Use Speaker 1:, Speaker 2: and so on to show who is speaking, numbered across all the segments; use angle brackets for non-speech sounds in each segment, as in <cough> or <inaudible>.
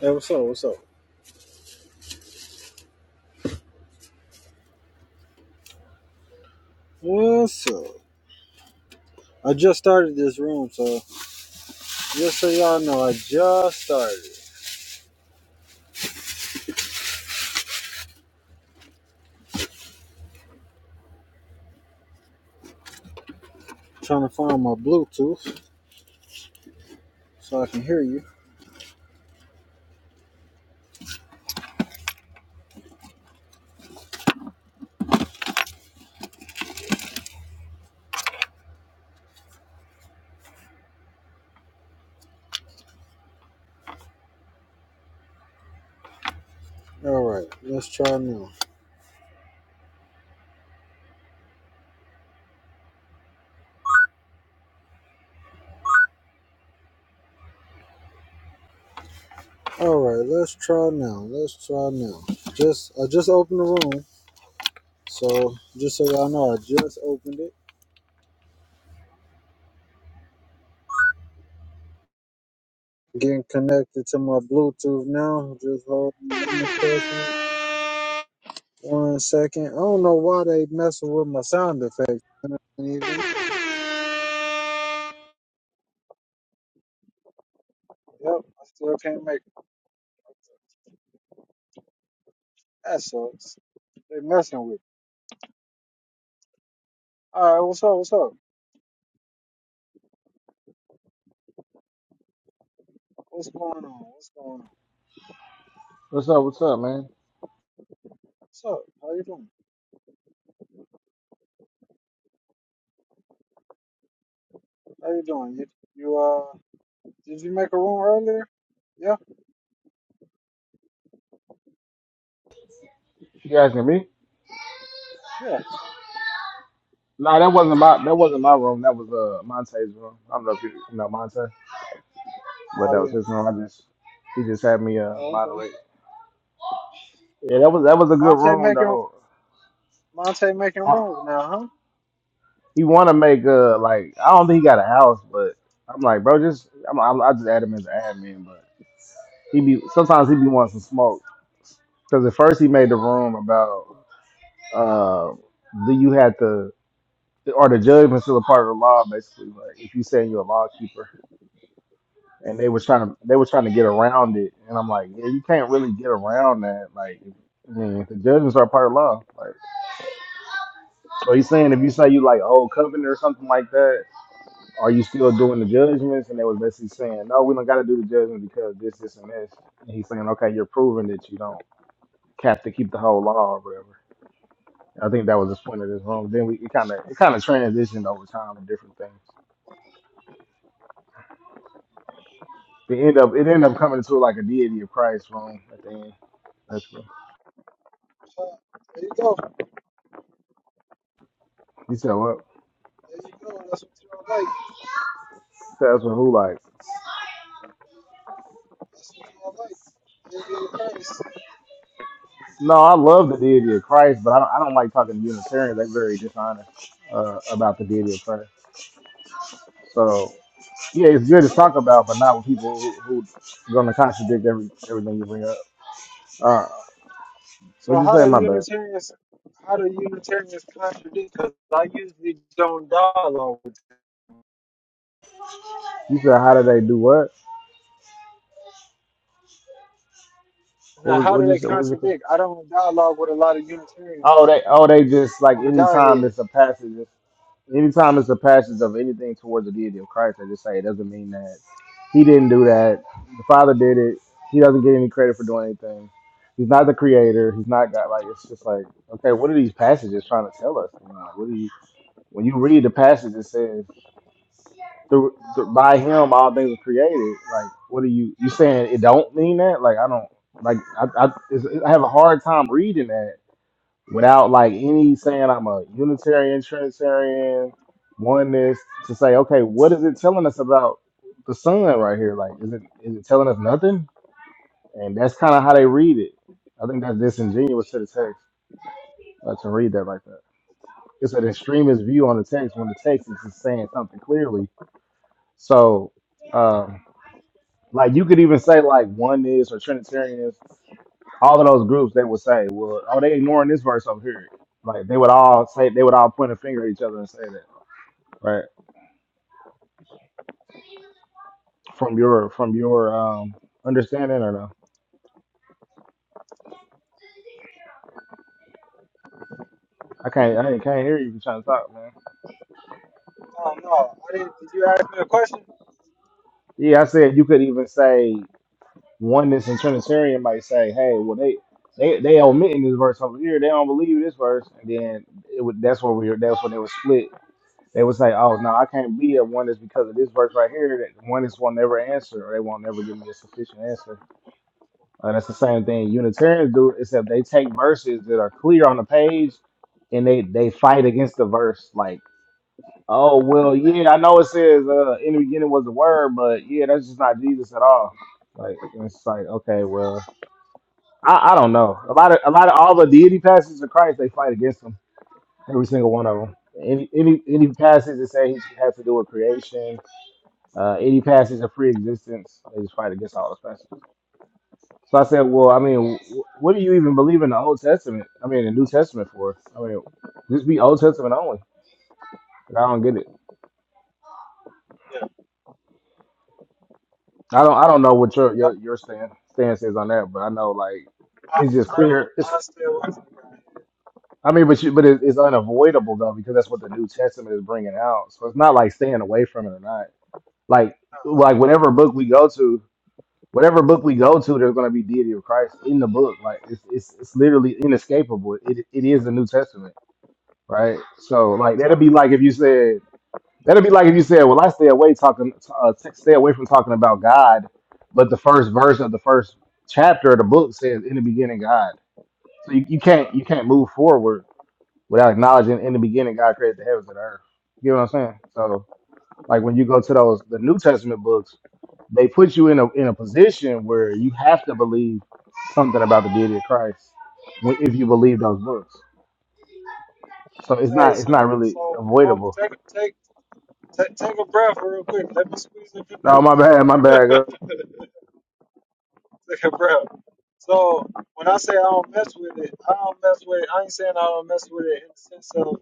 Speaker 1: Hey, what's up? What's up? What's up? I just started this room, so just so y'all know, I just started it. trying to find my Bluetooth so I can hear you. All right, let's try now. All right, let's try now. Let's try now. Just I just opened the room, so just so y'all know, I just opened it. Getting connected to my Bluetooth now. Just hold on one second. One second. I don't know why they messing with my sound effects. I don't even. Yep, I still can't make it. That sucks. They messing with. You. All right, what's up? What's up? What's going on? What's going on?
Speaker 2: What's up? What's up, man?
Speaker 1: What's up? How you doing? How you doing? You, you uh, did you make a room earlier? Yeah,
Speaker 2: You asking me?
Speaker 1: yeah.
Speaker 2: Nah, that wasn't my that wasn't my room. That was uh Monte's room. I don't know if you, you know Monte, but
Speaker 1: Oh
Speaker 2: that was
Speaker 1: yeah.
Speaker 2: his room. I just he just had me uh
Speaker 1: Oh okay.
Speaker 2: moderate. Yeah, that was that was a good
Speaker 1: Monte
Speaker 2: room
Speaker 1: making
Speaker 2: though.
Speaker 1: Monte making
Speaker 2: I-
Speaker 1: rooms now, huh?
Speaker 2: He want to make uh like I don't think he got a house, but I'm like bro, just I'm, I'm I just add him as an admin, but he be sometimes he be wanting some smoke because at first he made the room about. Uh, do you had to, or the judgment's still a part of the law, basically? Like if you saying you're a law keeper, and they was trying to, they were trying to get around it, and I'm like, yeah, you can't really get around that. Like, if, I mean, if the judgments are part of law. Like, so he's saying if you say you like old covenant or something like that, are you still doing the judgments? And they was basically saying, no, we don't got to do the judgment because this, this, and this. And he's saying, okay, you're proving that you don't have to keep the whole law or whatever. I think that was the point of this room. Then we it kind of it kind of transitioned over time to different things. It end up it ended up coming to like a deity of Christ room at the end. That's what
Speaker 1: So, there you go.
Speaker 2: you said. What
Speaker 1: There you go. That's what you all like.
Speaker 2: that's what who like?
Speaker 1: That's what you all like. They need a curse. Yeah,
Speaker 2: No, I love the deity of Christ, but I don't I don't like talking to Unitarians. They're very dishonest uh, about the deity of Christ. So
Speaker 1: I
Speaker 2: yeah,
Speaker 1: don't,
Speaker 2: it's good to
Speaker 1: I don't
Speaker 2: talk about,
Speaker 1: even
Speaker 2: but not with people who, who going to contradict every everything you bring up. Uh,
Speaker 1: so
Speaker 2: What'd you
Speaker 1: how
Speaker 2: say,
Speaker 1: do
Speaker 2: my bad?
Speaker 1: Unitarians how do Unitarians contradict? Because I usually don't dialogue with.
Speaker 2: You said how did they do what? What
Speaker 1: Now,
Speaker 2: was
Speaker 1: how
Speaker 2: what
Speaker 1: do
Speaker 2: you
Speaker 1: they
Speaker 2: say? What was your
Speaker 1: contradict? I don't dialogue with a lot of Unitarians
Speaker 2: Oh, they oh they just like
Speaker 1: on the
Speaker 2: anytime
Speaker 1: Godhead.
Speaker 2: it's a passage, anytime it's a passage of anything towards the deity of Christ, they just say it doesn't mean that he didn't do that. The Father did it. He doesn't get any credit for doing anything. He's not the creator. He's not God. Like it's just like okay, what are these passages trying to tell us? You know, like, what do you when you read the passage? It says through, through by him all things are created. Like, what are you you saying? It don't mean that. Like, I don't like. I I, it's, I have a hard time reading that without like any saying I'm a Unitarian, Trinitarian, oneness to say, okay, what is it telling us about the sun right here? Like, is it is it telling us nothing? And that's kind of how they read it. I think that's disingenuous to the text uh, to read that like that. It's an extremist view on the text when the text is just saying something clearly So, um, like you could even say like oneness or Trinitarianism, all of those groups they would say, well, oh, they ignoring this verse over here. Like they would all say, they would all point a finger at each other and say that, right? From your from your um understanding or no? I can't I can't hear you if you're trying to talk, man.
Speaker 1: No, no, I didn't. Did you ask me a question?
Speaker 2: Yeah, I said you could even say oneness and Trinitarian might say, hey, well they. They, they omitting this verse over here. They don't believe this verse, and then it would. That's where we. That's when they were split They would say, "Oh no, I can't be a one is because of this verse right here. That one is won't never answer, or they won't never give me a sufficient answer." And that's the same thing Unitarians do, except they take verses that are clear on the page, and they they fight against the verse. Like, oh well, yeah, I know it says uh, in the beginning was the word, but yeah, that's just not Jesus at all. Like, and it's like, okay, well, I, I don't know. A lot of a lot of all the deity passages of Christ, they fight against them. Every single one of them. Any any any passage that say he has to do with creation Uh, any passage of free existence, they just fight against all the passages. So I said, well, I mean, wh- what do you even believe in the Old Testament? I mean, the New Testament for? I mean, just be Old Testament only. Like, I don't get it.
Speaker 1: Yeah,
Speaker 2: I don't. I don't know what your your
Speaker 1: yup,
Speaker 2: your stand stance is on that, but I know like
Speaker 1: I,
Speaker 2: it's just
Speaker 1: I don't.
Speaker 2: clear. It's
Speaker 1: I stay away from the Godhead.
Speaker 2: I mean, but you, but it, it's unavoidable though because that's what the New Testament is bringing out. So it's not like staying away from it or not. Like
Speaker 1: Nah,
Speaker 2: like
Speaker 1: I,
Speaker 2: whatever book we go to. Whatever book we go to, there's going to be deity of Christ in the book. Like it's it's, it's literally inescapable. It it is the New Testament, right? So
Speaker 1: I'm
Speaker 2: like that will
Speaker 1: talking.
Speaker 2: be like if you said that will be like if you said, well, I stay away talking, uh, t- stay away from talking about God, but the first verse of the first chapter of the book says, "In the beginning, God." So you, you can't you can't move forward without acknowledging in the beginning God created the heavens and the earth. You know what I'm saying? So like when you go to those the New Testament books, they put you in a in a position where you have to believe something about the deity of Christ when- if you believe those books. So it's
Speaker 1: Hey,
Speaker 2: not it's not
Speaker 1: so,
Speaker 2: really
Speaker 1: so, hold,
Speaker 2: avoidable.
Speaker 1: take, take, take, take a breath real quick. Let me squeeze it in
Speaker 2: No, my bad, my
Speaker 1: there.
Speaker 2: bad.
Speaker 1: <laughs>
Speaker 2: go-
Speaker 1: <laughs> bro. So when I say I don't mess with it, I don't mess with it. I ain't saying I don't mess with it in the sense of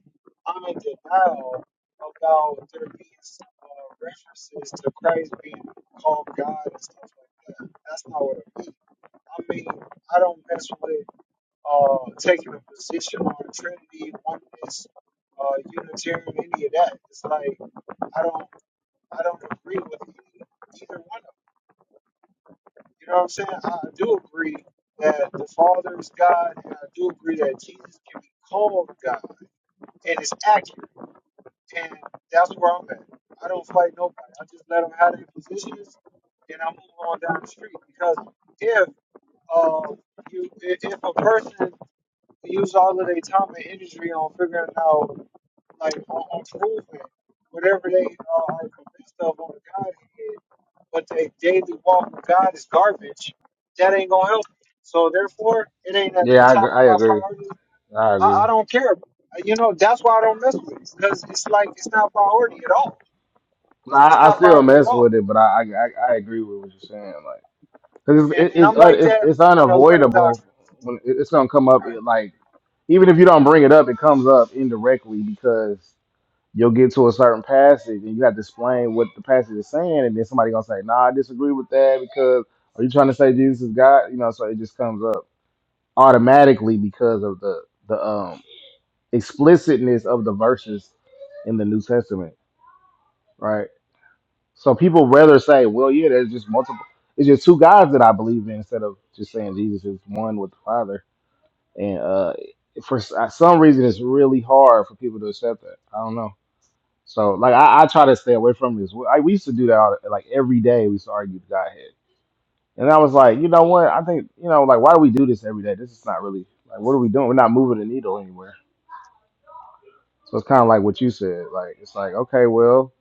Speaker 1: I'm in denial about there being some, uh, references to Christ being called God and stuff like that. That's not what I mean. I mean I don't mess with uh, taking a position on Trinity, oneness, uh, Unitarian, any of that. It's like I don't I don't agree with either, either one you know what I'm saying? I do agree that the Father is God, and I do agree that Jesus can be called God, and it's accurate. And that's where I'm at. I don't fight nobody. I just let them have their positions, and I move on down the street. Because if uh, you, if if a person use all of their time and energy on figuring out, like, on, on proving whatever they uh, are convinced of on the Godhead, but a daily walk with God is garbage, that ain't gonna help. me. So therefore, it ain't at the
Speaker 2: Yeah, I
Speaker 1: top
Speaker 2: agree.
Speaker 1: of
Speaker 2: I
Speaker 1: my
Speaker 2: agree.
Speaker 1: priority.
Speaker 2: I
Speaker 1: I, I
Speaker 2: agree.
Speaker 1: don't care. You know, that's why I don't mess with it because it's like it's not priority at all. It's
Speaker 2: I, I
Speaker 1: not
Speaker 2: still
Speaker 1: priority at
Speaker 2: mess with
Speaker 1: all.
Speaker 2: it, but I I, I I agree with what you're saying. Like, cause it's
Speaker 1: And,
Speaker 2: it,
Speaker 1: and
Speaker 2: it's,
Speaker 1: I'm
Speaker 2: un-
Speaker 1: like
Speaker 2: it's
Speaker 1: that
Speaker 2: it's
Speaker 1: on a lot of
Speaker 2: unavoidable.
Speaker 1: doctrine.
Speaker 2: When it- it's gonna come up, it, like even if you don't bring it up, it comes up indirectly because You'll get to a certain passage and you have to explain what the passage is saying, and then somebody gonna say, "Nah, I disagree with that because are you trying to say Jesus is God?" You know, so it just comes up automatically because of the the um explicitness of the verses in the New Testament, right? So people rather say, "Well, yeah, there's just multiple. It's just two gods that I believe in," instead of just saying Jesus is one with the Father. And uh, for s- uh, some reason, it's really hard for people to accept that. I don't know. So like I, I try to stay away from this. We- I, we used to do that all, like every day. We used to argue with Godhead, and I was like, you know what? I think you know like why do we do this every day? This is not really like what are we doing? We're not moving the needle anywhere. So it's kind of like what you said. Like it's like okay, well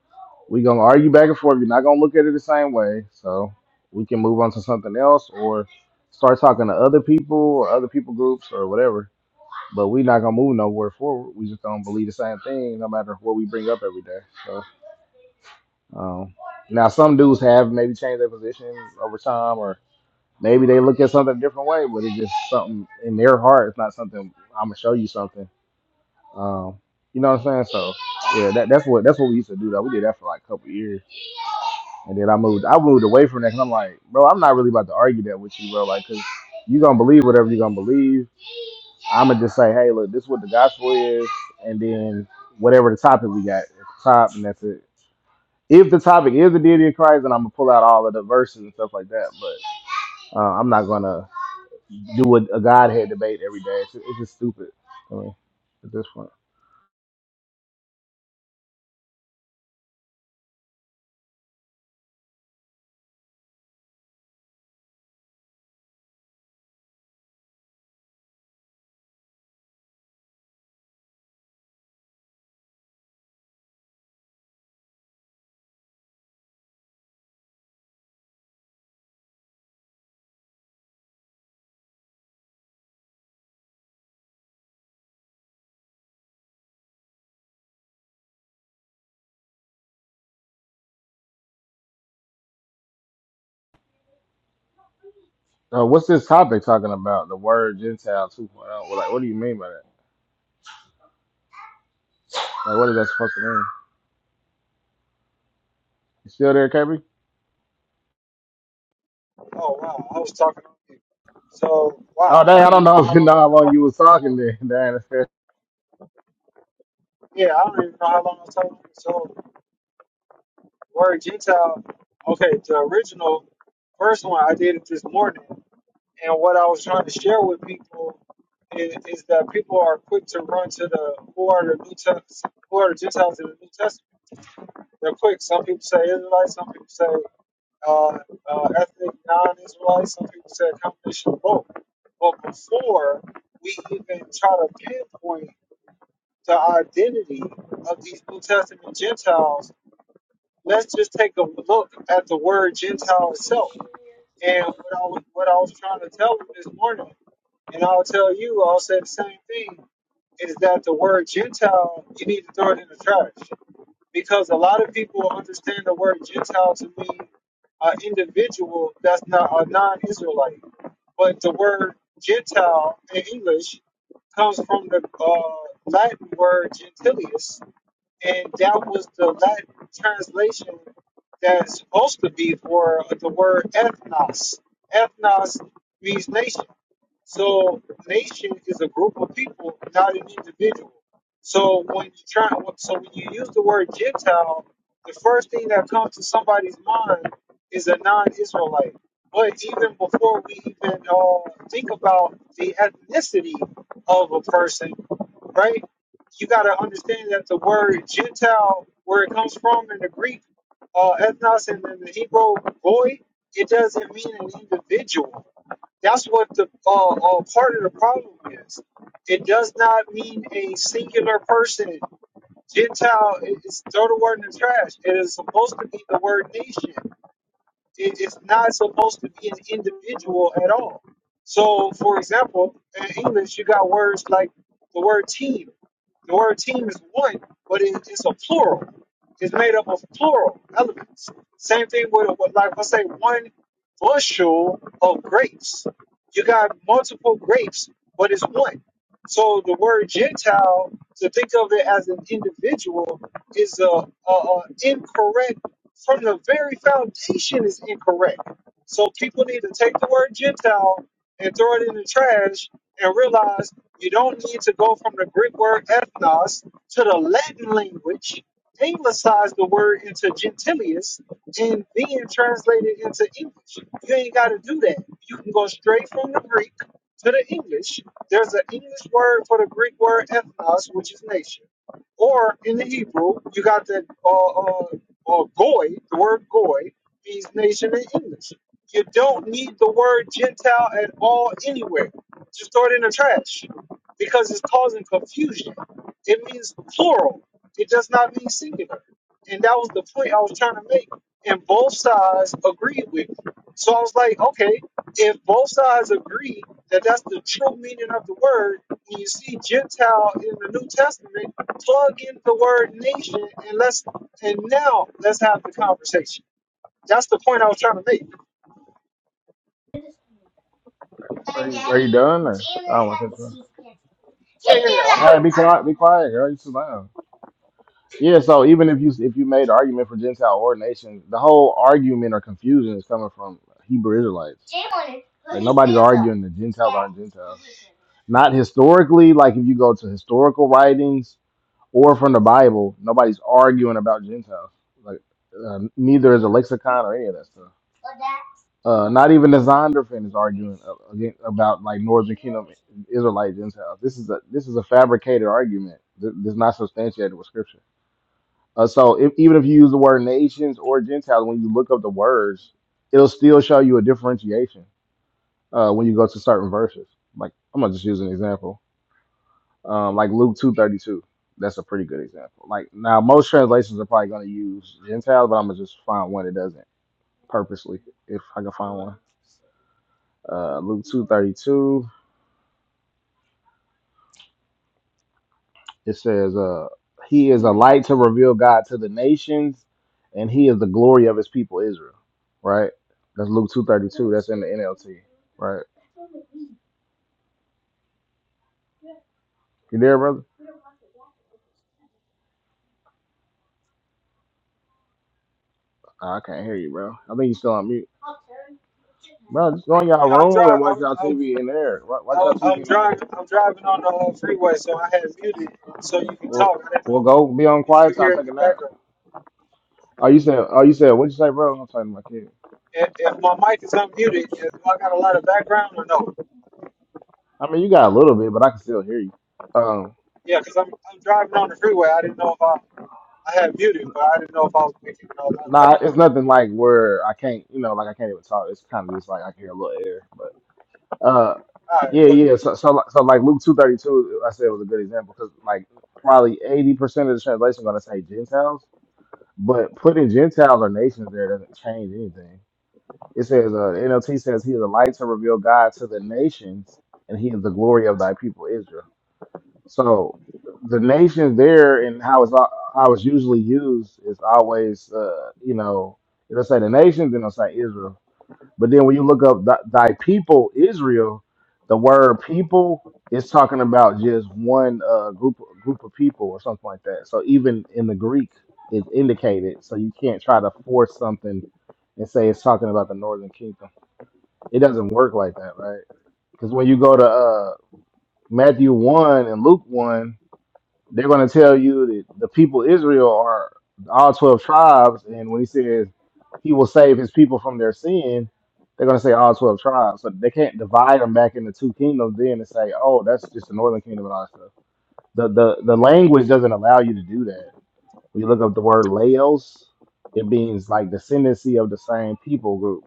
Speaker 2: we gonna argue back and forth. You're not gonna look at it the same way, so we can move on to something else or start talking to other people or other people groups or whatever. But we not gonna move nowhere forward. We just gonna believe the same thing no matter what we bring up every day. So. Um, now, some dudes have maybe changed their positions over time, or maybe they look at something a different way, but it's just something in their heart. It's not something I'm gonna show you something. Um, you know what I'm saying? So yeah, that, that's what that's what we used to do. Though we did that for like a couple years, and then I moved I moved away from that because I'm like, bro, I'm not really about to argue that with you, bro. Like, cause you gonna believe whatever you gonna believe. I'm gonna just say, hey, look, this is what the gospel is, and then whatever the topic we got at the top, and that's it if the topic is the deity of Christ, then I'm gonna pull out all of the verses and stuff like that. But uh, I'm not gonna do a, a Godhead debate every day. It's, it's just stupid. I mean, at this point, uh, what's this topic talking about? The word Gentile 2.0. point oh. Well, like, what do you mean by that? Like, what is that supposed to mean? You still there, KB?
Speaker 1: Oh wow, I was talking on you. So
Speaker 2: Oh,
Speaker 1: wow, I
Speaker 2: dang, I
Speaker 1: don't
Speaker 2: don't
Speaker 1: even
Speaker 2: know <laughs>
Speaker 1: know
Speaker 2: if
Speaker 1: how
Speaker 2: you know
Speaker 1: long I've
Speaker 2: how
Speaker 1: been
Speaker 2: long you
Speaker 1: talking. on
Speaker 2: was
Speaker 1: this.
Speaker 2: talking
Speaker 1: So
Speaker 2: there. <laughs> Dang,
Speaker 1: yeah, I don't even know how long I was talking. on this. So word Gentile. Okay, the original first one I did it this morning. And what I was trying to share with people is, is that people are quick to run to the who are the New Test, who are the Gentiles in the New Testament. They're quick. Some people say Israelites. Some people say uh, uh, ethnic non-Israelites. Some people say a combination of both. But before we even try to pinpoint the identity of these New Testament Gentiles, let's just take a look at the word Gentile itself. And what I was, what I was trying to tell them this morning And I'll tell you, I'll say the same thing, is that the word Gentile, you need to throw it in the trash. Because a lot of people understand the word Gentile to mean an individual that's not a non-Israelite. But the word Gentile in English comes from the uh, Latin word gentilius, and that was the Latin translation that's supposed to be for the word ethnos. Ethnos means nation. So nation is a group of people, not an individual. So when you try, so when you use the word Gentile, the first thing that comes to somebody's mind is a non-Israelite. But even before we even uh, think about the ethnicity of a person, right? you got to understand that the word Gentile, where it comes from in the Greek, uh, ethnos, and in the Hebrew, boy, it doesn't mean an individual. That's what the uh, uh, part of the problem is. It does not mean a singular person. Gentile is throw the word in the trash. It is supposed to be the word nation. It is not supposed to be an individual at all. So, for example, in English, you got words like the word team. The word team is one, but it, it's a plural. It's made up of plural elements. Same thing with, with like, let's say, one bushel of grapes. You got multiple grapes, but it's one. So the word Gentile, to think of it as an individual, is a, a, a incorrect from the very foundation is incorrect. So people need to take the word Gentile and throw it in the trash and realize you don't need to go from the Greek word ethnos to the Latin language, anglicize the word into gentilius, and then translate it into English. You ain't got to do that. You can go straight from the Greek to the English. There's an English word for the Greek word ethnos, which is nation. Or in the Hebrew, you got the uh. uh, or goy, the word goy, means nation in English. You don't need the word Gentile at all anywhere. Just throw it in the trash because it's causing confusion. It means plural. It does not mean singular. And that was the point I was trying to make. And both sides agreed with me. So I was like, okay, if both sides agree that that's the true meaning of the word, when you see Gentile in the New Testament, plug in the word nation and let's and now let's have the conversation. That's the point I was trying to make.
Speaker 2: are, you, are you done? Or? I don't want to
Speaker 1: Yeah, yeah, yeah. I'm
Speaker 2: Hey,
Speaker 1: done.
Speaker 2: be quiet, be quiet, girl. You too loud. Yeah, so even if you if you made an argument for Gentile ordination, the whole argument or confusion is coming from Hebrew Israelites. Like nobody's arguing that Gentiles aren't Gentiles. Not historically, like if you go to historical writings or from the Bible, nobody's arguing about Gentiles. Like uh, neither is a lexicon or any of that stuff. Uh, not even the Zondervan is arguing a- again about like Northern Kingdom Israelite Gentiles. This is a this is a fabricated argument. Th- This is not substantiated with Scripture. Uh, so if, even if you use the word nations or Gentiles, when you look up the words, it'll still show you a differentiation uh, when you go to certain verses. Like I'm gonna just use an example, um, like Luke two thirty two. That's a pretty good example. Like now, most translations are probably gonna use Gentiles, but I'm gonna just find one that doesn't purposely if I can find one. Uh, Luke two thirty two. It says, uh, He is a light to reveal God to the nations, and He is the glory of His people Israel. Right? That's Luke two thirty two. That's in the NLT. Right? You there, brother? Oh, I can't hear you, bro. I think you still on mute. Bro, just go in y'all
Speaker 1: Yeah, I'm
Speaker 2: room and
Speaker 1: driving.
Speaker 2: watch
Speaker 1: I'm,
Speaker 2: y'all
Speaker 1: I'm,
Speaker 2: TV in there. Wa- Watch
Speaker 1: I'm,
Speaker 2: y'all
Speaker 1: I'm
Speaker 2: TV in there.
Speaker 1: driving. I'm driving on the uh, freeway, so I had muted, and so you can
Speaker 2: We'll,
Speaker 1: talk. I didn't
Speaker 2: we'll
Speaker 1: know
Speaker 2: go be on
Speaker 1: if you
Speaker 2: quiet time,
Speaker 1: hear
Speaker 2: take
Speaker 1: any
Speaker 2: a nap.
Speaker 1: background.
Speaker 2: Oh, you said, oh, you said, what'd you say, bro? I'm talking to my kid.
Speaker 1: If, if my mic is unmuted, if I got a lot of background or no?
Speaker 2: I mean, you got a little bit, but I can still hear you. Um,
Speaker 1: Yeah, because I'm, I'm driving on the freeway. I didn't know if I I had muted, but I didn't know if I was making a lot of
Speaker 2: Nah, it's
Speaker 1: background.
Speaker 2: nothing like where I can't, you know, like I can't even talk. It's kind of just like I can hear a little air, but uh,
Speaker 1: All right,
Speaker 2: yeah,
Speaker 1: go ahead.
Speaker 2: yeah. So, so, like- so like Luke two thirty two, I said was a good example because like probably eighty percent of the translation gonna say Gentiles, but putting Gentiles or nations there doesn't change anything. It says uh, the NLT says he is a light to reveal God to the nations, and he is the glory of thy people Israel. So the nation there and how it's al- how it's usually used is always, uh, you know, it'll say the nation, then it'll say Israel. But then when you look up th- thy people Israel, the word people is talking about just one uh, group group of people or something like that. So even in the Greek, it's indicated. So you can't try to force something and say it's talking about the Northern Kingdom. It doesn't work like that, right? Because when you go to uh, Matthew one and Luke one they're going to tell you that the people Israel are all 12 tribes. And when he says he will save his people from their sin, they're going to say all 12 tribes. So they can't divide them back into two kingdoms then and say, oh, that's just the northern kingdom and all that stuff. The, the, the language doesn't allow you to do that. When you look up the word Laos, it means like descendancy of the same people group.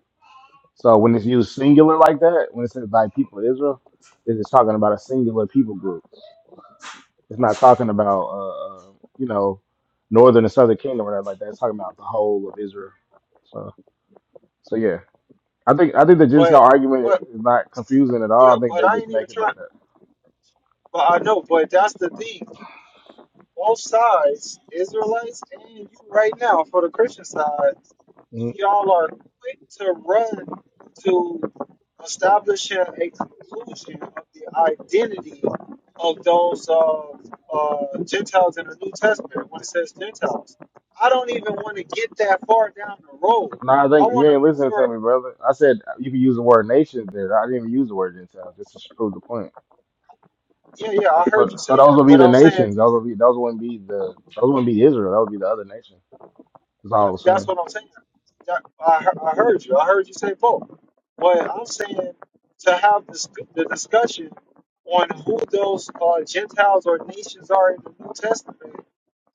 Speaker 2: So when it's used singular like that, when it says thy people Israel, it's just talking about a singular people group it's not talking about uh, uh, you know northern and southern kingdom or nothing like that. It's talking about the whole of Israel. So so yeah, I think I think the Gentile
Speaker 1: But
Speaker 2: argument
Speaker 1: but
Speaker 2: is not confusing at
Speaker 1: yeah,
Speaker 2: all. I think they
Speaker 1: but I
Speaker 2: just
Speaker 1: ain't even
Speaker 2: make it
Speaker 1: trying.
Speaker 2: like that.
Speaker 1: But I know. But that's the thing. both sides, Israelites and you right now for the Christian side,
Speaker 2: Mm,
Speaker 1: y'all are quick to run to establishing a conclusion of the identity of those uh, uh, Gentiles in the New Testament when it says Gentiles. I don't even want to get that far down the road.
Speaker 2: No, I
Speaker 1: I
Speaker 2: think you
Speaker 1: want to
Speaker 2: ain't
Speaker 1: make
Speaker 2: listening
Speaker 1: sure,
Speaker 2: to me, brother. I said you can use the word nations there. I didn't even use the word Gentile just to prove the point.
Speaker 1: yeah, yeah, I
Speaker 2: So
Speaker 1: heard you
Speaker 2: so
Speaker 1: say
Speaker 2: those
Speaker 1: that,
Speaker 2: would be
Speaker 1: but
Speaker 2: the
Speaker 1: I'm
Speaker 2: nations.
Speaker 1: saying
Speaker 2: Those would be those wouldn't be the those wouldn't be Israel. That would be the other nation. That's all I
Speaker 1: That,
Speaker 2: was
Speaker 1: that's
Speaker 2: saying.
Speaker 1: what I'm saying. That, I, he- I heard you. I heard you say both. But I'm saying to have this, the discussion on who those uh, Gentiles or nations are in the New Testament,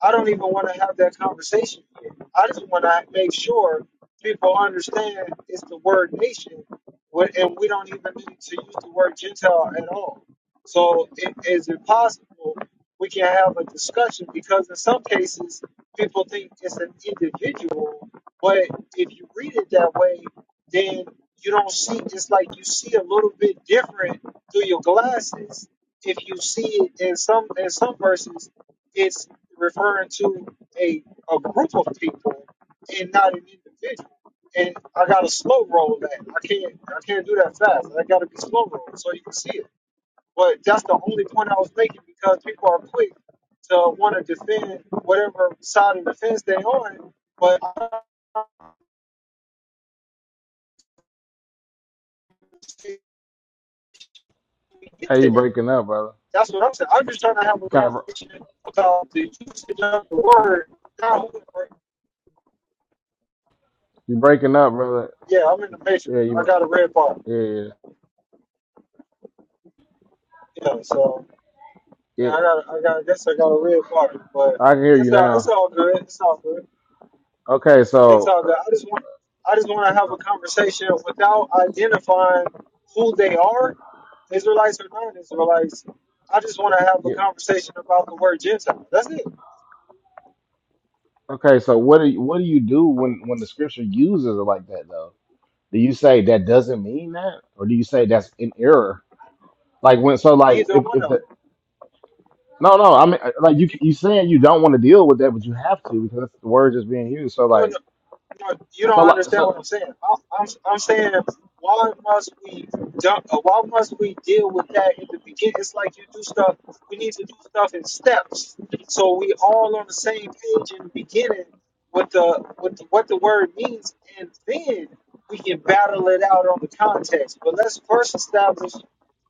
Speaker 1: I don't even want to have that conversation yet. I just want to make sure people understand it's the word nation, wh- and we don't even need to use the word Gentile at all. So, i- is it possible we can have a discussion? Because in some cases, people think it's an individual, but if you read it that way, then you don't see it's like you see a little bit different through your glasses. If you see it in some in some persons, it's referring to a a group of people and not an individual. And I gotta slow roll that. I can't I can't do that fast. I gotta be slow roll so you can see it. But that's the only point I was making because people are quick to want to defend whatever side of the fence they're on. But I don't understand we get
Speaker 2: Hey,
Speaker 1: to
Speaker 2: you
Speaker 1: that.
Speaker 2: breaking up, brother.
Speaker 1: That's what I'm saying. I'm just trying to have a
Speaker 2: You kind of
Speaker 1: conversation about the usage of the word. Not who-
Speaker 2: you breaking up, brother.
Speaker 1: Yeah, I'm in the matrix.
Speaker 2: Yeah,
Speaker 1: I
Speaker 2: you
Speaker 1: got a red bar.
Speaker 2: yeah,
Speaker 1: Yeah, so
Speaker 2: yeah.
Speaker 1: yeah, I got, I got, I guess I got a red bar. But
Speaker 2: I can hear
Speaker 1: it's
Speaker 2: you
Speaker 1: all, it's
Speaker 2: now.
Speaker 1: all good. It's all good.
Speaker 2: Okay,
Speaker 1: It's
Speaker 2: so
Speaker 1: all good. I just want I just want to have
Speaker 2: uh,
Speaker 1: a conversation without identifying who they are, Israelites or non-Israelites. I just want to have a
Speaker 2: yeah,
Speaker 1: conversation about the word Gentile. That's it.
Speaker 2: okay, so what do you, what do you do when when the scripture uses it like that though? Do you say that doesn't mean that, or do you say that's an
Speaker 1: No,
Speaker 2: error? Like when so like
Speaker 1: Neither
Speaker 2: if
Speaker 1: one
Speaker 2: if
Speaker 1: of
Speaker 2: the
Speaker 1: them.
Speaker 2: no no I mean uh, like
Speaker 1: If
Speaker 2: you
Speaker 1: you,
Speaker 2: you saying you don't want to deal with that, but you have to because that's the word that's being used. So
Speaker 1: No, no.
Speaker 2: like
Speaker 1: No, you
Speaker 2: so
Speaker 1: don't
Speaker 2: like
Speaker 1: understand
Speaker 2: so
Speaker 1: what I'm saying. I'm, I'm, I'm saying why must we dump, uh, why must we deal with that in the beginning? It's like you do stuff. We need to do stuff in steps, so we all on the same page in the beginning with the with the, what the word means, and then we can battle it out on the context. But let's first establish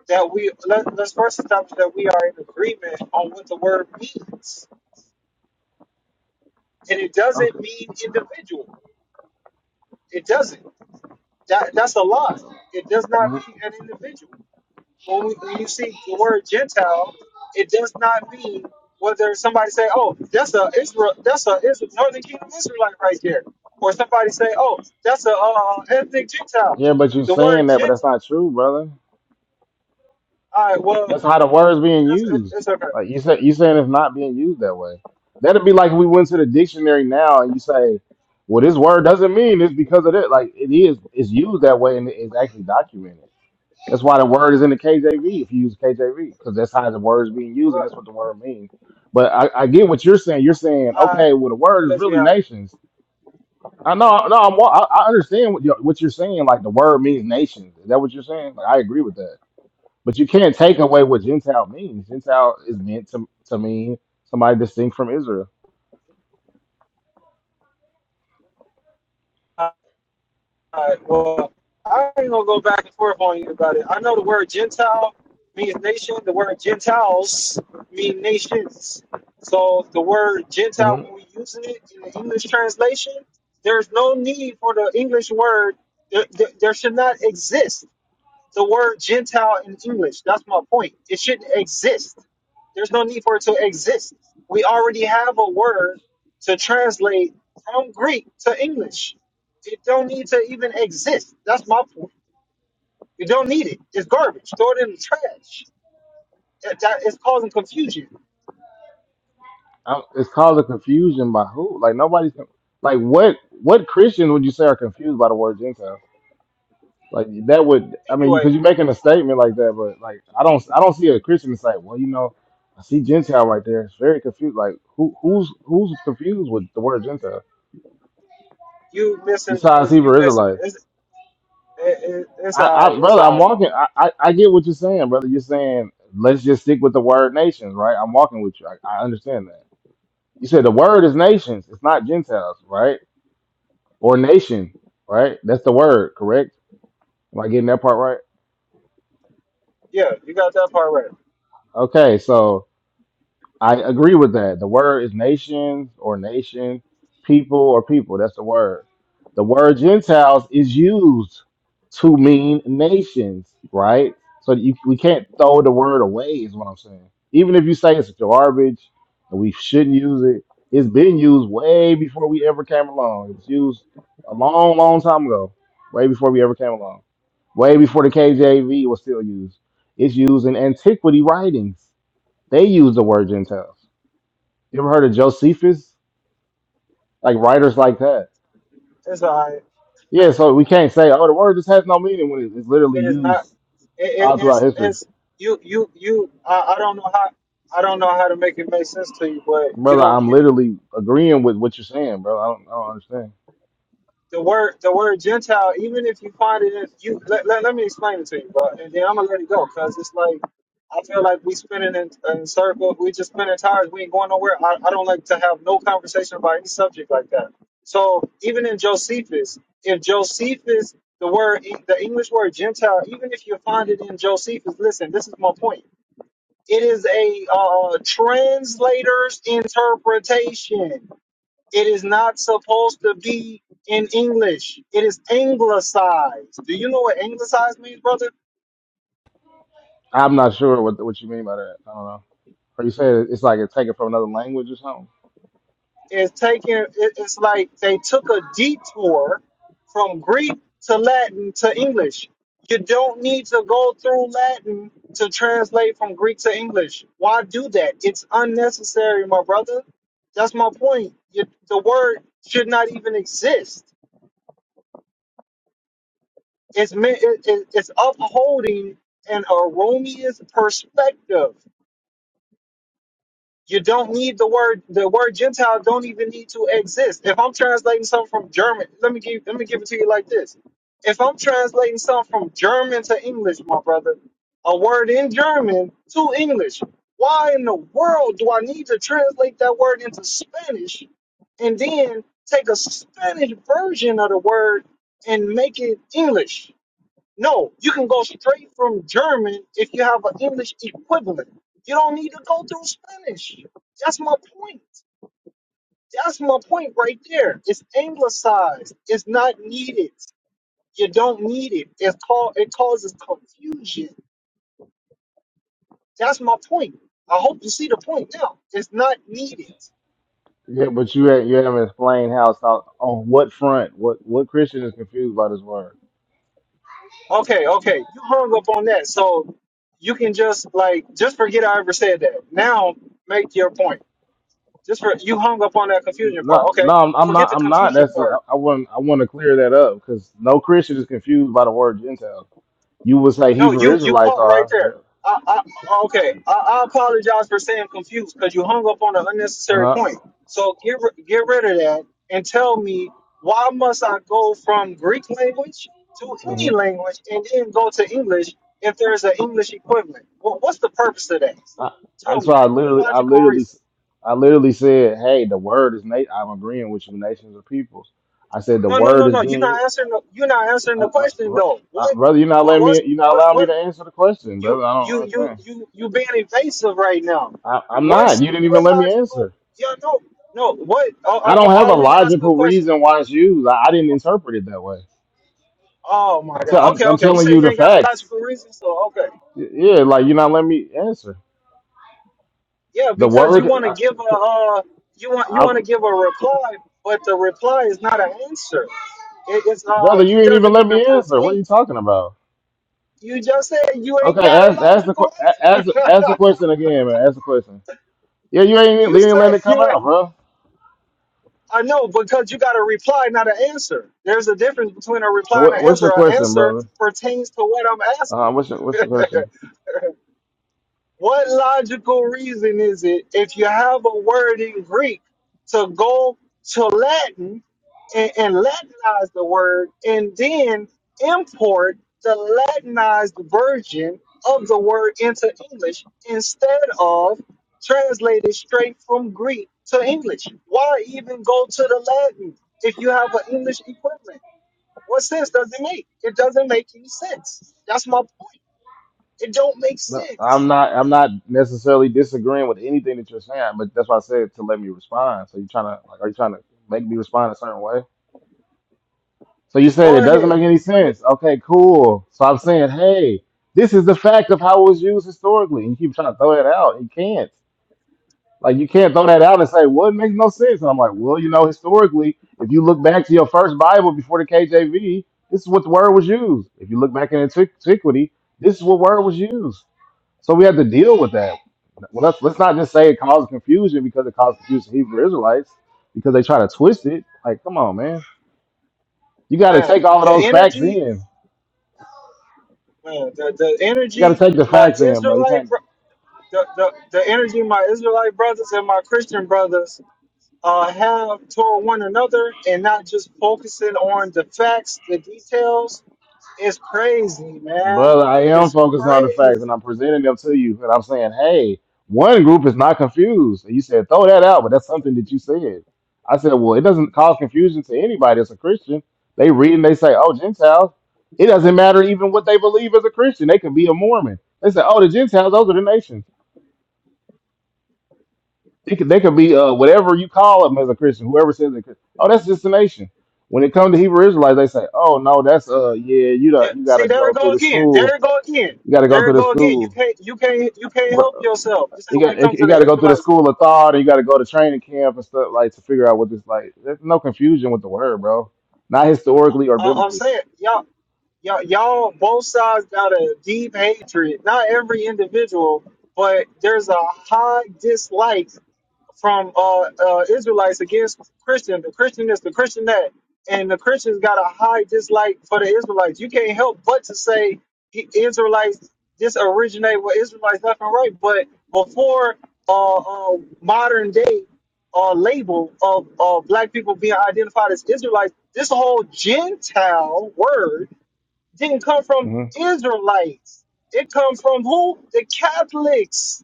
Speaker 1: that we let, let's first establish that we are in agreement on what the word means, and it
Speaker 2: okay.
Speaker 1: doesn't mean individual. It doesn't. That, that's a lie. It does not
Speaker 2: mhm.
Speaker 1: mean an individual. When, we, when you see the word Gentile, it does not mean whether somebody say, "Oh, that's a Israel, that's a Israel, Northern Kingdom Israelite right there," or somebody say, "Oh, that's a uh, ethnic Gentile."
Speaker 2: Yeah, but you're
Speaker 1: The
Speaker 2: saying
Speaker 1: word
Speaker 2: that, but
Speaker 1: Gent,
Speaker 2: that's not true, brother.
Speaker 1: all right, well,
Speaker 2: That's how the word's being
Speaker 1: that's
Speaker 2: used.
Speaker 1: it's okay.
Speaker 2: Like you said, you saying it's not being used that way. That'd be like if we went to the dictionary now and you say, "Well, this word doesn't mean it's because of it." Like it is, it's used that way and it's actually documented. That's why the word is in the KJV if you use KJV because that's how the word is being used and that's
Speaker 1: Well,
Speaker 2: what the word means. But I, I get what you're saying. You're saying,
Speaker 1: I, I'm
Speaker 2: okay, well, the word
Speaker 1: gonna
Speaker 2: is
Speaker 1: let you
Speaker 2: really
Speaker 1: have it.
Speaker 2: nations. I know, no, I'm, I, I understand what you're, what you're saying. Like the word means nations. Is that what you're saying? Like I agree with that. But you can't take away what Gentile means. Gentile is meant to, to mean somebody distinct from Israel.
Speaker 1: All right, well, I ain't gonna go back and forth on you about it. I know the word Gentile means nation. The word Gentiles mean nations. So the word Gentile,
Speaker 2: hmm
Speaker 1: when we using it in the English translation, there's no need for the English word. There, there, there should not exist the word Gentile in English. That's my point. It shouldn't exist. There's no need for it to exist. We already have a word to translate from Greek to English. It don't need to even exist. That's my point. You don't need it. It's garbage. Throw it in the trash. That, that is causing confusion.
Speaker 2: I'm, it's causing confusion by who? Like nobody's con- like what? What Christians would you say are confused by the word Gentile? Like that would I mean
Speaker 1: Anyway,
Speaker 2: because you're making a statement like that, but like I don't I don't see a Christian that's like, well, you know, I see Gentile right there. It's very confused. Like who who's who's confused with the word Gentile
Speaker 1: you missing uh,
Speaker 2: besides
Speaker 1: you
Speaker 2: Hebrew
Speaker 1: missing
Speaker 2: Israelites?
Speaker 1: it. It's it, it, it's
Speaker 2: I,
Speaker 1: alright.
Speaker 2: I
Speaker 1: It's
Speaker 2: brother, I'm
Speaker 1: alright.
Speaker 2: walking. I, I, I get what you're saying, brother. You're saying let's just stick with the word nations, right? I'm walking with you. I, I understand that. You said the word is nations. It's not Gentiles, right? Or nation, right? That's the word, correct? Am I getting that part right?
Speaker 1: Yeah, you got that part right.
Speaker 2: Okay, so I agree with that. The word is nations or nation, people or people. That's the word. The word Gentiles is used to mean nations, right? So you, we can't throw the word away, is what I'm saying. Even if you say it's garbage and we shouldn't use it, it's been used way before we ever came along. It was used a long, long time ago, way before we ever came along, way before the KJV was still used. It's used in antiquity writings they use the word Gentiles. You ever heard of Josephus? Like writers like that.
Speaker 1: It's alright.
Speaker 2: Yeah, so we can't say, oh, the word just has no meaning when it- it's literally
Speaker 1: It is not.
Speaker 2: used
Speaker 1: It, it,
Speaker 2: all throughout
Speaker 1: it's
Speaker 2: history.
Speaker 1: it's you you you. I, I don't know how. I don't know how to make it make sense to you, but you
Speaker 2: Brother,
Speaker 1: don't
Speaker 2: I'm
Speaker 1: get it.
Speaker 2: literally agreeing with what you're saying, bro. I don't, I don't understand.
Speaker 1: The word the word Gentile. Even if you find it, in, you let, let, let me explain it to you, bro, and then I'm gonna let it go because it's like I feel like we spinning in, in circles. We just spinning tires. We ain't going nowhere. I, I don't like to have no conversation about any subject like that. So even in Josephus, if Josephus, the word the English word Gentile, even if you find it in Josephus, listen, this is my point It is a uh, translator's interpretation. It is not supposed to be in English. It is anglicized. Do you know what anglicized means, brother?
Speaker 2: I'm not sure what what you mean by that. I don't know. Are you saying it's like it's taken from another language or something?
Speaker 1: It's taking. It, it's like they took a detour from Greek to Latin to English. You don't need to go through Latin to translate from Greek to English. Why do that? It's unnecessary, my brother. That's my point. You, the word should not even exist. It's me- it- it- it's upholding an erroneous perspective. You don't need the word. The word Gentile don't even need to exist. If I'm translating something from German, let me give let me give it to you like this. If I'm translating something from German to English, my brother, a word in German to English. Why in the world do I need to translate that word into Spanish and then take a Spanish version of the word and make it English? No, you can go straight from German if you have an English equivalent. You don't need to go through Spanish. That's my point. That's my point right there. It's anglicized. It's not needed. You don't need it. It's called, it causes confusion. That's my point. I hope you see the point now. It's not needed.
Speaker 2: Yeah, but you ha- you haven't explained how it's not, on what front, what what Christian is confused by this word?
Speaker 1: Okay, okay. You hung up on that. So you can just like just forget I ever said that. Now make your point. Just for you hung up on that confusion
Speaker 2: No,
Speaker 1: part. Okay,
Speaker 2: no, I'm, I'm
Speaker 1: forget
Speaker 2: not.
Speaker 1: the
Speaker 2: I'm not.
Speaker 1: confusion
Speaker 2: That's a,
Speaker 1: part.
Speaker 2: I want. I want to clear that up because no Christian is confused by the word Gentile. You would say
Speaker 1: No,
Speaker 2: Hebrew
Speaker 1: you you
Speaker 2: Israelites
Speaker 1: caught right
Speaker 2: are.
Speaker 1: there.
Speaker 2: Yeah.
Speaker 1: I, I okay. I, I apologize for saying confused because you hung up on an unnecessary
Speaker 2: Uh huh.
Speaker 1: point. So get ri- get rid of that and tell me why must I go from Greek language to any
Speaker 2: hmm
Speaker 1: language and then go to English if there's an English equivalent? Well, what's the purpose of that?
Speaker 2: I, I
Speaker 1: Tell
Speaker 2: so
Speaker 1: me.
Speaker 2: I
Speaker 1: What
Speaker 2: literally, I
Speaker 1: logical
Speaker 2: literally,
Speaker 1: reason?
Speaker 2: s- I literally said, "Hey, the word is nate. I'm agreeing with you, nations of peoples." I said the
Speaker 1: No, no,
Speaker 2: word
Speaker 1: no,
Speaker 2: is
Speaker 1: no. You're
Speaker 2: being you,
Speaker 1: not answering. The, you're not answering
Speaker 2: uh,
Speaker 1: the
Speaker 2: uh,
Speaker 1: question
Speaker 2: br-
Speaker 1: though.
Speaker 2: uh,
Speaker 1: What?
Speaker 2: brother. You're not
Speaker 1: What?
Speaker 2: letting me.
Speaker 1: What's
Speaker 2: You're not
Speaker 1: what?
Speaker 2: allowing me
Speaker 1: What?
Speaker 2: to answer the question,
Speaker 1: you
Speaker 2: brother. I don't
Speaker 1: you
Speaker 2: understand.
Speaker 1: you you you being evasive right now.
Speaker 2: I, I'm not.
Speaker 1: What's
Speaker 2: You didn't even
Speaker 1: what
Speaker 2: let me
Speaker 1: logical?
Speaker 2: answer.
Speaker 1: Yeah, no, no. What? I'll,
Speaker 2: I
Speaker 1: I'll,
Speaker 2: don't have
Speaker 1: I'll
Speaker 2: a
Speaker 1: re-ask the
Speaker 2: logical
Speaker 1: question.
Speaker 2: reason why it's used. I, I didn't interpret it that way.
Speaker 1: Oh my
Speaker 2: I'm, i
Speaker 1: God.
Speaker 2: am
Speaker 1: Okay,
Speaker 2: i I'm
Speaker 1: okay. You
Speaker 2: telling
Speaker 1: say
Speaker 2: you
Speaker 1: you
Speaker 2: the
Speaker 1: ain't got a
Speaker 2: facts.
Speaker 1: logical reason, so okay.
Speaker 2: Y- Yeah, like you're not letting me answer.
Speaker 1: Yeah,
Speaker 2: The
Speaker 1: because you
Speaker 2: word,
Speaker 1: want to
Speaker 2: I,
Speaker 1: give a uh, you want you want
Speaker 2: I,
Speaker 1: to give a reply, but the reply is not an answer. It, it's uh,
Speaker 2: brother, you
Speaker 1: it
Speaker 2: ain't even
Speaker 1: doesn't
Speaker 2: let
Speaker 1: even
Speaker 2: me answer. What are you
Speaker 1: pertain.
Speaker 2: talking about?
Speaker 1: You just said you ain't
Speaker 2: Okay,
Speaker 1: got a
Speaker 2: ask ask the que-
Speaker 1: logical
Speaker 2: a- ask
Speaker 1: answer. <laughs>
Speaker 2: ask the question again, man. Ask the question. Yeah, you ain't even
Speaker 1: you
Speaker 2: you ain't
Speaker 1: said
Speaker 2: letting it come
Speaker 1: you ain't.
Speaker 2: out, bro.
Speaker 1: I know because you got a reply, not an answer. There's a difference between a
Speaker 2: So
Speaker 1: reply and
Speaker 2: What,
Speaker 1: an
Speaker 2: what's
Speaker 1: answer.
Speaker 2: your
Speaker 1: An
Speaker 2: question,
Speaker 1: answer
Speaker 2: brother?
Speaker 1: pertains to what I'm
Speaker 2: Uh,
Speaker 1: asking.
Speaker 2: what's your what's your question?
Speaker 1: What logical reason is it if you have a word in Greek to go to Latin and, and Latinize the word and then import the Latinized version of the word into English instead of translated straight from Greek to English. Why even go to the Latin if you have an English equivalent? What sense does it make? It doesn't make any sense. That's my point. It don't make
Speaker 2: No, I'm
Speaker 1: sense.
Speaker 2: not. I'm not necessarily disagreeing with anything that you're saying, but that's why I said to let me respond. So you trying to like, are you trying to make me respond a certain way? So you said it
Speaker 1: Go
Speaker 2: doesn't
Speaker 1: ahead.
Speaker 2: make any
Speaker 1: I mean,
Speaker 2: sense. Okay, cool. So I'm saying, hey, this is the fact of how it was used historically, and you keep trying to throw that out. You can't. Like you can't throw that out and say, well, it makes no sense. And I'm like, well, you know, historically, if you look back to your first Bible before the KJV, this is what the word was used. If you look back in antiquity, this is what word was used. So we have to deal with that. Well, let's let's not just say it caused confusion because it caused confusion to Hebrew Israelites because they try to twist it. Like, come on, man, you got to take
Speaker 1: man,
Speaker 2: all of
Speaker 1: the
Speaker 2: those facts
Speaker 1: energy,
Speaker 2: in.
Speaker 1: man, the, the
Speaker 2: You got to
Speaker 1: energy.
Speaker 2: take the
Speaker 1: My
Speaker 2: facts in, bro. You
Speaker 1: Israelite,
Speaker 2: can't.
Speaker 1: bro- the, the, the energy my Israelite brothers and my Christian brothers uh, have toward one another and not just focusing on the facts, the details, is crazy, man.
Speaker 2: Brother, I
Speaker 1: It
Speaker 2: am
Speaker 1: is
Speaker 2: focused on the facts and
Speaker 1: crazy.
Speaker 2: I'm presenting them to you. And I'm saying, hey, one group is not confused. And you said, throw that out, but that's something that you said. I said, well, it doesn't cause confusion to anybody that's a Christian. They read and they say, oh, Gentiles. It doesn't matter even what they believe as a Christian. They could be a Mormon. They say, oh, the Gentiles, those are the nations. They could, they could be uh, whatever you call them as a Christian, whoever says it. Oh, that's just a nation. When it comes to Hebrew Israelites, they say, oh, no, that's, uh, yeah, you, do
Speaker 1: There-
Speaker 2: you got
Speaker 1: See,
Speaker 2: to
Speaker 1: there
Speaker 2: go
Speaker 1: it go
Speaker 2: through the
Speaker 1: again. There
Speaker 2: school.
Speaker 1: it go again.
Speaker 2: You got to go
Speaker 1: There
Speaker 2: through
Speaker 1: it
Speaker 2: the
Speaker 1: go again. You
Speaker 2: school
Speaker 1: can't, you can't, you can't help yourself. You say
Speaker 2: you
Speaker 1: when
Speaker 2: got
Speaker 1: it comes to
Speaker 2: you
Speaker 1: the
Speaker 2: got to go through the
Speaker 1: Israelites,
Speaker 2: school of thought, and you got to go to training camp and stuff like to figure out what this like. There's no confusion with the word, bro. Not historically or
Speaker 1: uh, I'm
Speaker 2: biblically.
Speaker 1: saying y'all, y'all, y'all, both sides got a deep hatred. Not every individual, but there's a high dislike from uh, uh, Israelites against Christian. The Christian is the Christian that, and the Christians got a high dislike for the Israelites. You can't help but to say he- Israelites just originate with Israelites left and right. But before uh, uh, modern day uh, label of uh, black people being identified as Israelites, this whole Gentile word didn't come from
Speaker 2: hmm
Speaker 1: Israelites. It comes from who? The Catholics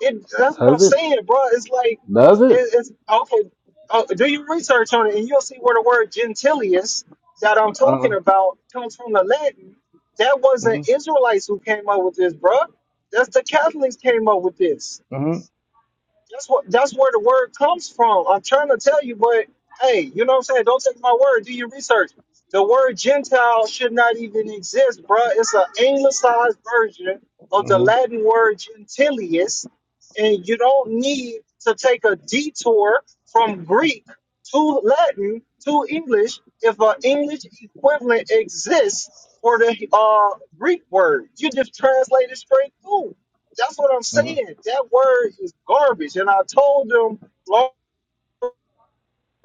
Speaker 1: it that's what I'm
Speaker 2: Does it?
Speaker 1: saying, bro. It's like
Speaker 2: Does it?
Speaker 1: it, it's awful. Uh, do your research on it, and you'll see where the word gentilius that I'm talking
Speaker 2: Uh,
Speaker 1: about comes from the Latin. That
Speaker 2: hmm
Speaker 1: wasn't Israelites who came up with this, bro. That's the Catholics came up with this.
Speaker 2: hmm
Speaker 1: That's what that's where the word comes from. I'm trying to tell you, but hey, you know what I'm saying? Don't take my word. Do your research. The word Gentile should not even exist, bruh. It's an anglicized version of the
Speaker 2: hmm
Speaker 1: Latin word gentilius, and you don't need to take a detour from Greek to Latin to English if an English equivalent exists for the uh, Greek word. You just translate it straight through. That's what I'm
Speaker 2: hmm
Speaker 1: saying. That word is garbage. And I told them long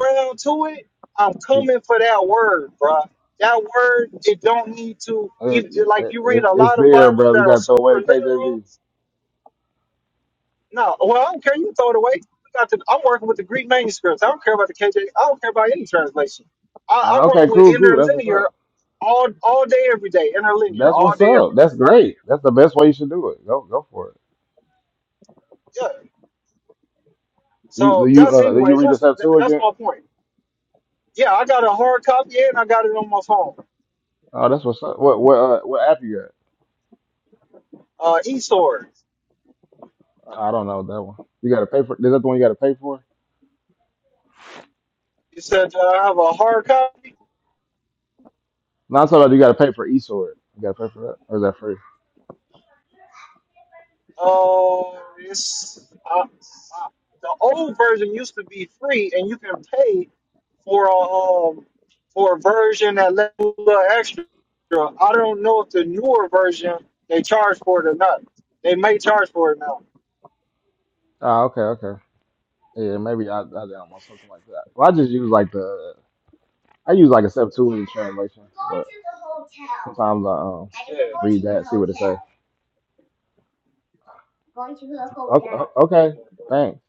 Speaker 1: round to it, I'm coming for that word, bruh. That word, it don't need to,
Speaker 2: It,
Speaker 1: even,
Speaker 2: it,
Speaker 1: like
Speaker 2: it,
Speaker 1: you read
Speaker 2: it-
Speaker 1: a
Speaker 2: it's
Speaker 1: lot of
Speaker 2: there,
Speaker 1: Bibles
Speaker 2: brother.
Speaker 1: that
Speaker 2: You
Speaker 1: are
Speaker 2: got to throw
Speaker 1: super
Speaker 2: away the
Speaker 1: literal.
Speaker 2: KJV.
Speaker 1: No, well, I don't care. You can throw it away. We got the, I'm working with the Greek manuscripts. I don't care about the KJ. I don't care about any translation. I,
Speaker 2: Uh,
Speaker 1: I roll
Speaker 2: okay,
Speaker 1: with
Speaker 2: cool, cool. That's what's
Speaker 1: interlinear
Speaker 2: up.
Speaker 1: all all day, every day. Interlinear
Speaker 2: That's
Speaker 1: all
Speaker 2: what's
Speaker 1: day,
Speaker 2: up.
Speaker 1: every
Speaker 2: That's great. That's the best way you should do it. Go, go for it.
Speaker 1: day. Yeah.
Speaker 2: You, do
Speaker 1: So
Speaker 2: you,
Speaker 1: that's
Speaker 2: uh, did you
Speaker 1: anyway.
Speaker 2: read the
Speaker 1: That's that's
Speaker 2: Septuagint?
Speaker 1: my point. Yeah, I got a hard copy and I got it on my phone.
Speaker 2: Oh, that's what's up. What, what, uh, what app you got?
Speaker 1: Uh, eSword.
Speaker 2: I don't know that one. You got to pay for. Is that the one you got to pay for?
Speaker 1: You said that I have a hard copy.
Speaker 2: No, I'm talking about you got to pay for eSword. You got to pay for that, or is that free?
Speaker 1: Uh, it's uh, uh, the old version used to be free, and you can pay for a um, for a version that lets you a little extra. I don't know if the newer version they charge for it or not. They may charge for it now.
Speaker 2: Ah, okay, okay. Yeah, maybe I, I don't know something like that. Well, I just use like the I use like a Septuagint translation, but sometimes I um
Speaker 1: Yeah,
Speaker 2: read that, see what it says. Okay, okay,
Speaker 1: yeah, but
Speaker 2: thanks.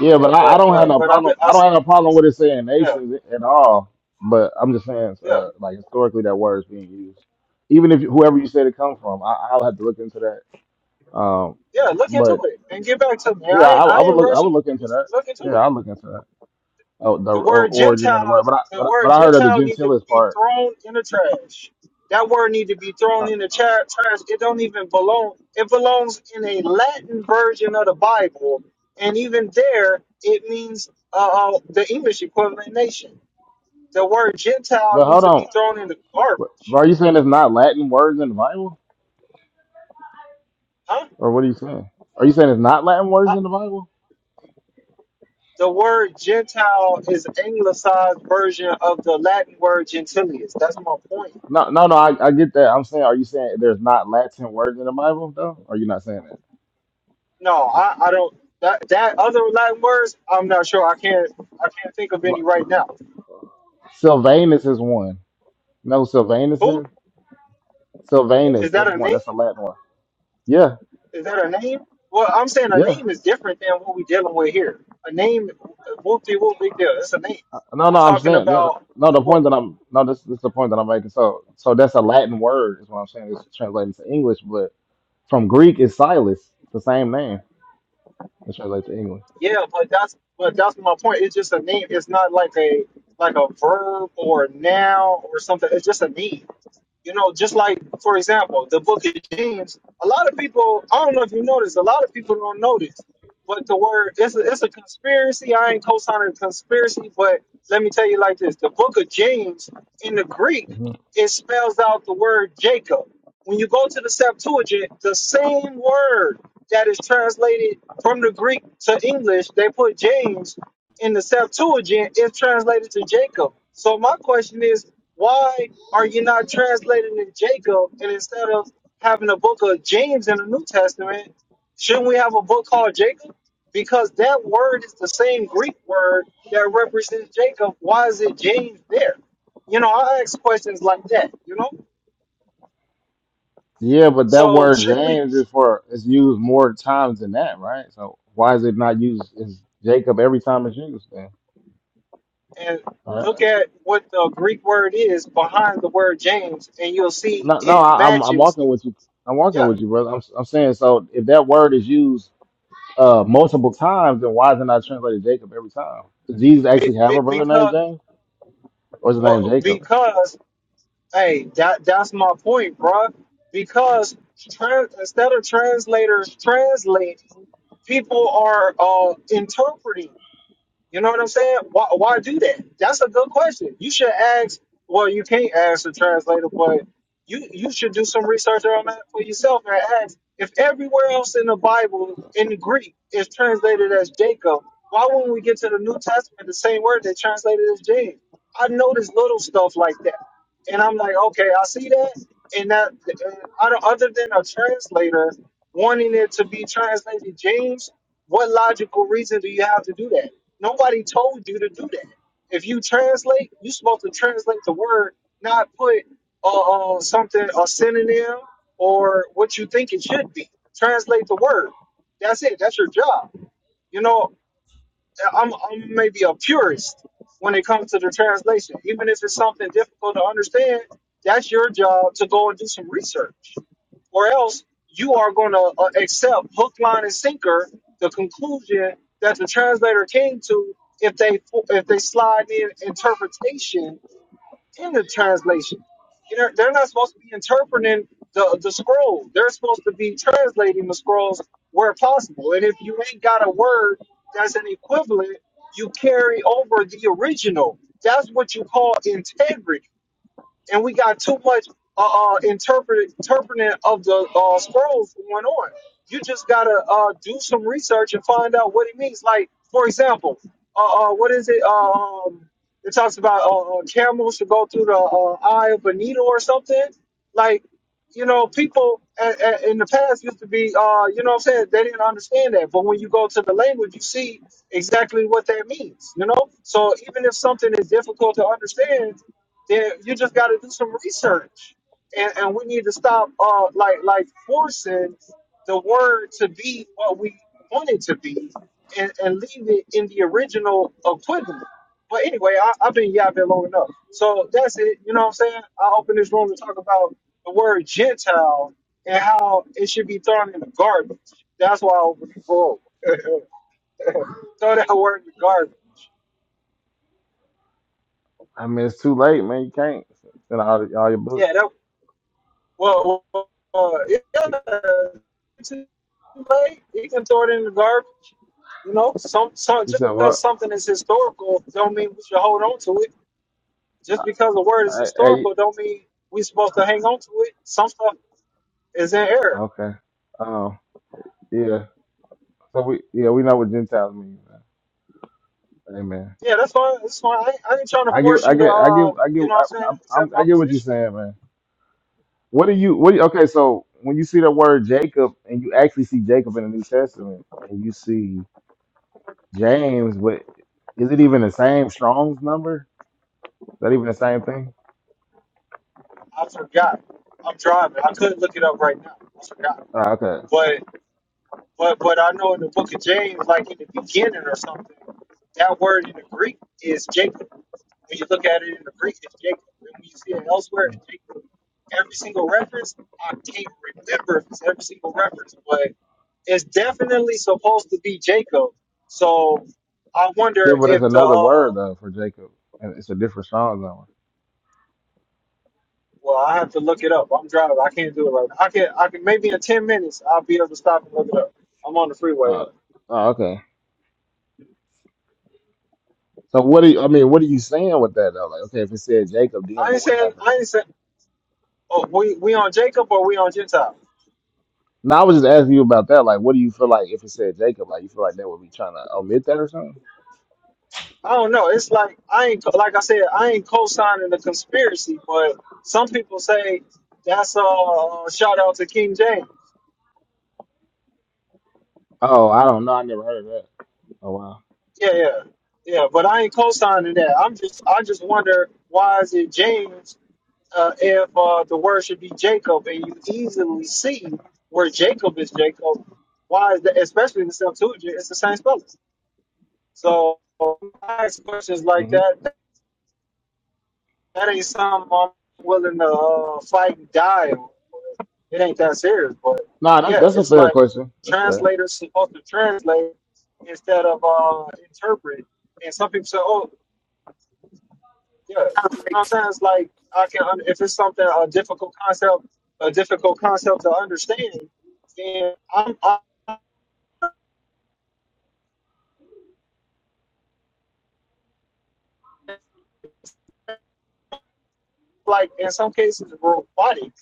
Speaker 2: Yeah,
Speaker 1: yeah,
Speaker 2: but I, I
Speaker 1: but
Speaker 2: don't have
Speaker 1: but,
Speaker 2: no
Speaker 1: but I,
Speaker 2: problem.
Speaker 1: I
Speaker 2: I don't
Speaker 1: s-
Speaker 2: have no problem with it saying
Speaker 1: yeah
Speaker 2: nations at all. But I'm just saying,
Speaker 1: yeah
Speaker 2: uh, like historically, that word is being used. Even if whoever you said it come from, I, I'll have to look into that Um,
Speaker 1: yeah. Look into
Speaker 2: but
Speaker 1: it and get back to me.
Speaker 2: yeah,
Speaker 1: I
Speaker 2: I,
Speaker 1: ain't,
Speaker 2: I
Speaker 1: I
Speaker 2: would
Speaker 1: ain't
Speaker 2: look. I would
Speaker 1: rushing.
Speaker 2: look into
Speaker 1: Just
Speaker 2: that.
Speaker 1: look into
Speaker 2: Yeah,
Speaker 1: it.
Speaker 2: I'll look into that. Oh, the
Speaker 1: The
Speaker 2: or,
Speaker 1: word
Speaker 2: origin of the
Speaker 1: Gentile,
Speaker 2: word. But I,
Speaker 1: the
Speaker 2: but I but
Speaker 1: word
Speaker 2: I heard of the
Speaker 1: Gentile need to
Speaker 2: gentilis
Speaker 1: be
Speaker 2: part.
Speaker 1: thrown in the trash. That word need to be thrown
Speaker 2: Uh,
Speaker 1: in the tra- trash. It don't even belong. It belongs in a Latin version of the Bible, and even there, it means uh, uh, the English equivalent nation. The word Gentile
Speaker 2: but
Speaker 1: needs
Speaker 2: hold
Speaker 1: to be
Speaker 2: on.
Speaker 1: thrown in the
Speaker 2: What-
Speaker 1: garbage.
Speaker 2: Are you saying it's not Latin words in the Bible,
Speaker 1: Huh?
Speaker 2: or what are you saying? Are you saying it's not Latin
Speaker 1: Uh,
Speaker 2: words in the Bible?
Speaker 1: the word Gentile is anglicized version of the Latin word gentilius. That's my point.
Speaker 2: No, no, no. I, I get that. I'm saying, are you saying there's not Latin words in the Bible though? Or are you not saying that?
Speaker 1: No, I, I don't. That, that other Latin words, I'm not sure. I can't I can't think of
Speaker 2: Li-
Speaker 1: any right now.
Speaker 2: Sylvanus is one. No, Sylvanus
Speaker 1: Who
Speaker 2: is
Speaker 1: is
Speaker 2: Sylvanus.
Speaker 1: that?
Speaker 2: That's
Speaker 1: A
Speaker 2: one.
Speaker 1: name?
Speaker 2: That's a Latin one. Yeah,
Speaker 1: Is that a name? Well, I'm saying a
Speaker 2: yeah.
Speaker 1: name is different than what we're dealing with here. A name, whoop de whoop, big deal. It's a name.
Speaker 2: No,
Speaker 1: I'm
Speaker 2: no, I'm
Speaker 1: talking
Speaker 2: saying no, no.
Speaker 1: about
Speaker 2: no,
Speaker 1: the
Speaker 2: The point
Speaker 1: word.
Speaker 2: that I'm no, this, this is the point that I'm making. So, so that's a Latin word, is what I'm saying. It's translated to English, but from Greek is Silas. It's the same name. It translates to English.
Speaker 1: Yeah, but that's but that's my point. It's just a name. It's not like a like a verb or a noun or something. It's just a name. You know, just like, for example, the book of James, a lot of people, I don't know if you notice, a lot of people don't notice. But the word, it's a, it's a conspiracy. I ain't co signing a conspiracy, but let me tell you like this the book of James in the Greek,
Speaker 2: hmm
Speaker 1: it spells out the word Jacob. When you go to the Septuagint, the same word that is translated from the Greek to English, they put James in the Septuagint, is translated to Jacob. So my question is, why are you not translating in Jacob and instead of having a book of James in the New Testament, shouldn't we have a book called Jacob? Because that word is the same Greek word that represents Jacob. Why is it James there? You know, I ask questions like that, you know?
Speaker 2: Yeah, but that
Speaker 1: So
Speaker 2: word
Speaker 1: shouldn't we
Speaker 2: James is for is used more times than that, right? So why is it not used as Jacob every time it's used? Then,
Speaker 1: and
Speaker 2: All right.
Speaker 1: look at what the Greek word is behind the word James and you'll see
Speaker 2: no, no,
Speaker 1: it
Speaker 2: I, I'm I'm
Speaker 1: matches.
Speaker 2: walking with you. I'm walking
Speaker 1: Yeah.
Speaker 2: with you, brother. I'm I'm saying so. If that word is used uh multiple times, then why is it not translated Jacob every time? Does Jesus
Speaker 1: be-
Speaker 2: actually have
Speaker 1: be-
Speaker 2: a brother named
Speaker 1: because
Speaker 2: James? What's his name?
Speaker 1: well,
Speaker 2: Jacob.
Speaker 1: because Hey, that that's my point, bruh. Because trans, instead of translators translate, people are uh interpreting. You know what I'm saying? Why, why do that? That's a good question. You should ask. Well, you can't ask the translator, but you you should do some research on that for yourself and ask if everywhere else in the Bible in the Greek is translated as Jacob. Why wouldn't we get to the New Testament the same word that translated as James? I notice little stuff like that, and I'm like, okay, I see that, and that and I don't, other than a translator wanting it to be translated James, what logical reason do you have to do that? Nobody told you to do that. If you translate, you're supposed to translate the word, not put uh, uh, something, a synonym, or what you think it should be. Translate the word. That's it. That's your job. You know, I'm, I'm maybe a purist when it comes to the translation. Even if it's something difficult to understand, that's your job to go and do some research or else you are going to uh, accept hook, line, and sinker the conclusion that the translator came to if they if they slide in interpretation in the translation. You know, they're not supposed to be interpreting the the scroll. They're supposed to be translating the scrolls where possible. And if you ain't got a word that's an equivalent, you carry over the original. That's what you call integrity and we got too much uh, uh interpret interpreting of the uh, scrolls going on. You just gotta uh do some research and find out what it means. Like for example, uh, uh what is it? uh, Um, it talks about uh, uh, camels should go through the uh, eye of a needle or something. Like you know, people a- a- in the past used to be uh you know what I'm saying they didn't understand that, but when you go to the language, you see exactly what that means. You know, so even if something is difficult to understand there, you just got to do some research, and, and we need to stop, uh, like like forcing the word to be what we want it to be, and, and leave it in the original equivalent. But anyway, I, I've been yeah, I've been long enough. So that's it. You know what I'm saying? I open this room to talk about the word Gentile and how it should be thrown in the garbage. That's why I opened the room. Throw that <laughs> word in the garbage.
Speaker 2: I mean, it's too late, man. You can't send all, all your books.
Speaker 1: Yeah, that Well, well, uh, yeah, it's too late. He can throw it in the garbage. You know, some, some
Speaker 2: He
Speaker 1: just
Speaker 2: said,
Speaker 1: because
Speaker 2: "What?
Speaker 1: something is historical don't mean we should hold on to it. Just because a word is
Speaker 2: I, hey,
Speaker 1: historical don't mean we are supposed to hang on to it. Some stuff is in error.
Speaker 2: okay. Oh, yeah. So we, yeah, we know what Gentiles mean, man. Amen.
Speaker 1: Yeah, that's fine. That's fine. I ain't, I ain't trying to
Speaker 2: I get,
Speaker 1: force
Speaker 2: I
Speaker 1: you to,
Speaker 2: get, I get,
Speaker 1: uh,
Speaker 2: I get,
Speaker 1: you know
Speaker 2: I,
Speaker 1: what I'm saying,
Speaker 2: I, I'm-
Speaker 1: accept my
Speaker 2: I get what you're
Speaker 1: position.
Speaker 2: saying, man. What do you, what? Do you, okay, so when you see the word Jacob, and you actually see Jacob in the New Testament, and you see James, what is it even the same Strong's number? Is that even the same thing?
Speaker 1: I forgot. I'm driving. I couldn't look it up right now. I forgot.
Speaker 2: Ah, okay.
Speaker 1: But. But but I know in the book of James, like in the beginning or something, that word in the Greek is Jacob. When you look at it in the Greek, it's Jacob. And when you see it elsewhere, it's Jacob. Every single reference, I can't remember if it's every single reference, but it's definitely supposed to be Jacob. So I wonder
Speaker 2: Yeah, but it's
Speaker 1: if the
Speaker 2: another word
Speaker 1: uh,
Speaker 2: though for Jacob, and it's a different strong zone.
Speaker 1: well, I have to look it up. I'm driving. I can't do it right now. I can I can maybe in ten minutes I'll be able to stop and look it up. I'm on the freeway. Huh?
Speaker 2: Uh, oh, okay. So what do you? I mean, what are you saying with that though? Like, okay, if it said Jacob, then
Speaker 1: I ain't
Speaker 2: what would
Speaker 1: saying
Speaker 2: happen?
Speaker 1: I ain't saying Oh, we we on Jacob or we on Gentile?
Speaker 2: No, I was just asking you about that. Like, what do you feel like if it said Jacob? Like, you feel like they would be trying to omit that or something?
Speaker 1: I don't know. It's like I ain't like I said I ain't co-signing the conspiracy, but some people say that's a uh, shout out to King James.
Speaker 2: Oh, I don't know. I never heard of that. Oh wow.
Speaker 1: Yeah, yeah, yeah. But I ain't co-signing that. I'm just I just wonder why is it James uh, if uh, the word should be Jacob, and you easily see where Jacob is Jacob. Why is that? Especially in the Septuagint, it's the same spelling. So I ask questions like
Speaker 2: hmm
Speaker 1: that That ain't something I'm willing to uh, fight and die on. It ain't that serious, but
Speaker 2: Nah, that's
Speaker 1: yeah,
Speaker 2: that's a
Speaker 1: it's
Speaker 2: fair
Speaker 1: like
Speaker 2: question. That's fair.
Speaker 1: translators supposed to translate instead of uh, interpret. And some people say, "Oh, yeah," you know what I'm saying? It's like I can if it's something a difficult concept, a difficult concept to understand, then I'm, I'm like in some cases robotic,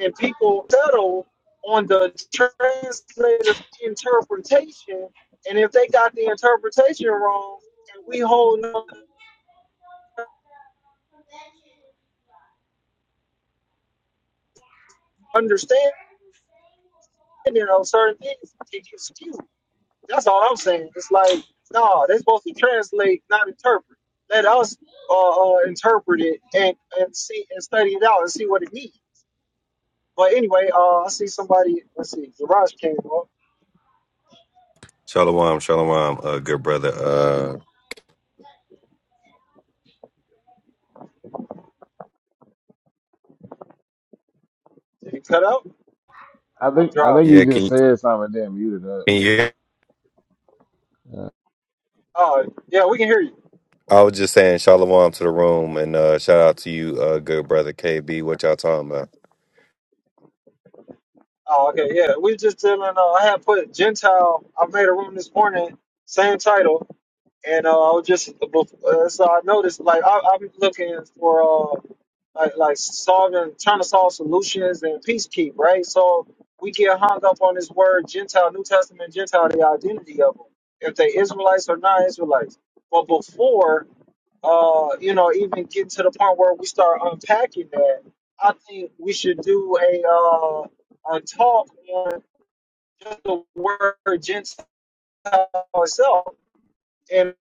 Speaker 1: and people settle on the translator's interpretation. And if they got the interpretation wrong, and we hold no understanding of certain things, it gets skewed. That's all I'm saying. It's like, no, they're supposed to translate, not interpret. Let us uh, uh, interpret it and, and see and study it out and see what it means. But anyway, uh, I see somebody. Let's see, Garage came up.
Speaker 3: Shalom, shalom, uh, good brother. Uh,
Speaker 1: Did he cut out?
Speaker 2: I
Speaker 1: I'm
Speaker 2: think I
Speaker 1: driving.
Speaker 2: think you
Speaker 3: yeah, can
Speaker 2: just
Speaker 3: you,
Speaker 2: said something and then muted up.
Speaker 3: can you? Hear?
Speaker 2: Yeah.
Speaker 1: Oh, yeah, we can hear you.
Speaker 3: I was just saying shalom to the room and uh, shout out to you, uh, good brother KB. What y'all talking about?
Speaker 1: Oh, okay, yeah. We just telling. Uh, I had put Gentile. I made a room this morning, same title, and uh, I was just uh, so I noticed like I, I'm looking for uh, like like solving, trying to solve solutions and peace keep right. So we get hung up on this word Gentile, New Testament Gentile, the identity of them, if they Israelites or non-Israelites. But before uh, you know, even get to the point where we start unpacking that, I think we should do a uh, a talk on just the word Gentile itself. And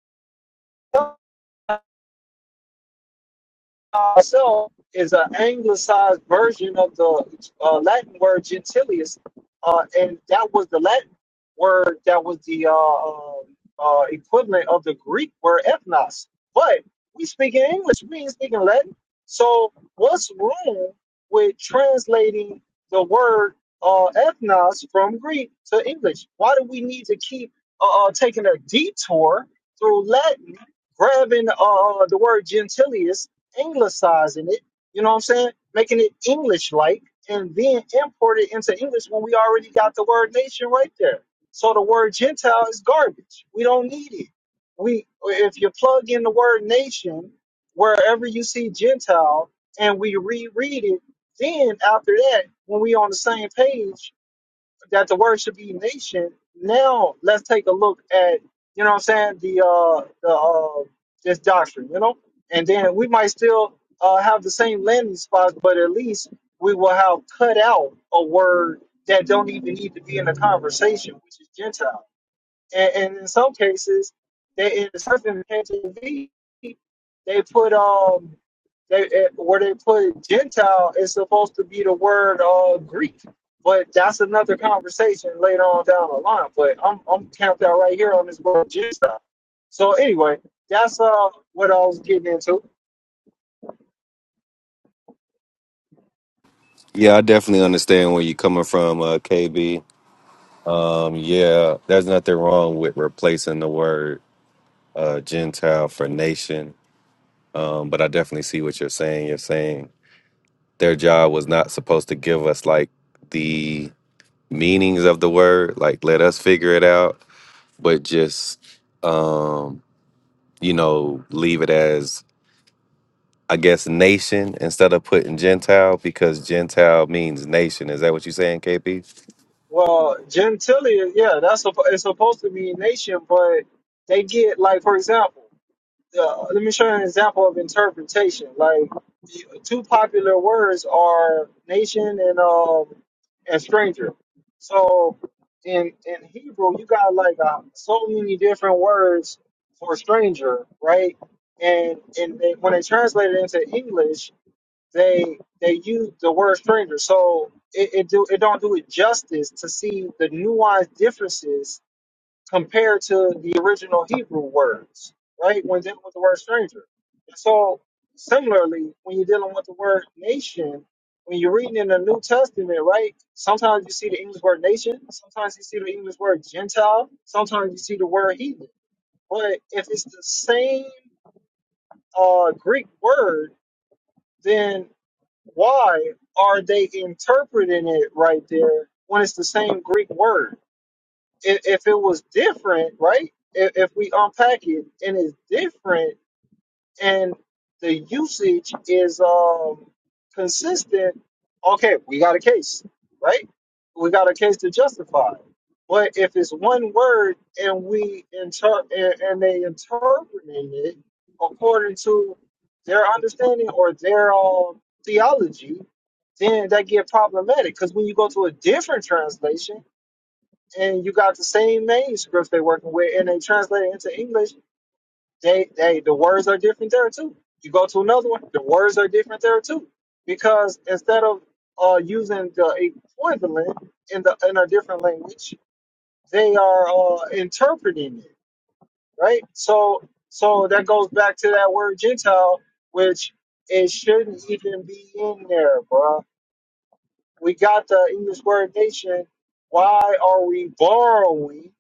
Speaker 1: itself is an anglicized version of the uh, Latin word gentilius, uh, and that was the Latin word that was the uh, um, uh, equivalent of the Greek word ethnos. But we speak in English, we ain't speaking Latin. So what's wrong with translating the word uh, ethnos from Greek to English? Why do we need to keep uh, uh, taking a detour through Latin, grabbing uh, the word gentilius? anglicizing it, you know what I'm saying? Making it English like and then import it into English when we already got the word nation right there. So the word Gentile is garbage. We don't need it. We if you plug in the word nation wherever you see Gentile and we reread it, then after that, when we on the same page, that the word should be nation. Now let's take a look at you know what I'm saying the uh the uh this doctrine, you know, and then we might still uh have the same landing spots, but at least we will have cut out a word that don't even need to be in the conversation, which is Gentile. And, and in some cases, they in the surfing KJV, they put um they eh, where they put Gentile is supposed to be the word uh Greek, but that's another conversation later on down the line. But I'm I'm camped out right here on this word Gentile. So anyway, that's uh what I was getting into.
Speaker 3: Yeah, I definitely understand where you're coming from, uh, KB. Um, yeah, there's nothing wrong with replacing the word uh, Gentile for nation, um, but I definitely see what you're saying. You're saying their job was not supposed to give us like the meanings of the word, like let us figure it out, but just. Um, you know, leave it as I guess nation instead of putting Gentile because Gentile means nation. Is that what you're saying, KP?
Speaker 1: Well, gentilia, yeah, that's supp- it's supposed to mean nation, but they get like for example. uh, let me show you an example of interpretation. Like the two popular words are nation and um and stranger. So in in Hebrew, you got like uh, so many different words for stranger, right? And and they, when they translate it into English, they they use the word stranger. So it, it do it don't do it justice to see the nuanced differences compared to the original Hebrew words, right? When dealing with the word stranger. And so, similarly, when you're dealing with the word nation, when you're reading in the New Testament, right? Sometimes you see the English word nation, sometimes you see the English word Gentile, sometimes you see the word heathen. But if it's the same uh, Greek word, then why are they interpreting it right there when it's the same Greek word? if, if it was different, right? If, if we unpack it and it's different, and the usage is um consistent, okay, we got a case, right? We got a case to justify. But if it's one word and we inter and, and they interpreting it according to their understanding or their um, theology, then that get problematic. Because when you go to a different translation and you got the same manuscripts they're working with, and they translate it into English. They, they, the words are different there too. You go to another one, the words are different there too, because instead of uh, using the equivalent in the in a different language, they are uh, interpreting it, right? So, so that goes back to that word Gentile, which it shouldn't even be in there, bruh. We got the English word nation. Why are we borrowing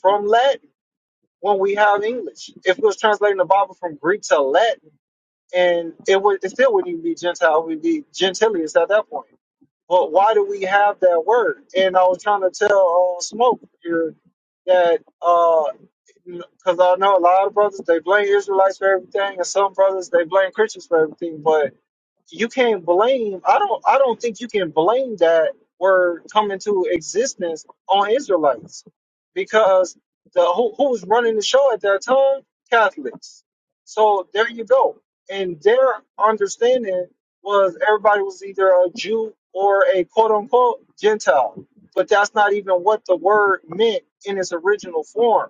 Speaker 1: from Latin? when we have English. If we was translating the Bible from Greek to Latin, and it would it still wouldn't even be Gentile, it would be Gentilius at that point. But why do we have that word? And I was trying to tell uh, Smoke here that because I know a lot of brothers they blame Israelites for everything, and some brothers they blame Christians for everything. But you can't blame i don't i don't think you can blame that word coming to existence on israelites because the who, who was running the show at that time catholics so there you go and their understanding was everybody was either a jew or a quote unquote gentile but that's not even what the word meant in its original form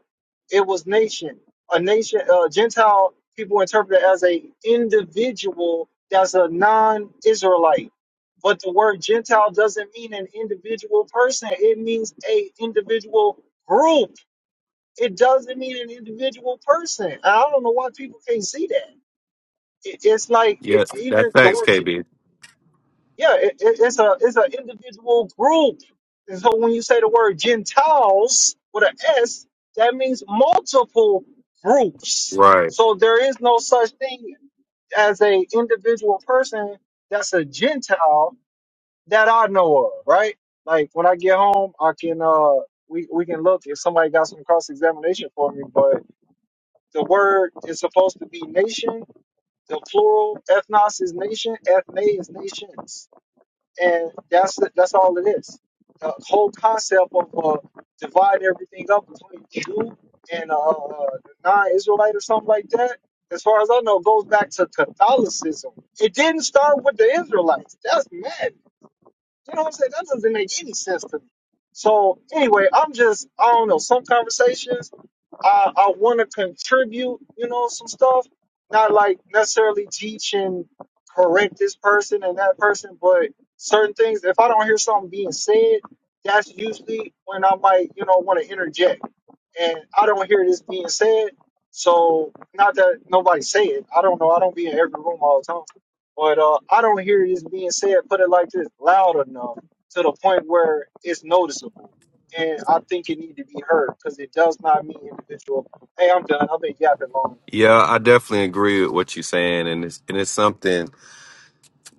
Speaker 1: it was nation a nation, uh, Gentile people interpret it as a individual that's a non-Israelite. But the word Gentile doesn't mean an individual person. It means a individual group. It doesn't mean an individual person. And I don't know why people can't see that. It, it's like it,
Speaker 3: Yes, that's
Speaker 1: even the
Speaker 3: facts,
Speaker 1: word
Speaker 3: KB.
Speaker 1: yeah, it, it, it's a it's an individual group. And so when you say the word Gentiles with an S, that means multiple groups.
Speaker 3: Right.
Speaker 1: So there is no such thing as a individual person that's a Gentile that I know of, right? Like when I get home, I can uh we, we can look if somebody got some cross examination for me, but the word is supposed to be nation, the plural, ethnos is nation, ethne is nations and that's that's all it is. The whole concept of uh, divide everything up between Jew and uh, uh, non-Israelite or something like that, as far as I know, goes back to Catholicism. It didn't start with the Israelites. That's mad. You know what I'm saying? That doesn't make any sense to me. So anyway, I'm just I don't know. Some conversations I I want to contribute. You know, some stuff. Not like necessarily teach and correct this person and that person, but certain things. If I don't hear something being said, that's usually when I might you know want to interject. And I don't hear this being said. So not that nobody say it. I don't know. I don't be in every room all the time. But uh, I don't hear this being said, put it like this, loud enough to the point where it's noticeable. And I think it need to be heard because it does not mean individual. Hey, I'm done. I've been yapping long enough.
Speaker 3: Yeah, I definitely agree with what you're saying, and it's and it's something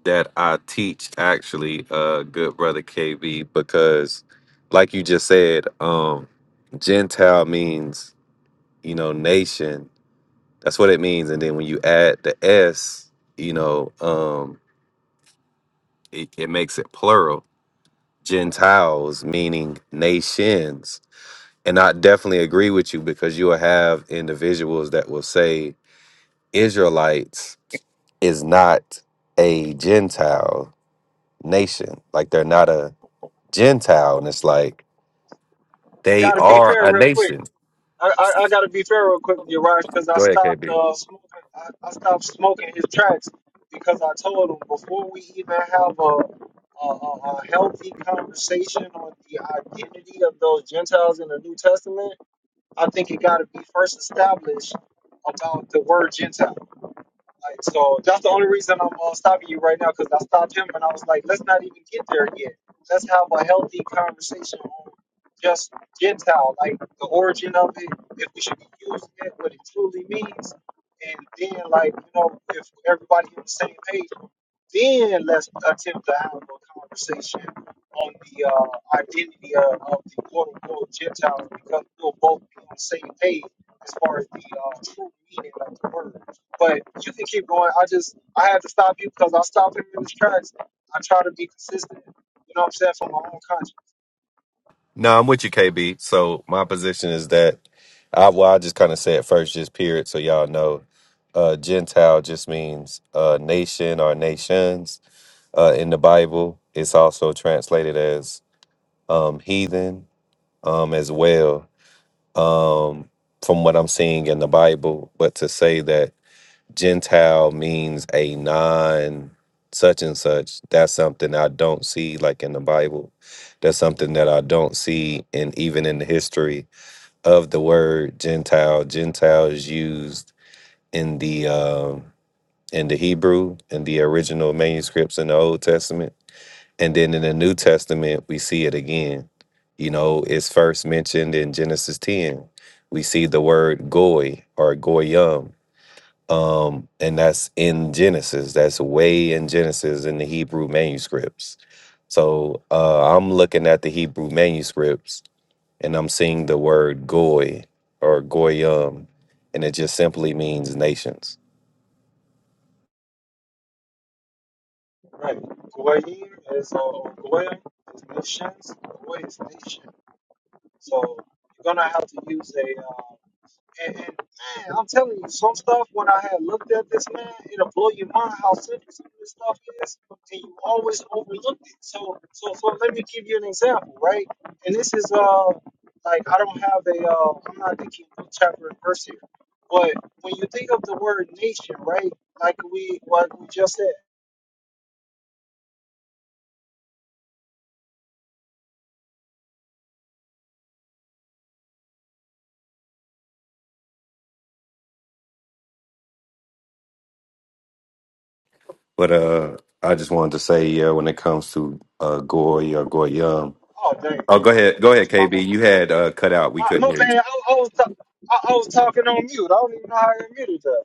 Speaker 3: that I teach actually, uh, good brother KB, because like you just said, um, Gentile means you know nation. That's what it means, and then when you add the S, you know, um, it, it makes it plural Gentiles, meaning nations. And I definitely agree with you because you will have individuals that will say Israelites is not a Gentile nation. Like they're not a Gentile. And it's like
Speaker 1: I
Speaker 3: they
Speaker 1: gotta be
Speaker 3: are
Speaker 1: fair
Speaker 3: a
Speaker 1: real quick.
Speaker 3: nation.
Speaker 1: I, I, I gotta be fair real quick, Yaraj, because I
Speaker 3: Go ahead,
Speaker 1: stopped
Speaker 3: KB.
Speaker 1: uh, smoking. I, I stopped smoking his tracks because I told him before we even have a, a, a a healthy conversation on the identity of those Gentiles in the New Testament I think it got to be first established about the word Gentile. Like, so that's the only reason I'm uh, stopping you right now because I stopped him and I was like, let's not even get there yet. Let's have a healthy conversation on just Gentile, like the origin of it, if we should be using it, what it truly means, and then like you know if everybody on the same page, then let's attempt to have a conversation on the uh, identity of, of the quote unquote Gentiles because we'll both be on the same page as far as the uh, true meaning of the word. But you can keep going. I just I had to stop you because I stopped him in his tracks. I try to be consistent. You know what I'm saying for my own
Speaker 3: No, I'm with you, KB. So my position is that I well, I just kind of say it first, just period, so y'all know. Uh Gentile just means uh nation or nations uh, in the Bible. It's also translated as um, heathen um, as well, um, from what I'm seeing in the Bible. But to say that Gentile means a non such and such, that's something I don't see like in the Bible. That's something that I don't see, and even in the history of the word Gentile, Gentile is used in the um in the Hebrew in the original manuscripts in the Old Testament and then in the New Testament, we see it again. You know, it's first mentioned in Genesis 10. We see the word goy or goyim. Um, and that's in Genesis. That's way in Genesis in the Hebrew manuscripts. So uh, I'm looking at the Hebrew manuscripts and I'm seeing the word goy or goyim. And it just simply means nations.
Speaker 1: country. Right. Goyim is uh, Goyim is nations. Goy is nation. So you're gonna have to use a. Uh, and, and man, I'm telling you, some stuff when I had looked at this man, it'll blow your mind how simple some of this stuff is, and you always overlook it. So, so, so let me give you an example, right? And this is uh, like I don't have a uh, I'm not thinking book chapter and verse here, but when you think of the word nation, right? Like we, like we just said.
Speaker 3: But uh, I just wanted to say, yeah, when it comes to uh, goy or goyim,
Speaker 1: Oh dang,
Speaker 3: Oh,
Speaker 1: I
Speaker 3: go ahead. Go
Speaker 1: was
Speaker 3: ahead,
Speaker 1: talking.
Speaker 3: KB. You had uh, cut out. We
Speaker 1: Uh,
Speaker 3: couldn't
Speaker 1: my
Speaker 3: hear you.
Speaker 1: bad. I, I was ta- I, I was talking on mute. I don't even know how I muted that.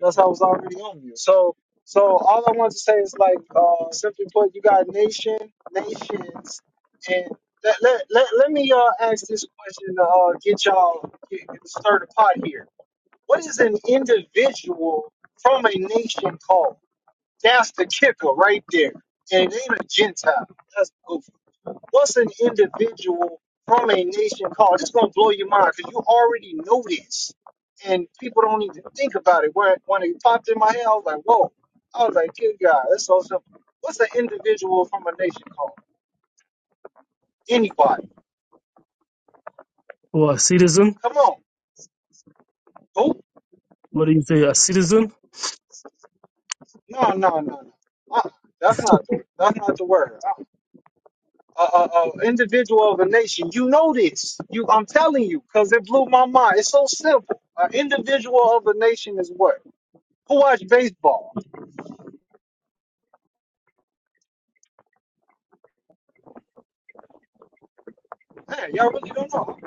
Speaker 1: That's I was already on mute. So so all I want to say is like uh, simply put, you got nation nations, and let let let, let me uh, ask this question to uh, get y'all get, get stir the pot here. What is an individual from a nation called? That's the kicker right there. And it ain't a Gentile. That's oh, What's an individual from a nation called? It's gonna blow your mind because you already know this, and people don't even think about it. When when it popped in my head, I was like, "Whoa!" I was like, "Good God, that's so simple." What's an individual from a nation called? Anybody?
Speaker 4: Or a citizen?
Speaker 1: Come on, go!
Speaker 4: What do you say? A citizen?
Speaker 1: No, no, no, no. Uh-uh. That's not the that's not the word. A uh, uh, uh, uh, individual of a nation. You know this. You, I'm telling you, because it blew my mind. It's so simple. An individual of a nation is what? Who watch baseball? Man, y'all really don't know.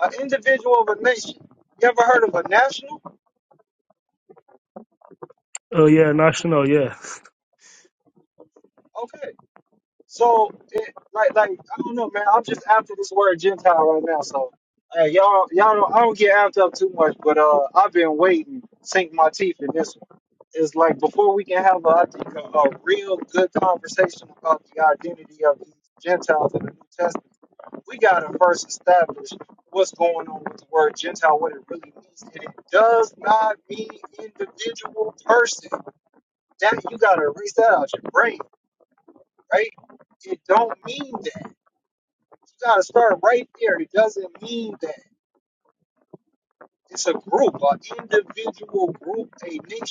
Speaker 1: An individual of a nation. You ever heard of a national?
Speaker 4: Oh yeah, national. Yeah.
Speaker 1: Okay. So, it, like, like I don't know, man. I'm just after this word Gentile right now. So, hey, y'all, y'all, don't, I don't get amped up too much, but uh, I've been waiting, sink my teeth in this one. It's like before we can have, a, I think, a, a real good conversation about the identity of these Gentiles in the New Testament. we got to first establish what's going on with the word Gentile, what it really means. And it does not mean individual person. That you got to erase that out your brain, right? It don't mean that. You got to start right there. It doesn't mean that. It's a group, an individual group, a nation.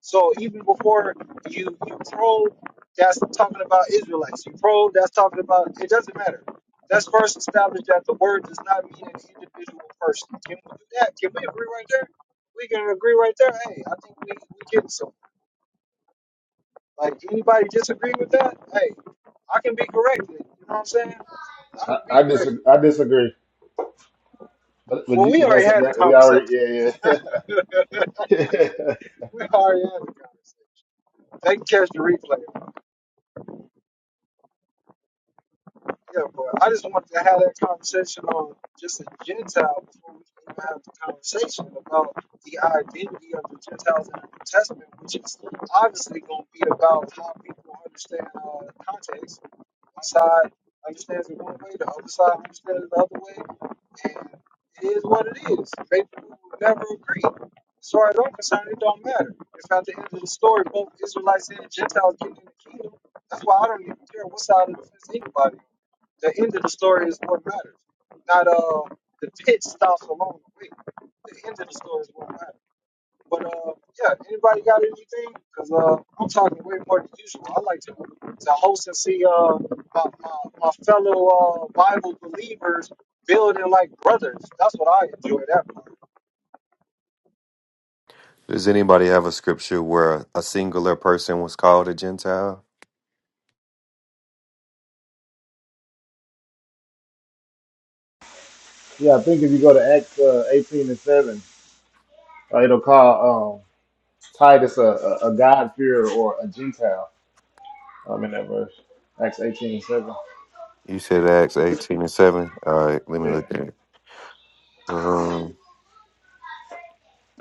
Speaker 1: So even before you you probe, that's talking about Israelites. You probe, that's talking about it doesn't matter. Let's first establish that the word does not mean an individual person. Can we do that? Can we agree right there? We can agree right there. Hey, I think we we get some. Like anybody disagree with that? Hey, I can be corrected. You know what I'm saying? I can be
Speaker 2: I, I
Speaker 1: corrected.
Speaker 2: disagree. I disagree. But but,
Speaker 1: Well,
Speaker 2: you,
Speaker 1: we
Speaker 2: but
Speaker 1: already
Speaker 2: that's
Speaker 1: had the
Speaker 2: that we
Speaker 1: conversation.
Speaker 2: already yeah
Speaker 1: <laughs> we already had
Speaker 2: yeah. <laughs>
Speaker 1: the conversation. They can catch the replay. Yeah, but I just wanted to have that conversation on just a Gentile before we can even have the conversation about the identity of the Gentiles in the New Testament, which is obviously going to be about how people understand uh, context. One side understands it one way, the other side understands it the other way, and it is what it is. People will never agree. As far as I'm concerned, it don't matter. If at the end of the story both Israelites and Gentiles get in the kingdom, that's why I don't even care what side of the fence anybody the end of the story is what matters, not uh, the pit stops along the way. The end of the story is what matters. But uh, yeah, anybody got anything? Cause uh, I'm talking way more than usual. I like to to host and see uh my, my, my fellow uh Bible believers building like brothers. That's what I enjoy that part.
Speaker 3: Does anybody have a scripture where a singular person was called a Gentile?
Speaker 2: Yeah, I think if you go to Acts uh, 18 and 7, uh, it'll call um, Titus a, a, a God-fearer or a Gentile I'm in that verse. Acts 18 and 7.
Speaker 3: You said Acts 18 and 7. All right, let me
Speaker 2: Yeah.
Speaker 3: look at it. Um,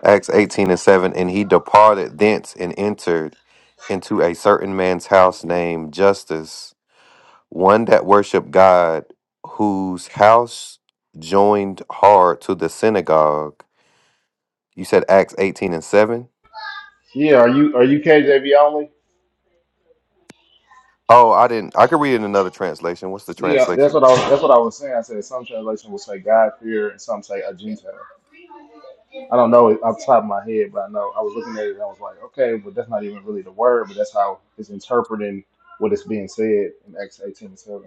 Speaker 3: Acts 18 and 7. And he departed thence and entered into a certain man's house named Justus, one that worshiped God, whose house joined hard to the synagogue. You said Acts 18 and 7?
Speaker 2: Yeah, are you are you KJV only?
Speaker 3: Oh, I didn't. I could read it in another translation. What's the
Speaker 2: Yeah, that's
Speaker 3: translation?
Speaker 2: what I was, that's what I was saying. I said some translation will say God-fearer and some say a Gentile. I don't know it off the top of my head, but I know I was looking at it and I was like, okay, but that's not even really the word, but that's how it's interpreting what is being said in Acts 18 and 7.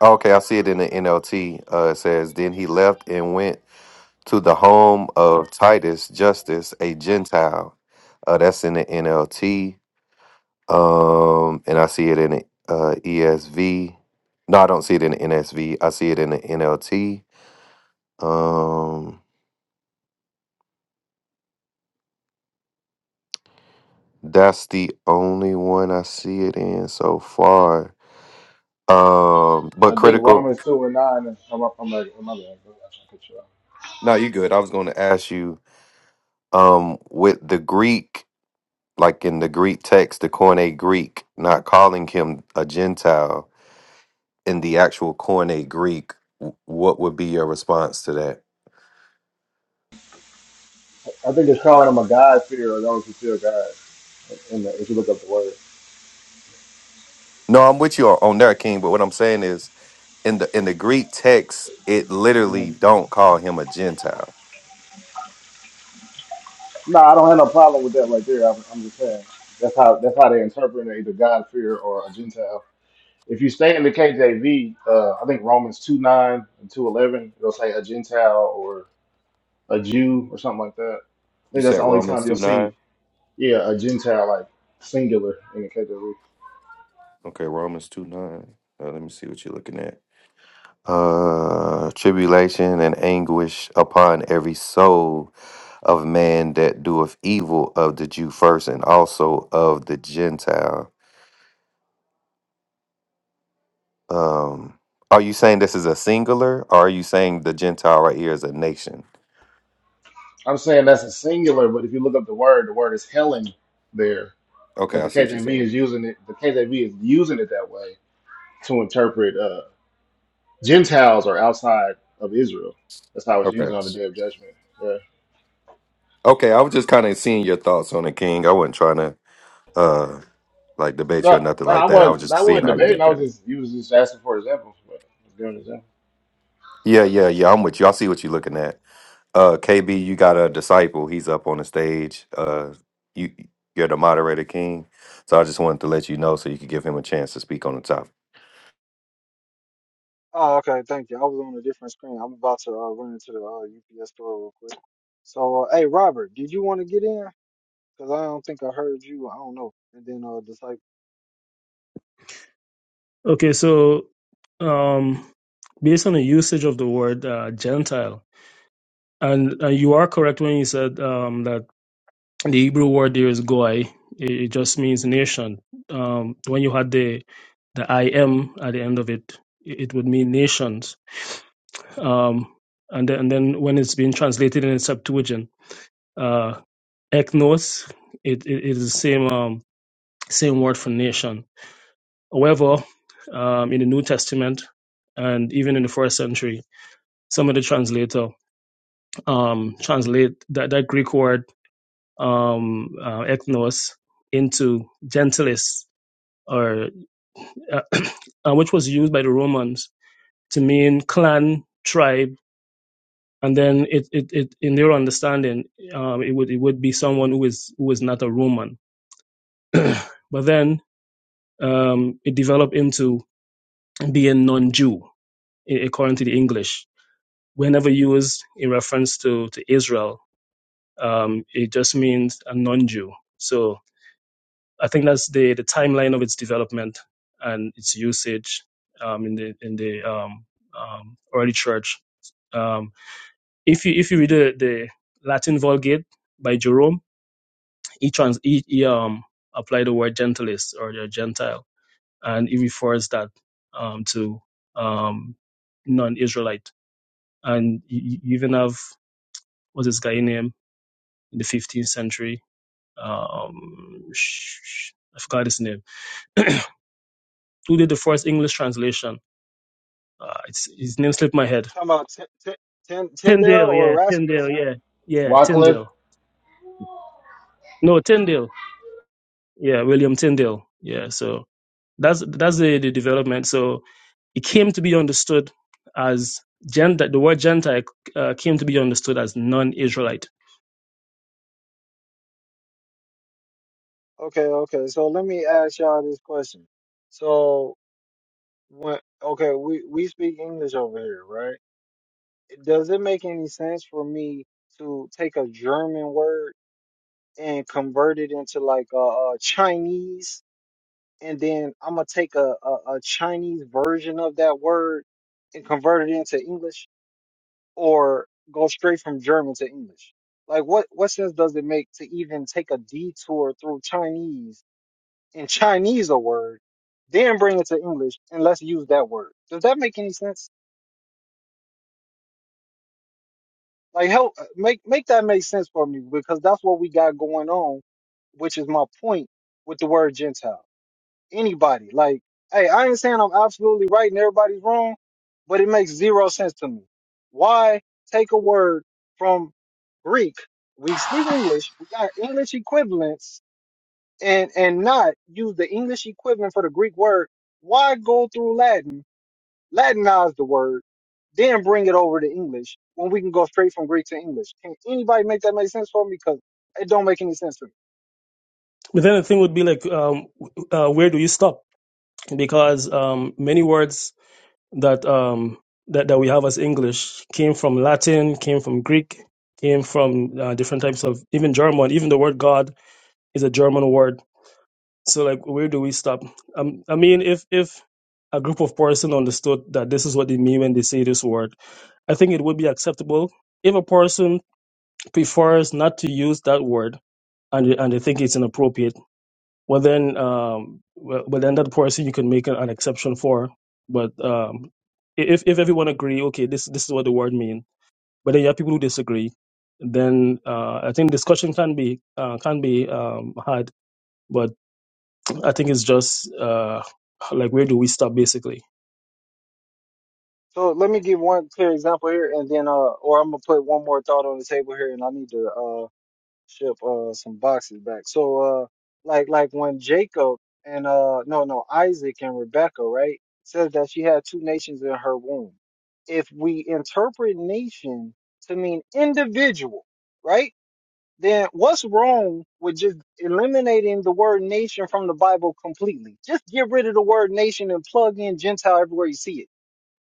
Speaker 3: Okay, I see it in the NLT. Uh, it says, Then he left and went to the home of Titus Justice, a Gentile. Uh, that's in the NLT. Um, and I see it in the uh, ESV. No, I don't see it in the NSV. I see it in the NLT. Um, that's the only one I see it in so far. Um, but
Speaker 2: I think
Speaker 3: critical.
Speaker 2: Romans 2 and 9, I'm, up. I'm, like, I'm not gonna go, that's not good sure.
Speaker 3: No, you good. I was going to ask you um, with the Greek. like in the Greek text, the Koine Greek, not calling him a Gentile in the actual Koine Greek, w- what would be your response to that?
Speaker 2: I think it's calling him a God fearer, those who fear God, in the, if you look up the word.
Speaker 3: No, I'm with you on on that, King. But what I'm saying is, in the in the Greek text, it literally
Speaker 2: Mhm.
Speaker 3: don't call him a Gentile.
Speaker 2: No, I don't have no problem with that right there. I'm, I'm just saying that's how that's how they interpret it, either God fear or a Gentile. If you stay in the KJV, uh, I think Romans two nine and two eleven, it'll say a Gentile or a Jew or something like that. I
Speaker 3: You
Speaker 2: think that's
Speaker 3: said
Speaker 2: the only
Speaker 3: Romans
Speaker 2: time you'll
Speaker 3: two
Speaker 2: see,
Speaker 3: nine.
Speaker 2: yeah, a Gentile like singular in the KJV.
Speaker 3: Okay, Romans two nine. Uh, let me see what you're looking at. Uh, tribulation and anguish upon every soul of man that doeth evil of the Jew first and also of the Gentile. Um, are you saying this is a singular or are you saying the Gentile right here is a nation?
Speaker 2: I'm saying that's a singular, but if you look up the word, the word is Helen there.
Speaker 3: Okay,
Speaker 2: But
Speaker 3: I
Speaker 2: the
Speaker 3: see what you're
Speaker 2: KJV
Speaker 3: saying.
Speaker 2: is using it. The KJV is using it that way to interpret uh, Gentiles are outside of Israel. That's how it's
Speaker 3: Okay.
Speaker 2: used on the Day of Judgment. Yeah.
Speaker 3: Okay, I was just kind of seeing your thoughts on it, King. I wasn't trying to uh like debate you or
Speaker 2: No,
Speaker 3: nothing
Speaker 2: no, I
Speaker 3: like that. I was
Speaker 2: wasn't.
Speaker 3: just
Speaker 2: I
Speaker 3: seeing
Speaker 2: wasn't
Speaker 3: how you
Speaker 2: debating.
Speaker 3: looked
Speaker 2: I was
Speaker 3: at it.
Speaker 2: just you was just asking for examples. But I was giving an example.
Speaker 3: Yeah, yeah, yeah. I'm with you. I see what you're looking at. Uh, KB, you got a disciple. He's up on the stage. Uh, you you're the moderator king, so I just wanted to let you know so you could give him a chance to speak on the topic.
Speaker 1: Oh, okay. Thank you. I was on a different screen. I'm about to uh, run into the uh, UPS store real quick. So, uh, hey, Robert, did you want to get in? Because I don't think I heard you. I don't know. And then uh, Disciple.
Speaker 4: Okay. So um, based on the usage of the word uh, Gentile. And, and you are correct when you said um, that the Hebrew word there is goy. It, it just means nation. Um, when you had the the I M at the end of it, it, it would mean nations. Um, and then and then when it's being translated in the Septuagint, uh, eknos, it, it it is the same um, same word for nation. However, um, in the New Testament and even in the first century, some of the translator um, translate that, that Greek word um, uh, ethnos into gentilis, or uh, <clears throat> which was used by the Romans to mean clan, tribe, and then it, it, it in their understanding, um, it would it would be someone who is who is not a Roman. <clears throat> but then um, it developed into being non-Jew, according to the English whenever used in reference to, to Israel, um, it just means a non Jew. So I think that's the, the timeline of its development and its usage um, in the in the um, um, early church. Um, if you if you read the, the Latin Vulgate by Jerome, he, trans, he, he um, applied the word gentilis or the Gentile, and he refers that um, to um, non-Israelite. And you you even have what's this guy name? in the 15th century. Um, sh- sh- I forgot his name. <clears throat> Who did the first English translation? Uh, it's, his name slipped my head.
Speaker 1: Talking about T- T- Tin Tyndale
Speaker 4: Tyndale,
Speaker 1: or
Speaker 4: yeah, Tyndale,
Speaker 1: Erasmus?
Speaker 4: yeah, yeah,
Speaker 2: Wycliffe.
Speaker 4: Tyndale. No, Tyndale, yeah, William Tyndale, yeah. So that's that's the, the development. So it came to be understood as gent. the word Gentile uh, came to be understood as non-Israelite.
Speaker 1: Okay, okay. So let me ask y'all this question. So when okay, we we speak English over here, right? Does it make any sense for me to take a German word and convert it into like a, uh uh, Chinese, and then I'm gonna take a, a a Chinese version of that word and convert it into English? or go straight from German to English? Like, what what sense does it make to even take a detour through Chinese and Chinese a word, then bring it to English and let's use that word? Does that make any sense? Like, help uh, make make that make sense for me because that's what we got going on, which is my point with the word Gentile. Anybody, like, hey, I ain't saying I'm absolutely right and everybody's wrong, but it makes zero sense to me. Why take a word? from Greek. We speak English. We got English equivalents and, and not use the English equivalent for the Greek word. Why go through Latin, Latinize the word, then bring it over to English when we can go straight from Greek to English? Can anybody make that make sense for me? Because it don't make any sense to me.
Speaker 4: But then the thing would be like, um, uh, where do you stop? Because um, many words that um that, that we have as English came from Latin, came from Greek, came from uh, different types of even German. Even the word God is a German word. So like, where do we stop? Um, I mean, if if a group of person understood that this is what they mean when they say this word, I think it would be acceptable. If a person prefers not to use that word and they- and they think it's inappropriate well, then, um, well, well, then that person you can make an, an exception for. But um, if if everyone agree, okay, this this is what the word mean. But then you have people who disagree. Then uh, I think discussion can be uh, can be um, had. But I think it's just uh, like where do we stop basically?
Speaker 1: So let me give one clear example here and then, uh, or I'm going to put one more thought on the table here and I need to, uh. ship uh some boxes back. So uh like like when Jacob and uh no no Isaac and Rebecca, right? Says that she had two nations in her womb. If we interpret nation to mean individual, right? Then what's wrong with just eliminating the word nation from the Bible completely? Just get rid of the word nation and plug in Gentile everywhere you see it.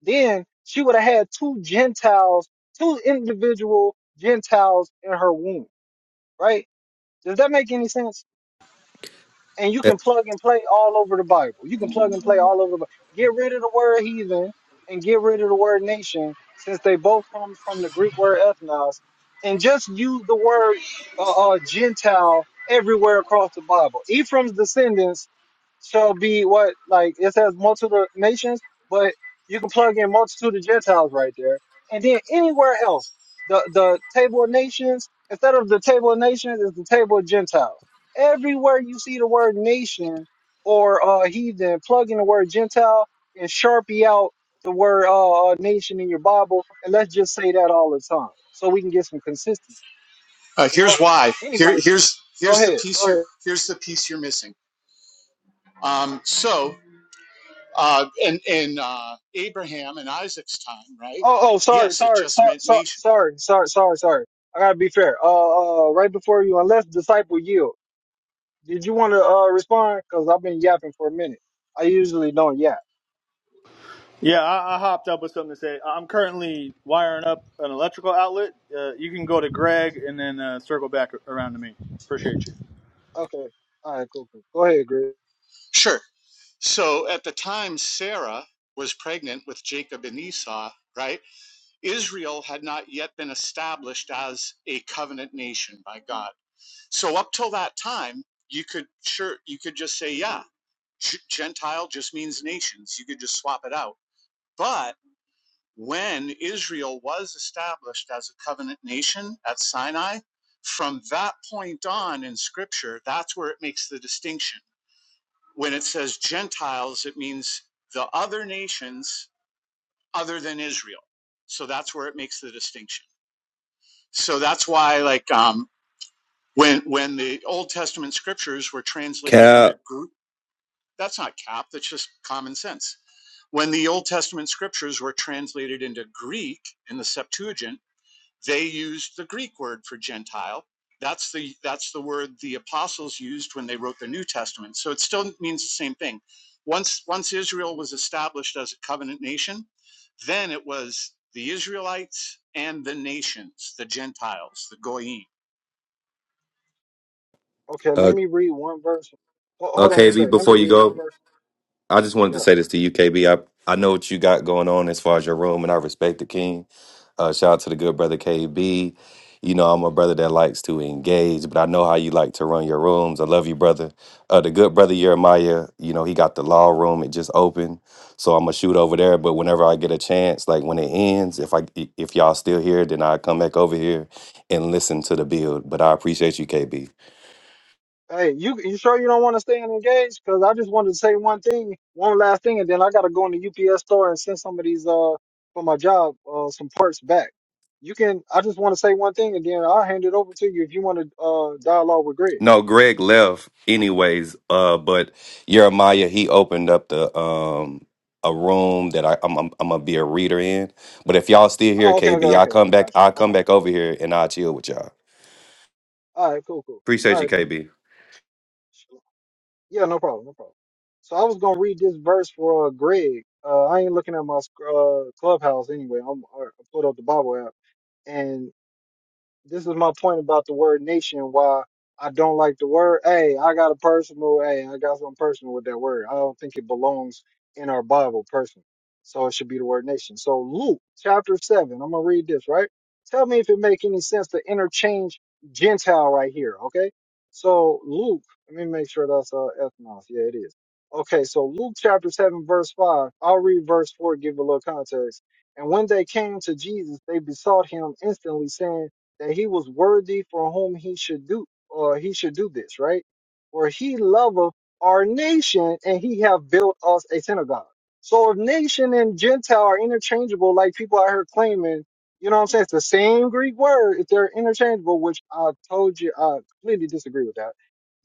Speaker 1: Then she would have had two Gentiles, two individual Gentiles in her womb right? Does that make any sense? And you
Speaker 3: Eh,
Speaker 1: can plug and play all over the Bible. You can plug and play all over the Bible. Get rid of the word heathen and get rid of the word nation, since they both come from the Greek word ethnos, and just use the word uh, uh, Gentile everywhere across the Bible. Ephraim's descendants shall be what like it says multitude of nations, but you can plug in multitude of Gentiles right there. And then anywhere else, the the table of nations, instead of the table of nations, is the table of Gentiles. Everywhere you see the word nation or uh heathen, plug in the word Gentile and sharpie out the word uh uh, nation in your Bible, and let's just say that all the time so we can get some consistency.
Speaker 5: Uh,
Speaker 1: You know?
Speaker 5: here's why.
Speaker 1: Anyway,
Speaker 5: Here, here's
Speaker 1: go
Speaker 5: here's the
Speaker 1: ahead. Go
Speaker 5: piece
Speaker 1: ahead.
Speaker 5: you're here's the piece you're missing. Um, so, uh, in in uh, Abraham and Isaac's time, right?
Speaker 1: Oh, oh, sorry,
Speaker 5: Yes, it
Speaker 1: sorry,
Speaker 5: just
Speaker 1: sorry,
Speaker 5: meant
Speaker 1: sorry,
Speaker 5: nation.
Speaker 1: sorry, sorry, sorry, sorry. I gotta be fair. Uh, uh, right before you, unless disciple yield, did you want to uh respond? Cause I've been yapping for a minute. I usually don't yap.
Speaker 6: Yeah, I, I hopped up with something to say. I'm currently wiring up an electrical outlet. Uh, you can go to Greg and then uh, circle back around to me. Appreciate you.
Speaker 1: Okay, all right, cool, cool. Go ahead, Greg.
Speaker 5: Sure. So at the time, Sarah was pregnant with Jacob and Esau. Right? Israel had not yet been established as a covenant nation by God. So up till that time, you could sure you could just say, yeah, Gentile just means nations. You could just swap it out. But when Israel was established as a covenant nation at Sinai, from that point on in scripture, that's where it makes the distinction. When it says Gentiles, it means the other nations other than Israel. So that's where it makes the distinction. So that's why, like, um, when when the Old Testament scriptures were translated into
Speaker 3: Cap,
Speaker 5: Greek, that's not cap. That's just common sense. When the Old Testament scriptures were translated into Greek in the Septuagint They used the Greek word for Gentile. That's the that's the word the apostles used when they wrote the New Testament. So it still means the same thing. Once once Israel was established as a covenant nation, then it was the Israelites and the nations, the Gentiles, the Goyim.
Speaker 1: Okay,
Speaker 3: uh,
Speaker 1: let me read one verse. Ho-
Speaker 3: Uh,
Speaker 1: Hold on one
Speaker 3: KB,
Speaker 1: second. Let me
Speaker 3: before you
Speaker 1: read one
Speaker 3: go,
Speaker 1: verse.
Speaker 3: I just wanted to
Speaker 1: Yeah.
Speaker 3: say this to you, KB. I, I know what you got going on as far as your room, and I respect the king. Uh, shout out to the good brother KB. You know, I'm a brother that likes to engage, but I know how you like to run your rooms. I love you, brother. Uh, the good brother Jeremiah, you know, he got the law room. It just opened, so I'm gonna shoot over there. But whenever I get a chance, like when it ends, if I if y'all still here, then I come back over here and listen to the build. But I appreciate you, KB.
Speaker 1: Hey, you you sure you don't want to stay engaged? Cause I just wanted to say one thing, one last thing, and then I gotta go in the UPS store and send some of these uh for my job uh some parts back. you can. I just want to say one thing, and then I'll hand it over to you if you want to uh dialogue with Greg.
Speaker 3: No, Greg left anyways. Uh, but Jeremiah he opened up the um a room that I I'm, I'm I'm gonna be a reader in. But if y'all still here,
Speaker 1: Oh, okay, okay,
Speaker 3: KB, I
Speaker 1: okay.
Speaker 3: come
Speaker 1: I
Speaker 3: back.
Speaker 1: got you.
Speaker 3: I will
Speaker 1: I
Speaker 3: come
Speaker 1: got you.
Speaker 3: back over here and I will chill with y'all.
Speaker 1: All right, cool, cool.
Speaker 3: Appreciate
Speaker 1: All
Speaker 3: you,
Speaker 1: right, then.
Speaker 3: KB.
Speaker 1: Yeah, no problem, no problem. So I was gonna read this verse for uh, Greg. Uh, I ain't looking at my sc- uh, clubhouse anyway. I'm I I pulled up the Bible app, and. this is my point about the word nation. Why I don't like the word. Hey, I got a personal. Hey, I got something personal with that word. I don't think it belongs in our Bible, personally. So it should be the word nation. So Luke chapter seven. I'm gonna read this right. Tell me if it make any sense to interchange Gentile right here. Okay. So Luke, let me make sure that's uh ethnos. Yeah, it is. Okay. So Luke chapter seven, verse five. I'll read verse four. Give a little context. And when they came to Jesus, they besought him instantly, saying that he was worthy for whom he should do or he should do this, right? For he loveth our nation and he have built us a synagogue. So if nation and Gentile are interchangeable, like people out here claiming, you know what I'm saying? It's the same Greek word. If they're interchangeable, which I told you, I completely disagree with that.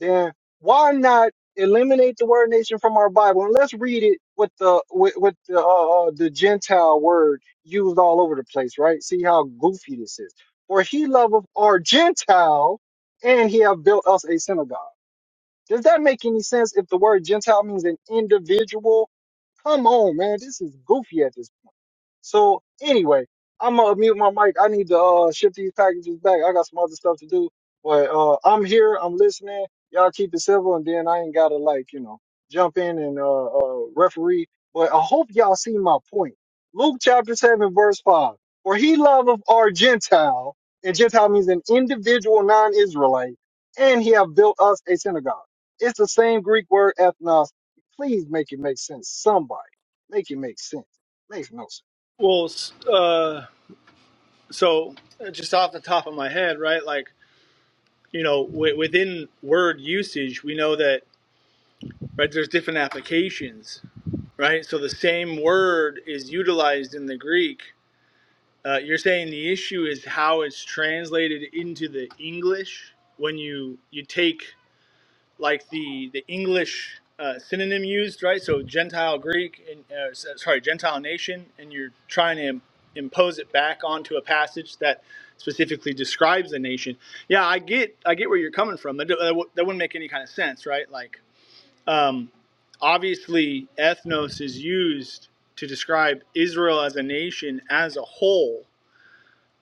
Speaker 1: Then why not eliminate the word nation from our Bible and let's read it with the with, with the uh, uh, the Gentile word used all over the place, right? See how goofy this is for he loveth our Gentile, and he hath built us a synagogue. Does that make any sense if the word Gentile means an individual? Come on, man. This is goofy at this point. So, anyway, I'm going to mute my mic. I need to uh, ship these packages back. I got some other stuff to do. But uh, I'm here. I'm listening. Y'all keep it civil, and then I ain't got to, like, you know, jump in and uh, uh, referee. But I hope y'all see my point. Luke chapter 7, verse 5. For he loveth our Gentile, and Gentile means an individual non Israelite, and he have built us a synagogue. It's the same Greek word ethnos. Please make it make sense. Somebody make it make sense. Makes no sense.
Speaker 6: Well, s- uh, so uh, just off the top of my head, right? Like, you know, w- within word usage, we know that, right, there's different applications, right? So the same word is utilized in the Greek. Uh, you're saying the issue is how it's translated into the English when you you take like the the English uh, synonym used, right? So Gentile Greek, and uh, sorry, Gentile nation, and you're trying to impose it back onto a passage that specifically describes a nation. Yeah, I get I get where you're coming from. That, that, that wouldn't make any kind of sense, right? Like, um, obviously, ethnos is used to describe Israel as a nation as a whole.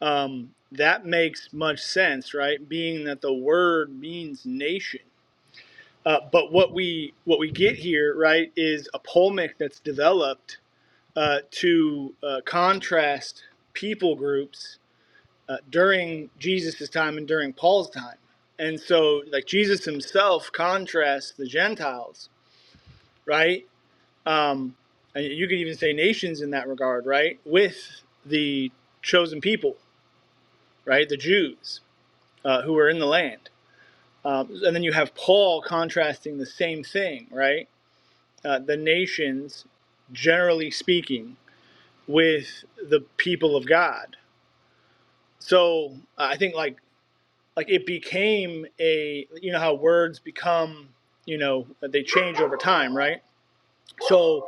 Speaker 6: Um, that makes much sense, right? Being that the word means nation uh, but what we what we get here, right, is a polemic that's developed uh, to uh, contrast people groups uh, during Jesus' time and during Paul's time. And so, like Jesus himself contrasts the Gentiles, right? Um, and you could even say nations in that regard, right, with the chosen people, right, the Jews uh, who were in the land. Um, and then you have Paul contrasting the same thing, right? uh, the nations, generally speaking, with the people of God. So uh, I think like like it became a you know how words become you know they change over time, right? So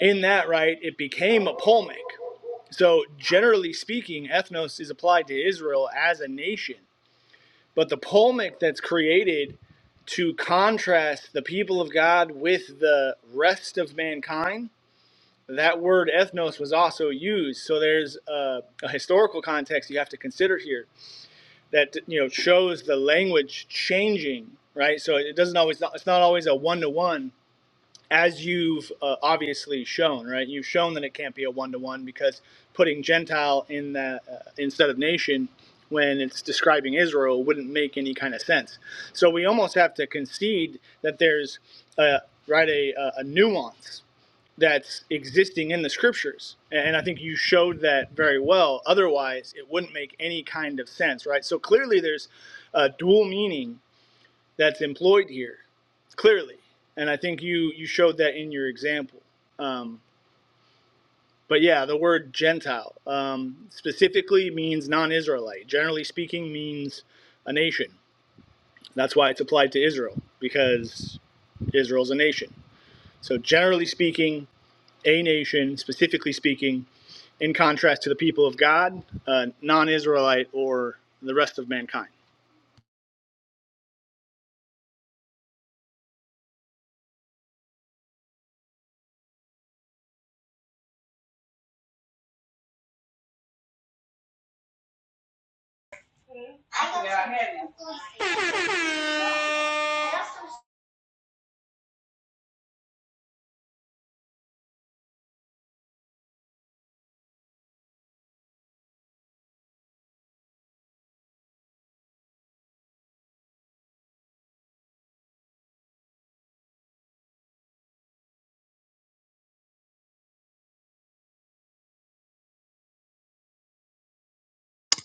Speaker 6: in that right, it became a polemic. So generally speaking, ethnos is applied to Israel as a nation, but the polemic that's created to contrast the people of God with the rest of mankind that word ethnos was also used. So there's a, a historical context you have to consider here that you know shows the language changing, right? So it doesn't always it's not always a one to one as you've uh, obviously shown, right? You've shown that it can't be a one to one because putting Gentile in that uh, instead of nation when it's describing Israel wouldn't make any kind of sense. So we almost have to concede that there's a, right a, a a nuance that's existing in the scriptures. And I think you showed that very well. Otherwise, it wouldn't make any kind of sense, right? So clearly, there's a dual meaning that's employed here, clearly. And I think you, you showed that in your example. Um, but yeah, the word Gentile um, specifically means non Israelite. Generally speaking, means a nation. That's why it's applied to Israel, because Israel's a nation. So, generally speaking, a nation, specifically speaking, in contrast to the people of God, uh, non Israelite, or the rest of mankind.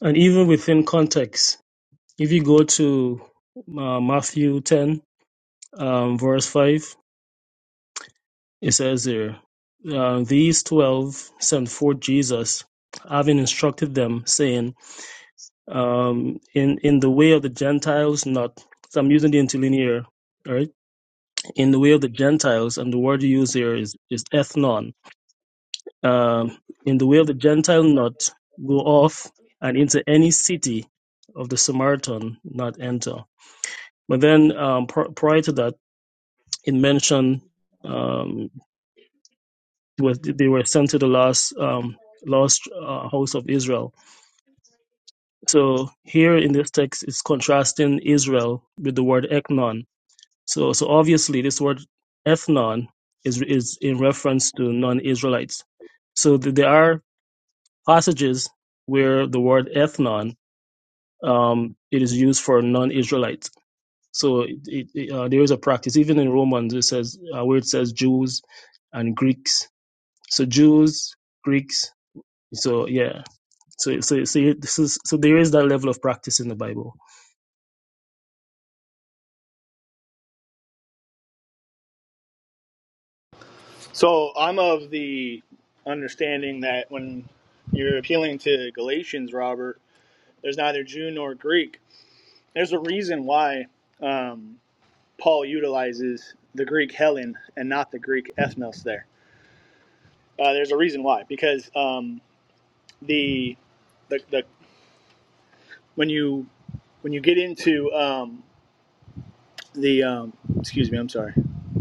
Speaker 4: And even within context, if you go to uh, Matthew ten um, verse five. It says here, uh, these twelve sent forth Jesus, having instructed them, saying, um, in in the way of the Gentiles, not. So I'm using the interlinear, all right? In the way of the Gentiles, and the word you use here is is ethnon. Um, in the way of the Gentile, not go off and into any city of the Samaritan, not enter. But then um, pr- prior to that, it mentioned. um, was they were sent to the lost um, lost uh, house of Israel. So here in this text, it's contrasting Israel with the word eknon. So so obviously this word ethnon is is in reference to non-Israelites. So th- there are passages where the word ethnon um, it is used for non-Israelites. So it, it, it, uh, there is a practice even in Romans it says uh, where it says Jews and Greeks. So Jews, Greeks. So yeah, So, so, so yeah, this is so there is that level of practice in the Bible.
Speaker 6: So I'm of the understanding that when you're appealing to Galatians, Robert, there's neither Jew nor Greek. There's a reason why um, Paul utilizes the Greek Helen and not the Greek ethnos there. Uh, there's a reason why, because um, the, the the when you when you get into um, the um, excuse me i'm sorry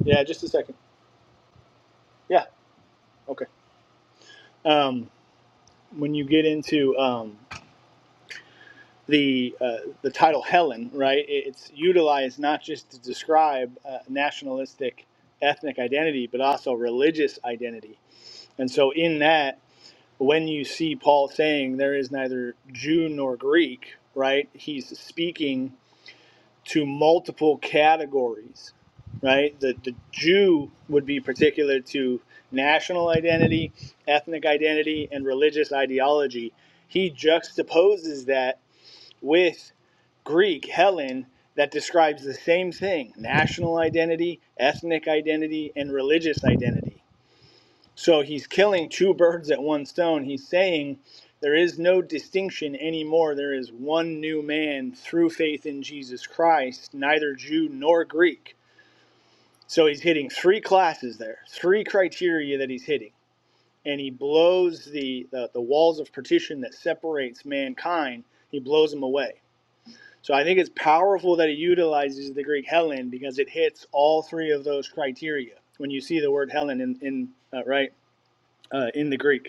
Speaker 6: yeah just a second yeah okay um, when you get into um, the uh, the title helen right it's utilized not just to describe uh, nationalistic ethnic identity but also religious identity and so in that when you see paul saying there is neither jew nor greek right he's speaking to multiple categories, right? The, the Jew would be particular to national identity, ethnic identity, and religious ideology. He juxtaposes that with Greek, Helen, that describes the same thing national identity, ethnic identity, and religious identity. So he's killing two birds at one stone. He's saying there is no distinction anymore. There is one new man through faith in Jesus Christ, neither Jew nor Greek. So he's hitting three classes there, three criteria that he's hitting. And he blows the, the, the walls of partition that separates mankind, he blows them away. So I think it's powerful that he utilizes the Greek Helen because it hits all three of those criteria when you see the word Helen in, in uh, right uh, in the Greek.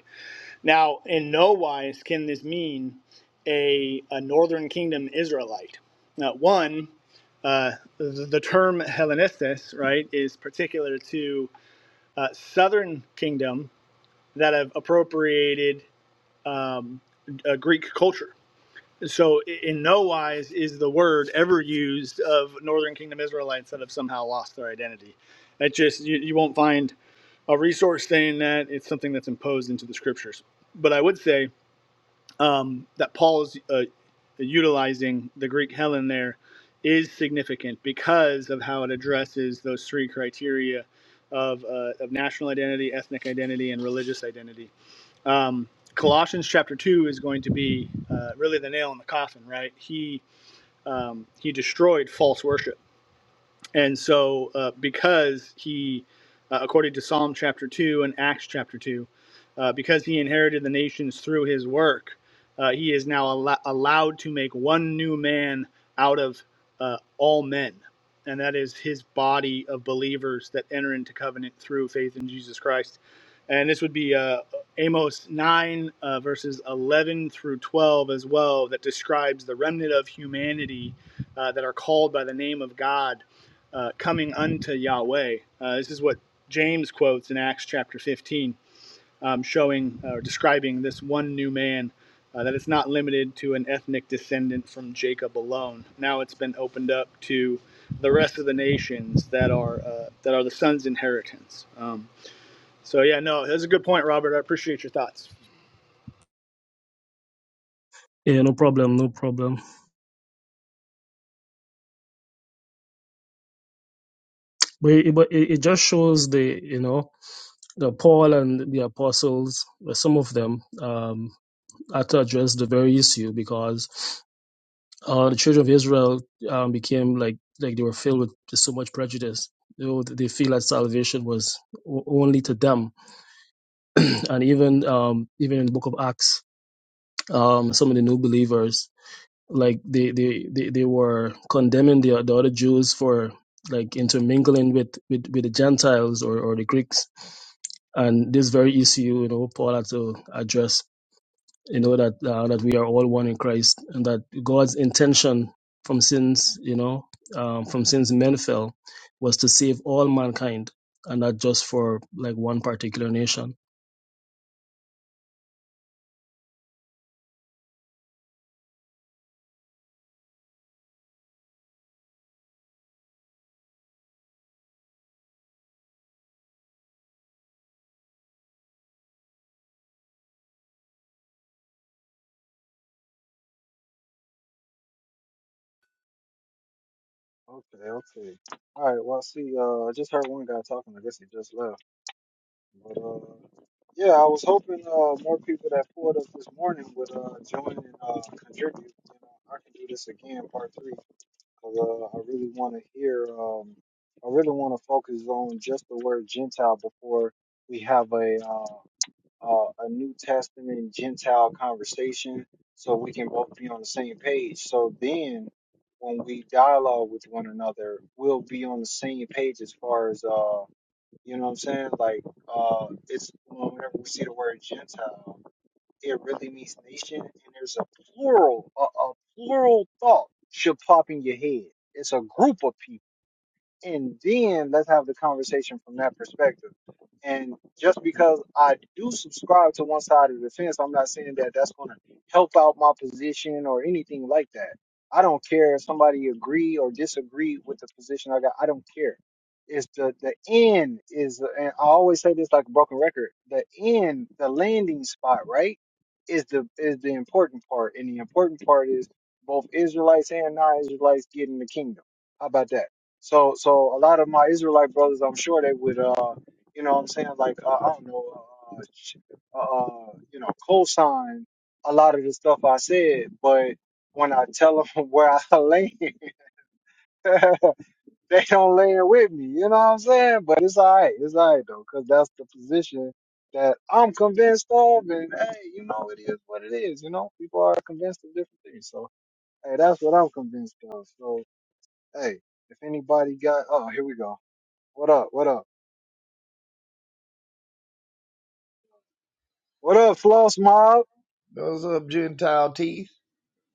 Speaker 6: Now, in no wise can this mean a, a northern kingdom Israelite. Now, one, uh, the, the term Hellenistus, right, is particular to uh, southern kingdom that have appropriated um, uh, Greek culture. So, in no wise is the word ever used of northern kingdom Israelites that have somehow lost their identity. It just, you, you won't find a resource saying that. It's something that's imposed into the scriptures. But I would say, um, that Paul is uh, utilizing the Greek Helen there is significant because of how it addresses those three criteria of, uh, of national identity, ethnic identity, and religious identity. Um, Colossians chapter two is going to be uh, really the nail in the coffin, right? He um, he destroyed false worship and so, uh, because he, uh, according to Psalm chapter 2 and Acts chapter 2, uh, because he inherited the nations through his work, uh, he is now allo- allowed to make one new man out of uh, all men. And that is his body of believers that enter into covenant through faith in Jesus Christ. And this would be uh, Amos 9, uh, verses 11 through 12 as well, that describes the remnant of humanity uh, that are called by the name of God uh, coming unto Yahweh. Uh, this is what James quotes in Acts chapter 15, um, showing or uh, describing this one new man, uh, that it's not limited to an ethnic descendant from Jacob alone. Now it's been opened up to the rest of the nations that are uh, that are the son's inheritance. Um, so yeah, no, that's a good point, Robert. I appreciate your thoughts.
Speaker 4: Yeah, no problem, no problem. But it, but it, it just shows the you know the Paul and the apostles, uh, some of them, um, had to address the very issue because uh, the children of Israel um, became like like they were filled with so much prejudice. They, were- they feel that salvation was o- only to them, <clears throat> and even um, even in the book of Acts, um, some of the new believers like they they they, they were condemning the, the other Jews for like intermingling with with, with the Gentiles or, or the Greeks, and this very issue you know Paul had to address you know that uh, that we are all one in Christ and that God's intention from since you know um, from since men fell was to save all mankind and not just for like one particular nation
Speaker 1: Okay, okay. All right. Well, see, uh, I just heard one guy talking. I guess he just left. But uh, yeah, I was hoping uh, more people that pulled up this morning would uh, join and uh, contribute. You know, I can do this again, part three, because uh, I really want to hear. Um, I really want to focus on just the word Gentile before we have a uh, uh, a New Testament Gentile conversation so we can both be on the same page. So then when we dialogue with one another, we'll be on the same page as far as, uh, you know what I'm saying? Like, uh, it's well, whenever we see the word Gentile, it really means nation, and there's a plural, a, a plural thought should pop in your head. It's a group of people and then let's have the conversation from that perspective. And just because I do subscribe to one side of the fence, I'm not saying that that's going to help out my position or anything like that. I don't care if somebody agree or disagree with the position I got. I don't care. It's the the end is, and I always say this like a broken record. The end, the landing spot, right, is the is the important part, and the important part is both Israelites and non-Israelites getting the kingdom. How about that? So so a lot of my Israelite brothers, I'm sure they would, uh, you know, what I'm saying like uh, I don't know, uh, ch- uh, uh, you know, co-sign a lot of the stuff I said, but when I tell them <laughs> where I land, <laughs> they don't land with me. You know what I'm saying? But it's all right. It's all right though, because that's the position that I'm convinced of, and hey, you know, it is what it is. You know, people are convinced of different things, so hey, that's what I'm convinced of. So hey, if anybody got, oh, here we go. What up? What up? What up, Floss Mob?
Speaker 7: Those up, Gentile teeth?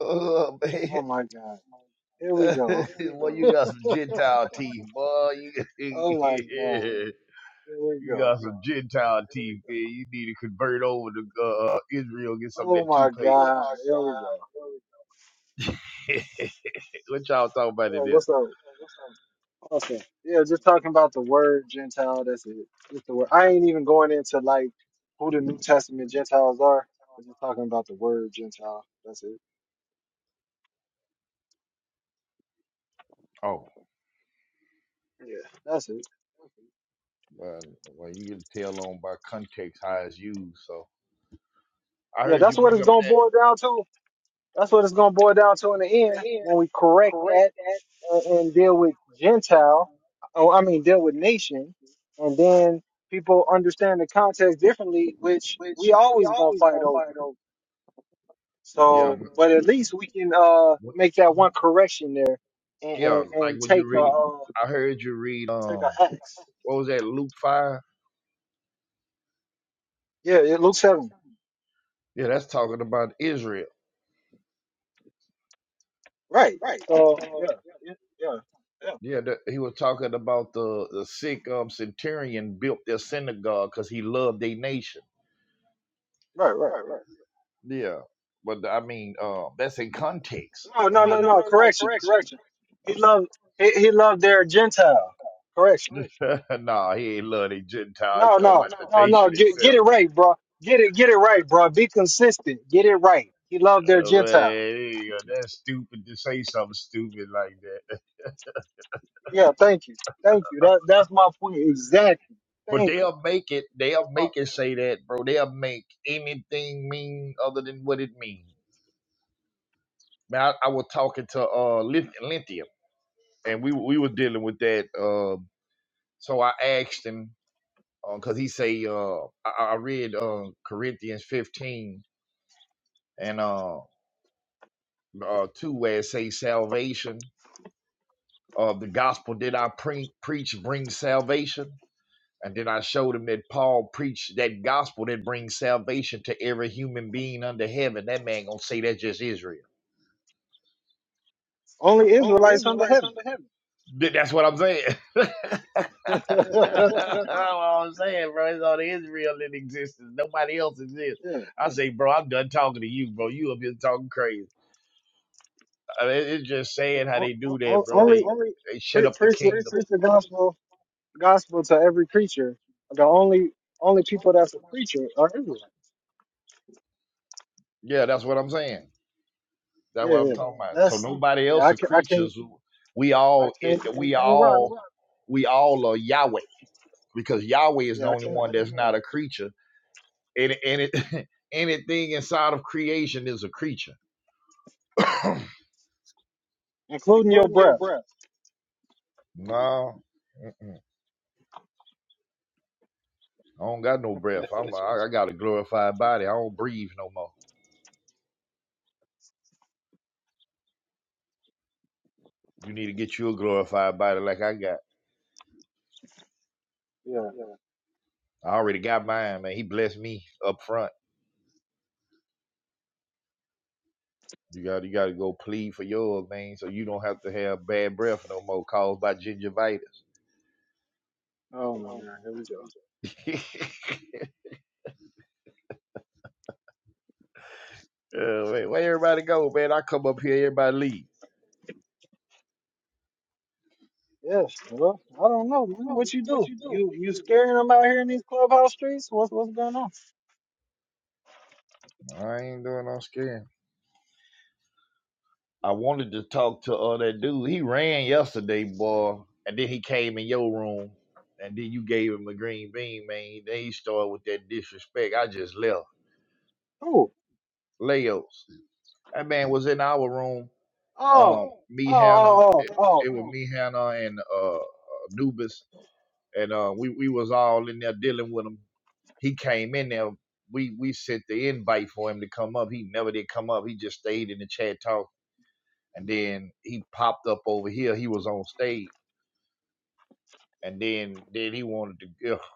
Speaker 7: Oh
Speaker 1: Oh
Speaker 7: man,
Speaker 1: my God. Here we
Speaker 7: <laughs>
Speaker 1: go.
Speaker 7: boy, you got some Gentile teeth, boy. You, <laughs>
Speaker 1: Oh my God.
Speaker 7: yeah.
Speaker 1: Here we
Speaker 7: you
Speaker 1: go.
Speaker 7: got some Gentile
Speaker 1: Here we
Speaker 7: teeth,
Speaker 1: go.
Speaker 7: man. You need to convert over to uh, Israel, and get some of
Speaker 1: Oh
Speaker 7: that
Speaker 1: my
Speaker 7: toothpaste. Oh,
Speaker 1: God. Here we go.
Speaker 7: my God. <laughs> what y'all talking about in
Speaker 1: Oh,
Speaker 7: there?
Speaker 1: what's up? Awesome. Yeah, just talking about the word Gentile. That's it. Just the word. I ain't even going into like who the New Testament Gentiles are. We're just talking about the word Gentile. That's it.
Speaker 7: Oh,
Speaker 1: Yeah, that's it.
Speaker 7: well, well, you get a tell on by context how it's used. So I
Speaker 1: Yeah,
Speaker 7: heard you
Speaker 1: that's what
Speaker 7: bring
Speaker 1: it's
Speaker 7: up
Speaker 1: gonna
Speaker 7: that.
Speaker 1: boil down to. That's what it's gonna boil down to in the end when we correct that and, and deal with Gentile, oh, I mean, deal with nation, and then people understand the context differently, which we always gonna fight over.
Speaker 7: Yeah,
Speaker 1: So,
Speaker 7: but
Speaker 1: but at least we can uh
Speaker 7: what,
Speaker 1: make that one correction there, and
Speaker 7: yeah,
Speaker 1: and,
Speaker 7: like
Speaker 1: and
Speaker 7: when
Speaker 1: take
Speaker 7: you
Speaker 1: a
Speaker 7: read,
Speaker 1: uh,
Speaker 7: I heard you read.
Speaker 1: take
Speaker 7: Um,
Speaker 1: a axe.
Speaker 7: what was that? Luke five.
Speaker 1: Yeah, yeah, Luke seven,
Speaker 7: Yeah, that's talking about Israel.
Speaker 1: right? So yeah, yeah, yeah, yeah,
Speaker 7: Yeah, that, he was talking about the, the sick um, centurion built their synagogue because he loved their nation.
Speaker 1: right, right, right.
Speaker 7: Yeah, but I mean, uh, that's in context.
Speaker 1: No,
Speaker 7: I
Speaker 1: no,
Speaker 7: mean,
Speaker 1: no, no. Correction, correction. He loved he, he loved their Gentile. Correction.
Speaker 7: <laughs> nah, he ain't love they Gentile. He's
Speaker 1: No,
Speaker 7: talking
Speaker 1: no,
Speaker 7: about the
Speaker 1: no,
Speaker 7: no.
Speaker 1: no.
Speaker 7: nation
Speaker 1: Get, get
Speaker 7: itself.
Speaker 1: it right, bro. Get it, get it right, bro. Be consistent. Get it right. He
Speaker 7: right.
Speaker 1: loved their
Speaker 7: Uh,
Speaker 1: Gentiles.
Speaker 7: man, he- uh, that's stupid to say something stupid like that. <laughs>
Speaker 1: Yeah, thank you, thank you. That that's my point exactly.
Speaker 7: But
Speaker 1: Thank
Speaker 7: they'll make it. They'll
Speaker 1: you.
Speaker 7: make it say that, bro. They'll make anything mean other than what it means. man, I, I was talking to uh Lith- Lithium, and we we were dealing with that. Um, so I asked him because he say uh I, I read uh Corinthians fifteen and uh, uh two where it say salvation. of the gospel did I pre- preach brings salvation, and then I showed him that Paul preached that gospel that brings salvation to every human being under heaven. That man gonna say that's just Israel.
Speaker 1: only Israelites under heaven.
Speaker 7: Th- That's what I'm saying. <laughs>
Speaker 1: <laughs> yeah,
Speaker 7: That's all I'm saying, bro. It's only Israel in existence. Nobody else exists.
Speaker 1: yeah.
Speaker 7: I say, bro, I'm done talking to you, bro. You up here talking crazy. I mean, it's just saying how
Speaker 1: O-
Speaker 7: they do Well, that,
Speaker 1: o-
Speaker 7: bro. They
Speaker 1: only
Speaker 7: they shut
Speaker 1: pre-
Speaker 7: up the
Speaker 1: preach, the-
Speaker 7: kingdom.
Speaker 1: preach the gospel gospel to every creature. The only only people that's a creature are Israelites.
Speaker 7: Yeah, that's what I'm saying. That's what
Speaker 1: Yeah,
Speaker 7: I'm
Speaker 1: yeah.
Speaker 7: talking about. So
Speaker 1: That's
Speaker 7: nobody
Speaker 1: yeah.
Speaker 7: else
Speaker 1: I
Speaker 7: are
Speaker 1: can I can't
Speaker 7: creatures. who- We
Speaker 1: I
Speaker 7: all it,
Speaker 1: can't
Speaker 7: we
Speaker 1: can't rock.
Speaker 7: all
Speaker 1: with-
Speaker 7: we all are Yahweh because Yahweh is the
Speaker 1: Yeah, I
Speaker 7: only
Speaker 1: can't
Speaker 7: one
Speaker 1: I
Speaker 7: that's
Speaker 1: can't
Speaker 7: not
Speaker 1: rock. with-
Speaker 7: a creature. And and it, <laughs> anything inside of creation is a creature. <coughs>
Speaker 1: Including your breath. <laughs>
Speaker 7: No, mm-mm. I don't got no breath. I'm I, I got a glorified body. I don't breathe no more. You need to get you a glorified body like I got.
Speaker 1: Yeah.
Speaker 7: I already got mine, man. He blessed me up front. You got you got to go plead for yours, man, so you don't have to have bad breath no more caused by gingivitis.
Speaker 1: Oh my god, here we go.
Speaker 7: <laughs> yeah, wait, where everybody go, man? I come up here, everybody leave.
Speaker 1: Yes, well, I don't know, man. What you do? You you scaring them out here in these clubhouse streets? What's what's going on?
Speaker 7: I ain't doing no scaring. I wanted to talk to uh, that dude. He ran yesterday, boy, and then he came in your room, and then you gave him a green bean, man. Then he started with that disrespect. I just left.
Speaker 1: Who?
Speaker 7: Leos, that man was in our room.
Speaker 1: Oh,
Speaker 7: Um,
Speaker 1: oh,
Speaker 7: me, Hannah,
Speaker 1: oh, oh,
Speaker 7: it,
Speaker 1: oh.
Speaker 7: it was me, Hannah, and uh, Anubis, and uh, we we was all in there dealing with him. He came in there. We we sent the invite for him to come up. He never did come up. He just stayed in the chat talking. and then he popped up over here. He was on stage, and then then he wanted to ugh,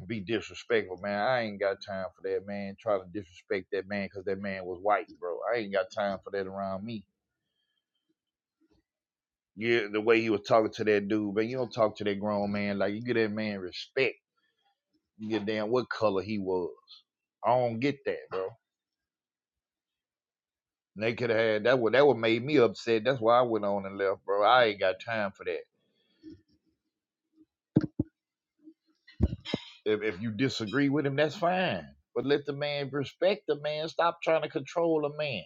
Speaker 7: <laughs> be disrespectful, man. I ain't got time for that, man. Trying to disrespect that man because that man was white, bro. I ain't got time for that around me. Yeah, the way he was talking to that dude, man. You don't talk to that grown man like you get that man respect. You get damn what color he was. I don't get that, bro. And They could have had that. What that would made me upset. That's why I went on and left, bro. I ain't got time for that. If, if you disagree with him, that's fine. But let the man respect the man. Stop trying to control a man.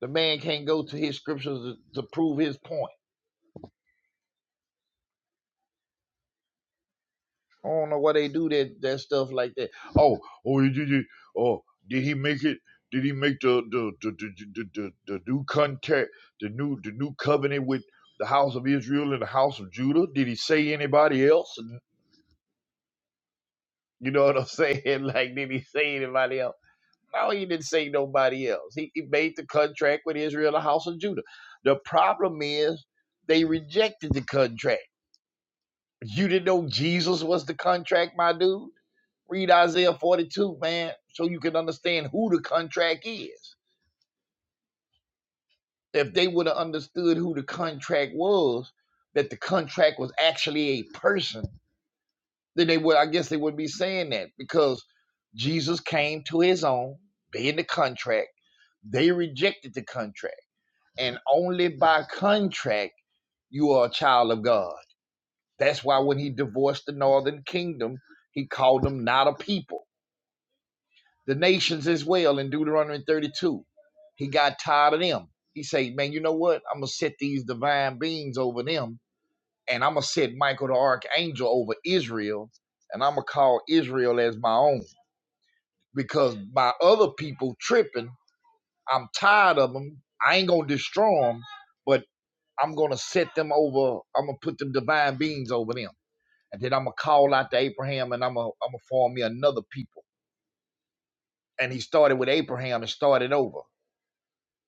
Speaker 7: The man can't go to his scriptures to, to prove his point. I don't know why they do that that stuff like that. Oh, oh, did it. Oh, did he make it? Did he make the the the the, the, the, the new contact, the new the new covenant with the house of Israel and the house of Judah? Did he say anybody else? You know what I'm saying? <laughs> Like, did he say anybody else? No, he didn't say nobody else. He, he made the contract with Israel, the house of Judah. The problem is they rejected the contract. You didn't know Jesus was the contract, my dude. Read Isaiah 42, man, so you can understand who the contract is. If they would have understood who the contract was, that the contract was actually a person, then they would, I guess they would be saying that because Jesus came to his own, being the contract. They rejected the contract and only by contract you are a child of God. That's why when he divorced the northern kingdom, he called them not a people. The nations as well in Deuteronomy 32. He got tired of them. He said, Man, you know what? I'm gonna set these divine beings over them, and I'm gonna set Michael the Archangel over Israel, and I'm gonna call Israel as my own. Because my other people tripping, I'm tired of them. I ain't gonna destroy them, but I'm gonna set them over. I'm gonna put them divine beings over them, and then I'm gonna call out to Abraham, and I'm gonna I'm gonna form me another people. And he started with Abraham and started over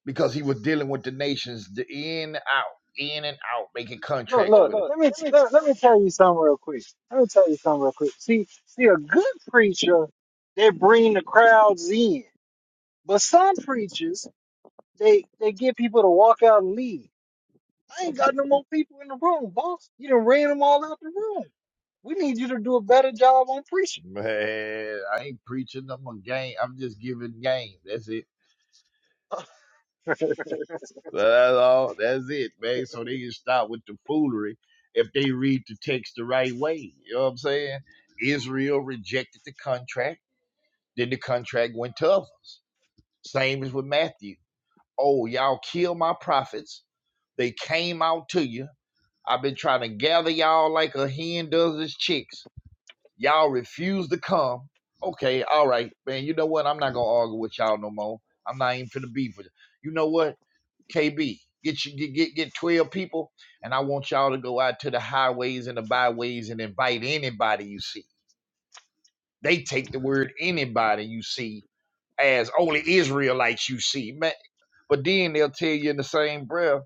Speaker 7: because he was dealing with the nations, the in out, in and out, making
Speaker 1: Look,
Speaker 7: contracts with
Speaker 1: look.
Speaker 7: them.
Speaker 1: Let me let, let me tell you something real quick. Let me tell you something real quick. See, see, a good preacher, they bring the crowds in, but some preachers, they they get people to walk out and leave. I ain't got no more people in the room, boss. You done ran them all out the room. We need you to do a better job on preaching.
Speaker 7: Man, I ain't preaching. I'm a game. I'm just giving game. That's it.
Speaker 1: <laughs>
Speaker 7: That's all. That's it, man. So they can stop with the foolery if they read the text the right way. You know what I'm saying? Israel rejected the contract Then the contract went to others. Same as with Matthew. Oh, y'all kill my prophets. They came out to you. I've been trying to gather y'all like a hen does its chicks. Y'all refuse to come. Okay, all right, man. You know what? I'm not gonna argue with y'all no more. I'm not even finna beef with you. You know what? KB, get you get, get get 12 people, and I want y'all to go out to the highways and the byways and invite anybody you see. They take the word anybody you see as only Israelites you see, man. But then they'll tell you in the same breath,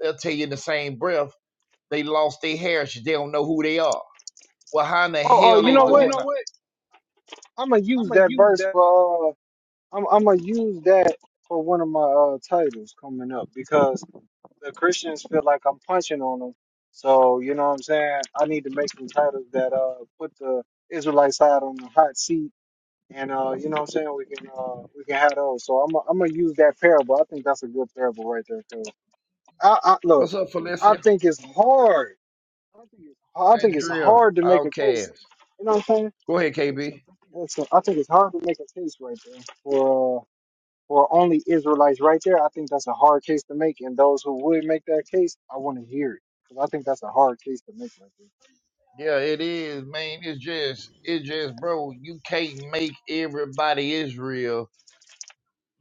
Speaker 7: they'll tell you in the same breath, they lost their heritage. They don't know who they are. Well, how in the
Speaker 1: Oh, oh,
Speaker 7: hell
Speaker 1: you
Speaker 7: they
Speaker 1: know
Speaker 7: going?
Speaker 1: what? I'm gonna use that verse for. Uh, I'm I'm gonna use that for one of my uh, titles coming up because the Christians feel like I'm punching on them. So you know what I'm saying? I need to make some titles that uh put the Israelite side on the hot seat, and uh you know what I'm saying? We can uh we can have those. So I'm i I'm gonna use that parable. I think that's a good parable right there. Cause I, I look,
Speaker 7: What's up,
Speaker 1: I
Speaker 7: Felicia?
Speaker 1: think it's hard. I think it's
Speaker 7: Andrea,
Speaker 1: hard to make a case.
Speaker 7: Outcast.
Speaker 1: You know what I'm saying?
Speaker 7: Go ahead, KB.
Speaker 1: It's a, I think it's hard to make a case right there for for only Israelites right there. I think that's a hard case to make, and those who would make that case, I want to hear it because I think that's a hard case to make right there.
Speaker 7: Yeah, it is, man. It's just, it's just, bro. You can't make everybody Israel.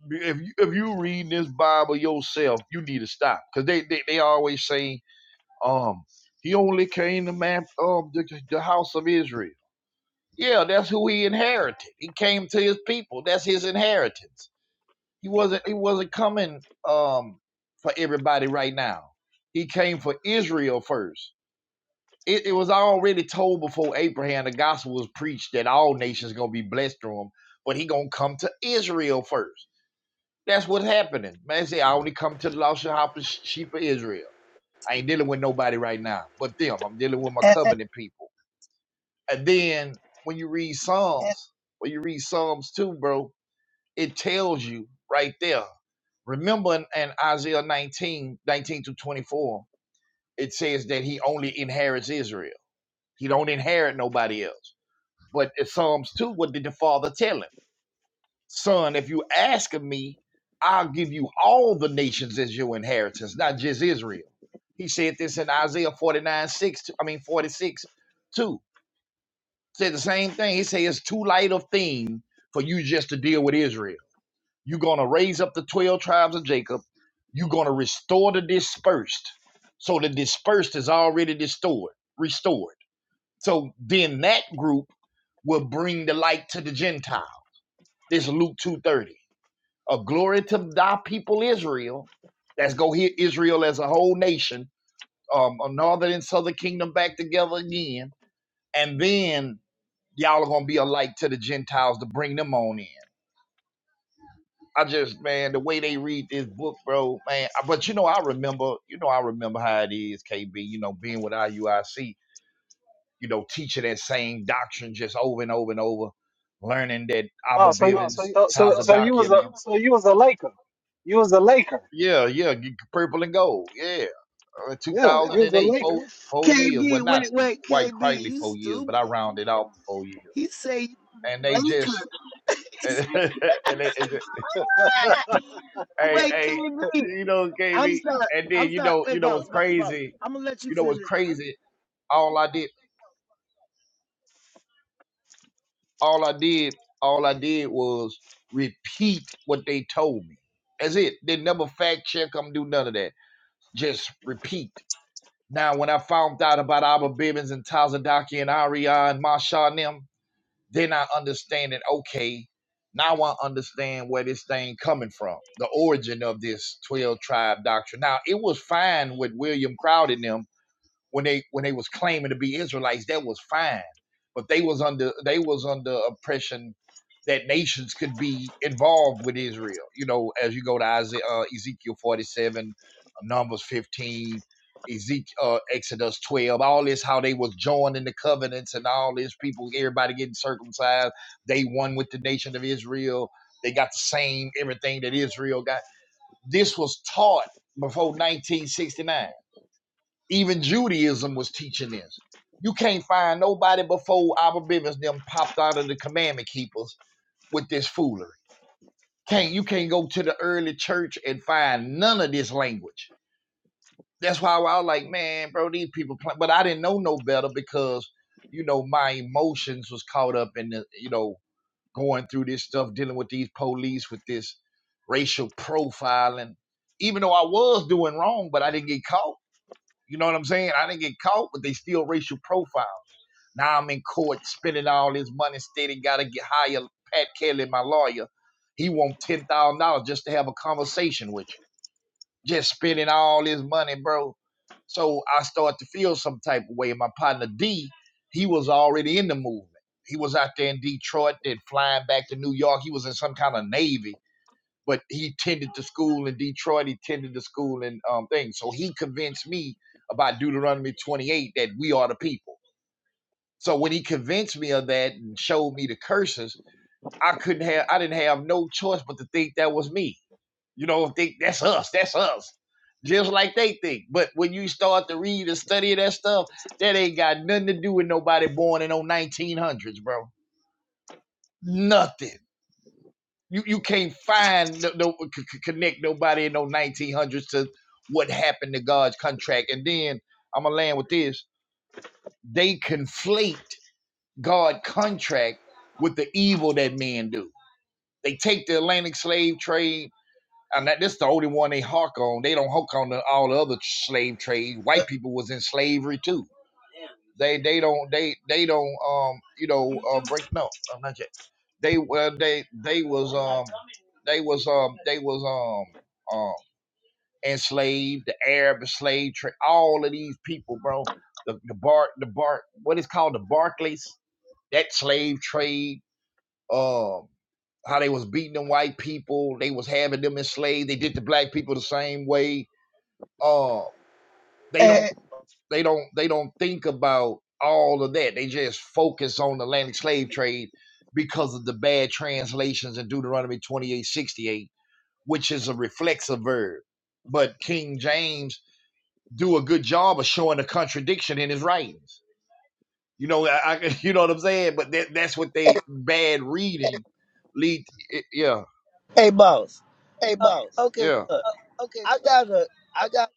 Speaker 7: If you if you read this Bible yourself, you need to stop because they, they they always say Um, he only came to map um the, the house of Israel. Yeah, that's who he inherited. He came to his people. That's his inheritance. He wasn't he wasn't coming um for everybody right now. He came for Israel first. It, it was already told before Abraham the gospel was preached that all nations gonna be blessed through him, but he gonna come to Israel first. That's what's happening. Man, say I only come to the lost sheep of Israel. I ain't dealing with nobody right now but them. I'm dealing with my covenant people. And then when you read Psalms, when you read Psalms too, bro, it tells you right there. Remember in, in Isaiah nineteen, nineteen 19 to 24, it says that he only inherits Israel. He don't inherit nobody else. But in Psalms 2, what did the father tell him? Son, if you ask of me, I'll give you all the nations as your inheritance, not just Israel. He said this in Isaiah 49, 6, I mean 46, 2. Said the same thing. He said it's too light of thing for you just to deal with Israel. You're gonna raise up the 12 tribes of Jacob. You're gonna restore the dispersed. So the dispersed is already restored, restored. So then that group will bring the light to the Gentile. This Luke 2:30 a glory to thy people Israel. Let's go here, Israel as a whole nation, um, a northern and southern kingdom back together again, and then y'all are gonna be a light to the Gentiles to bring them on in. I just, man, the way they read this book, bro, man. But you know, I remember, you know, I remember how it is, KB. You know, being with IUIC, you know, teaching that same doctrine just over and over and over, learning that Abba
Speaker 1: Oh,
Speaker 7: Oh,
Speaker 1: so you,
Speaker 7: Bivens, so you,
Speaker 1: so
Speaker 7: so,
Speaker 1: so
Speaker 7: so,
Speaker 1: so
Speaker 7: Tazadakia,
Speaker 1: you
Speaker 7: so
Speaker 1: was
Speaker 7: and you
Speaker 1: a
Speaker 7: them.
Speaker 1: so you was a Laker, you was a Laker,
Speaker 7: yeah, yeah, purple and gold, yeah. uh, two
Speaker 1: yeah,
Speaker 7: thousand
Speaker 1: you was
Speaker 7: eight,
Speaker 1: a Laker.
Speaker 7: four, four years. Well,
Speaker 8: KB,
Speaker 7: not
Speaker 8: wait, wait,
Speaker 7: quite
Speaker 8: KB,
Speaker 7: quietly
Speaker 8: you
Speaker 7: four years, but I
Speaker 8: stupid. He
Speaker 7: rounded
Speaker 8: said,
Speaker 7: off the four years.
Speaker 8: he said you from
Speaker 7: And
Speaker 8: the
Speaker 7: they just,
Speaker 8: Lakers. <laughs>
Speaker 7: <laughs>
Speaker 8: He
Speaker 7: and they, it just,
Speaker 8: said-
Speaker 7: hey,
Speaker 8: wait,
Speaker 7: hey,
Speaker 8: KB,
Speaker 7: you know,
Speaker 8: I'm
Speaker 7: KB.
Speaker 8: sorry.
Speaker 7: And
Speaker 8: I'm
Speaker 7: then, you
Speaker 8: sorry.
Speaker 7: know, you
Speaker 8: Wait,
Speaker 7: know what's
Speaker 8: boss, boss, boss.
Speaker 7: crazy?
Speaker 8: I'm gonna let you
Speaker 7: You know what's
Speaker 8: finish.
Speaker 7: crazy? All I did, all I did, all I did was repeat what they told me. That's it. They never fact check them, do none of that. Just repeat. Now, when I found out about Abba Bibbins and Tazadaki and Ariana and Masha and them, Then I understand understanding, okay, now I understand where this thing coming from, the origin of this 12 tribe doctrine. Now it was fine with William Crowder and them when they when they was claiming to be Israelites, that was fine. But they was under they was under oppression that nations could be involved with Israel. You know, as you go to Isaiah, uh, Ezekiel forty seven, Numbers fifteen, Ezekiel uh, Exodus twelve, all this how they was joined in the covenants and all this people, everybody getting circumcised. They one with the nation of Israel. They got the same everything that Israel got. This was taught before 1969 even Judaism was teaching this. You can't find nobody before Abba Bibbins them popped out of the commandment keepers with this foolery. Can't you can't go to the early church and find none of this language. That's why I was like, man, bro, these people play. But I didn't know no better because, you know, my emotions was caught up in the, you know, going through this stuff, dealing with these police, with this racial profiling. Even though I was doing wrong, but I didn't get caught you know what I'm saying? I didn't get caught, but they still racial profile. Now I'm in court spending all this money instead gotta get higher. Pat Kelly, my lawyer. He want ten thousand dollars just to have a conversation with you. Just spending all this money, bro. So I start to feel some type of way. My partner D, he was already in the movement. He was out there in Detroit, then flying back to New York. He was in some kind of navy but he tended to school in Detroit. He tended to school in um, things. So he convinced me about Deuteronomy 28 that we are the people. So when he convinced me of that and showed me the curses, I couldn't have, I didn't have no choice but to think that was me. You know, think that's us, that's us, just like they think. But when you start to read and study that stuff, that ain't got nothing to do with nobody born in the 1900s, bro. Nothing. you you can't find no, no c- connect nobody in no 1900s to what happened to God's contract. And then I'm gonna land with this: they conflate God's contract with the evil that men do. They take the Atlantic slave trade. And that, this is the only one they hark on. They don't hark on the, all the other slave trades. White people was in slavery too they they don't they they don't um you know uh, break no I'm not yet. They well they they was um they was um they was um um enslaved the Arab slave trade all of these people bro the the bar the bar what is called the Barclays that slave trade um how they was beating them white people they was having them enslaved they did the black people the same way uh they
Speaker 8: Hey,
Speaker 7: don't they don't they don't think about all of that. They just focus on the Atlantic slave trade because of the bad translations in Deuteronomy 28:68, which is a reflexive verb. But King James do a good job of showing a contradiction in his writings. You know, I, I <laughs> you know what I'm saying. But that, that's what
Speaker 8: hey,
Speaker 7: they bad reading lead. it- yeah,
Speaker 8: hey boss.
Speaker 7: Hey,
Speaker 8: Uh, okay,
Speaker 7: yeah.
Speaker 8: look,
Speaker 7: okay,
Speaker 8: I
Speaker 7: look,
Speaker 8: gotta,
Speaker 7: I
Speaker 8: I
Speaker 7: got
Speaker 8: gotta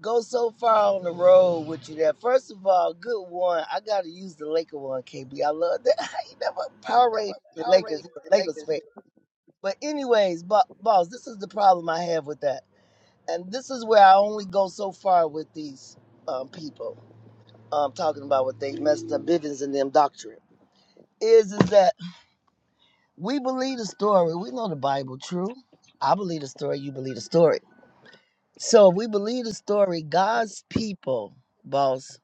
Speaker 8: go so far on the road with you that first of all, good one. I gotta use the Laker one, KB. I love that. <laughs> you never Power Rangers, the
Speaker 7: Powerade.
Speaker 8: Lakers. you a
Speaker 7: Like,
Speaker 8: Lakers fan. But anyways, bo- boss, this is the problem I have with that. and this is where I only go so far with these um, people um, talking about what they messed up Bivens and them doctrine is is that we believe the story. We know the Bible true. I believe the story. You believe the story. So if we believe the story, God's people, boss,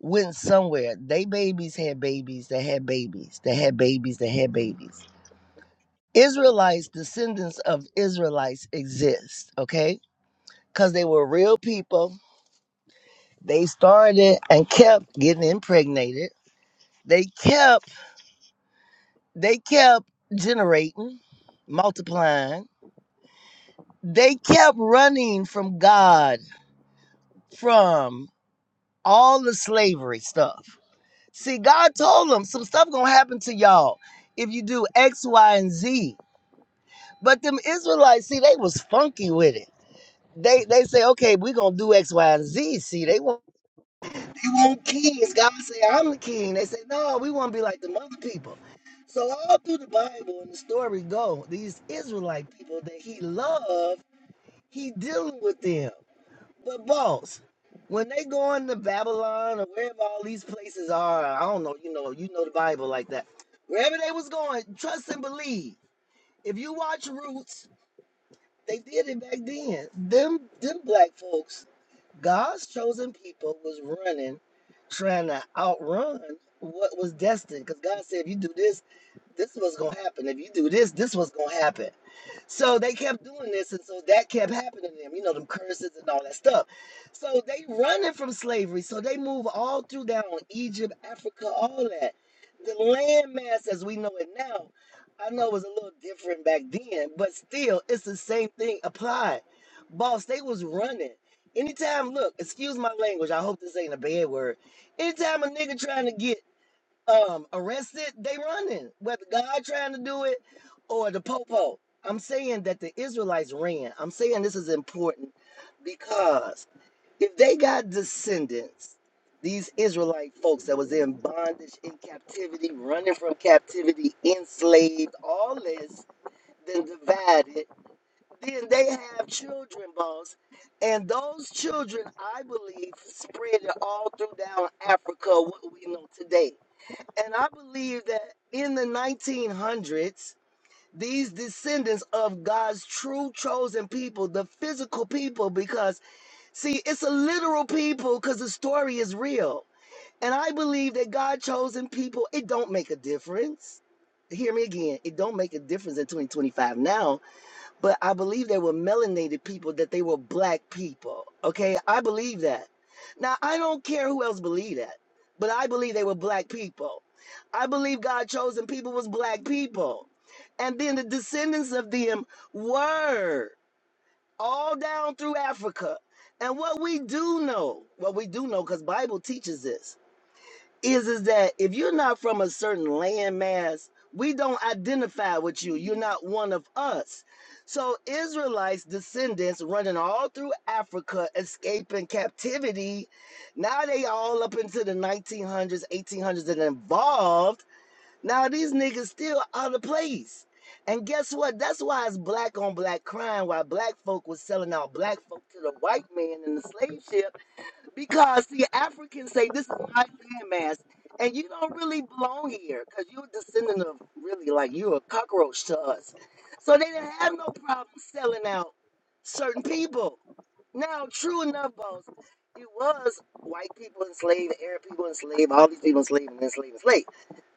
Speaker 8: went somewhere. They babies had babies. They had babies. They had babies. They had babies. Israelites, descendants of Israelites exist, okay? Because they were real people They started and kept getting impregnated. They kept they kept generating, multiplying. They kept running from God, from all the slavery stuff. See, God told them some stuff gonna happen to y'all if you do X, Y, and Z. But them Israelites, see, they was funky with it. They they say, okay, we gonna do X, Y, and Z. See, they want own kings. God say, I'm the king. They say, no, we want to be like the other people. So all through the Bible and the story go, these Israelite people that he loved, he dealing with them. But boss, when they go into Babylon or wherever all these places are, I don't know, you know, you know the Bible like that. Wherever they was going, trust and believe. If you watch Roots, they did it back then. Them them black folks God's chosen people was running, trying to outrun what was destined. Because God said, if you do this, this was gonna happen. If you do this, this was gonna happen. So they kept doing this, and so that kept happening to them, you know, them curses and all that stuff. So they running from slavery. So they move all through down Egypt, Africa, all that. The landmass as we know it now, I know it was a little different back then, but still it's the same thing applied. Boss, they was running. Anytime, look, excuse my language, I hope this ain't a bad word. Anytime a nigga trying to get um arrested, they running. Whether God trying to do it or the popo. I'm saying that the Israelites ran. I'm saying this is important because if they got descendants, these Israelite folks that was in bondage, in captivity, running from captivity, enslaved, all this, then divided, then they have children, boss. And those children, I believe, spread it all through down Africa, what we know today and I believe that in the 1900s, these descendants of God's true chosen people, the physical people, because see, it's a literal people because the story is real. And I believe that God chosen people, it don't make a difference. Hear me again. It don't make a difference in 2025 now but I believe they were melanated people, that they were black people. Okay, I believe that. Now I don't care who else believe that, but I believe they were black people. I believe God chosen people was black people, and then the descendants of them were all down through Africa. And what we do know, what we do know, because Bible teaches this is is that if you're not from a certain landmass, we don't identify with you. You're not one of us. So Israelites descendants running all through Africa, escaping captivity. Now they all up into the 1900s, 1800s, and involved. Now these niggas still out of place. And guess what? That's why it's black on black crime. Why black folk was selling out black folk to the white man in the slave ship because see, Africans say this is my landmass, and you don't really belong here because you're a descendant of really like you're a cockroach to us. So they didn't have no problem selling out certain people. Now, true enough, boss, it was white people enslaved, Arab people enslaved, all these people enslaved and enslaved, enslaved.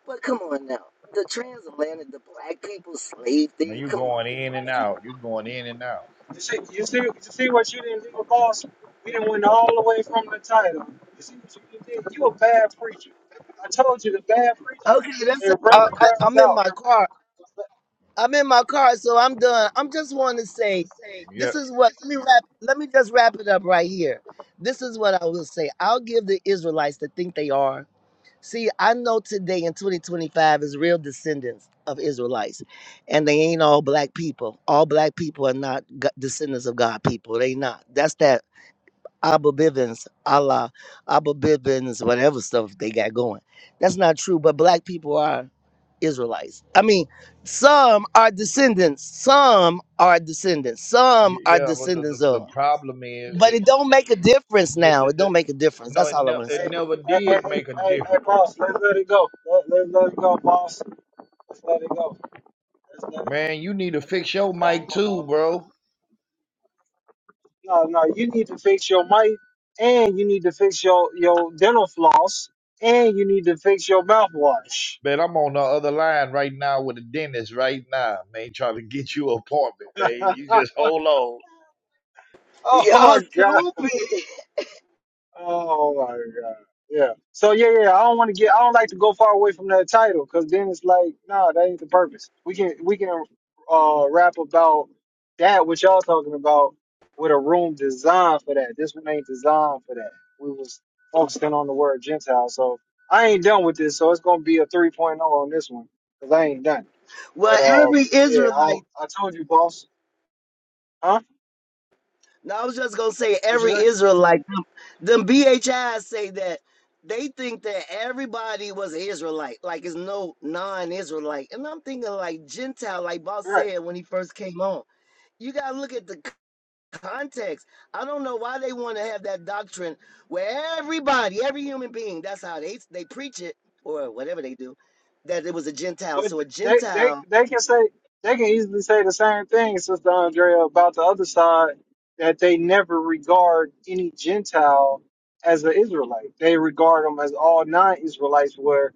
Speaker 8: But come on now, the transatlantic, the black people slave
Speaker 7: Man,
Speaker 8: thing,
Speaker 7: you
Speaker 8: come
Speaker 7: going
Speaker 8: on.
Speaker 7: in and out. You going in and out.
Speaker 1: You see, you see, you see what you didn't do, boss. We didn't win all the way from the title. You see what you did? You a bad preacher. I told you the bad
Speaker 8: Okay,
Speaker 1: preachers
Speaker 8: that's
Speaker 1: they
Speaker 8: it.
Speaker 1: run
Speaker 8: I,
Speaker 1: the
Speaker 8: I,
Speaker 1: crowds
Speaker 8: I'm in
Speaker 1: out.
Speaker 8: my car. I'm in my car, so I'm done. I'm just want to say,
Speaker 7: Hey, yeah.
Speaker 8: this is what let me wrap. Let me just wrap it up right here. This is what I will say. I'll give the Israelites to think they are. See, I know today in 2025 is real descendants of Israelites, and they ain't all black people. All black people are not go- descendants of God people. They not. That's that Abba Bivens, Allah, Abba Bivens, whatever stuff they got going. That's not true, but black people are Israelites. I mean, some are descendants, some are descendants,
Speaker 7: Y-
Speaker 8: some are
Speaker 7: Yeah, but the,
Speaker 8: descendants
Speaker 7: the, the
Speaker 8: of.
Speaker 7: problem is
Speaker 8: But
Speaker 7: that
Speaker 8: it don't make a difference
Speaker 7: the,
Speaker 8: now.
Speaker 7: the,
Speaker 8: It
Speaker 7: the,
Speaker 8: don't make a difference.
Speaker 7: no,
Speaker 8: That's
Speaker 7: it,
Speaker 8: all I
Speaker 7: ne-
Speaker 8: want to
Speaker 7: it
Speaker 1: Hey,
Speaker 8: say.
Speaker 7: never
Speaker 1: hey, hey,
Speaker 7: did
Speaker 1: hey,
Speaker 7: make a
Speaker 1: hey, hey,
Speaker 7: difference.
Speaker 1: boss, let's let it go. Let, let, let it go, boss. Let's let it go. Let's let it go.
Speaker 7: Man, you need to fix
Speaker 1: 'Cause
Speaker 7: your
Speaker 1: I
Speaker 7: mic
Speaker 1: don't want
Speaker 7: too,
Speaker 1: to
Speaker 7: bro.
Speaker 1: No, no, you need to fix your mic, and you need to fix your, your dental floss, and you need to fix your mouthwash.
Speaker 7: Man, I'm on the other line right now with a dentist right now, man, trying to get you an appointment, man. You just hold on.
Speaker 1: <laughs> oh,
Speaker 8: Y'all
Speaker 1: my God.
Speaker 8: stupid.
Speaker 1: Oh my god. Yeah. So yeah, yeah. yeah. I don't want to get. I don't like to go far away from that title because then it's like, nah, that ain't the purpose. We can we can uh rap about that what y'all talking about with a room designed for that. This one ain't designed for that. We was focusing on the word Gentile. So I ain't done with this. So it's gonna be a 3.0 on this one because I ain't done.
Speaker 8: Well,
Speaker 1: But um,
Speaker 8: every
Speaker 1: yeah. I
Speaker 8: Israelite,
Speaker 1: don't, I told you, boss. Huh?
Speaker 8: no, I was just gonna say
Speaker 1: What you
Speaker 8: every
Speaker 1: say?
Speaker 8: Israelite Them BHIs say that they think that everybody was an Israelite, like it's no non-Israelite. And I'm thinking like Gentile, like Boss
Speaker 1: Right.
Speaker 8: said when he first came on. You gotta look at the c- context. I don't know why they want to have that doctrine where everybody, every human being, that's how they they preach it or whatever they do, that it was a Gentile.
Speaker 1: But
Speaker 8: So a
Speaker 1: they they
Speaker 8: Gentile.
Speaker 1: they can say they can easily say the same thing, Sister Andrea, about the other side that they never regard any Gentile as an Israelite. They regard them as all non-Israelites. Where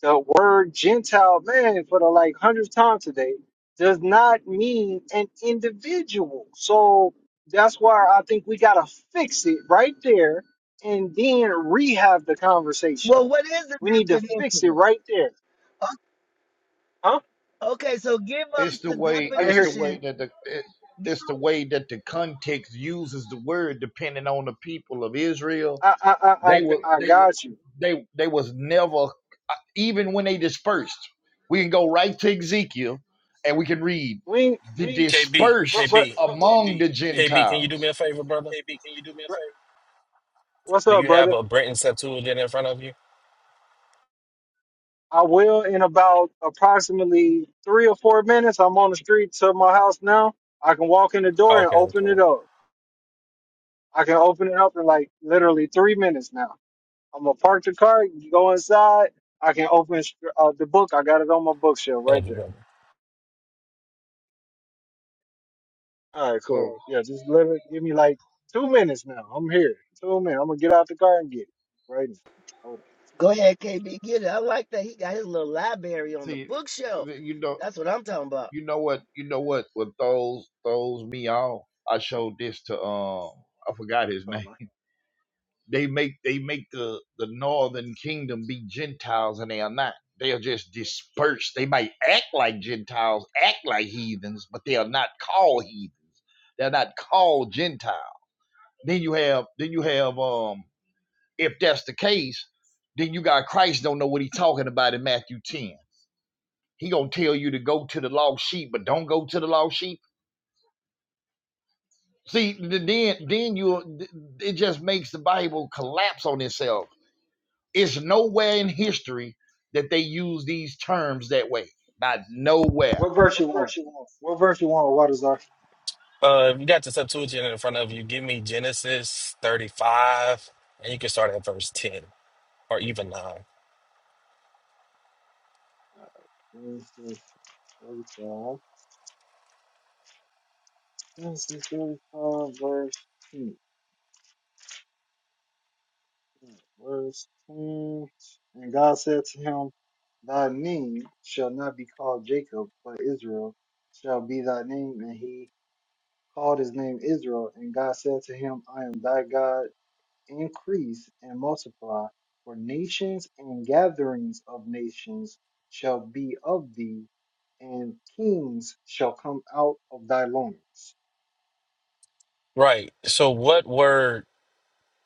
Speaker 1: the word Gentile, man, for the like hundredth time today, does not mean an individual. So that's why I think we gotta fix it right there and then rehab the conversation.
Speaker 8: Well, what is the
Speaker 1: We need to fix it
Speaker 8: definition?
Speaker 1: right there.
Speaker 8: O-
Speaker 1: Huh?
Speaker 8: Okay, so give
Speaker 7: It's
Speaker 8: us
Speaker 7: the
Speaker 8: the
Speaker 7: way.
Speaker 1: I didn't
Speaker 7: It's
Speaker 1: hear you.
Speaker 7: the way
Speaker 8: definition.
Speaker 7: that the. It, it's the way that the context uses the word depending on the people of Israel.
Speaker 1: I, I, I,
Speaker 7: They
Speaker 1: I,
Speaker 7: were
Speaker 1: I
Speaker 7: they were
Speaker 1: got you.
Speaker 7: they they was never even when they dispersed. We can go right to Ezekiel and we can read
Speaker 1: We, ain't-
Speaker 7: the
Speaker 9: KB,
Speaker 1: but,
Speaker 7: dispersed
Speaker 1: but,
Speaker 9: KB,
Speaker 7: among the
Speaker 9: KB, can you do
Speaker 7: Gentiles.
Speaker 9: me a favor, brother?
Speaker 1: what's
Speaker 9: Do
Speaker 1: up,
Speaker 9: you have
Speaker 1: brother?
Speaker 9: a Brenton Septuagint in front of you?
Speaker 1: I will in about approximately three or four minutes. I'm on the street to my house now. I can walk in the door and
Speaker 9: Okay,
Speaker 1: open it
Speaker 9: cool.
Speaker 1: up. I can open it up in like literally three minutes now. I'm gonna park the car, go inside. I can open uh, the book. I got it on my bookshelf right
Speaker 9: Thank you,
Speaker 1: there.
Speaker 9: brother.
Speaker 1: All right, cool.
Speaker 7: So
Speaker 1: Yeah, just literally give me like two minutes now. I'm here. Two minutes. I'm gonna get out the car and get it right now. Hold on.
Speaker 8: Go ahead, KB, get it. I like that. He got his little library on the
Speaker 7: see
Speaker 8: bookshelf.
Speaker 7: you know
Speaker 8: That's what I'm talking about.
Speaker 7: you know what you know what what throws throws me off. I showed this to um I forgot his
Speaker 1: What's up,
Speaker 7: name.
Speaker 1: man?
Speaker 7: They make they make the the northern kingdom be Gentiles and they are not. They are just dispersed. They might act like Gentiles, act like heathens, but they are not called heathens. They're not called Gentiles Then you have then you have um if that's the case, then you got Christ don't know what he's talking about in Matthew 10. He gonna tell you to go to the lost sheep, but don't go to the lost sheep. See, then then you it just makes the Bible collapse on itself. It's nowhere in history that they use these terms that way. Not nowhere.
Speaker 1: What verse you want? What verse you want, Waterzar?
Speaker 9: Uh, if you got the Septuagint in front of you, give me Genesis 35, and you can start at verse 10 or even 9.
Speaker 1: Let me see. Waterzar. Genesis 35, verse 10. Verse 10. And God said to him, Thy name shall not be called Jacob, but Israel shall be thy name. And he called his name Israel. And God said to him, I am thy God. increase and multiply, for nations and gatherings of nations shall be of thee, and kings shall come out of thy loins.
Speaker 9: Right. So, what word,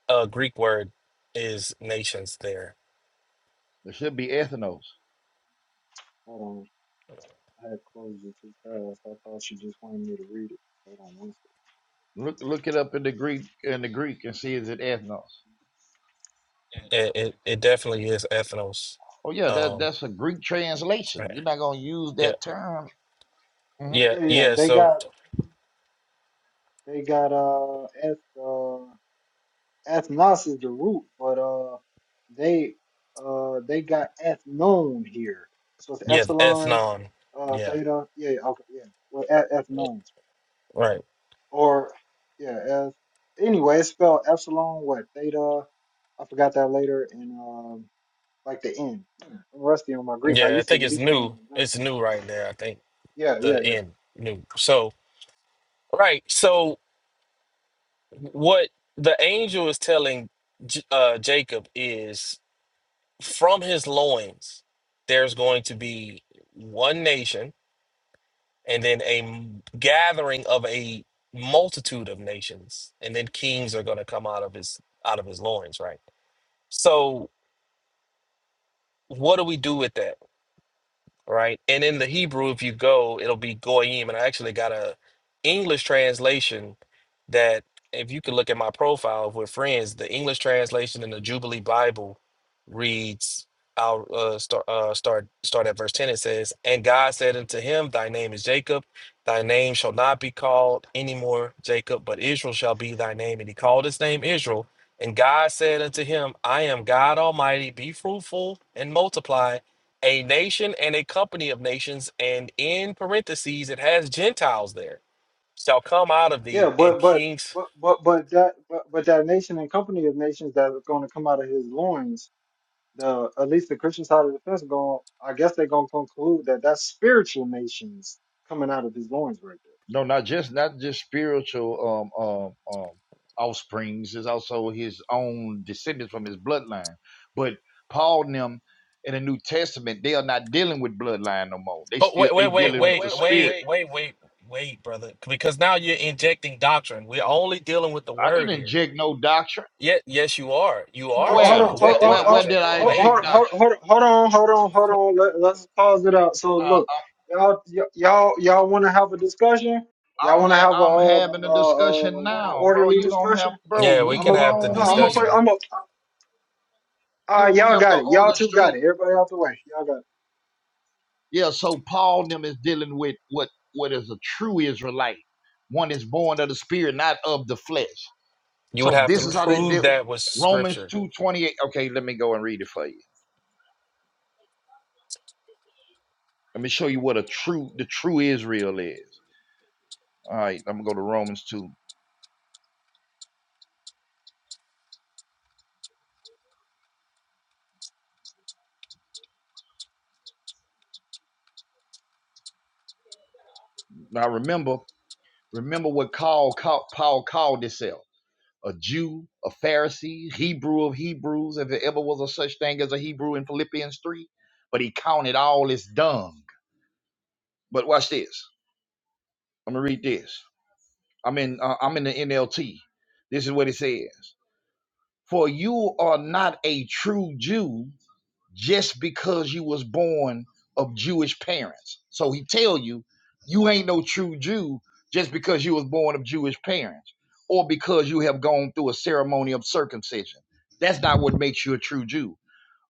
Speaker 9: uh, Greek word, is nations there?
Speaker 7: There should be ethnos.
Speaker 1: Hold on, I had closed it too fast. I thought you just wanted me to read it. Hold on one
Speaker 7: Look look it up in the Greek in the Greek and see is it ethnos.
Speaker 9: It, it, it definitely is ethnos.
Speaker 7: Oh yeah, that
Speaker 9: Um,
Speaker 7: that's a Greek translation.
Speaker 9: right.
Speaker 7: You're not gonna use
Speaker 9: Yeah.
Speaker 7: that term. Mm-hmm.
Speaker 9: Yeah.
Speaker 1: second. Yeah, yeah,
Speaker 9: Yeah.
Speaker 1: they
Speaker 9: So,
Speaker 1: got they got uh eth uh ethnos is the root, but uh they uh they got ethnon here. So it's
Speaker 9: yeah,
Speaker 1: epsilon
Speaker 9: ethnon.
Speaker 1: uh,
Speaker 9: Yeah.
Speaker 1: theta. Yeah, yeah, okay, yeah. Well, at f
Speaker 9: Right.
Speaker 1: Or yeah, as, anyway, it's spelled epsilon what theta. I forgot that later and um like the N. I'm rusty on my Greek. I
Speaker 9: Yeah, I
Speaker 1: used to at
Speaker 9: think it's
Speaker 1: least name
Speaker 9: new.
Speaker 1: the
Speaker 9: It's
Speaker 1: letters.
Speaker 9: new right there. I think
Speaker 1: Yeah, yeah,
Speaker 9: the
Speaker 1: yeah,
Speaker 9: end new. So right. So what the angel is telling J- uh, Jacob is from his loins, there's going to be one nation, and then a m- gathering of a multitude of nations, and then kings are going to come out of his out of his loins. Right. So what do we do with that? right? And in the Hebrew, if you go, it'll be goyim. And I actually got a English translation that, if you could look at my profile with friends, the English translation in the Jubilee Bible reads, "I'll uh, start uh, start start at verse ten. It says, "And God said unto him, Thy name is Jacob. Thy name shall not be called any more Jacob, but Israel shall be thy name. And he called his name Israel." And God said unto him, I am God Almighty, be fruitful and multiply, a nation and a company of nations, and in parentheses, it has Gentiles there, shall come out of
Speaker 1: yeah.
Speaker 9: thee, and
Speaker 1: But but
Speaker 9: kings.
Speaker 1: but but but that but, but that nation and company of nations that are going to come out of his loins. The at least the Christian side of the fence going. I guess they're going to conclude that that's spiritual nations coming out of his loins right
Speaker 7: No, not just not just spiritual um um um offsprings, is also his own descendants from his bloodline. But Paul and them in the New Testament, they are not dealing with bloodline no more. They
Speaker 9: Oh,
Speaker 7: still
Speaker 9: wait,
Speaker 7: they
Speaker 9: wait,
Speaker 7: Oh,
Speaker 9: wait,
Speaker 7: dealing wait,
Speaker 9: wait,
Speaker 7: with the wait, wait, spirit.
Speaker 9: wait,
Speaker 7: wait.
Speaker 9: wait, wait, wait, brother, because now you're injecting doctrine. We're only dealing with the
Speaker 7: I didn't
Speaker 9: word here.
Speaker 7: inject no doctrine.
Speaker 9: Yet, yes, you are. You
Speaker 7: No,
Speaker 9: are
Speaker 1: Hold, hold
Speaker 7: Where?
Speaker 9: too
Speaker 1: on,
Speaker 7: Where
Speaker 1: hold,
Speaker 9: injecting
Speaker 1: hold,
Speaker 7: where where did
Speaker 9: doctrine.
Speaker 7: I
Speaker 9: Wait.
Speaker 7: inject
Speaker 1: hold, hold, hold,
Speaker 7: doctrine?
Speaker 1: hold, hold on, hold on, hold on. Let, let's pause it out. So
Speaker 7: Uh,
Speaker 1: look, y'all, y- y'all, y'all want to have a discussion?
Speaker 7: uh,
Speaker 1: Y'all
Speaker 7: I'm
Speaker 1: want to
Speaker 7: ha-
Speaker 1: have a,
Speaker 7: I'm
Speaker 1: uh,
Speaker 7: having a discussion
Speaker 1: uh, uh, a
Speaker 7: now, bro.
Speaker 1: orderly
Speaker 7: You don't
Speaker 1: discussion?
Speaker 7: have
Speaker 9: Yeah,
Speaker 7: bro,
Speaker 9: we
Speaker 7: we
Speaker 1: I'm
Speaker 9: can
Speaker 1: a
Speaker 9: have the
Speaker 7: grown
Speaker 1: no, I'm going play.
Speaker 7: men.
Speaker 9: discussion.
Speaker 1: I'm a.
Speaker 7: You
Speaker 1: Uh,
Speaker 7: don't
Speaker 1: y'all
Speaker 7: have to
Speaker 1: got it. Y'all two
Speaker 7: orchestrate
Speaker 1: got it. Everybody out the way. Y'all got it.
Speaker 7: Yeah, so Paul and them is dealing with what what is a true Israelite, one is born of the spirit, not of the flesh.
Speaker 9: You would
Speaker 7: So
Speaker 9: have to
Speaker 7: this is Right. how they
Speaker 9: prove
Speaker 7: deal.
Speaker 9: that with
Speaker 7: Romans
Speaker 9: scripture.
Speaker 7: two twenty eight. Okay, let me go and read it for you. Let me show you what a true the true Israel is. All right, I'm gonna go to Romans two. Now remember, remember what Paul called, Paul called himself a Jew, a Pharisee, Hebrew of Hebrews, if there ever was a such thing as a Hebrew in Philippians three. But he counted all as dung. But watch this. I'm gonna read this. I'm in uh, I'm in the NLT. This is what it says. For you are not a true Jew just because you was born of Jewish parents. So he tell you you ain't no true Jew just because you was born of Jewish parents or because you have gone through a ceremony of circumcision. That's not what makes you a true Jew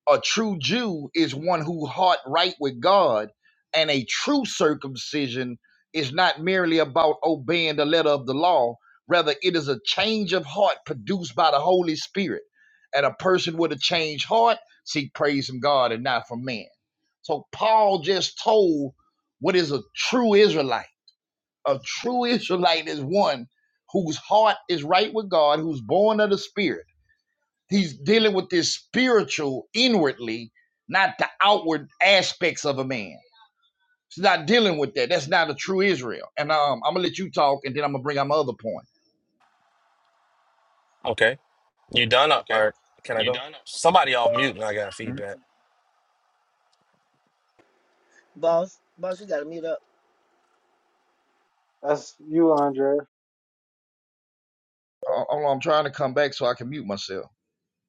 Speaker 7: a true Jew is one who heart right with God, and a true circumcision is not merely about obeying the letter of the law. Rather, it is a change of heart produced by the Holy Spirit. And a person with a changed heart seek praise from God and not from man. So Paul just told what is a true Israelite. A true Israelite is one whose heart is right with God, who's born of the Spirit He's dealing with this spiritual inwardly, not the outward aspects of a man. He's not dealing with that. That's not a true Israel. And um, I'm gonna let you talk, and then I'm gonna bring out my other point.
Speaker 9: Okay. You done, or or can I go? Somebody off mute and I got
Speaker 7: Mhm.
Speaker 9: feedback.
Speaker 8: Boss, boss, you gotta mute up.
Speaker 1: That's you, Andre.
Speaker 7: Uh, I'm trying to come back so I can mute myself.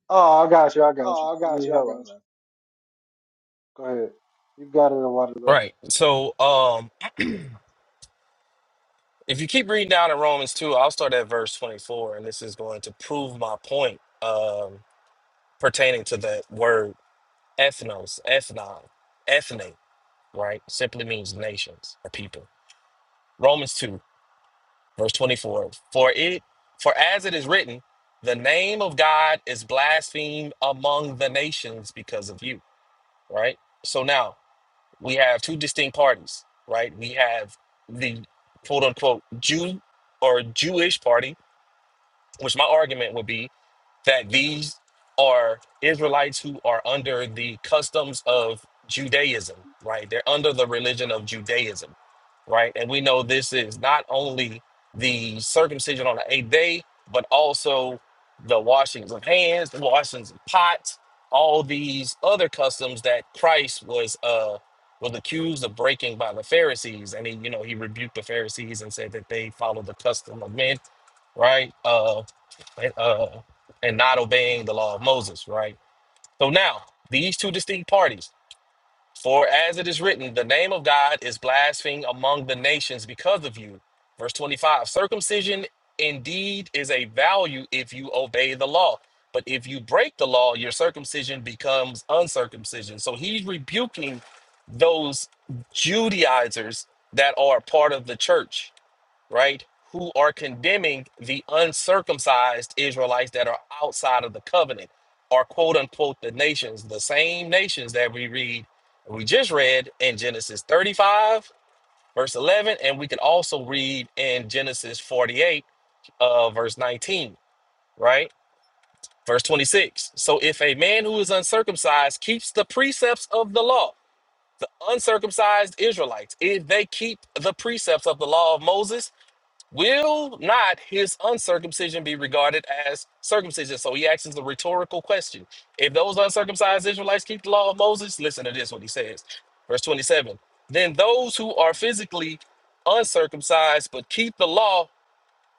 Speaker 1: Oh, I got you. I got you. You need help? I got. You. Go ahead. You got it, a water there.
Speaker 9: Right. So, um. If you keep reading down in Romans 2, I'll start at verse 24, and this is going to prove my point um, pertaining to that word ethnos, ethnon, ethne, right? Simply means nations or people. Romans 2, verse 24. For it, for as it is written, the name of God is blasphemed among the nations because of you, right? So now we have two distinct parties, right? We have the quote unquote Jew or Jewish party Which my argument would be, that these are Israelites who are under the customs of Judaism, right? They're under the religion of Judaism, right? And we know this is not only the circumcision on the eighth day, but also the washings of hands, the washings of pots, all these other customs that Christ was uh was accused of breaking by the Pharisees. And he, you know, he rebuked the Pharisees and said that they follow the custom of men, right? Uh uh, and not obeying the law of Moses, right? So now, these two distinct parties, for as it is written, the name of God is blasphemed among the nations because of you. Verse 25 circumcision indeed is a value if you obey the law. But if you break the law, your circumcision becomes uncircumcision. So he's rebuking those Judaizers that are part of the church right, who are condemning the uncircumcised Israelites that are outside of the covenant, are quote unquote the nations, the same nations that we read, we just read in Genesis 35, verse 11, and we can also read in Genesis 48, uh, verse 19, right? Verse 26. So if a man who is uncircumcised keeps the precepts of the law, the uncircumcised Israelites, if they keep the precepts of the law of Moses, Will not his uncircumcision be regarded as circumcision? So he asks the rhetorical question. If those uncircumcised Israelites keep the law of Moses, listen to this what he says. Verse 27. Then those who are physically uncircumcised but keep the law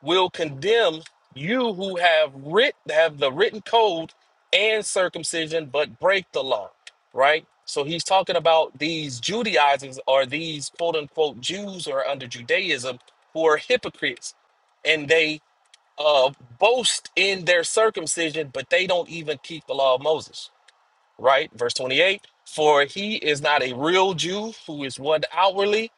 Speaker 9: will condemn you who have writ have the written code and circumcision but break the law right so he's talking about these judaizers or these quote unquote jews who are under judaism who are hypocrites and they uh boast in their circumcision but they don't even keep the law of moses right verse 28 for he is not a real jew who is one outwardly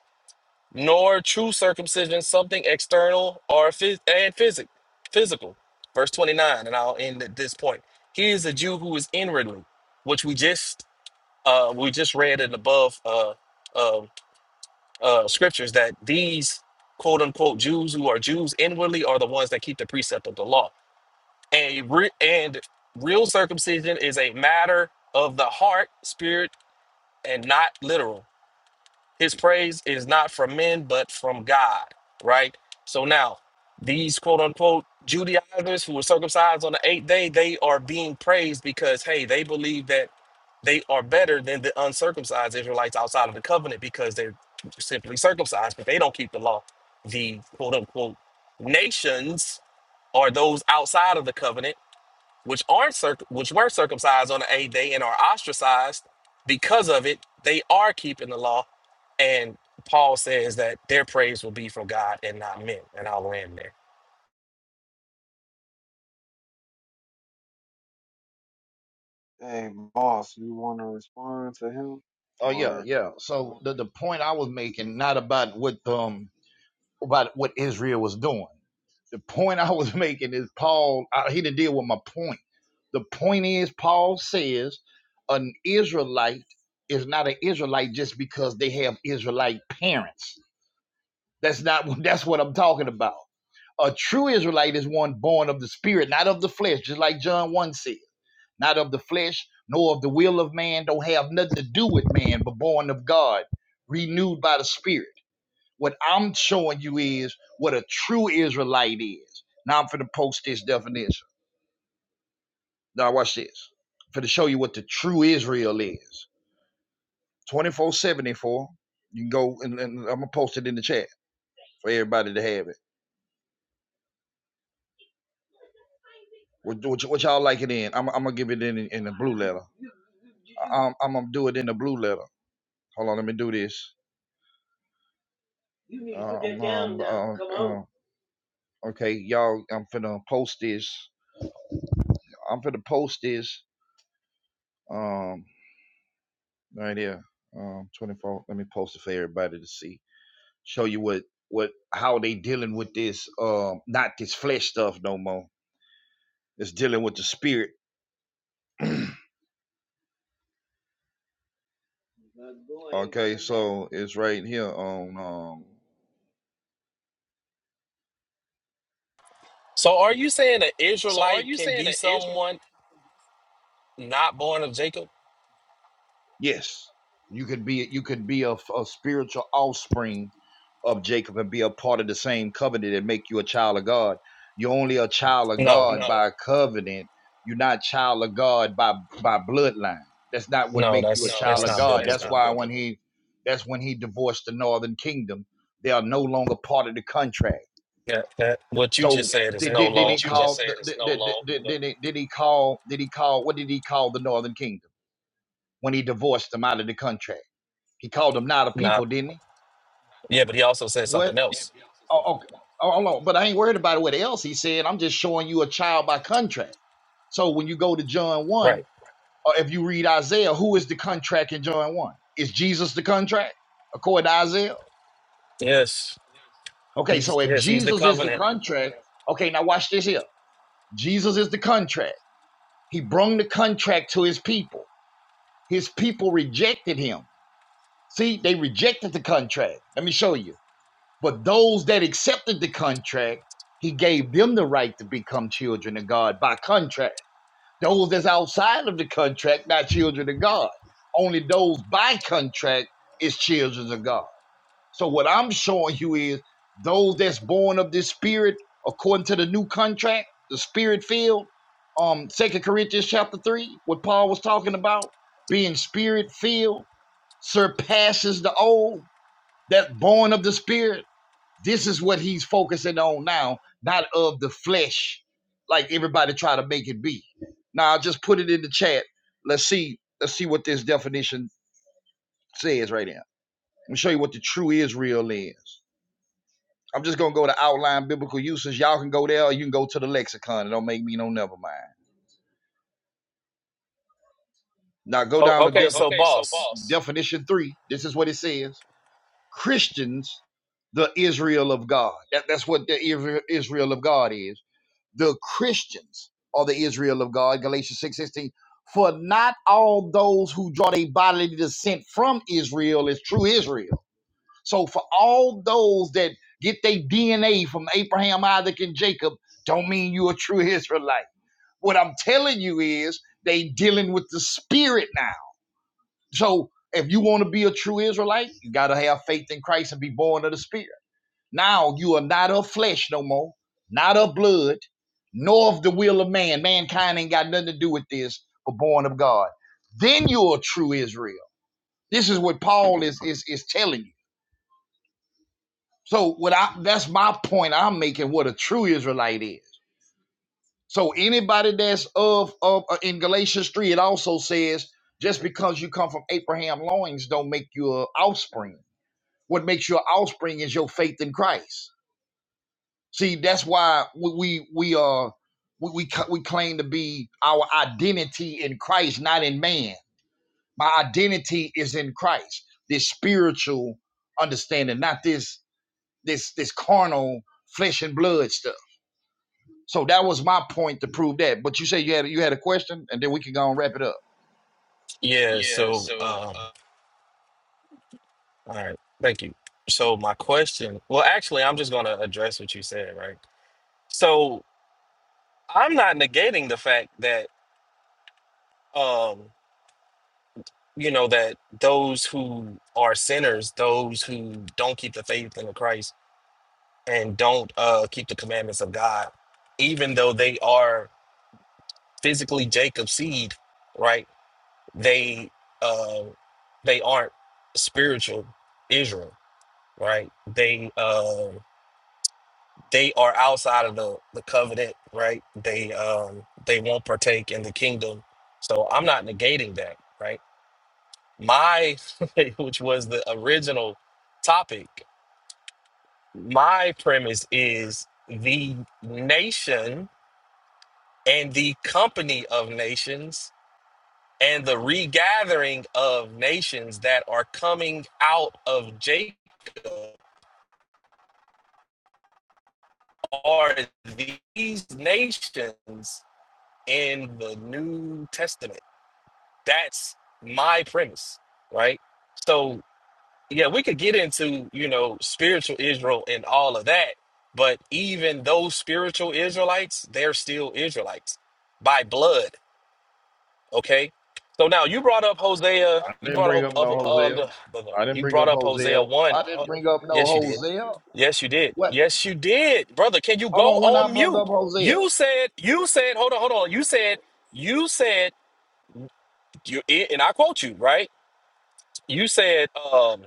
Speaker 9: nor true circumcision something external or phys- and physic- physical. Verse 29, and I'll end at this point. He is a Jew who is inwardly, which we just uh, we just read in above uh, uh, uh, scriptures that these quote unquote Jews who are Jews inwardly are the ones that keep the precept of the law. And re- and real circumcision is a matter of the heart, spirit, and not literal. His praise is not from men, but from God, right? So now, these quote unquote Judaizers who were circumcised on the eighth day, they are being praised because, hey, they believe that they are better than the uncircumcised Israelites outside of the covenant because they're simply circumcised, but they don't keep the law. The quote unquote nations are those outside of the covenant which aren't circ- which were circumcised on the eighth day and are ostracized because of it, they are keeping the law. And Paul says that their praise will be from God and not men. And I'll land there.
Speaker 1: Hey, boss, you want to respond to him
Speaker 7: Oh yeah,
Speaker 1: or?
Speaker 7: yeah. So
Speaker 1: okay.
Speaker 7: the the point I was making, not about what um about what Israel was doing. The point <laughs> I was making is Paul, I, he didn't deal with my point. The point is, Paul says an Israelite is not an Israelite just because they have Israelite parents. That's not <laughs> that's what I'm talking about. A true Israelite is one born of the spirit, not of the flesh, just like John 1 says. Not of the flesh, nor of the will of man, don't have nothing to do with man, but born of God, renewed by the spirit. What I'm showing you is what a true Israelite is. Now I'm finna post this definition. Now watch this. I'm finna show you what the true Israel is. 2474. You can go and, and I'm gonna post it in the chat for everybody to have it. What, what, what y'all like it in? I'm, I'm gonna give it in in the blue letter. I'm, I'm gonna do it in the blue letter. Hold on, let me do this. You need to put that Um, down um, now. um, Come on. um, okay, y'all. I'm finna post this. I'm finna post this. Um, right here. Um, 24. Let me post it for everybody to see. Show you what what how they dealing with this. Um, not this flesh stuff no more. It's dealing with the spirit. Okay, so it's right here on. um
Speaker 9: So are you saying an Israelite can be someone not born of Jacob?
Speaker 7: Yes, you could be you could be a, a spiritual offspring of Jacob and be a part of the same covenant and make you a child of God. You're only a child of
Speaker 9: No,
Speaker 7: God No, by covenant. You're not child of God by by bloodline. That's not what
Speaker 9: no,
Speaker 7: make you a no,
Speaker 9: that's
Speaker 7: child
Speaker 9: that's
Speaker 7: of that's
Speaker 9: not
Speaker 7: God. that's That's not
Speaker 9: biblical.
Speaker 7: why biblical. when the he that's when he divorced the northern kingdom, they are no longer part of the contract.
Speaker 9: Yeah, that what you
Speaker 7: So
Speaker 9: just
Speaker 7: Yeah,
Speaker 9: said is
Speaker 7: did, that did,
Speaker 9: no
Speaker 7: did he what you
Speaker 9: long
Speaker 7: just
Speaker 9: no,
Speaker 7: call said is did, no did, longer did, no. did, did he call did he call what did he call the northern kingdom when he divorced them out of the contract? He called them not a people,
Speaker 9: not
Speaker 7: didn't he?
Speaker 9: yeah, but he also said
Speaker 7: What?
Speaker 9: something else.
Speaker 7: Oh, okay. Oh, hold on. But I ain't worried about what else he said. I'm just showing you a child by contract. So when you go to John 1,
Speaker 9: Right.
Speaker 7: or if you read Isaiah, who is the contract in John 1? Is Jesus the contract, according to Isaiah?
Speaker 9: Yes. He
Speaker 7: Okay,
Speaker 9: was-
Speaker 7: so if
Speaker 9: Yes, he's the
Speaker 7: Jesus is the
Speaker 9: covenant.
Speaker 7: contract, okay, now watch this here. Jesus is the contract. He brung the contract to his people. His people rejected him. See, they rejected the contract. Let me show you. But those that accepted the contract, he gave them the right to become children of God by contract. Those that's outside of the contract, not children of God. Only those by contract is children of God. So what I'm showing you is those that's born of this spirit, according to the new contract, the spirit filled, um, Second Corinthians chapter three, what Paul was talking about, being spirit filled surpasses the old, that born of the spirit this is what he's focusing on now, not of the flesh, like everybody try to make it be. Now I'll just put it in the chat. Let's see, let's see what this definition says right now. Let me show you what the true Israel is. I'm just gonna go to outline biblical uses. Y'all can go there or you can go to the lexicon. It don't make me no never mind. Now go
Speaker 9: Oh,
Speaker 7: down to
Speaker 9: okay,
Speaker 7: def-
Speaker 9: so boss.
Speaker 7: definition three. This is what it says. Christians the Israel of God. That, that's what the Israel of God is. the Christians are the Israel of God, Galatians 6 16. For not all those who draw their bodily descent from Israel is true Israel. So for all those that get their DNA from Abraham, Isaac, and Jacob, don't mean you're a true Israelite. What I'm telling you is they dealing with the spirit now. So if you want to be a true Israelite, you gotta have faith in Christ and be born of the spirit. Now you are not of flesh no more, not of blood, nor of the will of man. Mankind ain't got nothing to do with this, but born of God. Then you're a true Israel. This is what Paul is is is telling you. So what I that's my point I'm making what a true Israelite is. So anybody that's of of uh, in Galatians 3, it also says, just because you come from Abraham loins don't make you an offspring. What makes you an offspring is your faith in Christ. See, that's why we we are we uh we we, we claim to be our identity in Christ, not in man. My identity is in Christ. This spiritual understanding, not this this this carnal flesh and blood stuff. So that was my point to prove that. But you say you had you had a question, and then we can go and wrap it up.
Speaker 9: Yeah, so um All right, thank you. So my question, well, actually, I'm just going to address what you said, right? So I'm not negating the fact that, um, you know, that those who are sinners, those who don't keep the faith in Christ and don't uh, keep the commandments of God, even though they are physically Jacob's seed, right? They uh, they aren't spiritual Israel, right? They um they are outside of the, the covenant, right? They um they won't partake in the kingdom. So I'm not negating that, right? My <laughs> which was the original topic, my premise is the nation and the company of nations and the regathering of nations that are coming out of Jacob are these nations in the New Testament That's my premise, right? So, yeah, we could get into, you know, spiritual Israel and all of that, but even those spiritual Israelites, they're still Israelites by blood, okay? So now you brought up Hosea,
Speaker 7: I
Speaker 9: you
Speaker 7: didn't
Speaker 9: brought
Speaker 7: bring
Speaker 9: up,
Speaker 7: up
Speaker 9: up
Speaker 7: no
Speaker 9: uh,
Speaker 7: Hosea.
Speaker 9: the- the- the-
Speaker 7: I didn't
Speaker 9: you
Speaker 7: bring
Speaker 9: brought
Speaker 7: up
Speaker 9: up
Speaker 7: Hosea.
Speaker 9: Hosea 1.
Speaker 7: I didn't
Speaker 9: Uh,
Speaker 7: bring up no
Speaker 9: yes, you did.
Speaker 7: Hosea.
Speaker 9: Yes, you did.
Speaker 7: What?
Speaker 9: Yes, you did. Brother, can you
Speaker 7: Hold
Speaker 9: go
Speaker 7: on, when I
Speaker 9: on
Speaker 7: brought up
Speaker 9: mute?
Speaker 7: Hosea.
Speaker 9: You said, you said, hold on, hold on. You said, you said, you, and I quote you, right? you said um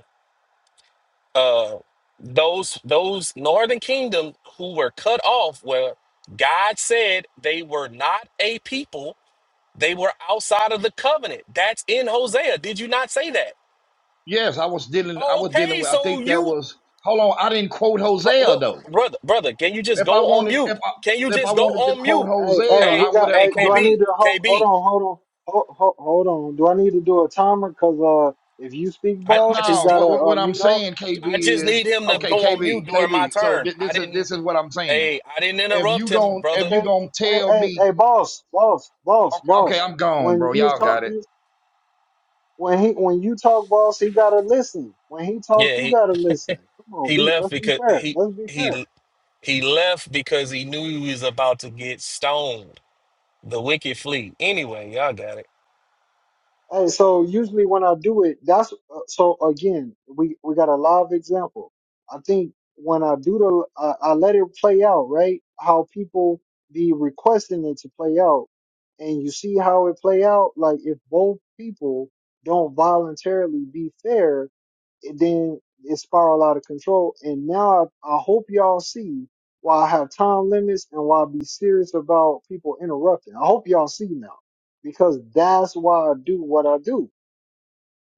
Speaker 9: uh those those northern kingdom who were cut off where god said they were not a people they were outside of the covenant that's in hosea did you not say that
Speaker 7: Yes, I was dealing. I was dealing
Speaker 9: okay
Speaker 7: with. I
Speaker 9: so
Speaker 7: think that
Speaker 9: you
Speaker 7: was. Hold on, I didn't quote
Speaker 9: bro-
Speaker 7: Hosea
Speaker 9: what,
Speaker 7: though.
Speaker 9: brother brother can you just
Speaker 7: If I
Speaker 9: go on
Speaker 7: wanted,
Speaker 9: mute
Speaker 7: if I
Speaker 9: can you
Speaker 7: if I
Speaker 9: just go
Speaker 7: wanted to
Speaker 9: on
Speaker 7: quote
Speaker 9: mute
Speaker 1: Hey,
Speaker 7: Hosea,
Speaker 1: hey,
Speaker 9: hey
Speaker 1: we
Speaker 7: I would
Speaker 1: got.
Speaker 7: have
Speaker 9: hey
Speaker 1: Hey, do I
Speaker 7: quoted.
Speaker 9: kb
Speaker 1: need to hold? Hold
Speaker 9: kb
Speaker 1: on, hold on, hold, hold, hold on. Do I need to do a timer? Cause uh, if you speak,
Speaker 9: i,
Speaker 7: No,
Speaker 1: boss,
Speaker 9: I
Speaker 1: you
Speaker 9: just
Speaker 7: no
Speaker 9: need
Speaker 1: gotta
Speaker 7: what, what
Speaker 1: uh,
Speaker 7: what I'm
Speaker 1: mute up.
Speaker 7: saying,
Speaker 9: i just
Speaker 7: KB is
Speaker 9: need him to
Speaker 7: okay.
Speaker 9: go on
Speaker 7: KB,
Speaker 9: mute during my
Speaker 7: KB. So thi-
Speaker 9: turn i
Speaker 7: this is
Speaker 9: didn't
Speaker 7: this is what I'm saying.
Speaker 9: hey i didn't
Speaker 7: If
Speaker 9: interrupt
Speaker 7: you
Speaker 9: him
Speaker 7: gon' if
Speaker 9: brother
Speaker 7: you
Speaker 1: Hey,
Speaker 7: gonna
Speaker 1: hey,
Speaker 7: tell
Speaker 1: hey,
Speaker 7: me,
Speaker 1: hey, boss, boss, boss,
Speaker 7: okay, okay,
Speaker 1: boss.
Speaker 7: I'm gone,
Speaker 1: When
Speaker 7: bro.
Speaker 1: you
Speaker 7: Y'all
Speaker 1: talk,
Speaker 7: got it.
Speaker 1: when he, when you talk, boss, he gotta listen. When he talk,
Speaker 9: yeah,
Speaker 1: you
Speaker 9: he,
Speaker 1: gotta listen. Come on,
Speaker 9: He
Speaker 1: be.
Speaker 9: left
Speaker 1: Let's be
Speaker 9: because
Speaker 1: fair.
Speaker 9: he
Speaker 1: Let's be fair.
Speaker 9: he he left because he knew he was about to get stoned. The wicked fleet. Anyway, y'all got it.
Speaker 1: Hey, so usually when I do it, that's uh, so again, we we got a live example. I think when I do the, uh, I, I let it play out, right? How people be requesting it to play out, and you see how it play out. Like if both people don't voluntarily be fair, it then it spiraled out of control. And now I, I hope y'all see why I have time limits and why I be serious about people interrupting. I hope y'all see now because that's why I do what I do.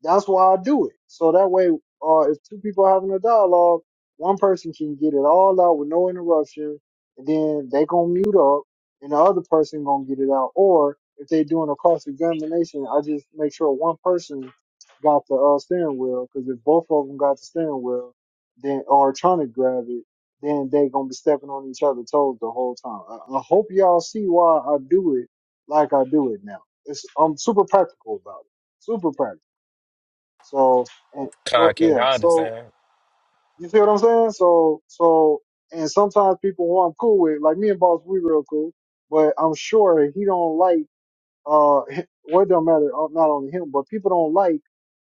Speaker 1: That's why I do it. So that way, uh, if two people are having a dialogue, one person can get it all out with no interruption, and then they gonna mute up, and the other person gonna get it out. Or if they doing a cross examination, I just make sure one person got the uh, steering wheel, because if both of them got the steering wheel, then or trying to grab it, then they gonna be stepping on each other's toes the whole time. I, I hope y'all see why I do it like I do it now. It's I'm super practical about it. Super practical. So and
Speaker 9: Con
Speaker 1: go
Speaker 9: King,
Speaker 1: yeah.
Speaker 9: I
Speaker 1: So
Speaker 9: understand.
Speaker 1: you see what I'm saying? So so and sometimes people who I'm cool with, like me and Boss, we real cool, but I'm sure he don't like uh <laughs> well it don't matter uh, not only him, but people don't like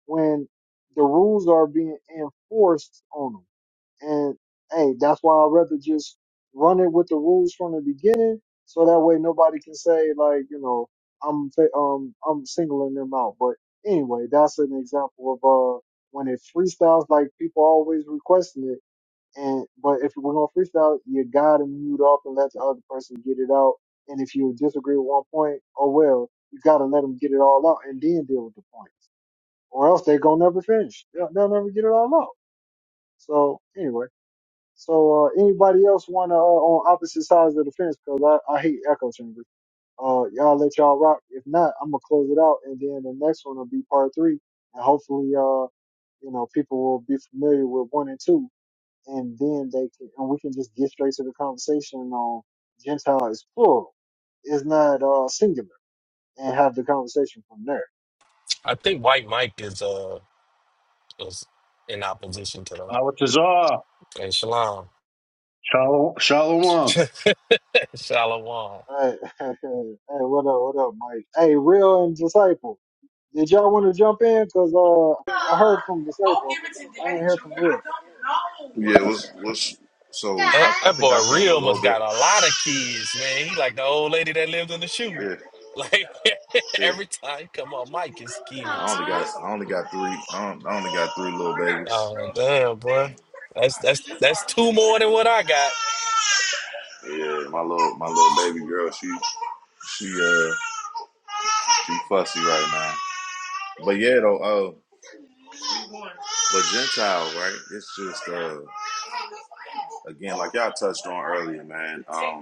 Speaker 1: when the rules are being enforced on them. And hey, that's why I'd rather just run it with the rules from the beginning, so that way nobody can say like, you know, I'm fa- um I'm singling them out. But anyway, that's an example of uh when it freestyles like people always requesting it. And but if we're gonna freestyle, you gotta mute up and let the other person get it out. And if you disagree with one point, oh well, you gotta let them get it all out and then deal with the points, or else they gonna never finish. They'll, they'll never get it all out. So anyway. So uh, anybody else wanna uh, on opposite sides of the fence? Cause I, I hate echo chambers. Uh, y'all let y'all rock. If not, I'm gonna close it out, and then the next one will be part three, and hopefully, uh, you know, people will be familiar with one and two, and then they can, and we can just get straight to the conversation on Gentile is plural, it's not uh singular, and have the conversation from there.
Speaker 9: I think White Mike is uh is in opposition to that.
Speaker 10: Awatazar.
Speaker 9: And Shalom.
Speaker 10: Shalom.
Speaker 9: <laughs>
Speaker 10: Shalom.
Speaker 9: Shalom.
Speaker 1: Hey, <laughs> hey, what up, what up, Mike? Hey, real and disciple. Did y'all want to jump in? Cause uh, I heard from disciple. I ain't hear from real.
Speaker 11: know. Yeah, let's let's. So
Speaker 9: That,
Speaker 11: I, I
Speaker 9: that
Speaker 11: think
Speaker 9: boy
Speaker 11: I came a
Speaker 9: real
Speaker 11: little
Speaker 9: must
Speaker 11: bit.
Speaker 9: got a lot of kids, man. He like the old lady that lived in the shoe.
Speaker 11: Yeah,
Speaker 9: <laughs> Like <laughs>
Speaker 11: yeah.
Speaker 9: every time he come on, Mike is
Speaker 11: I
Speaker 9: kids.
Speaker 11: only got I only got three. I, don't, I only got three little babies.
Speaker 9: Oh damn, bro. That's that's that's two more than what I got.
Speaker 11: Yeah, my little my little baby girl. She she uh she fussy right now. But yeah though. Uh, but Gentile right? It's just uh. again, like y'all touched on earlier, man. Um,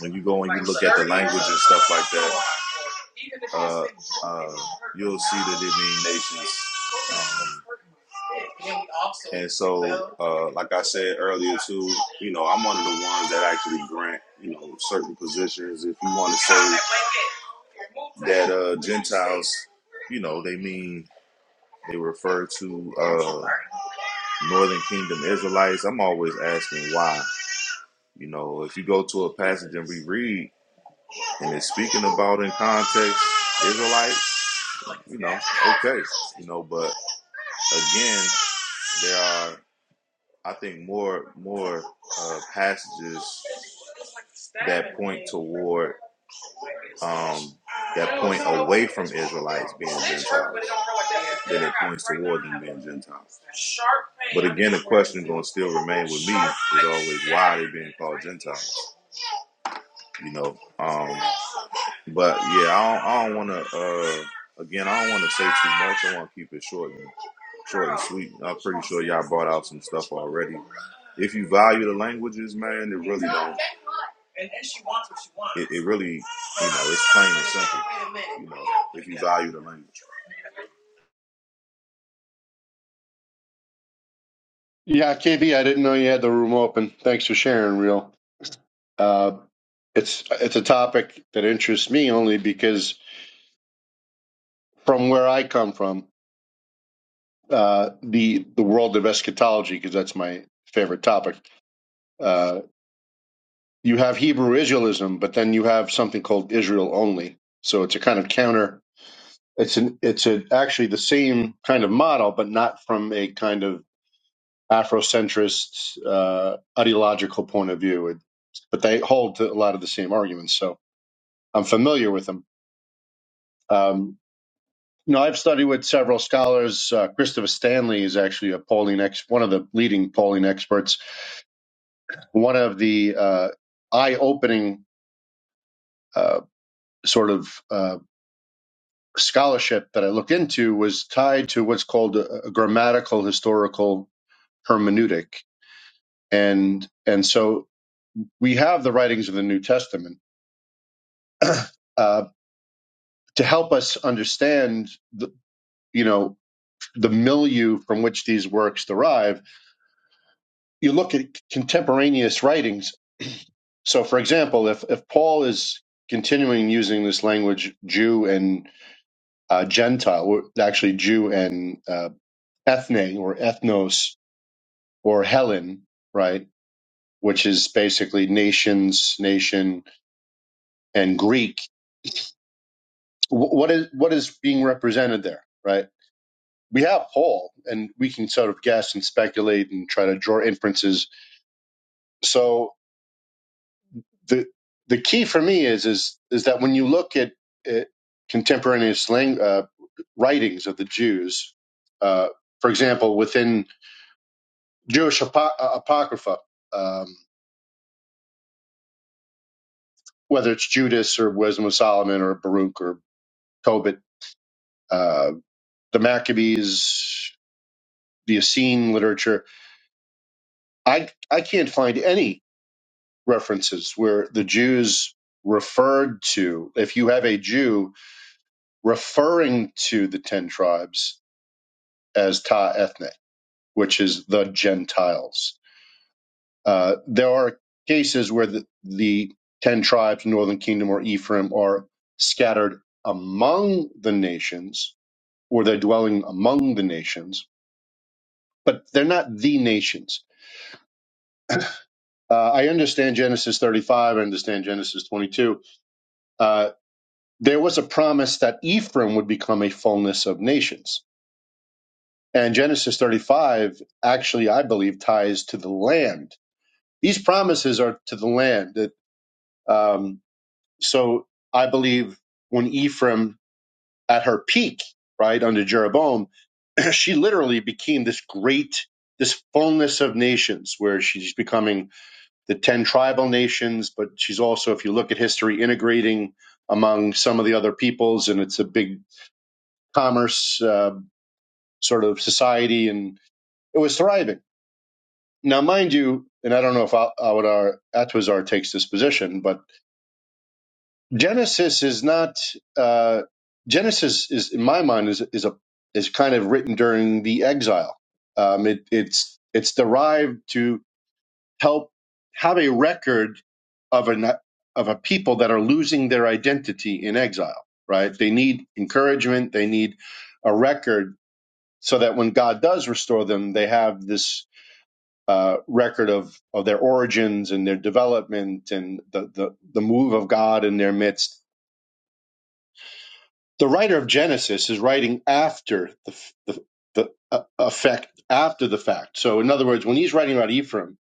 Speaker 11: when you go and you look at the language and stuff like that, uh, uh, you'll see that it means nations. Um, and so, uh, like I said earlier too, you know, I'm one of the ones that actually grant, you know, certain positions. If you want to say that uh, Gentiles, you know, they mean they refer to uh, Northern Kingdom Israelites. I'm always asking why. You know, if you go to a passage and reread and it's speaking about in context Israelites, you know, okay, you know, but again, there are I think more more uh, passages that point toward um that point away from Israelites being Gentiles than it points toward them being Gentiles. But again, the question going to still remain with me is always why are they being called Gentiles? You know, um. But yeah, I don't, I don't want to. Uh, again, I don't want to say too much. I want to keep it short and short and sweet. I'm pretty sure y'all brought out some stuff already. If you value the languages, man, it really don't. And then she wants what she wants. It, it really, you know, it's plain and simple. You know, if you value the language.
Speaker 10: Yeah, KB, I didn't know you had the room open. Thanks for sharing, real. Uh, it's it's a topic that interests me only because from where I come from, uh, the the world of eschatology, because that's my favorite topic. Uh, you have Hebrew Israelism, but then you have something called Israel only. So it's a kind of counter. It's an it's a, actually the same kind of model, but not from a kind of Afrocentrist uh, ideological point of view. It, but they hold to a lot of the same arguments, so I'm familiar with them. Um, you know, I've studied with several scholars. Uh, Christopher Stanley is actually a polling ex, one of the leading polling experts. One of the uh, eye-opening uh, sort of uh, scholarship that I looked into was tied to what's called a, a grammatical historical hermeneutic, and and so we have the writings of the New Testament Uh, to help us understand the you know the milieu from which these works derive you look at contemporaneous writings so for example if if paul is continuing using this language jew and uh, gentile or actually jew and uh, ethne or ethnos or helen right which is basically nations nation and greek wh- what is what is being represented there right we have Paul, and we can sort of guess and speculate and try to draw inferences. So the the key for me is is is that when you look at, at contemporaneous lang- uh, writings of the Jews, uh, for example, within Jewish apo- uh, apocrypha, um, whether it's Judas or Wisdom of Solomon or Baruch or Tobit, uh, the Maccabees, the Essene literature, I I can't find any references where the Jews referred to, if you have a Jew referring to the 10 tribes as ta ethnic, which is the Gentiles. Uh, there are cases where the, the 10 tribes, northern kingdom or Ephraim, are scattered among the nations or they're dwelling among the nations, but they're not the nations. Uh, I understand Genesis 35, I understand Genesis 22 Uh, there was a promise that Ephraim would become a fullness of nations. And Genesis 35 actually, I believe, ties to the land. These promises are to the land. That, um, so I believe when Ephraim, at her peak, right, under Jeroboam, <clears throat> she literally became this great, this fullness of nations, where she's becoming the 10 tribal nations, but she's also, if you look at history, integrating among some of the other peoples, and it's a big commerce. uh, sort of society, and it was thriving. Now, mind you, and I don't know if Awadar Atwazar takes this position, but Genesis is not uh, Genesis is in my mind is is a is kind of written during the exile. Um, it, it's it's derived to help have a record of an of a people that are losing their identity in exile. Right? They need encouragement. They need a record so that when God does restore them, they have this uh, record of, of their origins and their development and the, the, the move of God in their midst. The writer of Genesis is writing after the, the, the uh, effect, after the fact. So, in other words, when he's writing about Ephraim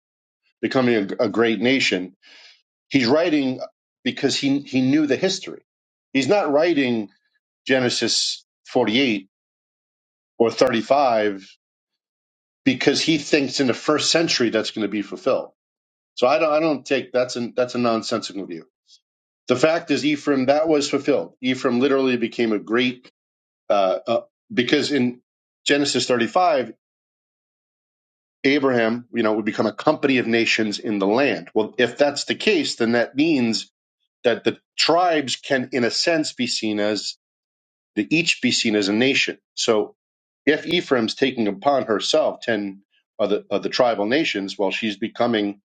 Speaker 10: becoming a, a great nation, he's writing because he, he knew the history. He's not writing Genesis 48 or 35 because he thinks in the first century that's going to be fulfilled. So I don't, I don't take that's an that's a nonsensical view. The fact is, Ephraim, that was fulfilled. Ephraim literally became a great, uh, uh, because in Genesis 35, Abraham, you know, would become a company of nations in the land. Well, if that's the case, then that means that the tribes can, in a sense, be seen as, the, each be seen as a nation. So if Ephraim's taking upon herself 10 of the, of the tribal nations, well, she's becoming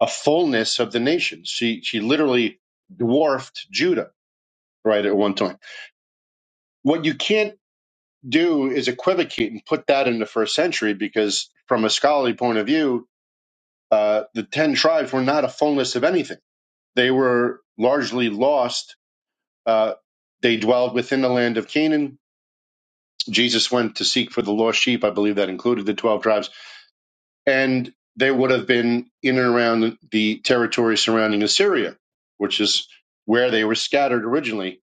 Speaker 10: a fullness of the nations. She, she literally dwarfed Judah, right, at one time. what you can't do is equivocate and put that in the first century because from a scholarly point of view uh, the 10 tribes were not a fullness of anything they were largely lost uh, they dwelled within the land of canaan jesus went to seek for the lost sheep i believe that included the 12 tribes and they would have been in and around the territory surrounding assyria which is where they were scattered originally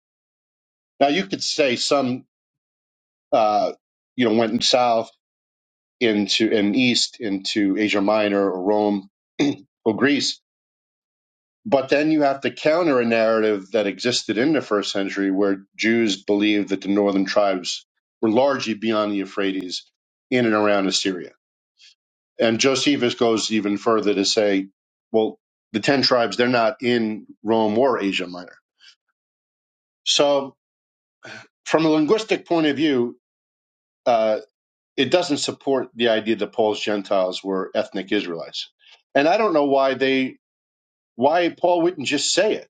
Speaker 10: now you could say some uh, you know went south into and east into Asia Minor or Rome <clears throat> or Greece. But then you have to counter a narrative that existed in the first century where Jews believed that the northern tribes were largely beyond the Euphrates in and around Assyria. And Josephus goes even further to say, well, the 10 tribes, they're not in Rome or Asia Minor. So, from a linguistic point of view, uh, it doesn't support the idea that Poles Gentiles were ethnic Israelites. And I don't know why they why Paul wouldn't just say it.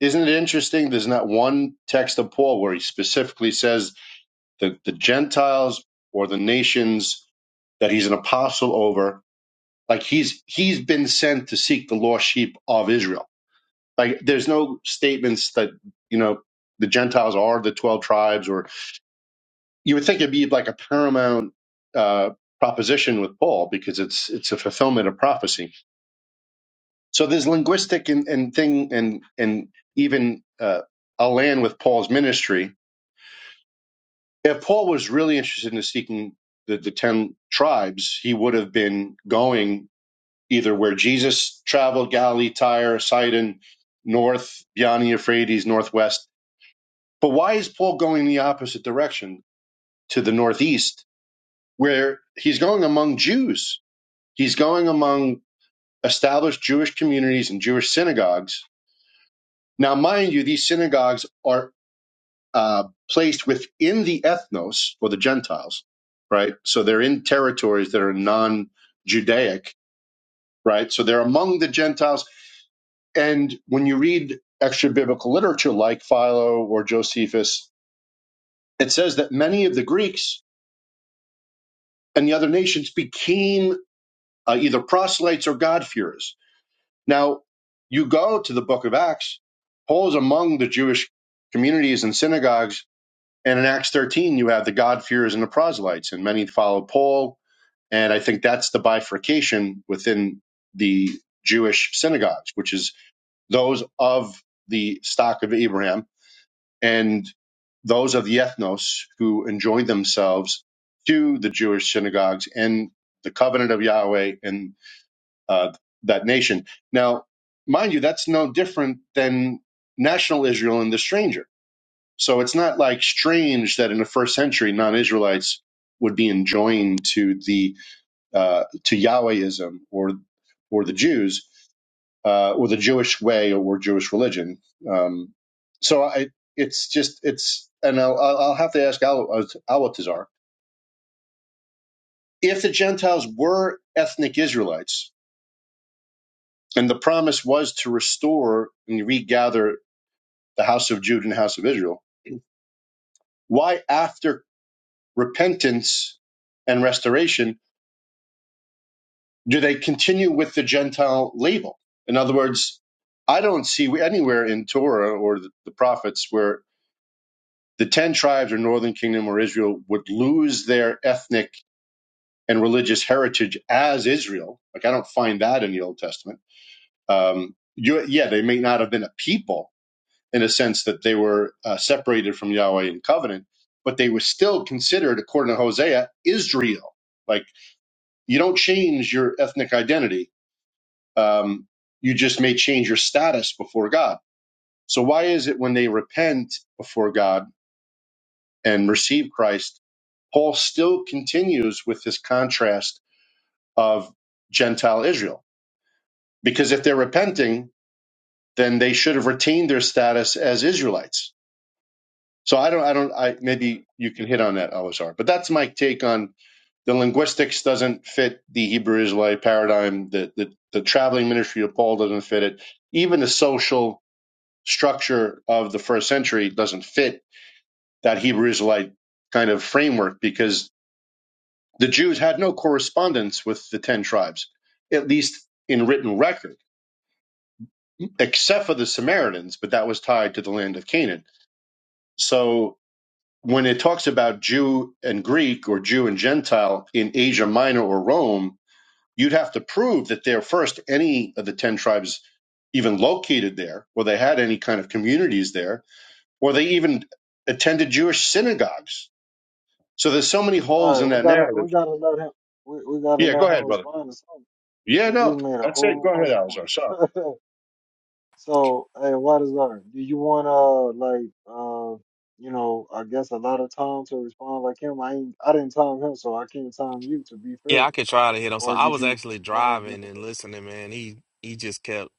Speaker 10: Isn't it interesting? There's not one text of Paul where he specifically says that the Gentiles or the nations that he's an apostle over, like he's he's been sent to seek the lost sheep of Israel. Like there's no statements that you know the Gentiles are the twelve tribes, or you would think it'd be like a paramount uh, proposition with Paul because it's it's a fulfillment of prophecy So there's linguistic and, and thing and and even uh, I'll land with Paul's ministry. If Paul was really interested in seeking the, the ten tribes, he would have been going either where Jesus traveled, Galilee, Tyre, Sidon, north, beyond the Euphrates, northwest. But why is Paul going the opposite direction to the northeast, where he's going among Jews? He's going among established Jewish communities and Jewish synagogues now, mind you, these synagogues are uh, placed within the ethnos or the Gentiles, right? So they're in territories that are non Judaic, right? So they're among the Gentiles. And when you read extra biblical literature like Philo or Josephus, it says that many of the Greeks and the other nations became uh, either proselytes or God-fearers. Now, you go to the book of Acts, Paul's among the Jewish communities and synagogues And in Acts 13, you have the God-fearers and the proselytes, and many followed Paul. And I think that's the bifurcation within the Jewish synagogues, which is those of the stock of Abraham and those of the ethnos who enjoined themselves to the Jewish synagogues and the covenant of Yahweh and uh, that nation. Now, mind you, that's no different than national Israel and the stranger so it's not like strange that in the first century non-Israelites would be enjoined to the uh, to Yahwehism or or the Jews uh, or the Jewish way or Jewish religion. Um, so I, it's just it's and I'll, I'll have to ask Al Albatazar if the Gentiles were ethnic Israelites and the promise was to restore and regather the house of Judah and the house of Israel. Why after repentance and restoration do they continue with the Gentile label? In other words, I don't see anywhere in Torah or the, the prophets where the 10 tribes or northern kingdom or Israel would lose their ethnic and religious heritage as Israel. Like, I don't find that in the Old Testament. Um, you, yeah, they may not have been a people in a sense that they were uh, separated from Yahweh in covenant, but they were still considered, according to Hosea, Israel. Like, you don't change your ethnic identity um, you just may change your status before God. So why is it when they repent before God and receive Christ, Paul still continues with this contrast of Gentile Israel? Because if they're repenting, then they should have retained their status as Israelites. So I don't, I don't, I maybe you can hit on that, Elazar. But that's my take on the linguistics doesn't fit the Hebrew Israelite paradigm. The, the the traveling ministry of Paul doesn't fit it. Even the social structure of the first century doesn't fit that Hebrew Israelite kind of framework because the Jews had no correspondence with the 10 tribes, at least in written record, except for the Samaritans, but that was tied to the land of Canaan. So when it talks about Jew and Greek or Jew and Gentile in Asia Minor or Rome, you'd have to prove that they're first any of the 10 tribes even located there, or they had any kind of communities there, or they even attended Jewish synagogues So there's so many
Speaker 1: All
Speaker 10: holes
Speaker 1: right,
Speaker 10: in
Speaker 1: we
Speaker 10: that
Speaker 1: gotta we
Speaker 10: narrative.
Speaker 1: gotta let him we, we gotta
Speaker 10: Yeah, go
Speaker 1: let him
Speaker 10: ahead, brother.
Speaker 1: respond to something.
Speaker 10: Yeah,
Speaker 1: Cause
Speaker 10: no,
Speaker 1: you made a
Speaker 10: that's it.
Speaker 1: whole
Speaker 10: Go ahead,
Speaker 1: bunch of
Speaker 10: Alzar. Sorry.
Speaker 1: points. <laughs> so hey, what is that? Do you want to like uh you know I guess a lot of time to respond like him? I ain't I didn't time him, so I can't time you. To be
Speaker 9: Yeah,
Speaker 1: fair,
Speaker 9: I could try to hit on
Speaker 1: or
Speaker 9: something. I
Speaker 1: did
Speaker 9: was
Speaker 1: you
Speaker 9: actually
Speaker 1: want to just?
Speaker 9: driving and listening, man. He he just kept,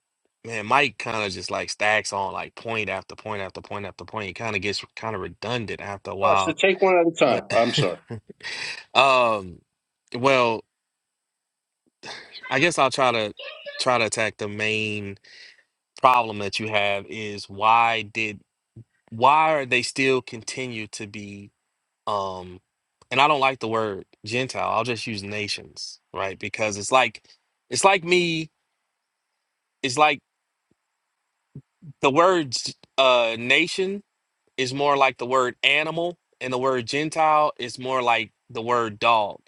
Speaker 9: man. Mike kind of just like stacks on like point after point after point after point. It kind of gets kind of redundant after a
Speaker 10: Oh, so
Speaker 9: while.
Speaker 10: take one at a time.
Speaker 9: But
Speaker 10: I'm sorry.
Speaker 9: <laughs> um, well, I guess I'll try to try to attack the main problem that you have is why did why are they still continue to be um, and I don't like the word Gentile. I'll just use nations, right? Because it's like it's like me. It's like the word uh nation is more like the word animal and the word gentile is more like the word dog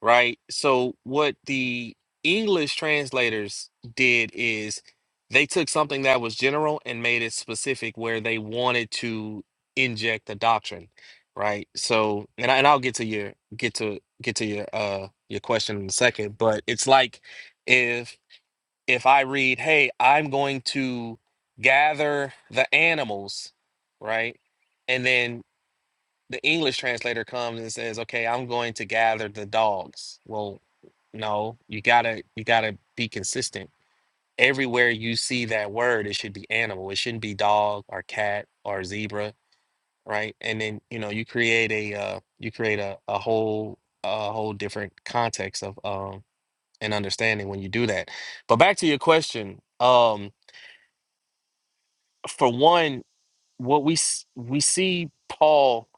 Speaker 9: right so what the english translators did is they took something that was general and made it specific where they wanted to inject the doctrine right so and, I, and i'll get to your get to get to your uh your question in a second but it's like if if I read, hey, I'm going to gather the animals, right? And then the English translator comes and says, okay, I'm going to gather the dogs. Well, no, you gotta you gotta be consistent. Everywhere you see that word, it should be animal. It shouldn't be dog or cat or zebra, right? And then you know you create a uh, you create a, a whole a whole different context of um, and understanding when you do that. But back to your question, um, for one, what we s- we see Paul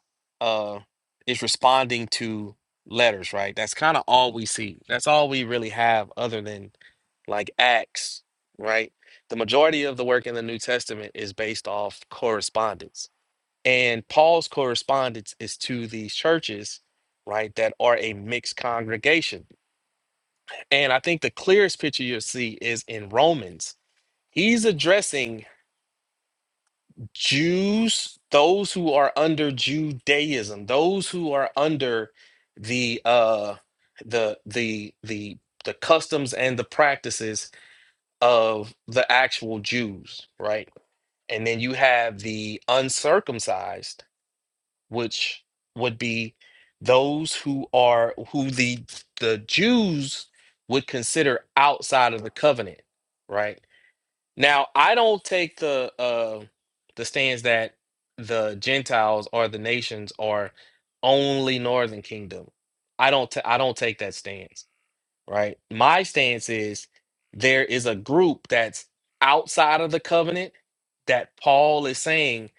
Speaker 9: uh, is responding to letters, right? That's kind of all we see. That's all we really have, other than like Acts, right? The majority of the work in the New Testament is based off correspondence, and Paul's correspondence is to these churches, right, that are a mixed congregation. And I think the clearest picture you'll see is in Romans. He's addressing Jews, those who are under Judaism, those who are under the uh the the the the customs and the practices of the actual Jews, right? And then you have the uncircumcised, which would be those who are who the the Jews would consider outside of the covenant, right? Now, I don't take the uh the stance that the Gentiles or the nations are only Northern Kingdom. I don't ta- I don't take that stance, right? My stance is there is a group that's outside of the covenant that Paul is saying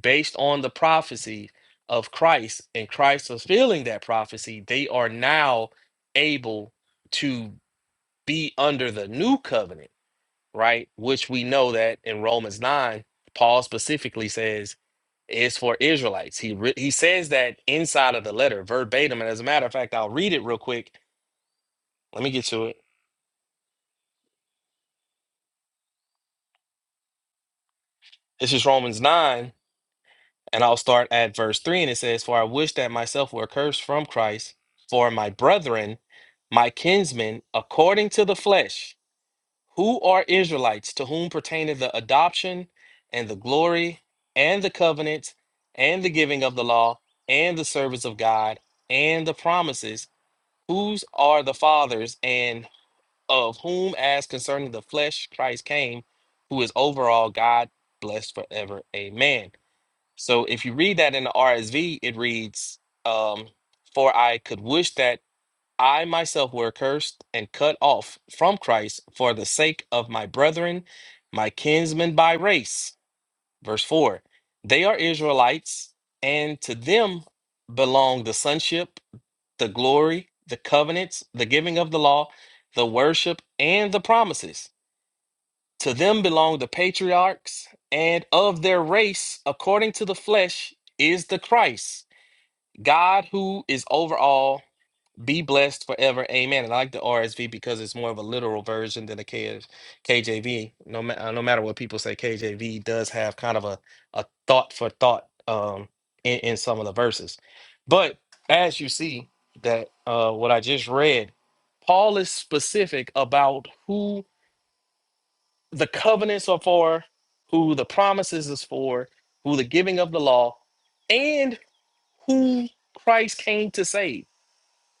Speaker 9: based on the prophecy of Christ and Christ fulfilling that prophecy, they are now able to be under the new covenant right? Which we know that in Romans 9, Paul specifically says is for Israelites. He re- he says that inside of the letter verbatim. And as a matter of fact, I'll read it real quick. Let me get to it. This is Romans 9, and I'll start at verse 3. And it says, For I wish that myself were cursed from Christ for my brethren, my kinsmen, according to the flesh. Who are Israelites to whom pertaineth the adoption and the glory and the covenants and the giving of the law and the service of God and the promises? Whose are the fathers and of whom, as concerning the flesh, Christ came, who is over all God, blessed forever. Amen. So if you read that in the RSV, it reads, um, For I could wish that. I myself were cursed and cut off from Christ for the sake of my brethren, my kinsmen by race. Verse 4 They are Israelites, and to them belong the sonship, the glory, the covenants, the giving of the law, the worship, and the promises. To them belong the patriarchs, and of their race, according to the flesh, is the Christ, God who is over all be blessed forever. Amen. And I like the RSV because it's more of a literal version than the K- KJV. No, ma- uh, no matter what people say, KJV does have kind of a, a thought for thought um, in, in some of the verses. But as you see, that uh, what I just read, Paul is specific about who the covenants are for, who the promises is for, who the giving of the law, and who Christ came to save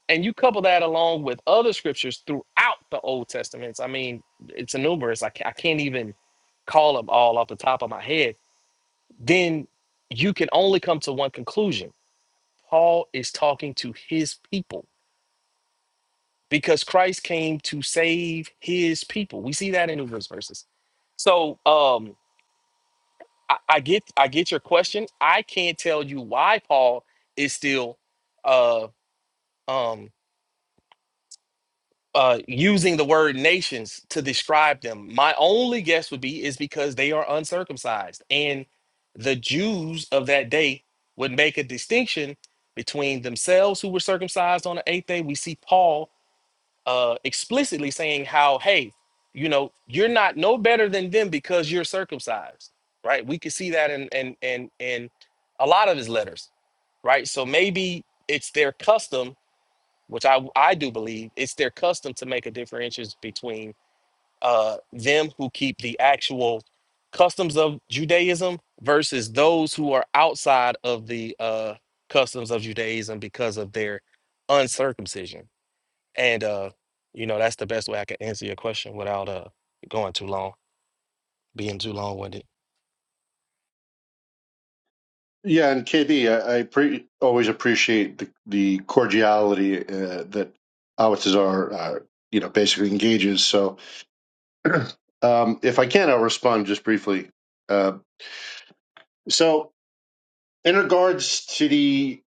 Speaker 9: and you couple that along with other scriptures throughout the Old Testament. I mean, it's numerous. I, ca- I can't even call them all off the top of my head. Then you can only come to one conclusion. Paul is talking to his people because Christ came to save his people. We see that in numerous verses. So um, I, I get I get your question. I can't tell you why Paul is still uh, um, uh, using the word nations to describe them. My only guess would be is because they are uncircumcised, and the Jews of that day would make a distinction between themselves who were circumcised on the eighth day. We see Paul uh, explicitly saying how, hey, you know, you're not no better than them because you're circumcised, right? We could see that in in in in a lot of his letters, right? So maybe it's their custom which I I do believe it's their custom to make a differentiation between uh them who keep the actual customs of Judaism versus those who are outside of the uh customs of Judaism because of their uncircumcision. And uh you know that's the best way I can answer your question without uh going too long, being too long winded.
Speaker 10: Yeah, and KB, I, I pre- always appreciate the, the cordiality uh, that Awatazar, uh, you know, basically engages. So um, if I can, I'll respond just briefly. Uh, so in regards to the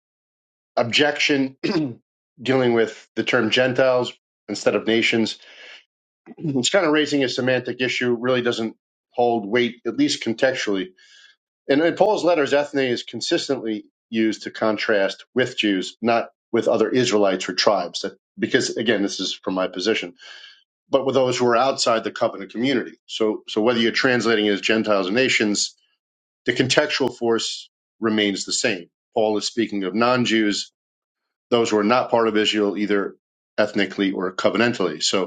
Speaker 10: objection <clears throat> dealing with the term Gentiles instead of nations, it's kind of raising a semantic issue, really doesn't hold weight, at least contextually. And in Paul's letters, ethne is consistently used to contrast with Jews, not with other Israelites or tribes. That, because again, this is from my position, but with those who are outside the covenant community. So, so whether you're translating as Gentiles or nations, the contextual force remains the same. Paul is speaking of non-Jews, those who are not part of Israel, either ethnically or covenantally. So,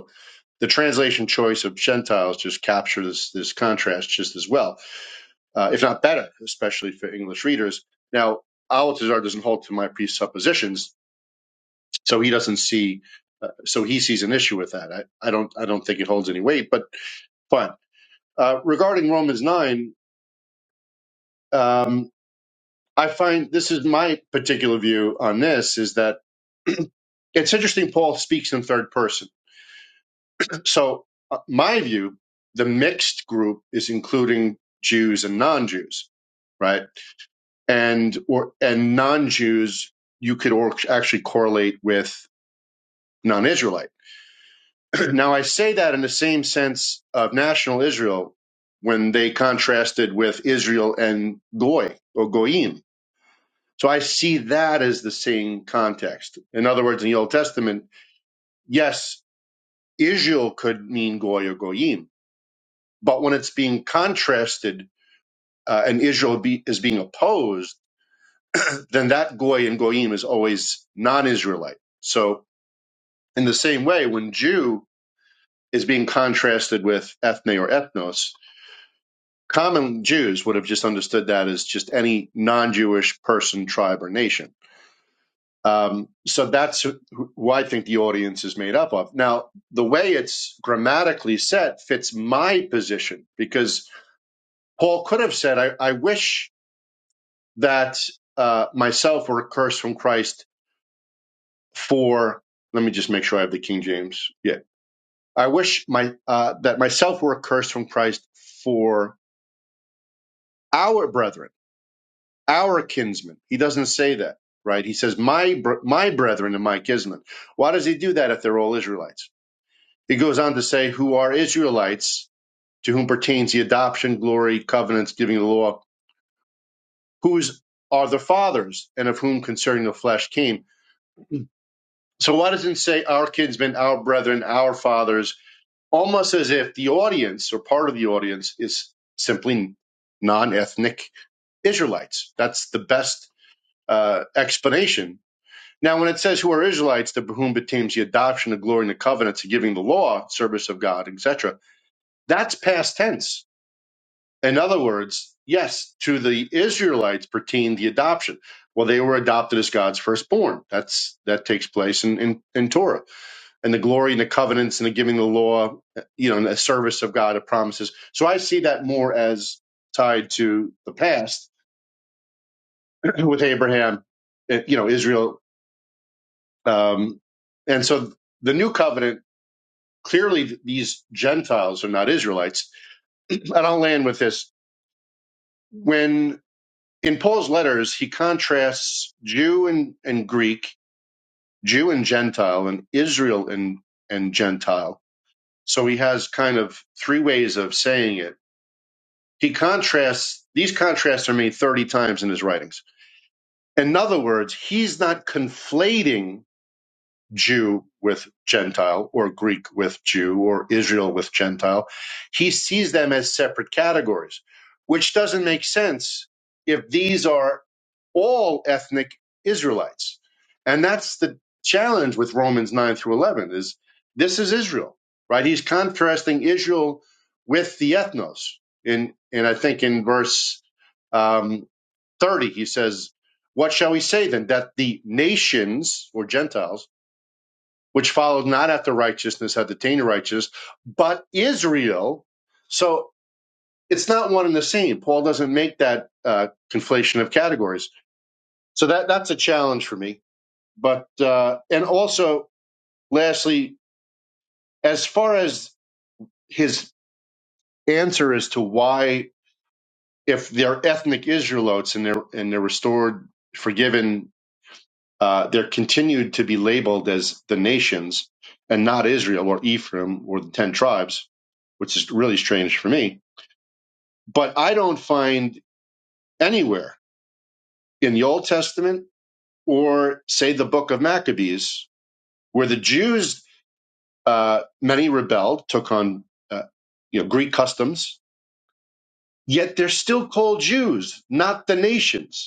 Speaker 10: the translation choice of Gentiles just captures this, this contrast just as well, uh, if not better, especially for English readers. Now, Altazar doesn't hold to my presuppositions, so he doesn't see, uh, so he sees an issue with that. I, I don't, I don't think it holds any weight, but fine. Uh, regarding Romans nine, um, I find this is my particular view on this is that <clears throat> it's interesting. Paul speaks in third person So, uh, my view, the mixed group is including Jews and non-Jews, right? And or and non-Jews you could or, actually correlate with non-Israelite. <clears throat> now, I say that in the same sense of national Israel when they contrasted with Israel and Goy or Goyim. So I see that as the same context. In other words, in the Old Testament, yes, Israel could mean Goy or Goyim, but when it's being contrasted uh, and Israel be, is being opposed, <clears throat> then that goy and goyim is always non-Israelite. So in the same way, when Jew is being contrasted with ethne or ethnos, common Jews would have just understood that as just any non-Jewish person, tribe, or nation. Um, so that's who who I think the audience is made up of. Now, the way it's grammatically set fits my position because Paul could have said, I, I wish that uh, myself were cursed from Christ for let me just make sure I have the King James. Yeah. I wish my uh, that myself were accursed from Christ for our brethren, our kinsmen. He doesn't say that, right? He says my br- my brethren and my kinsmen. Why does he do that if they're all Israelites? He goes on to say who are Israelites to whom pertains the adoption, glory, covenants, giving of the law, whose are the fathers and of whom concerning the flesh came. So why doesn't it say our kinsmen, our brethren, our fathers, almost as if the audience or part of the audience is simply non-ethnic Israelites. That's the best uh, explanation. Now, when it says who are Israelites, to whom pertains the adoption, the glory, and the covenants, the giving the law, service of God, etc., that's past tense. In other words, yes, to the Israelites pertained the adoption. Well, they were adopted as God's firstborn. That's that takes place in in, in Torah and the glory and the covenants and the giving the law, you know, and the service of God, the promises. So I see that more as tied to the past <clears throat> with Abraham, eh, you know, Israel. Um, and so the new covenant, clearly th- these Gentiles are not Israelites. <clears throat> And I'll land with this. When in Paul's letters, he contrasts Jew and, and Greek, Jew and Gentile, and Israel and, and Gentile. So he has kind of three ways of saying it He contrasts, these contrasts are made 30 times in his writings. In other words, he's not conflating Jew with Gentile or Greek with Jew or Israel with Gentile. He sees them as separate categories, which doesn't make sense if these are all ethnic Israelites. And that's the challenge with Romans 9 through 11 is this is Israel, right? He's contrasting Israel with the ethnos. In, and I think in verse um, 30, he says, What shall we say then? That the nations or Gentiles which followed not after righteousness had attained righteous, but Israel. So it's not one and the same. Paul doesn't make that uh, conflation of categories. So that that's a challenge for me. But uh, and also, lastly, as far as his answer as to why, if they're ethnic Israelites and they're and they're restored, forgiven, uh, they're continued to be labeled as the nations and not Israel or Ephraim or the 10 tribes, which is really strange for me. But I don't find anywhere in the Old Testament or, say, the book of Maccabees, where the Jews, uh, many rebelled, took on uh, you know, Greek customs, yet they're still called Jews, not the nations.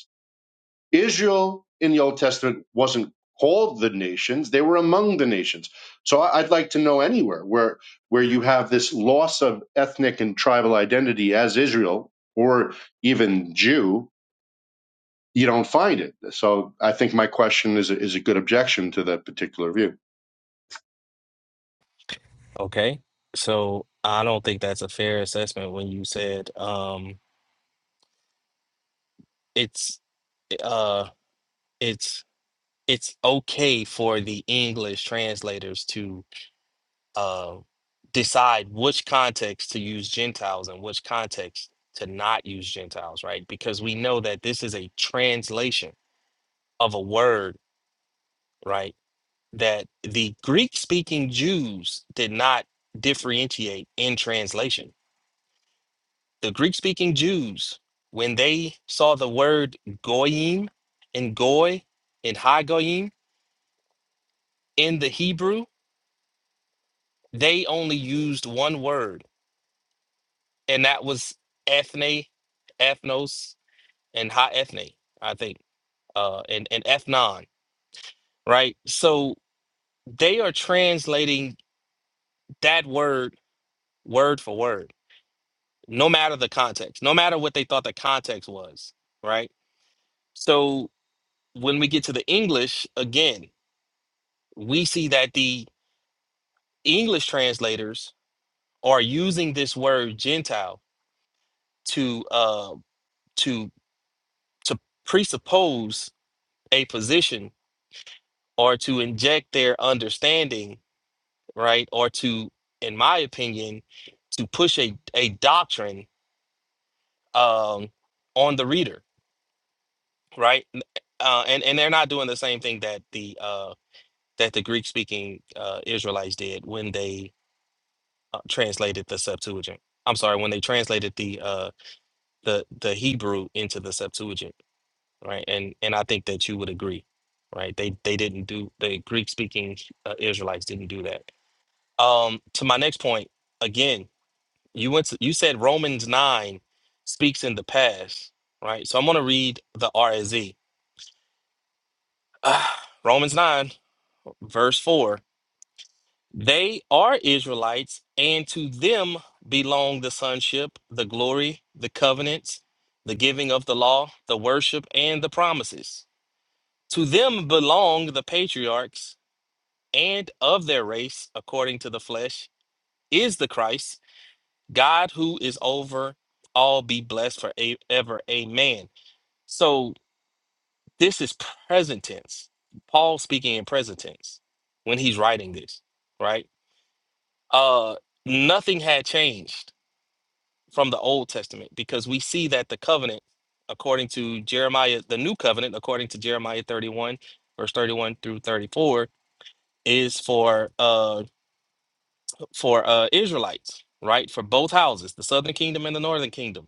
Speaker 10: Israel in the Old Testament wasn't called the nations; they were among the nations. So I- I'd like to know anywhere where where you have this loss of ethnic and tribal identity as Israel or even Jew, you don't find it. So I think my question is a, is a good objection to that particular view.
Speaker 9: Okay. So I don't think that's a fair assessment when you said um it's uh it's it's okay for the English translators to uh, decide which context to use Gentiles and which context to not use Gentiles, right? Because we know that this is a translation of a word, right? That the Greek speaking Jews did not differentiate in translation. The Greek speaking Jews, when they saw the word goyim and goy and hagoyim in the Hebrew, they only used one word and that was ethne, ethnos, and ha ethne, I think, uh, and and ethnon, right? So they are translating that word word for word, no matter the context, no matter what they thought the context was, right? So when we get to the English again, we see that the English translators are using this word Gentile to uh to to presuppose a position or to inject their understanding, right? Or to, in my opinion, to push a, a doctrine um, on the reader, right? N- Uh, and and they're not doing the same thing that the uh, that the Greek speaking uh, Israelites did when they uh, translated the Septuagint. I'm sorry, when they translated the uh, the the Hebrew into the Septuagint, right? And and I think that you would agree, right? They they didn't do the Greek speaking uh, Israelites didn't do that Um, to my next point, again, you went to, you said Romans 9 speaks in the past, right? So I'm going to read the RSV. Ah, <sighs> Romans 9, verse 4. They are Israelites, and to them belong the sonship, the glory, the covenants, the giving of the law, the worship, and the promises. To them belong the patriarchs, and of their race, according to the flesh, is the Christ God who is over all be blessed forever. Amen. So this is present tense. Paul speaking in present tense when he's writing this, right? Uh nothing had changed from the Old Testament because we see that the covenant according to Jeremiah, the new covenant according to Jeremiah 31 verse 31 through 34 is for uh for uh Israelites, right? For both houses, the southern kingdom and the northern kingdom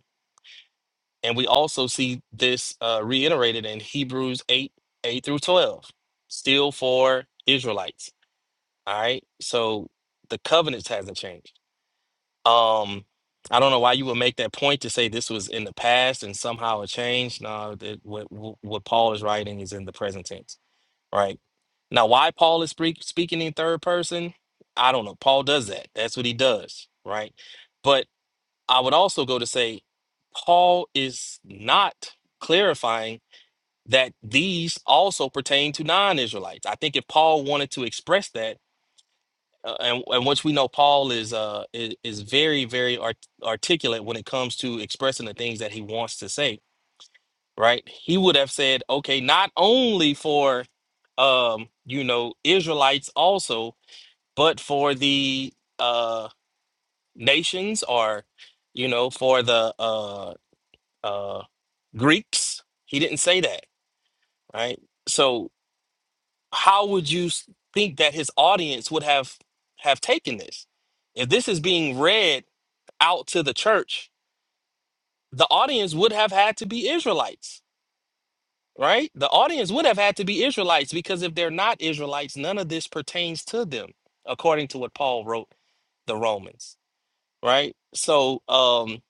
Speaker 9: And we also see this uh, reiterated in Hebrews 8 8 through 12, still for Israelites. All right. So the covenants hasn't changed. Um, I don't know why you would make that point to say this was in the past and somehow it changed. No, that, what, what what Paul is writing is in the present tense, right? Now, why Paul is speak, speaking in third person, I don't know. Paul does that. That's what he does, right? but. I would also go to say Paul is not clarifying that these also pertain to non-Israelites. I think if Paul wanted to express that, uh, and, and which we know Paul is uh, is, is very very art- articulate when it comes to expressing the things that he wants to say, right? He would have said, okay, not only for um, you know Israelites also, but for the uh, nations or you know for the uh, uh, Greeks. He didn't say that, right? So how would you s- think that his audience would have have taken this? If this is being read out to the church, the audience would have had to be Israelites, right? The audience would have had to be Israelites because if they're not Israelites, none of this pertains to them, according to what Paul wrote the Romans, right? So, um,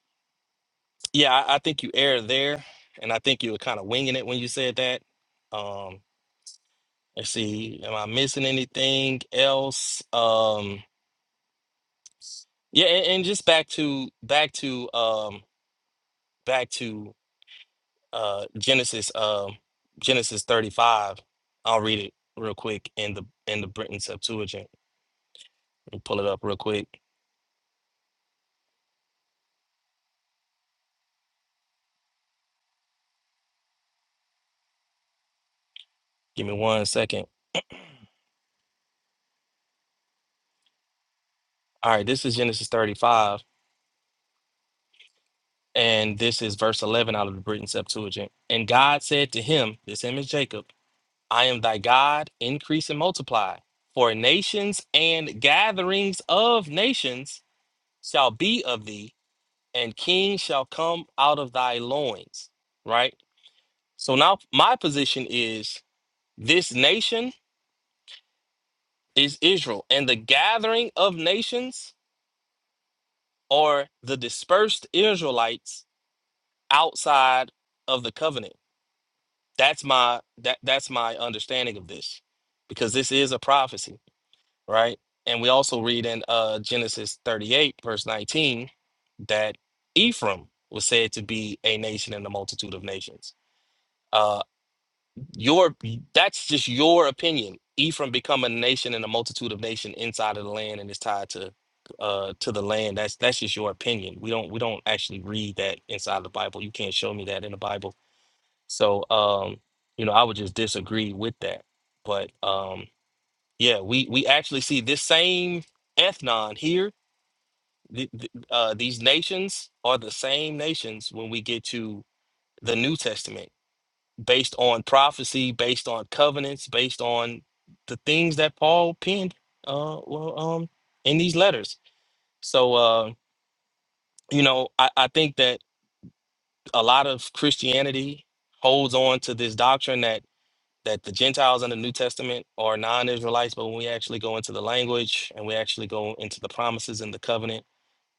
Speaker 9: yeah, I, I think you err there, and I think you were kind of winging it when you said that. Um, Let's see, am I missing anything else? Um, yeah, and, and just back to back to um back to uh Genesis um Genesis 35. I'll read it real quick in the in the Britain Septuagint. Let me pull it up real quick. Give me one second. All right, this is Genesis 35, and this is verse 11 out of the Britain Septuagint. And God said to him, this him is Jacob. I am thy God, increase and multiply. For nations and gatherings of nations shall be of thee, and kings shall come out of thy loins. Right? So now my position is this nation is Israel, and the gathering of nations are the dispersed Israelites outside of the covenant. That's my that that's my understanding of this because this is a prophecy. right? And we also read in uh, Genesis 38, verse 19, that Ephraim was said to be a nation in a multitude of nations. Uh, your that's just your opinion. Ephraim become a nation in a multitude of nation inside of the land, and it's tied to uh to the land. That's that's just your opinion. We don't we don't actually read that inside the Bible. You can't show me that in the Bible. So um, you know, I would just disagree with that. But um, yeah, we we actually see this same ethnon here. th- th- uh, these nations are the same nations when we get to the New Testament, based on prophecy, based on covenants, based on the things that Paul penned. Uh, well, um, in these letters. So, uh, you know, I, I think that a lot of Christianity holds on to this doctrine that that the Gentiles in the New Testament are non-Israelites, but when we actually go into the language and we actually go into the promises in the covenant,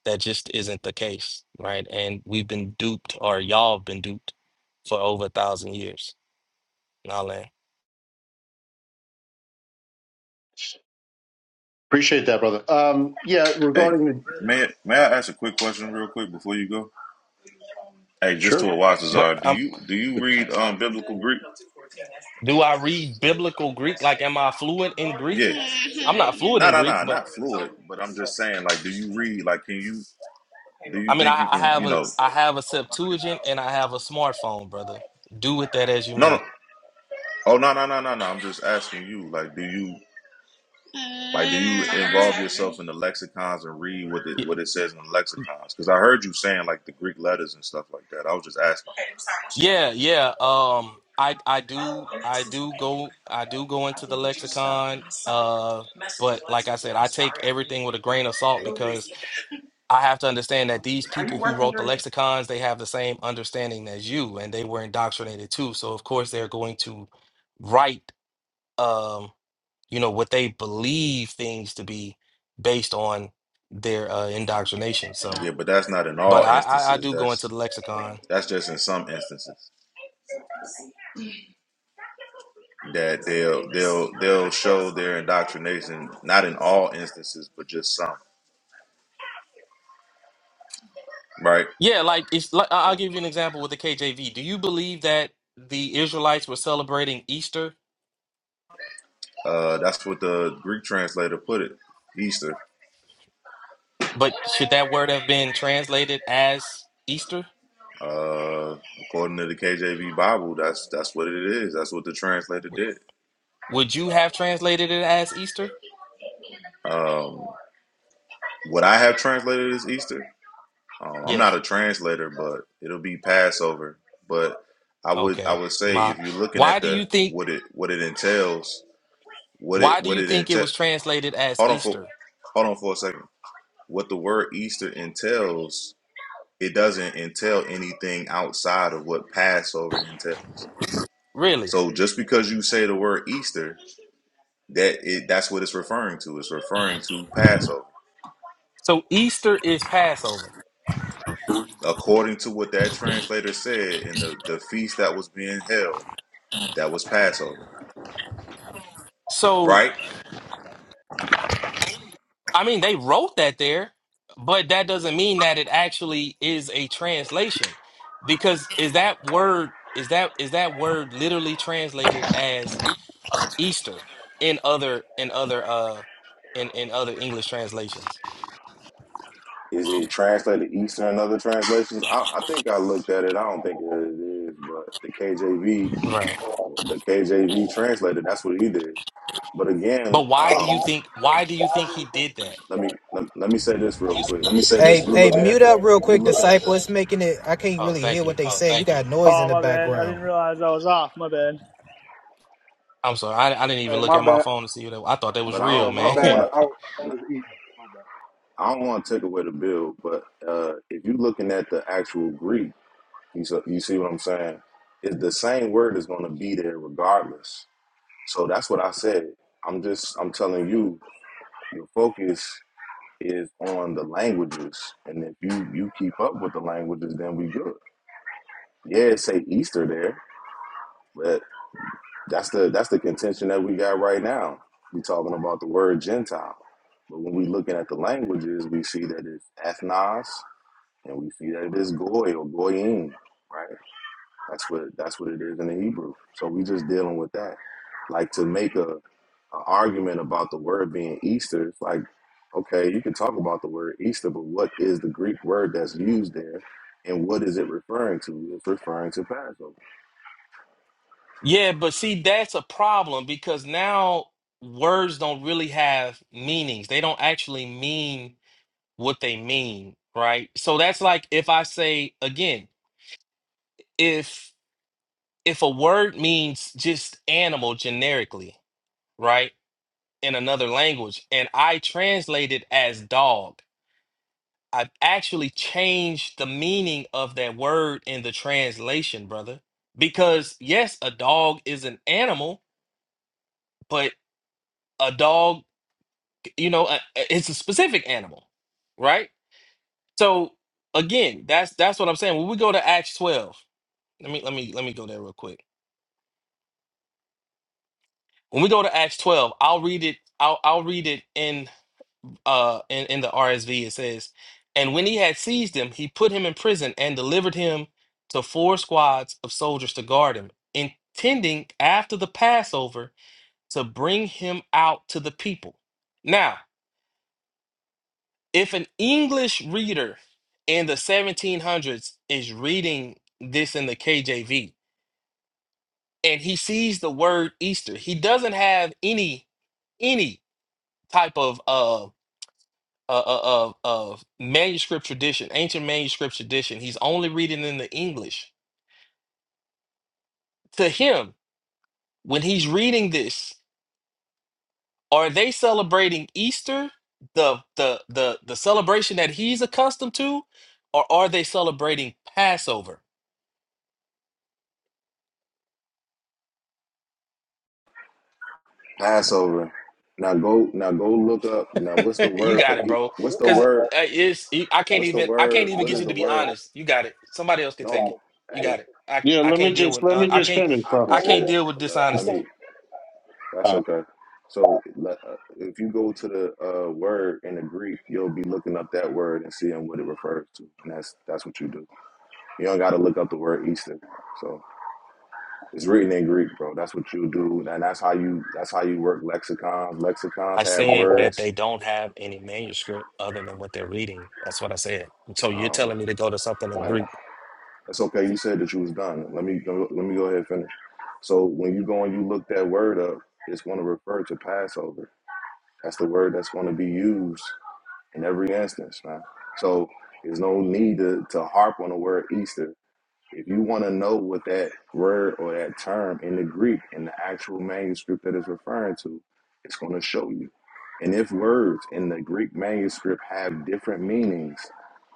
Speaker 9: that just isn't the case, right? And we've been duped, or y'all have been duped for over a thousand years. Now, land.
Speaker 10: Appreciate that, brother. Um, yeah,
Speaker 11: Hey,
Speaker 10: regarding the
Speaker 11: may I- may I ask a quick question real quick before you go? Hey, just to
Speaker 10: sure.
Speaker 11: a watch is
Speaker 9: But
Speaker 11: uh, do
Speaker 9: um,
Speaker 11: you do you read um biblical Greek?
Speaker 9: do I read biblical Greek? Like, am I fluent in Greek?
Speaker 11: Yeah.
Speaker 9: I'm not fluent
Speaker 11: No,
Speaker 9: in
Speaker 11: no,
Speaker 9: Greek,
Speaker 11: no,
Speaker 9: but
Speaker 11: not fluid, but I'm just saying, like, do you read? Like, can you? Do
Speaker 9: I
Speaker 11: you
Speaker 9: mean,
Speaker 11: think
Speaker 9: I,
Speaker 11: you
Speaker 9: I
Speaker 11: can?
Speaker 9: have
Speaker 11: You
Speaker 9: a
Speaker 11: know?
Speaker 9: I have a Septuagint and I have a smartphone, brother. Do with that as you
Speaker 11: No, no.
Speaker 9: may.
Speaker 11: Oh, no, no, no, no, no. I'm just asking you. Like, do you? Like, do you involve yourself in the lexicons and read what it what it says in the lexicons? Because I heard you saying like the Greek letters and stuff like that. I was just asking.
Speaker 9: Yeah, yeah. Um, I I do I do go I do go into the lexicon. Uh, but like I said, I take everything with a grain of salt because I have to understand that these people who wrote the lexicons, they have the same understanding as you, and they were indoctrinated too. So of course they're going to write, um, you know, what they believe things to be based on their uh, indoctrination. So,
Speaker 11: Yeah, but that's not in
Speaker 9: but
Speaker 11: all
Speaker 9: I, I I
Speaker 11: instances.
Speaker 9: do go into
Speaker 11: That's
Speaker 9: the lexicon.
Speaker 11: that's just in some instances that they'll they'll they'll show their indoctrination. Not in all instances, but just some. Right.
Speaker 9: Yeah, like it's like I- I'll give you an example with the KJV. Do you believe that the Israelites were celebrating Easter,
Speaker 11: Uh, that's what the Greek translator put it. Easter.
Speaker 9: but should that word have been translated as Easter?
Speaker 11: Uh, according to the KJV Bible, that's that's what it is. That's what the translator
Speaker 9: W-
Speaker 11: did.
Speaker 9: Would you have translated it as Easter?
Speaker 11: Um, what I have translated as Easter. Um, I'm not
Speaker 9: Yes.
Speaker 11: a translator, but it'll be Passover. But I would I
Speaker 9: Okay.
Speaker 11: would say
Speaker 9: My,
Speaker 11: if you're looking
Speaker 9: why
Speaker 11: at
Speaker 9: do you
Speaker 11: the
Speaker 9: think
Speaker 11: what it what it entails, what
Speaker 9: why
Speaker 11: it
Speaker 9: do
Speaker 11: what
Speaker 9: you
Speaker 11: it
Speaker 9: think it
Speaker 11: entails.
Speaker 9: was translated as
Speaker 11: Hold on for
Speaker 9: Easter?
Speaker 11: hold on for a second. What the word Easter entails, it doesn't entail anything outside of what Passover entails.
Speaker 9: Really?
Speaker 11: So just because you say the word Easter, that it that's what it's referring to. It's referring to Passover.
Speaker 9: So Easter is Passover.
Speaker 11: According to what that translator said in the, the feast that was being held, that was Passover.
Speaker 9: So
Speaker 11: right?
Speaker 9: I mean, they wrote that there, but that doesn't mean that it actually is a translation. Because is that word is that is that word literally translated as Easter in other in other uh in in other English translations?
Speaker 11: Is it translated Eastern and other translations? I, I think I looked at it. I don't think that it is, but the KJV,
Speaker 9: Right.
Speaker 11: the KJV translated. That's what he did. But again,
Speaker 9: But why do you
Speaker 11: um,
Speaker 9: think why do you think he did that?
Speaker 11: let me let, let me say this real quick.
Speaker 12: Hey,
Speaker 11: If you
Speaker 12: hey, quick.
Speaker 11: looking at
Speaker 12: mute up
Speaker 11: the,
Speaker 12: real quick, disciple. It's making it. I can't
Speaker 9: Oh,
Speaker 12: really hear
Speaker 9: thank
Speaker 12: what
Speaker 9: you.
Speaker 12: they oh, say. You you got noise in
Speaker 6: Oh
Speaker 12: the
Speaker 6: my bad, I didn't
Speaker 12: background.
Speaker 6: realize I was off. My bad.
Speaker 9: I'm sorry. I, I didn't
Speaker 1: Hey,
Speaker 9: even look at
Speaker 1: my
Speaker 9: my
Speaker 1: bad.
Speaker 9: phone to see that. I thought that was
Speaker 11: but I
Speaker 1: Yeah,
Speaker 9: real,
Speaker 11: don't
Speaker 1: my
Speaker 11: I don't
Speaker 1: bad.
Speaker 11: want
Speaker 9: man. <laughs>
Speaker 1: I I
Speaker 11: to
Speaker 1: was eating. My bad.
Speaker 11: I don't want to take away the bill. But uh, if you are looking at the actual Greek, you so, you see what I'm saying? It's the same word is going to be there regardless. So that's what I said. I'm just I'm telling you your focus. is on the languages, and if you you keep up with the languages, then we good. Yeah, it say Easter there, but that's the that's the contention that we got right now. We talking about the word Gentile, but when we looking at the languages, we see that it's ethnos, and we see that it is goy or goyim, right? That's what that's what it is in the Hebrew. So we just dealing with that. Like to make a, a argument about the word being Easter, it's like, okay, you can talk about the word Easter, but what is the Greek word that's used there and what is it referring to? It's referring to Passover.
Speaker 9: Yeah, but see, that's a problem because now words don't really have meanings. They don't actually mean what they mean, right? So that's like if I say again, if if a word means just animal generically, right? In another language, and I translate it as dog, I've actually changed the meaning of that word in the translation, brother. Because yes, a dog is an animal, but a dog you know a- it's a specific animal right so again that's that's what i'm saying when we go to acts 12 let me let me let me go there real quick when we go to acts 12 i'll read it i'll i'll read it in uh in, in the rsv it says and when he had seized him he put him in prison and delivered him to four squads of soldiers to guard him intending after the passover to bring him out to the people Now. if an English reader in the 1700s is reading this in the KJV and he sees the word Easter, he doesn't have any any type of uh uh, uh, uh, of manuscript tradition, ancient manuscript tradition. He's only reading in the English. To him, when he's reading this, are they celebrating Easter, the the the the celebration that he's accustomed to, or are they celebrating Passover?
Speaker 11: Passover. Now go now go look up now
Speaker 9: <laughs>
Speaker 11: what's the
Speaker 9: you
Speaker 11: word for
Speaker 9: got it,
Speaker 11: E-
Speaker 9: bro.
Speaker 11: what's the
Speaker 9: Because uh,
Speaker 11: word
Speaker 9: it's you- I can't
Speaker 11: what's the
Speaker 9: even I can't
Speaker 11: word
Speaker 9: even
Speaker 11: what
Speaker 9: get
Speaker 11: is
Speaker 9: you
Speaker 11: the
Speaker 9: to be
Speaker 11: word?
Speaker 9: honest. You got it. Somebody else can take it.
Speaker 11: No
Speaker 9: You
Speaker 11: hey,
Speaker 9: got it. I
Speaker 10: Yeah,
Speaker 9: I
Speaker 10: let me
Speaker 9: can't deal
Speaker 10: just
Speaker 9: with
Speaker 10: let
Speaker 9: uh,
Speaker 10: me
Speaker 9: I
Speaker 10: just
Speaker 9: can't
Speaker 10: finish,
Speaker 11: I
Speaker 10: bro.
Speaker 9: I
Speaker 11: appreciate
Speaker 9: can't
Speaker 11: it.
Speaker 9: deal with
Speaker 11: Let, let
Speaker 9: dishonesty.
Speaker 11: me That's
Speaker 10: Uh,
Speaker 11: okay. So le- uh, if you go to the uh, word in the Greek, you'll be looking up that word and seeing what it refers to, and that's that's what you do. You don't got to look up the word Easter. So it's written in Greek, bro. That's what you do, and that's how you that's how you work lexicons. Lexicons
Speaker 9: I
Speaker 11: have
Speaker 9: said that
Speaker 11: words.
Speaker 9: they don't have any manuscript other than what they're reading. That's what I said. And so you're
Speaker 11: Um,
Speaker 9: telling me to go to something in
Speaker 11: like
Speaker 9: Greek
Speaker 11: that's okay. You said that you was done. Let me go, let me go ahead and finish. So when you go and you look that word up, it's going to refer to Passover. That's the word that's going to be used in every instance, man. So there's no need to, to harp on the word Easter. If you want to know what that word or that term in the Greek in the actual manuscript that it's referring to, it's going to show you. And if words in the Greek manuscript have different meanings,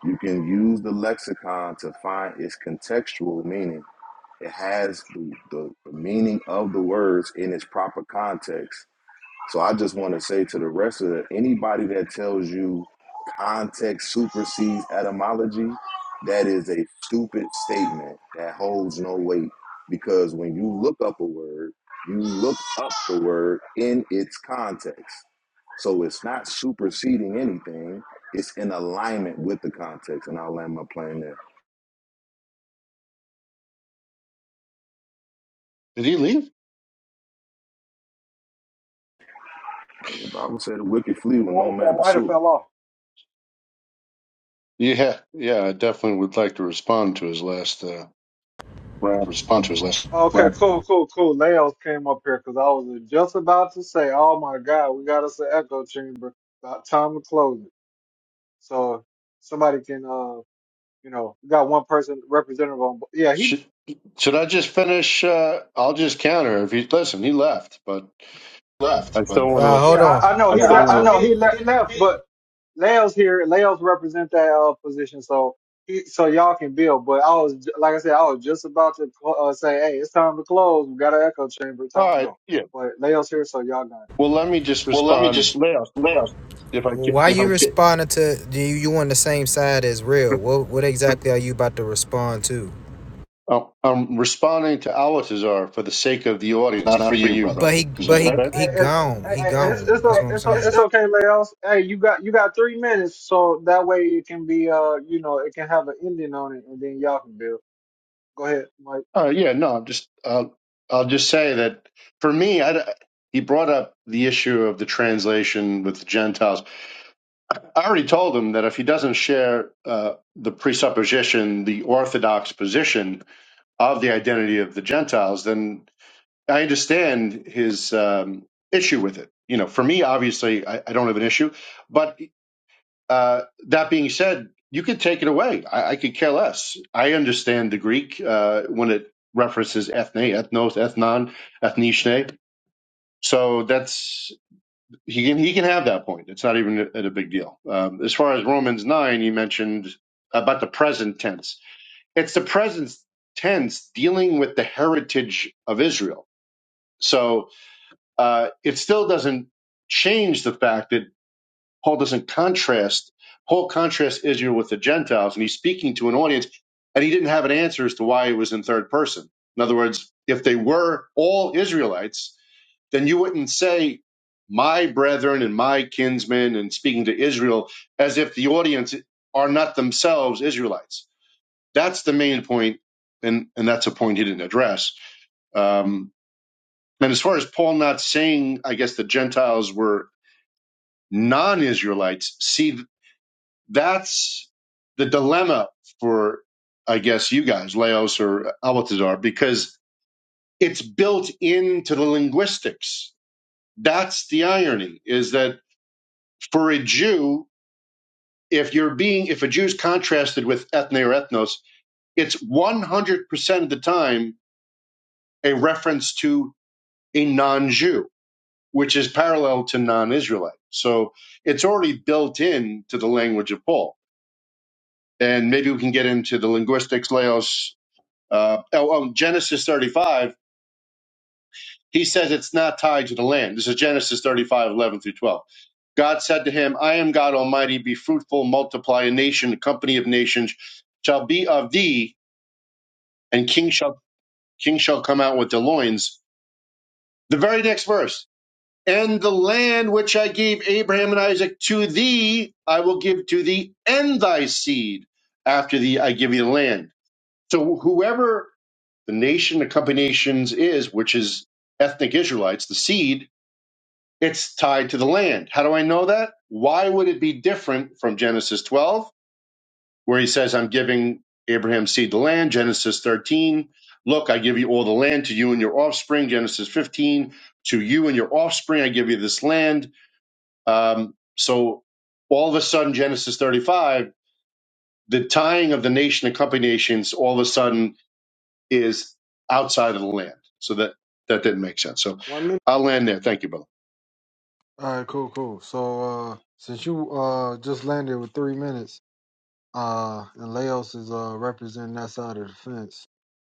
Speaker 11: you can use the lexicon to find its contextual meaning. It has the, the, the meaning of the words in its proper context so I just want to say to the rest of the, anybody that tells you context supersedes etymology, that is a stupid statement that holds no weight. Because when you look up a word, you look up the word in its context. So it's not superseding anything. It's in alignment with the context, and I'll land my plane there.
Speaker 10: Did he leave?
Speaker 11: The Bible said the wicked flee when no man
Speaker 1: It might have
Speaker 11: pursue. it.
Speaker 1: fell off.
Speaker 10: Yeah, yeah. I definitely would like to respond to his last uh, round.
Speaker 12: the response left, left,
Speaker 1: Okay, cool, cool, cool. Leos came up here because I was just about to say, "Oh my God, we got us an echo chamber." About time to close it. So somebody can, uh, you know, we got one person representative on. Yeah, he.
Speaker 10: Should, should I just finish? Uh, I'll just counter if you listen. He left, but I
Speaker 12: but
Speaker 10: still
Speaker 12: Uh,
Speaker 10: want
Speaker 12: hold
Speaker 1: Yeah,
Speaker 12: on.
Speaker 1: I, I know
Speaker 12: I yeah,
Speaker 1: he
Speaker 12: I, I
Speaker 1: left.
Speaker 12: well, know.
Speaker 1: He, he left, but Leo's here. Leo's represent that uh, position, so he, so y'all can build. But I was, ju- like I said, I was just about to cl- uh, say, "Hey, it's time to close. We got an echo chamber.
Speaker 10: to. All
Speaker 1: Time to
Speaker 10: right,
Speaker 1: go."
Speaker 10: yeah.
Speaker 1: But Leo's here, so y'all got. it.
Speaker 10: Well, let me just
Speaker 12: well, let me
Speaker 10: respond
Speaker 12: just
Speaker 10: last
Speaker 12: left.
Speaker 10: if I can.
Speaker 12: Why you responding to? Do you, you on the same side as real? What what exactly are you about to respond to?
Speaker 10: Oh, I'm responding to Alatazar for the sake of the audience,
Speaker 12: not for
Speaker 10: not for
Speaker 12: you,
Speaker 10: you,
Speaker 12: brother. But
Speaker 10: brother.
Speaker 12: he
Speaker 10: Is
Speaker 12: but he
Speaker 10: that fair?
Speaker 1: Hey,
Speaker 12: he
Speaker 1: it,
Speaker 12: gone.
Speaker 1: hey,
Speaker 12: He hey,
Speaker 1: it's
Speaker 12: gone.
Speaker 1: it's
Speaker 12: That's
Speaker 1: o-
Speaker 12: hey, what I'm
Speaker 1: it's o- it's
Speaker 12: saying.
Speaker 1: okay, Leos. Hey, you got you got three minutes, so that way it can be uh you know it can have an ending on it, and then y'all can build. Go ahead, Mike.
Speaker 10: Uh, yeah, no. I'm just. Uh, I'll just say that for me, I, he brought up the issue of the translation with the Gentiles. I already told him that if he doesn't share uh, the presupposition, the orthodox position, of the identity of the Gentiles, then I understand his um, issue with it. You know, for me, obviously, I, I don't have an issue. But uh, that being said, you could take it away. I, I could care less. I understand the Greek uh, when it references ethne, ethnos, ethnon, ethnishne. So that's he can he can have that point. It's not even a, a big deal. Um, as far as Romans nine, you mentioned about the present tense it's the present tense dealing with the heritage of Israel. So uh, it still doesn't change the fact that Paul doesn't contrast, Paul contrasts Israel with the Gentiles, and he's speaking to an audience, and he didn't have an answer as to why he was in third person. In other words, if they were all Israelites, then you wouldn't say my brethren and my kinsmen and speaking to Israel as if the audience are not themselves Israelites. That's the main point, and and that's a point he didn't address. Um, and as far as Paul not saying, I guess the Gentiles were non-Israelites. See, that's the dilemma for I guess you guys, Laos or Albatazar, because it's built into the linguistics. That's the irony: is that for a Jew, if you're being if a Jew's contrasted with ethne or ethnos, it's 100% of the time a reference to a non-Jew, which is parallel to non-Israelite. So it's already built in to the language of Paul. And maybe we can get into the linguistics, Laos. Uh, oh, oh, Genesis 35, he says it's not tied to the land. This is Genesis 35, 11 through 12. God said to him, I am God Almighty, be fruitful, multiply a nation, a company of nations shall be of thee, and king shall, king shall come out with the loins. The very next verse, And the land which I gave Abraham and Isaac to thee, I will give to thee and thy seed after thee, I give you the land. So whoever the nation, the company nations is, which is ethnic Israelites, the seed, it's tied to the land. How do I know that? Why would it be different from Genesis 12, where he says, I'm giving Abraham's seed the land, Genesis 13, look, I give you all the land to you and your offspring, Genesis 15, to you and your offspring, I give you this land. Um, so all of a sudden, Genesis 35, the tying of the nation and company nations all of a sudden is outside of the land. So that that didn't make sense. So
Speaker 1: One minute.
Speaker 10: I'll land there. Thank you, brother.
Speaker 1: All right, cool, cool. So uh since you uh just landed with three minutes, uh and Laos is uh representing that side of the fence,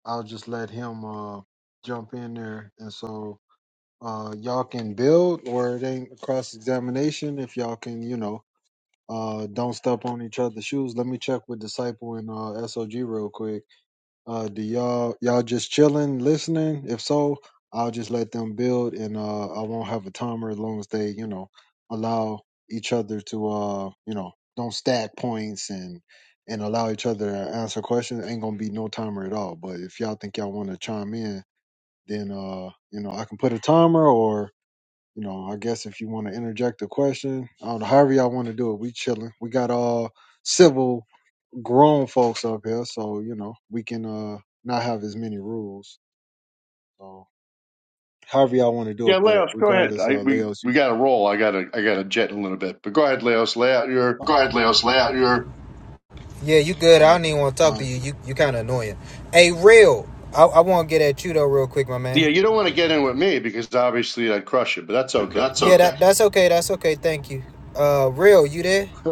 Speaker 1: I'll just let him uh jump in there and so uh y'all can build or it ain't cross examination if y'all can, you know, Uh, don't step on each other's shoes. Let me check with Disciple and uh, SOG real quick. Uh, do y'all y'all just chilling, listening? If so, I'll just let them build, and uh, I won't have a timer as long as they, you know, allow each other to, uh, you know, don't stack points and and allow each other to answer questions. Ain't gonna be no timer at all. But if y'all think y'all want to chime in, then uh, you know, I can put a timer, or. You know, I guess if you want to interject a question, I don't know, however y'all want to do it, we chilling. We got all civil grown folks up here, so you know, we can uh not have as many rules. So however y'all want to do
Speaker 10: Yeah,
Speaker 1: it, but
Speaker 10: Leos, go ahead.
Speaker 1: regardless,
Speaker 10: I,
Speaker 1: uh
Speaker 10: we
Speaker 1: Leos, you
Speaker 10: we got to roll. I got to I got to jet in a little bit, but go ahead, Leos. Lay out your
Speaker 1: all
Speaker 12: Go ahead, Leos. Lay out your. Yeah, you good. I
Speaker 1: right.
Speaker 12: don't even want to talk Uh, to you. You you kind of annoying. Hey, real. I, I want to get at you though, real quick, my man.
Speaker 10: yeah. You don't want to get in with me because obviously I'd crush you, but that's
Speaker 12: but
Speaker 10: okay.
Speaker 12: that's okay. Yeah, okay. that that's okay. That's okay. Thank you. Uh, real, you there? Hey,
Speaker 1: <laughs>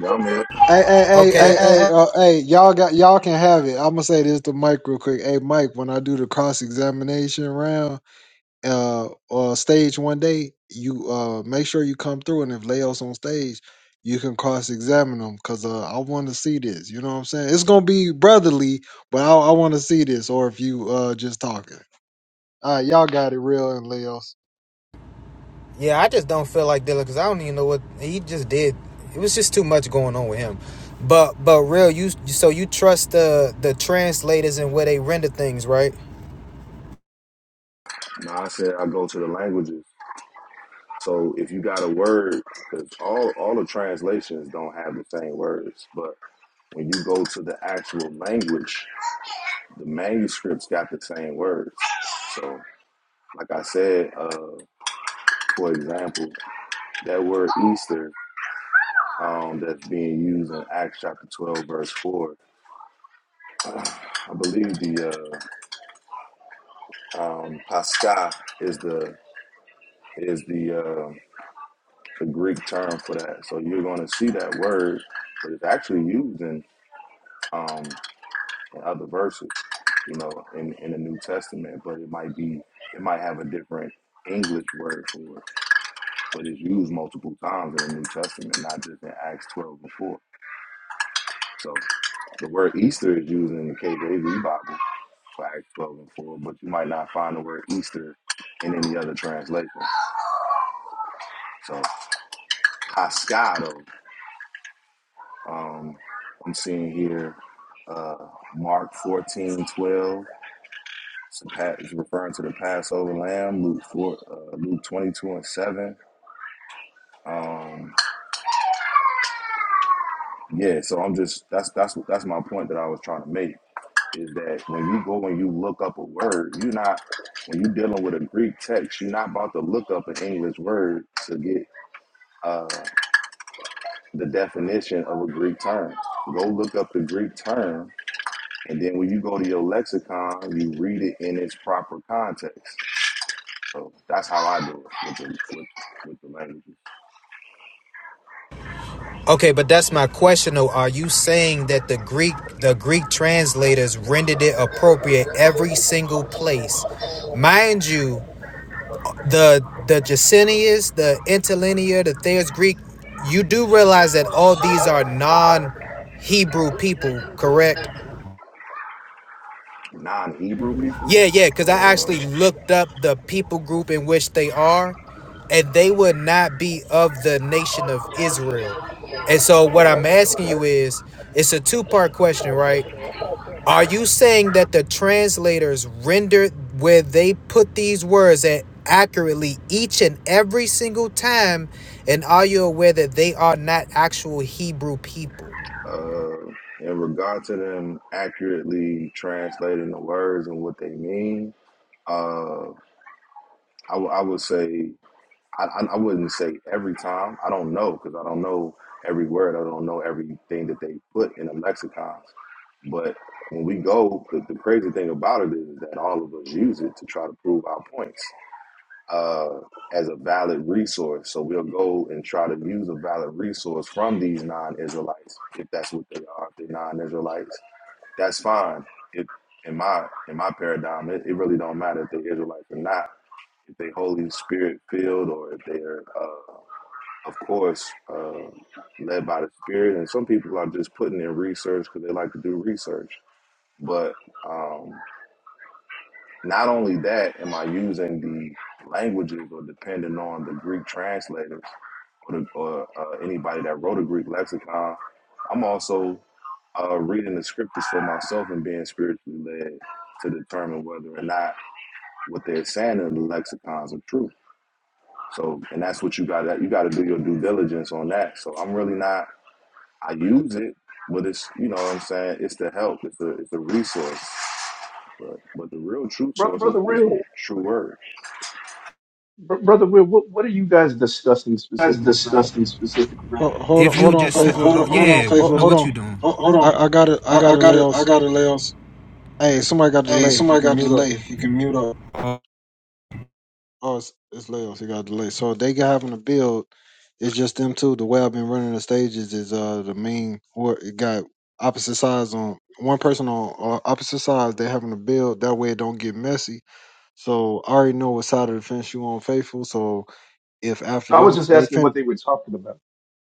Speaker 11: Yeah, I'm here.
Speaker 1: hey, hey, hey,
Speaker 12: Okay.
Speaker 1: hey,
Speaker 12: hey,
Speaker 1: hey,
Speaker 12: hey.
Speaker 1: uh, hey, y'all got y'all can have it. I'm gonna say this to Mike real quick. Hey Mike, when I do the cross examination round. uh, uh stage one day, you uh make sure you come through, and if Leo's on stage, you can cross examine him because uh, I want to see this. You know what I'm saying? It's gonna be brotherly, but I, I want to see this. Or if you uh just talking, all right, y'all got it, real and Leo's.
Speaker 12: Yeah, I just don't feel like dealing because I don't even know what he just did. It was just too much going on with him. But but real, you so you trust the the translators and where they render things, right?
Speaker 11: Now I said I go to the languages. So if you got a word, because all all the translations don't have the same words, but when you go to the actual language, the manuscripts got the same words. So, like I said, uh, for example, that word Easter um, that's being used in Acts chapter twelve, verse four, I believe the uh, um, Pascha is the is the uh, the Greek term for that. So you're going to see that word, but it's actually used in um, and other verses, you know, in, in the New Testament, but it might be it might have a different English word for it, but it's used multiple times in the New Testament, not just in Acts twelve and four. So the word Easter is used in the KJV Bible for Acts twelve and four, but you might not find the word Easter in any other translation. So Cascado, um, I'm seeing here uh, Mark 14 twelve. It's a pa- it's referring to the Passover lamb, Luke four, uh, Luke twenty two and seven. Um, yeah, so I'm just that's that's that's my point that I was trying to make is that when you go and you look up a word, you're not when you're dealing with a Greek text, you're not about to look up an English word to get uh, the definition of a Greek term. Go look up the Greek term, and then when you go to your lexicon, you read it in its proper context. So that's how I do it with the, with, with the language.
Speaker 12: Okay, but that's my question though. Are you saying that the Greek the Greek translators rendered it appropriate every single place? Mind you, the the Jacinius, the interlinear, the Thayer's Greek, you do realize that all these are non Hebrew people, correct?
Speaker 11: non-Hebrew people.
Speaker 12: Yeah, yeah, because I actually
Speaker 11: Uh,
Speaker 12: looked up the people group in which they are, and they would not be of the nation of Israel. And so, what
Speaker 11: okay.
Speaker 12: I'm asking you is it's a two part question, right? Are you saying that the translators rendered where they put these words at accurately each and every single time? And are you aware that they are not actual Hebrew people?
Speaker 11: Uh, in regard to them accurately translating the words and what they mean, uh, I, w- I would say I, I wouldn't say every time. I don't know because I don't know every word. I don't know everything that they put in the lexicons. But when we go, the, the crazy thing about it is that all of us use it to try to prove our points. uh, as a valid resource. So we'll go and try to use a valid resource from these non-Israelites, if that's what they are. If they're non-Israelites, that's fine. If in my in my paradigm, it, it really don't matter if they're Israelites or not. If they Holy Spirit filled, or if they're, uh, of course, uh, led by the Spirit. And some people are just putting in research because they like to do research. But um, not only that, am I using the languages or depending on the Greek translators or, the, or uh, anybody that wrote a Greek lexicon, I'm also uh, reading the scriptures for myself and being spiritually led to determine whether or not what they're saying in the lexicons are true. So, and that's what you got. to You got to do your due diligence on that. So, I'm really not. I use it, but it's you know what I'm saying. It's the help. It's the it's the resource. But but the real true
Speaker 13: Bro-
Speaker 11: source is,
Speaker 13: brother
Speaker 11: is
Speaker 13: real
Speaker 11: the true word.
Speaker 13: Br- brother real what, what are you guys discussing specifically right now
Speaker 1: Hold, hold on,
Speaker 12: If
Speaker 1: hold
Speaker 12: you
Speaker 1: on,
Speaker 12: just, Hold,
Speaker 1: faithful.
Speaker 12: hold on, yeah, hold on, yeah,
Speaker 1: Hold,
Speaker 12: faithful. no,
Speaker 1: hold
Speaker 12: what
Speaker 1: on,
Speaker 12: you doing? Oh,
Speaker 1: I, I got it, I
Speaker 12: I,
Speaker 1: got it,
Speaker 12: I
Speaker 1: Leo's.
Speaker 12: got a layoffs.
Speaker 1: Hey, somebody got
Speaker 12: Hey,
Speaker 1: delay. If you
Speaker 12: somebody
Speaker 1: can
Speaker 12: got a
Speaker 1: mute up.
Speaker 12: delay. You can mute up.
Speaker 1: Oh, it's, it's layoffs. He got delayed. So they got having to build. It's just them two. The way I've been running the stages is uh the main or it got opposite sides on one person on uh, opposite sides. They having to build that way it don't get messy. So I already know what side of the fence you on, faithful. So if after
Speaker 13: i was
Speaker 1: them
Speaker 13: just
Speaker 1: they
Speaker 13: asking
Speaker 1: fin
Speaker 13: what they were talking about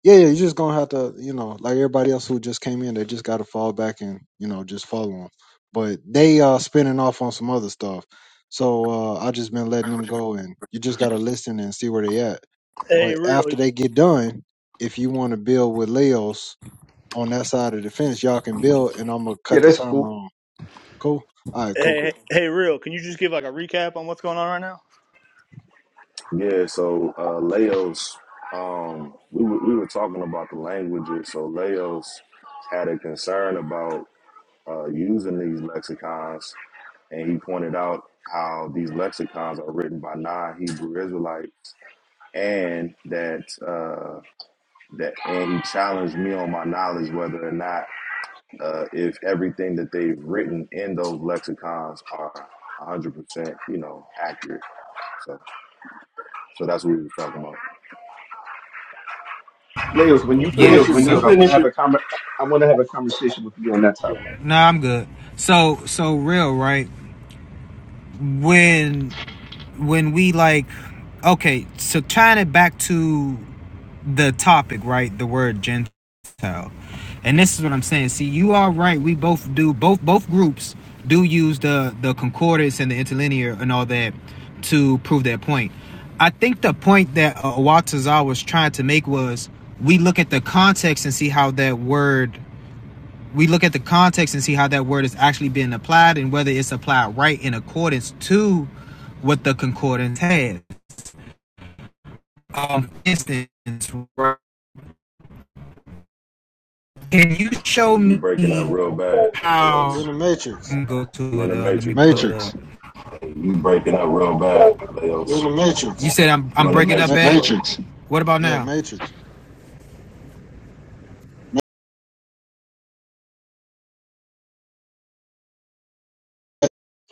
Speaker 1: yeah, yeah, you're just gonna have to, you know, like everybody else who just came in, they just gotta fall back and, you know, just follow them. But they uh spinning off on some other stuff. So uh I just been letting them go and you just gotta listen and see where they at.
Speaker 6: Hey,
Speaker 1: But
Speaker 6: real.
Speaker 1: after they get done, if you wanna build with Leos on that side of the fence, y'all can build and I'm gonna
Speaker 13: yeah
Speaker 1: cut the
Speaker 13: that's
Speaker 1: timer
Speaker 13: cool
Speaker 1: on. Cool? All right, cool,
Speaker 6: Hey,
Speaker 1: cool.
Speaker 6: hey, real. Can you just give like a recap on what's going on right now?
Speaker 11: Yeah, so uh, Laos, um, we, were we were talking about the languages. So Laos had a concern about uh, using these lexicons, and he pointed out how these lexicons are written by non-Hebrew Israelites, and that uh, that and he challenged me on my knowledge whether or not uh, if everything that they've written in those lexicons are 100%, you know, accurate. So, so that's what we were talking about.
Speaker 13: leos when you
Speaker 12: Yeah, Leo,
Speaker 13: finish your
Speaker 12: when so, you
Speaker 13: build
Speaker 12: so
Speaker 13: i want to
Speaker 12: finish
Speaker 13: have
Speaker 12: your
Speaker 13: a com- i want to have a conversation with you on that topic
Speaker 12: Nah, I'm good. So so real, right? When when we like okay, so tying it back to the topic, right? The word Gentile. And this is what I'm saying. See, you are right. We both do both both groups do use the the concordance and the interlinear and all that to prove their point. I think the point that uh, Watazawa was trying to make was we look at the context and see how that word we look at the context and see how that word is actually being applied and whether it's applied right in accordance to what the concordance has. Um, for instance, right, Can you
Speaker 11: Hey,
Speaker 12: show
Speaker 11: you
Speaker 12: me
Speaker 11: breaking up real bad, Leos.
Speaker 1: You're
Speaker 12: how?
Speaker 1: in the Matrix.
Speaker 12: go to
Speaker 11: You in
Speaker 12: it.
Speaker 11: the
Speaker 12: Uh, let me
Speaker 11: Matrix,
Speaker 12: pull
Speaker 11: bro.
Speaker 12: it up.
Speaker 1: Matrix.
Speaker 12: You breaking up real bad, You're Leos. the Matrix. You said I'm I'm in the breaking up
Speaker 1: Ma-
Speaker 12: bad. Matrix. What about
Speaker 1: yeah,
Speaker 12: now?
Speaker 1: Matrix.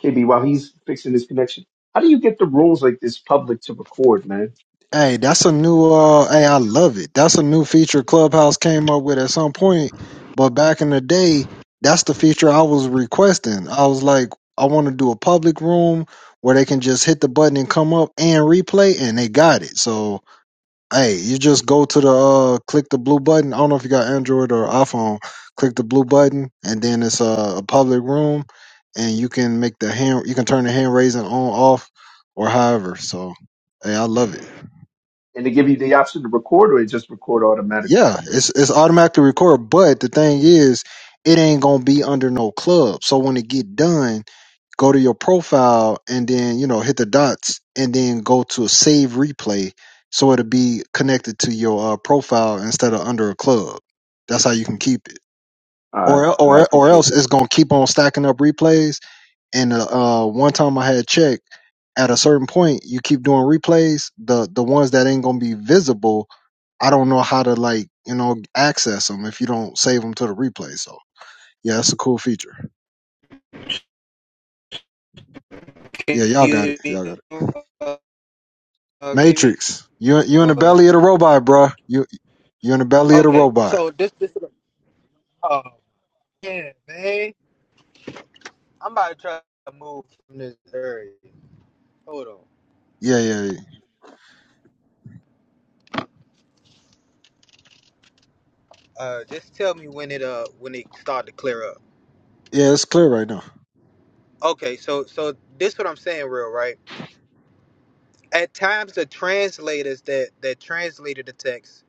Speaker 13: kb while he's fixing his connection how do you get the rules like this public to record man
Speaker 1: Hey, that's a new
Speaker 12: All right,
Speaker 1: uh
Speaker 12: it's
Speaker 1: hey, I love it. That's a new feature Clubhouse came up with at some point, but back in the day, that's the feature I was requesting. I was like, I want to do a public room where they can just hit the button and come up and replay and they got it. So, hey, you just go to the uh click the blue button. I don't know if you got Android or iPhone. Click the blue button and then it's uh, a public room and you can make the hand you can turn the hand raising on off or however. So, hey, I love it.
Speaker 13: and they give you the option to record or it just record automatically
Speaker 1: Yeah, it's it's automatically record, but the thing is, it ain't gonna be under no club. So when it get done, go to your profile and then you know hit the dots and then go to a save replay, so it'll be connected to your uh, profile instead of under a club. That's how you can keep it,
Speaker 13: uh,
Speaker 1: or el-
Speaker 13: i
Speaker 1: or or
Speaker 13: appreciate
Speaker 1: else
Speaker 13: that
Speaker 1: it's gonna keep on stacking up replays and uh, uh, one time I had checked. At a certain point, you keep doing replays. The the ones that ain't gonna be visible, I don't know how to like you know access them if you don't save them to the replay. So yeah, that's a cool feature.
Speaker 12: good now. Can
Speaker 1: Yeah, y'all got it. Y'all got it.
Speaker 12: you uh, KB?
Speaker 1: Matrix, you you in the
Speaker 12: Or-
Speaker 1: belly of the robot, bruh. You you in the belly of the
Speaker 12: Okay,
Speaker 1: robot.
Speaker 12: so this this is oh yeah, man. I'm about to try to move from this area. Hold on.
Speaker 1: Yeah, yeah, yeah.
Speaker 12: Uh just tell me when it uh when it start to clear up.
Speaker 1: Yeah, It's clear right now.
Speaker 12: Okay, so so this what I'm saying real, right? at times the translators that that translated the text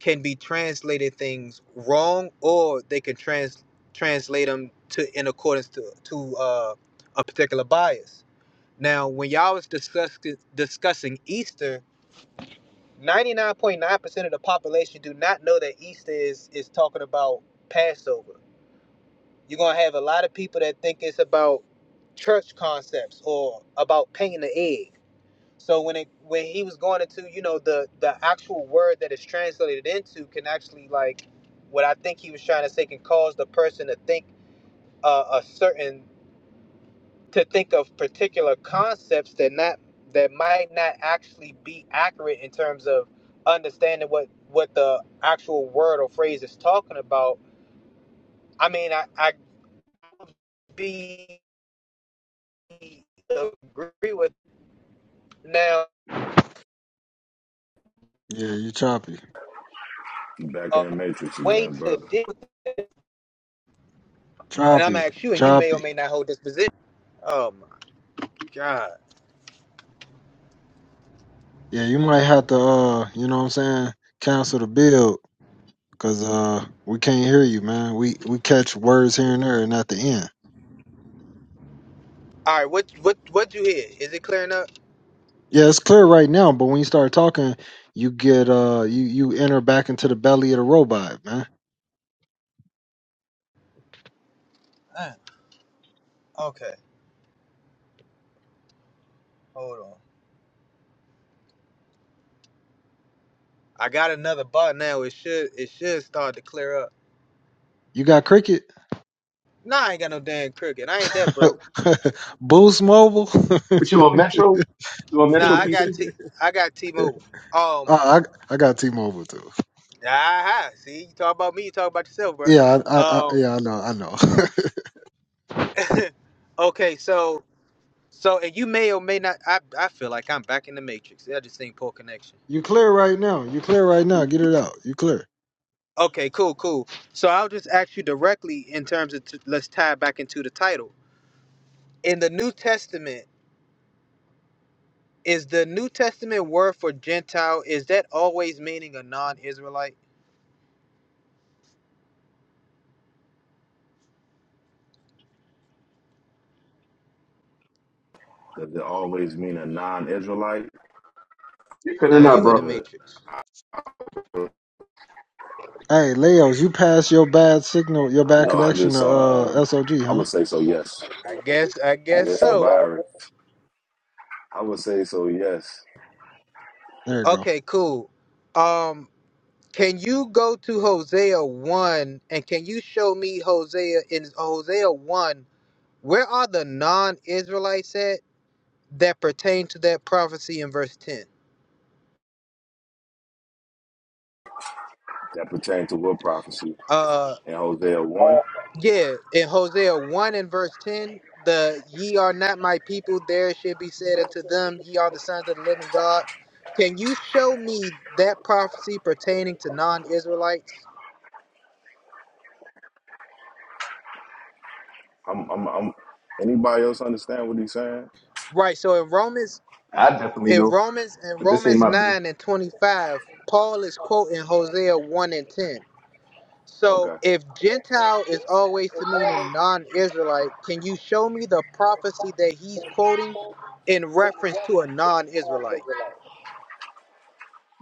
Speaker 12: can be translated things wrong or they can trans translate them to in accordance to to uh, a particular bias now when y'all was discuss, discussing easter 99.9% of the population do not know that easter is is talking about passover you're gonna have a lot of people that think it's about church concepts or about painting the egg so when it when he was going into, you know, the the actual word that is translated into can actually like what I think he was trying to say can cause the person to think uh, a certain to think of particular concepts that not that might not actually be accurate in terms of understanding what what the actual word or phrase is talking about. I mean, I I would be agree with now
Speaker 1: Yeah, you choppy,
Speaker 11: You back
Speaker 12: a
Speaker 11: in the Matrix
Speaker 12: way
Speaker 11: again,
Speaker 12: to
Speaker 11: brother.
Speaker 12: deal with and I'm
Speaker 1: choppy,
Speaker 12: gonna ask you, and you may or
Speaker 1: choppy.
Speaker 12: may not hold this position. Oh my god!
Speaker 1: Yeah, you might have to uh, you know what I'm saying, cancel the build Cause uh we can't hear you, man. We we catch words here and there and at the end.
Speaker 12: All right, what what what you hear? Is it clearing up?
Speaker 1: Yeah, it's clear right now, but when you start talking, you get uh you you enter back into the belly of the robot, man.
Speaker 12: Uh, okay, hold on. I got another bar now. It should it should start to clear up.
Speaker 1: You got cricket?
Speaker 12: Nah, I ain't got no damn crooked. I ain't that broke.
Speaker 1: <laughs> Boost mobile?
Speaker 13: What you on metro you on
Speaker 12: Nah,
Speaker 13: metro
Speaker 12: I
Speaker 1: <laughs>
Speaker 12: got
Speaker 13: pc
Speaker 12: T I got T-Mobile. Um,
Speaker 1: Uh, I I got T-Mobile too.
Speaker 12: ah, see, you talk about me, you talk about yourself, bro.
Speaker 1: Yeah, I, I, I
Speaker 12: Um,
Speaker 1: yeah I know I know.
Speaker 12: <laughs> okay, so so and you may or may not. I I feel like I'm back in the matrix. I just think poor connection.
Speaker 1: <laughs> you clear right now. You clear right now. Get it out. You clear.
Speaker 12: Okay, cool, cool. So I'll just ask you directly in terms of t- let's tie it back into the title. In the New Testament, is the New Testament word for Gentile is that always meaning a non-Israelite?
Speaker 11: Does it always mean a non-Israelite?
Speaker 13: you couldn't
Speaker 12: Now
Speaker 11: I
Speaker 13: not
Speaker 12: you in the
Speaker 13: bro
Speaker 11: would.
Speaker 12: matrix.
Speaker 11: I
Speaker 1: Hey, Leos, you passed your bad signal, your bad
Speaker 11: know. I
Speaker 1: connection
Speaker 11: just
Speaker 1: to
Speaker 11: saw.
Speaker 1: uh
Speaker 11: Uh,
Speaker 1: SOG,
Speaker 11: I
Speaker 1: huh?
Speaker 11: would say so. Yes.
Speaker 12: I guess I
Speaker 11: I
Speaker 12: guess
Speaker 11: guess a
Speaker 12: so.
Speaker 11: virus. I would say so. Yes.
Speaker 1: There you go.
Speaker 12: Okay, cool. Um can you go to Hosea 1 and can you show me Hosea in Hosea 1 where are the non-Israelites at that pertain to that prophecy in verse 10?
Speaker 11: That pertains to what prophecy
Speaker 12: Uh.
Speaker 11: in Hosea one.
Speaker 12: Yeah, in Hosea 1 and verse 10, the ye are not my people, there should be said unto them, ye are the sons of the living God. Can you show me that prophecy pertaining to non-Israelites?
Speaker 11: I'm. I'm. I'm. Anybody else understand what he's saying?
Speaker 12: Right, so in Romans
Speaker 13: i definitely
Speaker 12: in
Speaker 13: know
Speaker 12: Romans in
Speaker 13: but this ain't
Speaker 12: Romans
Speaker 13: my build
Speaker 12: 9 and 25, Paul is quoting Hosea 1 and 10. So
Speaker 11: Okay.
Speaker 12: if Gentile is always to mean a non-Israelite, can you show me the prophecy that he's quoting in reference to a non-Israelite?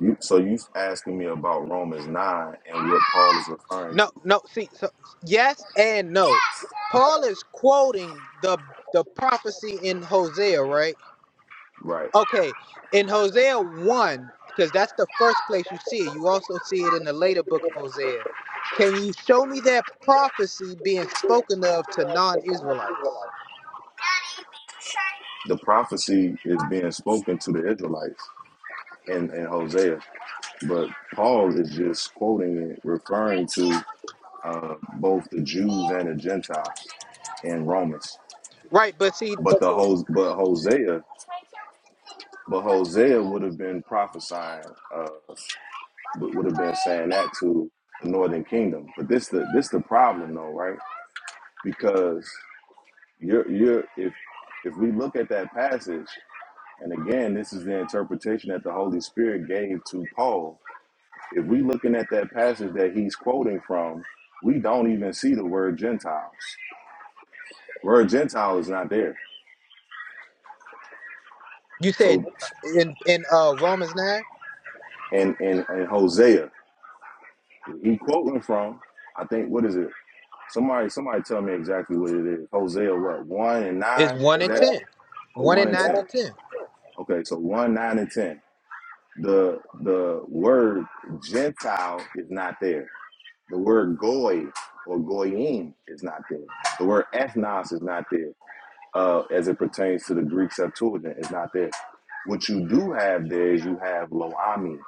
Speaker 11: You, so you asking me about Romans nine and what Paul is referring
Speaker 12: No,
Speaker 11: to,
Speaker 12: no. See, so yes and no. Paul is quoting the the prophecy in Hosea, right?
Speaker 11: right?
Speaker 12: Okay, in Hosea one, because that's the first place you see it. You also see it in the later book of Hosea. Can you show me that prophecy being spoken of to non-Israelites?
Speaker 11: the prophecy is being spoken to the Israelites in, in Hosea, but Paul is just quoting it, referring to uh, both the Jews and the Gentiles in Romans.
Speaker 12: Right, but see,
Speaker 11: But the Hos- but Hosea, but Hosea would have been prophesying, uh, would would have been saying that to the Northern Kingdom. But this the this the problem though, right? Because you're you're if if we look at that passage. And again, this is the interpretation that the Holy Spirit gave to Paul. If we looking at that passage that he's quoting from, we don't even see the word Gentiles. Word Gentile is not there.
Speaker 12: you said
Speaker 11: So,
Speaker 12: uh, in in uh Romans nine
Speaker 11: and and and Hosea, he quoting from, I think what is it? Somebody, somebody tell me exactly what it is. Hosea, what one and
Speaker 12: is
Speaker 11: nine?
Speaker 12: one
Speaker 11: Is
Speaker 12: and
Speaker 11: that
Speaker 12: ten,
Speaker 11: or
Speaker 12: one
Speaker 11: one
Speaker 12: and
Speaker 11: and
Speaker 12: nine
Speaker 11: ten?
Speaker 12: through ten.
Speaker 11: Okay, so one, nine, and ten. The the word Gentile is not there The word goy or goyim is not there. The word ethnos is not there uh, as it pertains to the Greek Septuagint. It's not there. What you do have there is you have "Lo Ami."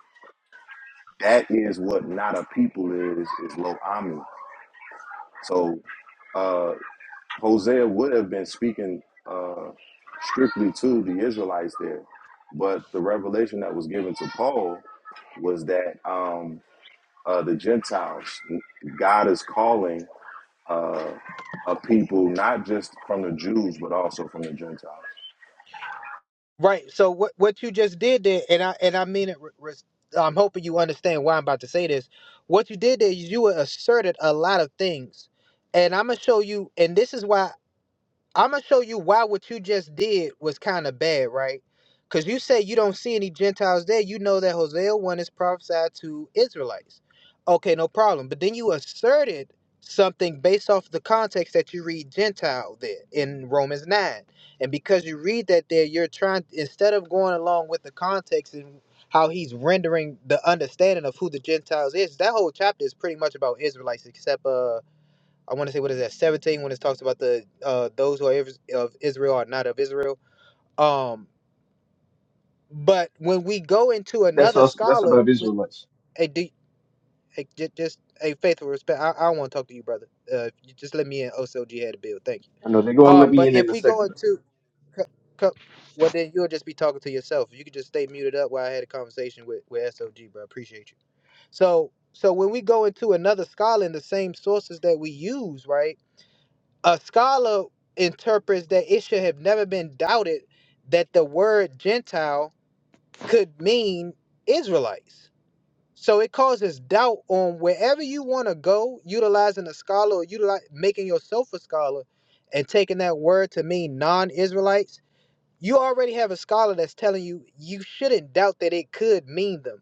Speaker 11: That is what not a people is, is "Lo Ami." So uh, Hosea would have been speaking uh, strictly to the Israelites there. But the revelation that was given to Paul was that um, uh, the Gentiles, God is calling uh, of people, not just from the Jews, but also from the Gentiles.
Speaker 12: Right. So what what you just did there, and I and I mean it. re- res- I'm hoping you understand why I'm about to say this. What you did there, is you asserted a lot of things, and I'm gonna show you. And this is why. I'm gonna show you why what you just did was kind of bad, right? Because you say you don't see any Gentiles there. You know that Hosea 1 is prophesied to Israelites. Okay, no problem. But then you asserted something based off the context that you read Gentile there in Romans 9. And because you read that there, you're trying, instead of going along with the context and how he's rendering the understanding of who the Gentiles is, that whole chapter is pretty much about Israelites, except uh I want to say what is that 17 when it talks about the uh, those who are Is- of Israel are not of Israel. Um, but when we go into
Speaker 13: that's
Speaker 12: another
Speaker 13: us that's
Speaker 12: scholar
Speaker 13: about
Speaker 12: with
Speaker 13: israelites
Speaker 12: a deep, a, ju- just a faithful respect, I, I want to talk to you, brother. Uh, you just let me in. OCLG had a bill. Thank
Speaker 13: I know they're
Speaker 12: you.
Speaker 13: going to let
Speaker 12: Um,
Speaker 13: me
Speaker 12: but
Speaker 13: in in
Speaker 12: if
Speaker 13: a
Speaker 12: we go
Speaker 13: second.
Speaker 12: into co- co- well, then you'll just be talking to yourself. You could just stay muted up while I had a conversation with, with SOG, bro. I appreciate you. So, so when we go into another scholar in the same sources that we use, right? a scholar interprets that it should have never been doubted that the word Gentile could mean Israelites. So it causes doubt on wherever you want to go, utilizing a scholar or utilize, making yourself a scholar and taking that word to mean non Israelites. You already have a scholar that's telling you you shouldn't doubt that it could mean them.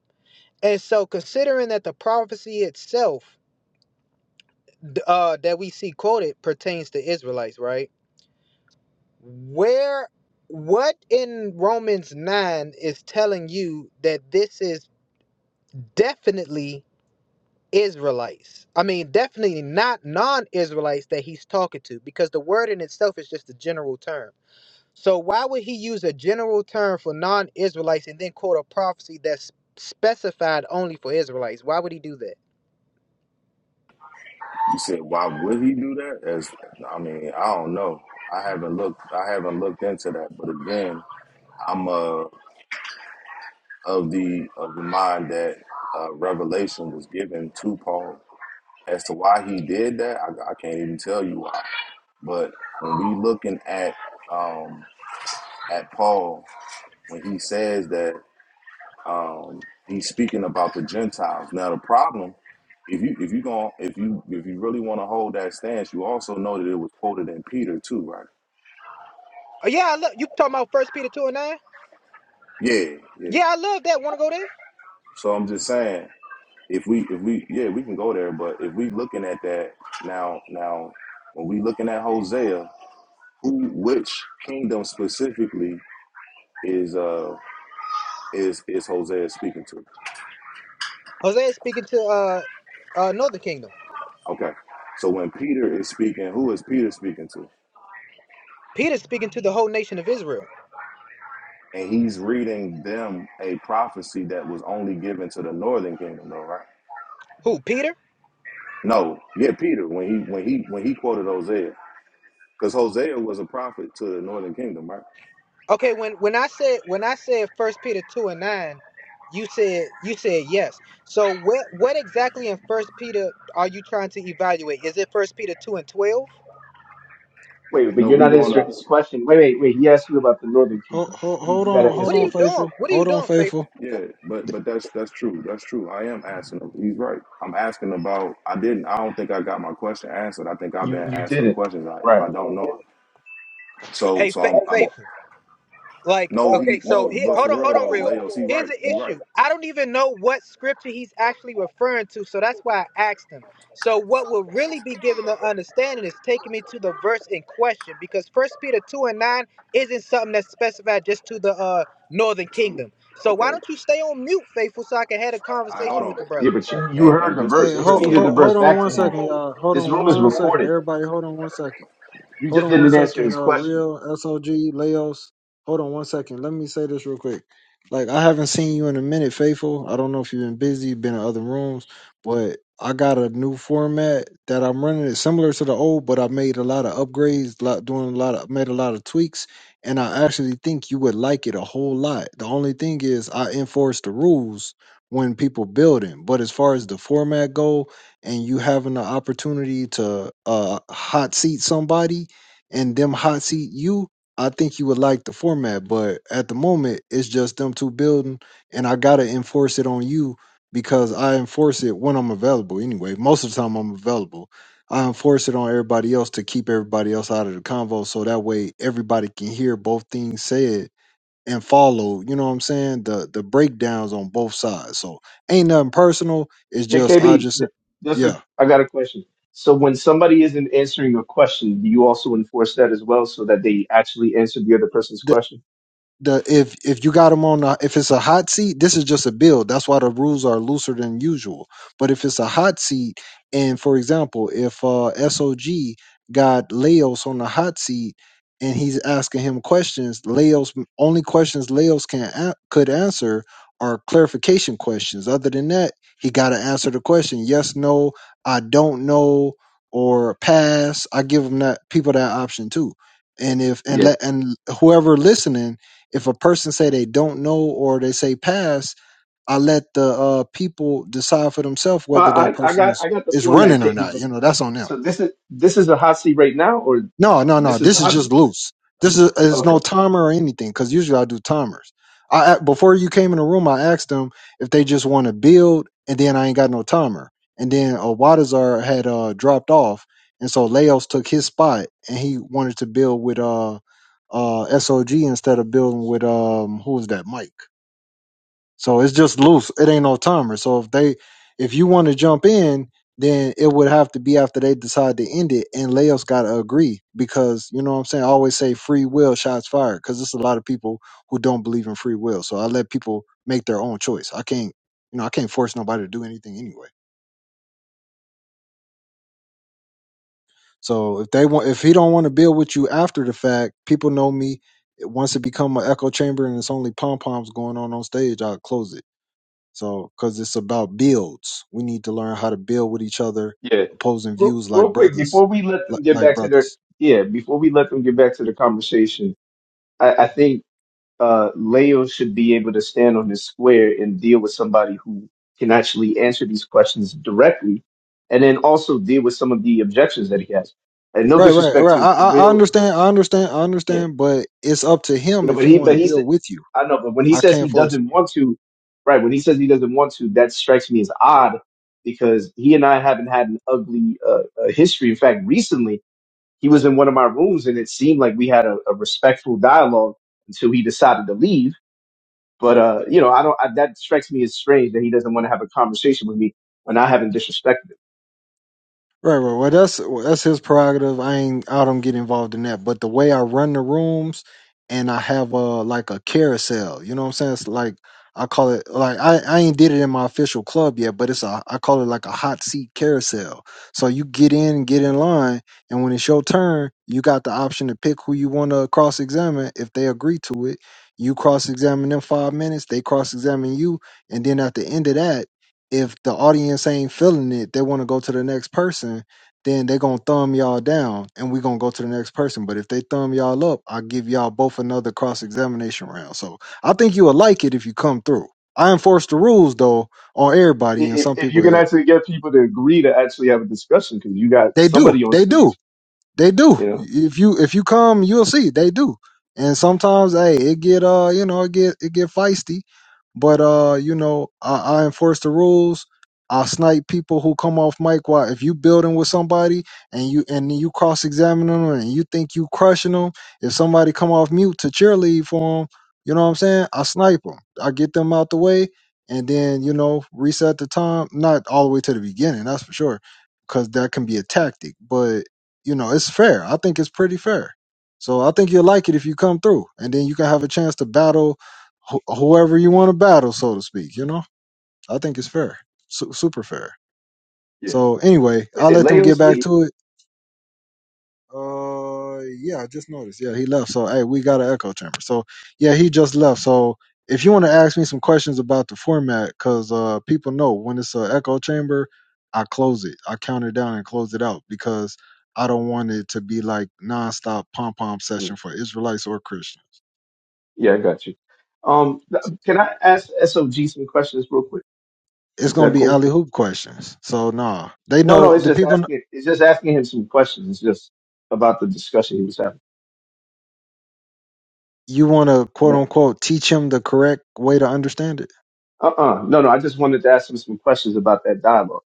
Speaker 12: And so, considering that the prophecy itself d- uh, that we see quoted pertains to Israelites, right? Where what in Romans 9 is telling you that this is definitely Israelites? I mean, definitely not non-Israelites that he's talking to because the word in itself is just a general term. So why would he use a general term for non-Israelites and then quote a prophecy that's specified only for Israelites? Why would he do that?
Speaker 11: You said, why would he do that? As I mean, I don't know. I haven't looked. I haven't looked into that. But again, I'm uh, of the of the mind that uh, revelation was given to Paul as to why he did that. I, I can't even tell you why. But when we looking at um, at Paul when he says that. Um, he's speaking about the Gentiles. Now the problem, if you if you going if you if you really want to hold that stance, you also know that it was quoted in Peter too, right?
Speaker 12: Oh, yeah, I love you talking about First Peter 2 and 9?
Speaker 11: Yeah, yeah.
Speaker 12: Yeah, I love that. Want to go there?
Speaker 11: So I'm just saying, if we if we yeah we can go there, but if we looking at that now now when we looking at Hosea, who which kingdom specifically is uh is is Hosea speaking to?
Speaker 12: Hosea is speaking to uh uh Northern Kingdom.
Speaker 11: Okay, so when Peter is speaking, who is Peter speaking to?
Speaker 12: Peter's speaking to the whole nation of Israel.
Speaker 11: and he's reading them a prophecy that was only given to the northern kingdom, though, right?
Speaker 12: Who, Peter?
Speaker 11: No, yeah, Peter when he when he when he quoted Hosea, because Hosea was a prophet to the northern kingdom, right?
Speaker 12: Okay, when when I said when I said first Peter two and nine, you said you said yes. So what what exactly in first Peter are you trying to evaluate? Is it first Peter two and twelve?
Speaker 13: Wait, but
Speaker 11: No,
Speaker 13: you're
Speaker 11: we
Speaker 13: not
Speaker 11: going
Speaker 13: answering
Speaker 11: to
Speaker 13: his question. Wait, wait, wait. He asked you about the Northern
Speaker 1: Hold,
Speaker 13: Kingdom.
Speaker 1: hold,
Speaker 13: You,
Speaker 1: hold
Speaker 13: you got
Speaker 1: on,
Speaker 13: to
Speaker 1: hold
Speaker 12: What
Speaker 13: answer
Speaker 12: are
Speaker 1: on,
Speaker 12: you
Speaker 13: that question.
Speaker 12: doing?
Speaker 1: faithful.
Speaker 12: What are you
Speaker 1: Hold on,
Speaker 12: doing, faithful?
Speaker 1: faithful.
Speaker 11: yeah, but but that's that's true, that's true. I am asking. He's right. I'm asking about. I didn't. I don't think I got my question answered. I think I've been
Speaker 13: You you
Speaker 11: asking
Speaker 13: didn't.
Speaker 11: questions. I, if
Speaker 13: Right.
Speaker 11: I don't know,
Speaker 12: F-
Speaker 11: so
Speaker 12: Hey,
Speaker 11: so
Speaker 12: fa-
Speaker 11: I'm, I'm
Speaker 12: faithful. Like,
Speaker 11: no he
Speaker 12: okay, so
Speaker 11: no.
Speaker 12: here,
Speaker 11: But for
Speaker 12: hold on, hold
Speaker 11: real
Speaker 12: on,
Speaker 11: though,
Speaker 12: real.
Speaker 11: Leos, he
Speaker 12: Here's
Speaker 11: right.
Speaker 12: the
Speaker 11: He right.
Speaker 12: issue. I don't even know what scripture he's actually referring to, so that's why I asked him. So, what will really be given the understanding is taking me to the verse in question, because First Peter two and nine isn't something that's specified just to the uh, Northern
Speaker 11: So
Speaker 12: Kingdom. So, why
Speaker 11: okay,
Speaker 12: don't you stay on mute, faithful, so I can have a
Speaker 11: I hold
Speaker 12: conversation with
Speaker 11: on.
Speaker 12: the
Speaker 13: Yeah,
Speaker 12: brother?
Speaker 13: but you you
Speaker 11: and
Speaker 13: heard
Speaker 11: and
Speaker 13: the
Speaker 11: just to
Speaker 1: Hey,
Speaker 13: verse. You
Speaker 11: just to
Speaker 1: hold,
Speaker 13: repeated
Speaker 11: get
Speaker 13: the
Speaker 1: hold,
Speaker 11: it,
Speaker 13: verse
Speaker 1: hold on
Speaker 13: back
Speaker 1: one
Speaker 13: to him.
Speaker 1: second, y'all. Hold
Speaker 13: This
Speaker 1: on
Speaker 13: room is
Speaker 1: one second,
Speaker 13: recorded.
Speaker 1: everybody. Hold on one second.
Speaker 13: You
Speaker 1: Hold
Speaker 13: just
Speaker 1: on one
Speaker 13: didn't answer
Speaker 1: second,
Speaker 13: his
Speaker 1: uh,
Speaker 13: question.
Speaker 1: real SOG Laos. Hold on one second. Let me say this real quick. Like I haven't seen you in a minute, faithful. I don't know if you've been busy, been in other rooms, but I got a new format that I'm running. It's similar to the old, but I made a lot of upgrades, lot doing a lot of made a lot of tweaks, and I actually think you would like it a whole lot. The only thing is I enforce the rules when people building, but as far as the format go, and you having the opportunity to uh hot seat somebody, and them hot seat you, I think you would like the format, but at the moment it's just them two building, and I gotta enforce it on you because I enforce it when I'm available anyway. Most of the time I'm available. I enforce it on everybody else to keep everybody else out of the convo so that way everybody can hear both things said and follow, you know what I'm saying? The the breakdowns on both sides. So ain't nothing personal. It's
Speaker 13: Yeah,
Speaker 1: just I
Speaker 13: KB,
Speaker 1: just
Speaker 13: th- that's a,
Speaker 1: yeah.
Speaker 13: I got a question. So when somebody isn't answering a question, do you also enforce that as well so that they actually answer the other person's question?
Speaker 1: the if if you got them on a, if it's a hot seat, this is just a build. That's why the rules are looser than usual. But if it's a hot seat, and for example, if uh SOG got Leos on the hot seat and he's asking him questions, Leos only questions Leos can a- could answer are clarification questions. Other than that, he got to answer the question yes, no, I don't know, or pass. I give him that people that option too. And if
Speaker 13: Yeah.
Speaker 1: and let and whoever listening if a person say they don't know or they say pass, I let the uh, people decide for themselves
Speaker 13: Well,
Speaker 1: whether that
Speaker 13: I, I
Speaker 1: person
Speaker 13: got
Speaker 1: is
Speaker 13: I got the
Speaker 1: is
Speaker 13: format,
Speaker 1: running or
Speaker 13: KB.
Speaker 1: not.
Speaker 13: But
Speaker 1: You know, that's on them.
Speaker 13: so this is this is the hot seat right now, or
Speaker 1: No, no, no.
Speaker 13: this is the
Speaker 1: This is
Speaker 13: hot seat?
Speaker 1: just loose. This is, is
Speaker 13: Okay,
Speaker 1: no timer or anything because usually I do timers. I a- before you came in the room, I asked them if they just want to build, and then I ain't got no timer. And then uh, Wadazar had uh, dropped off, and so Laos took his spot, and he wanted to build with uh, uh, SOG instead of building with um, who was that, Mike? So it's just loose. It ain't no timer. So if they if you want to jump in, then it would have to be after they decide to end it and Leo's gotta agree because you know what I'm saying? I always say free will shots fired because there's a lot of people who don't believe in free will. So I let people make their own choice. I can't you know, I can't force nobody to do anything anyway. So if they want if he don't want to build with you after the fact, people know me. Once it become an echo chamber and it's only pom poms going on on stage, I'll close it So, because it's about builds, we need to learn how to build with each other,
Speaker 13: yeah.
Speaker 1: opposing
Speaker 13: Real,
Speaker 1: views like
Speaker 13: real quick
Speaker 1: brothers,
Speaker 13: before we let them
Speaker 1: like,
Speaker 13: get
Speaker 1: like
Speaker 13: back to their
Speaker 1: brothers.
Speaker 13: yeah before we let them get back to the conversation, I, I think uh, Leo should be able to stand on his square and deal with somebody who can actually answer these questions directly, and then also deal with some of the objections that he has. And no
Speaker 1: Right, right,
Speaker 13: disrespect
Speaker 1: right.
Speaker 13: to
Speaker 1: I,
Speaker 13: to
Speaker 1: I, I
Speaker 13: real
Speaker 1: understand, I understand, I
Speaker 13: yeah
Speaker 1: understand. But it's up to
Speaker 13: You
Speaker 1: him
Speaker 13: know,
Speaker 1: if
Speaker 13: but
Speaker 1: he
Speaker 13: he,
Speaker 1: want
Speaker 13: but
Speaker 1: to
Speaker 13: he said,
Speaker 1: build with you.
Speaker 13: I know, but when he
Speaker 1: I
Speaker 13: says he
Speaker 1: can't force.
Speaker 13: doesn't want to, right? When he says he doesn't want to, that strikes me as odd because he and I haven't had an ugly uh, uh, history. In fact, recently he was in one of my rooms and it seemed like we had a, a respectful dialogue until he decided to leave. But uh, you know, I don't. I, that strikes me as strange that he doesn't want to have a conversation with me when I haven't disrespected him.
Speaker 1: Right, right. Well, that's well, that's his prerogative. I ain't. I don't get involved in that. But the way I run the rooms, and I have a like a carousel. You know what I'm saying? It's like I call it like I I ain't did it in my official club yet, but it's a I call it like a hot seat carousel. So you get in, get in line, and when it's your turn, you got the option to pick who you want to cross examine. If they agree to it, you cross examine them five minutes. They cross examine you, and then at the end of that if the audience ain't feeling it, they want to go to the next person, then they going to thumb y'all down and we going to go to the next person. But if they thumb y'all up, I'll give y'all both another cross examination round. So I think you will like it if you come through. I enforce the rules though on
Speaker 13: I-
Speaker 1: everybody, and
Speaker 13: If
Speaker 1: some
Speaker 13: if you
Speaker 1: people
Speaker 13: can
Speaker 1: eh,
Speaker 13: actually get people to agree to actually have a discussion, because you got
Speaker 1: they do,
Speaker 13: somebody on
Speaker 1: they do.
Speaker 13: stage,
Speaker 1: They do.
Speaker 13: you know.
Speaker 1: If you if you come, you'll see they do. And sometimes, hey, it get uh, you know, it get it get feisty. But uh, you know, I, I enforce the rules. I snipe people who come off mic. Why? If you building with somebody and you and you cross examine them and you think you crushing them, if somebody come off mute to cheerlead for them, you know what I'm saying? I snipe them. I get them out the way, and then you know reset the time. Not all the way to the beginning, that's for sure, because that can be a tactic. But you know, it's fair. I think it's pretty fair. So I think you'll like it if you come through, and then you can have a chance to battle wh- whoever you want to battle, so to speak. You know, I think it's fair, Su- super fair.
Speaker 13: Yeah.
Speaker 1: So anyway,
Speaker 13: Wait,
Speaker 1: I'll
Speaker 13: did
Speaker 1: let them get
Speaker 13: Leos
Speaker 1: back
Speaker 13: leave?
Speaker 1: to it. Uh, yeah, I just noticed. Yeah, he left. So, hey, we got an echo chamber. So, yeah, he just left. So, if you want to ask me some questions about the format, because uh, people know when it's an echo chamber, I close it. I count it down and close it out because I don't want it to be like nonstop pom pom session for Israelites or Christians.
Speaker 13: Yeah, I got you. Um, th- can I ask SOG some questions real quick?
Speaker 1: It's
Speaker 13: Is
Speaker 1: gonna
Speaker 13: that
Speaker 1: be
Speaker 13: cool?
Speaker 1: alley hoop questions. So, nah, they
Speaker 13: No,
Speaker 1: know
Speaker 13: no, it's
Speaker 1: the
Speaker 13: just
Speaker 1: people. kn-
Speaker 13: asking. It's just asking him some questions. It's just about the discussion he was having.
Speaker 1: You want to
Speaker 13: Is
Speaker 1: quote
Speaker 13: that,
Speaker 1: unquote teach him the correct way to understand it.
Speaker 13: uh-uh. No, no, I just wanted to ask him some questions about that dialogue.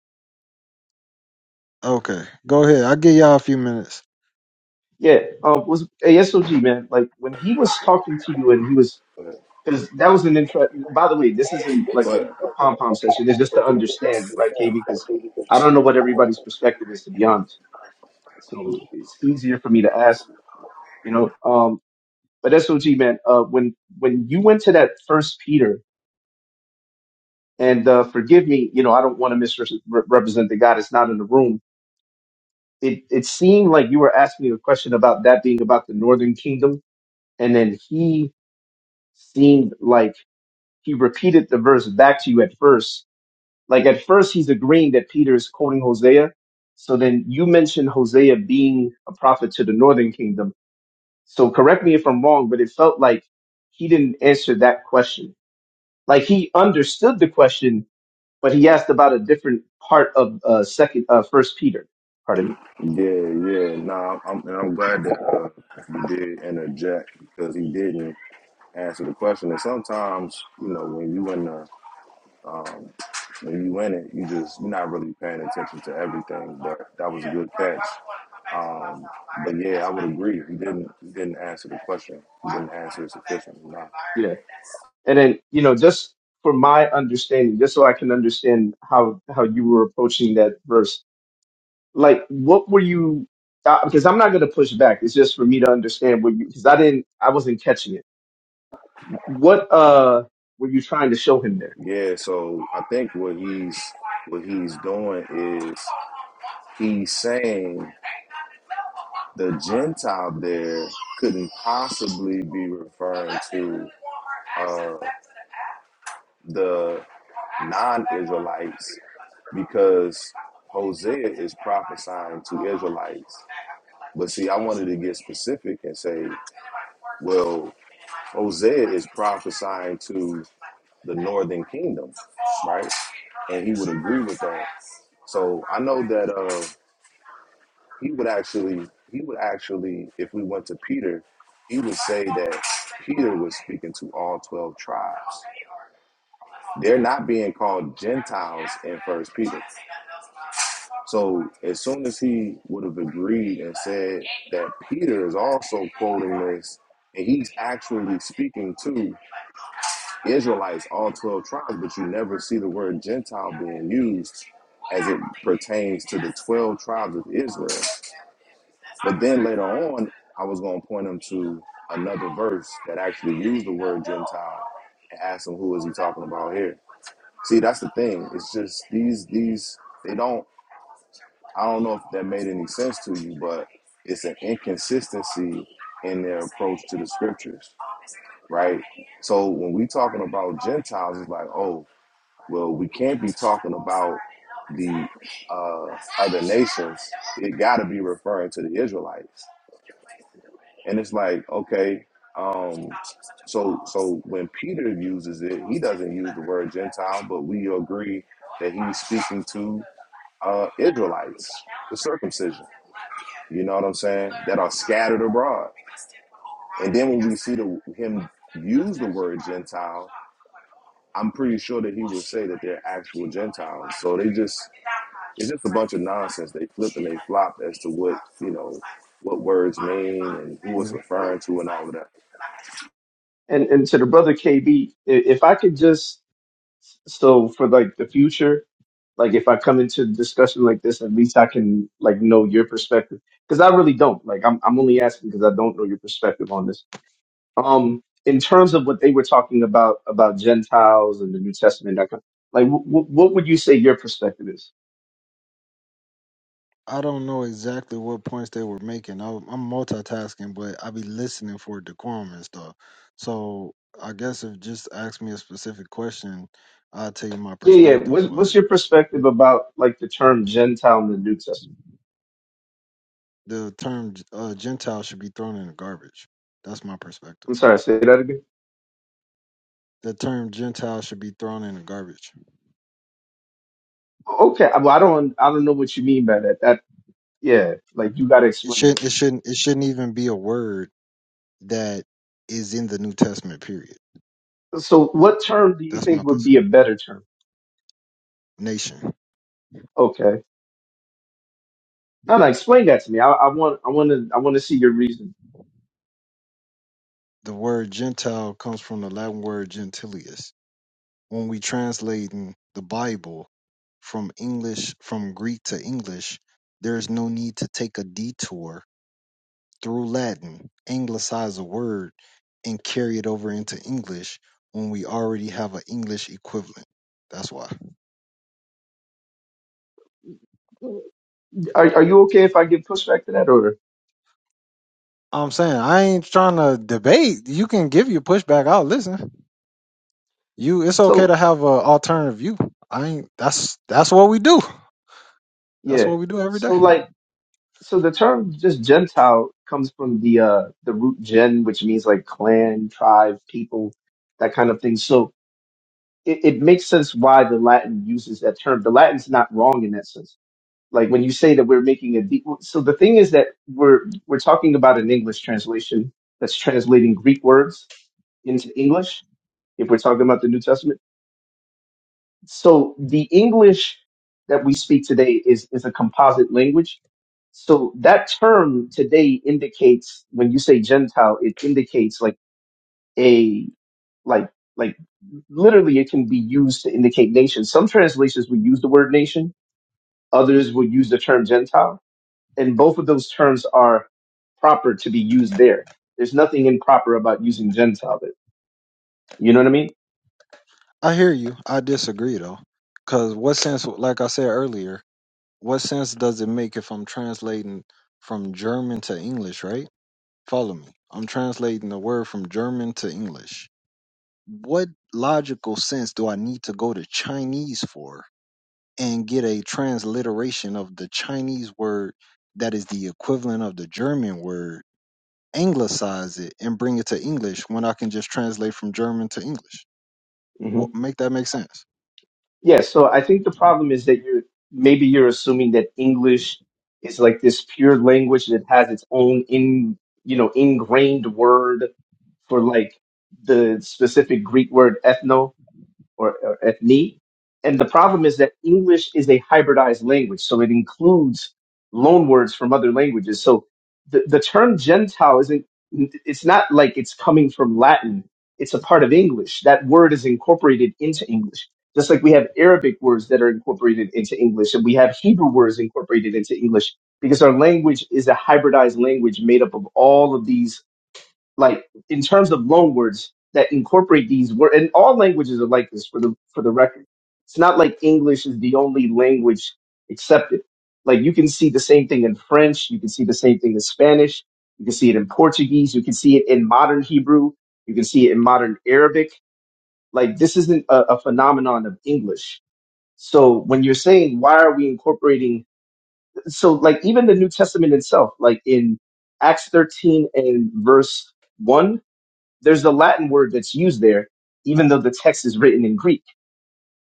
Speaker 1: Okay, go ahead. I'll give y'all a few minutes.
Speaker 13: Yeah. Um, was hey, SOG man, like when he was talking to you and he was
Speaker 11: but,
Speaker 13: because that was an intro. By the way, this isn't like a,
Speaker 11: but
Speaker 13: a pom pom session. It's just to understand, right, KB? Because I don't know what everybody's perspective is to be honest. So it's easier for me to ask you know um, But SOG man, uh, when when you went to that first Peter, and uh, forgive me, you know, I don't want to misrepresent the guy that's not in the room. It it seemed like you were asking me a question about that being about the Northern Kingdom, and then he seemed like he repeated the verse back to you at first. Like at first, he's agreeing that Peter is quoting Hosea. So then you mentioned Hosea being a prophet to the Northern Kingdom. So correct me if I'm wrong, but it felt like he didn't answer that question like he understood the question, but he asked about a different part of uh, second uh, First Peter. Pardon me.
Speaker 11: yeah, yeah, nah, I'm and I'm glad that uh, you did interject because he didn't answer the question. And sometimes, you know, when you in the when you in it, you just you're not really paying attention to everything. But that was a good catch. Um, but yeah, I would agree. He didn't he didn't answer the question. He didn't answer it sufficiently. Nah.
Speaker 13: Yeah, and then you know just for my understanding, just so I can understand how how you were approaching that verse, like what were you? Uh, because I'm not going to push back. It's just for me to understand what you because I didn't I wasn't catching it. What uh were you trying to show him there?
Speaker 11: Yeah, so I think what he's what he's doing is he's saying. the Gentile there couldn't possibly be referring to uh, the non Israelites because Hosea is prophesying to Israelites. But see, I wanted to get specific and say, well, Hosea is prophesying to the northern kingdom, right? And he would agree with that. So I know that uh, he would actually he would actually if we went to peter he would say that peter was speaking to all 12 tribes they're not being called gentiles in first peter so as soon as he would have agreed and said that peter is also quoting this and he's actually speaking to israelites all 12 tribes but you never see the word gentile being used as it pertains to the 12 tribes of israel but then later on, I was going to point him to another verse that actually used the word Gentile and ask him who is he talking about here. See, that's the thing. It's just these these they don't. I don't know if that made any sense to you, but it's an inconsistency in their approach to the scriptures, right? So when we talking about Gentiles, it's like, oh, well, we can't be talking about the uh, other nations. It got to be referring to the Israelites And it's like, okay, um, so so when Peter uses it, he doesn't use the word Gentile, but we agree that he's speaking to uh, Israelites, the circumcision. You know what I'm saying? That are scattered abroad. And then when we see the, him use the word Gentile, I'm pretty sure that he will say that they're actual Gentiles. So they just it's just a bunch of nonsense. They flip and they flop as to what you know what words mean and who it's
Speaker 13: Mhm.
Speaker 11: referring to and all of that.
Speaker 13: And and to the brother KB, if I could just so for like the future, Like if I come into a discussion like this, at least I can like know your perspective because I really don't. Like I'm I'm only asking because I don't know your perspective on this. Um, in terms of what they were talking about about Gentiles and the New Testament, that kind like w- what would you say your perspective is?
Speaker 1: I don't know exactly what points they were making. I, I'm multitasking, but I be listening for decorum and stuff. So I guess if just ask me a specific question, I'll tell you my
Speaker 13: Yeah, yeah.
Speaker 1: perspective.
Speaker 13: What's what's
Speaker 1: But
Speaker 13: your perspective about like the term Gentile in the New Testament?
Speaker 1: the term uh, Gentile should be thrown in the garbage. That's my perspective.
Speaker 13: I'm sorry, say that again.
Speaker 1: The term Gentile should be thrown in the garbage.
Speaker 13: Okay, well I don't I don't know what you mean by that. That yeah, like you got to
Speaker 1: It
Speaker 13: explain it
Speaker 1: shouldn't.
Speaker 13: to me.
Speaker 1: It shouldn't. It shouldn't even be a word that is in the New Testament. Period.
Speaker 13: So what term do you
Speaker 1: That's my
Speaker 13: think would be a
Speaker 1: position.
Speaker 13: better term?
Speaker 1: Nation.
Speaker 13: Okay. No, no, explain that to me. I, I want, I want to, I want to see your reason.
Speaker 1: The word Gentile comes from the Latin word gentilius when we translating the Bible from English from Greek to English, there is no need to take a detour through Latin, anglicize a word, and carry it over into English when we already have an English equivalent. That's why.
Speaker 13: Are, are you okay if I give pushback to that, or
Speaker 1: I'm saying I ain't trying to debate. You can give your pushback. I'll listen. You, it's okay
Speaker 13: so?
Speaker 1: to have a alternative view. I ain't. That's that's what we do. That's
Speaker 13: Yeah.
Speaker 1: what we do every
Speaker 13: So
Speaker 1: day.
Speaker 13: like, so the term just Gentile comes from the uh the root gen, which means like clan, tribe, people, that kind of thing. So it, it makes sense why the Latin uses that term. The Latin's not wrong in that sense. Like when you say that we're making a deep, so the thing is that we're we're talking about an English translation that's translating Greek words into English if we're talking about the New Testament. So the English that we speak today is, is a composite language. So that term today indicates when you say Gentile, it indicates like a like like literally it can be used to indicate nation. Some translations will use the word nation, others will use the term Gentile, and both of those terms are proper to be used there. There's nothing improper about using Gentile there. You know what I mean?
Speaker 1: I hear you. I disagree though, because what sense, like I said earlier, what sense does it make if I'm translating from German to English? Right? Follow me. I'm translating the word from German to English. What logical sense do I need to go to Chinese for and get a transliteration of the Chinese word that is the equivalent of the German word, anglicize it and bring it to English when I can just translate from German to English?
Speaker 13: hmm
Speaker 1: What, make that make sense?
Speaker 13: Yeah, so I think the problem is that you're maybe you're assuming that English is like this pure language that has its own in you know ingrained word for like the specific Greek word ethno or, or ethnic. And the problem is that English is a hybridized language, so it includes loan words from other languages. So the, the term Gentile isn't, it's not like it's coming from Latin. It's a part of English. That word is incorporated into English. Just like we have Arabic words that are incorporated into English, and we have Hebrew words incorporated into English, because our language is a hybridized language made up of all of these like in terms of loan words that incorporate these words and all languages are like this for the for the record it's not like english is the only language accepted like you can see the same thing in french you can see the same thing in spanish you can see it in portuguese you can see it in modern hebrew you can see it in modern arabic like this isn't a, a phenomenon of english so when you're saying why are we incorporating so like even the new testament itself like in acts 13 and verse 1 there's a Latin word that's used there, even though the text is written in Greek.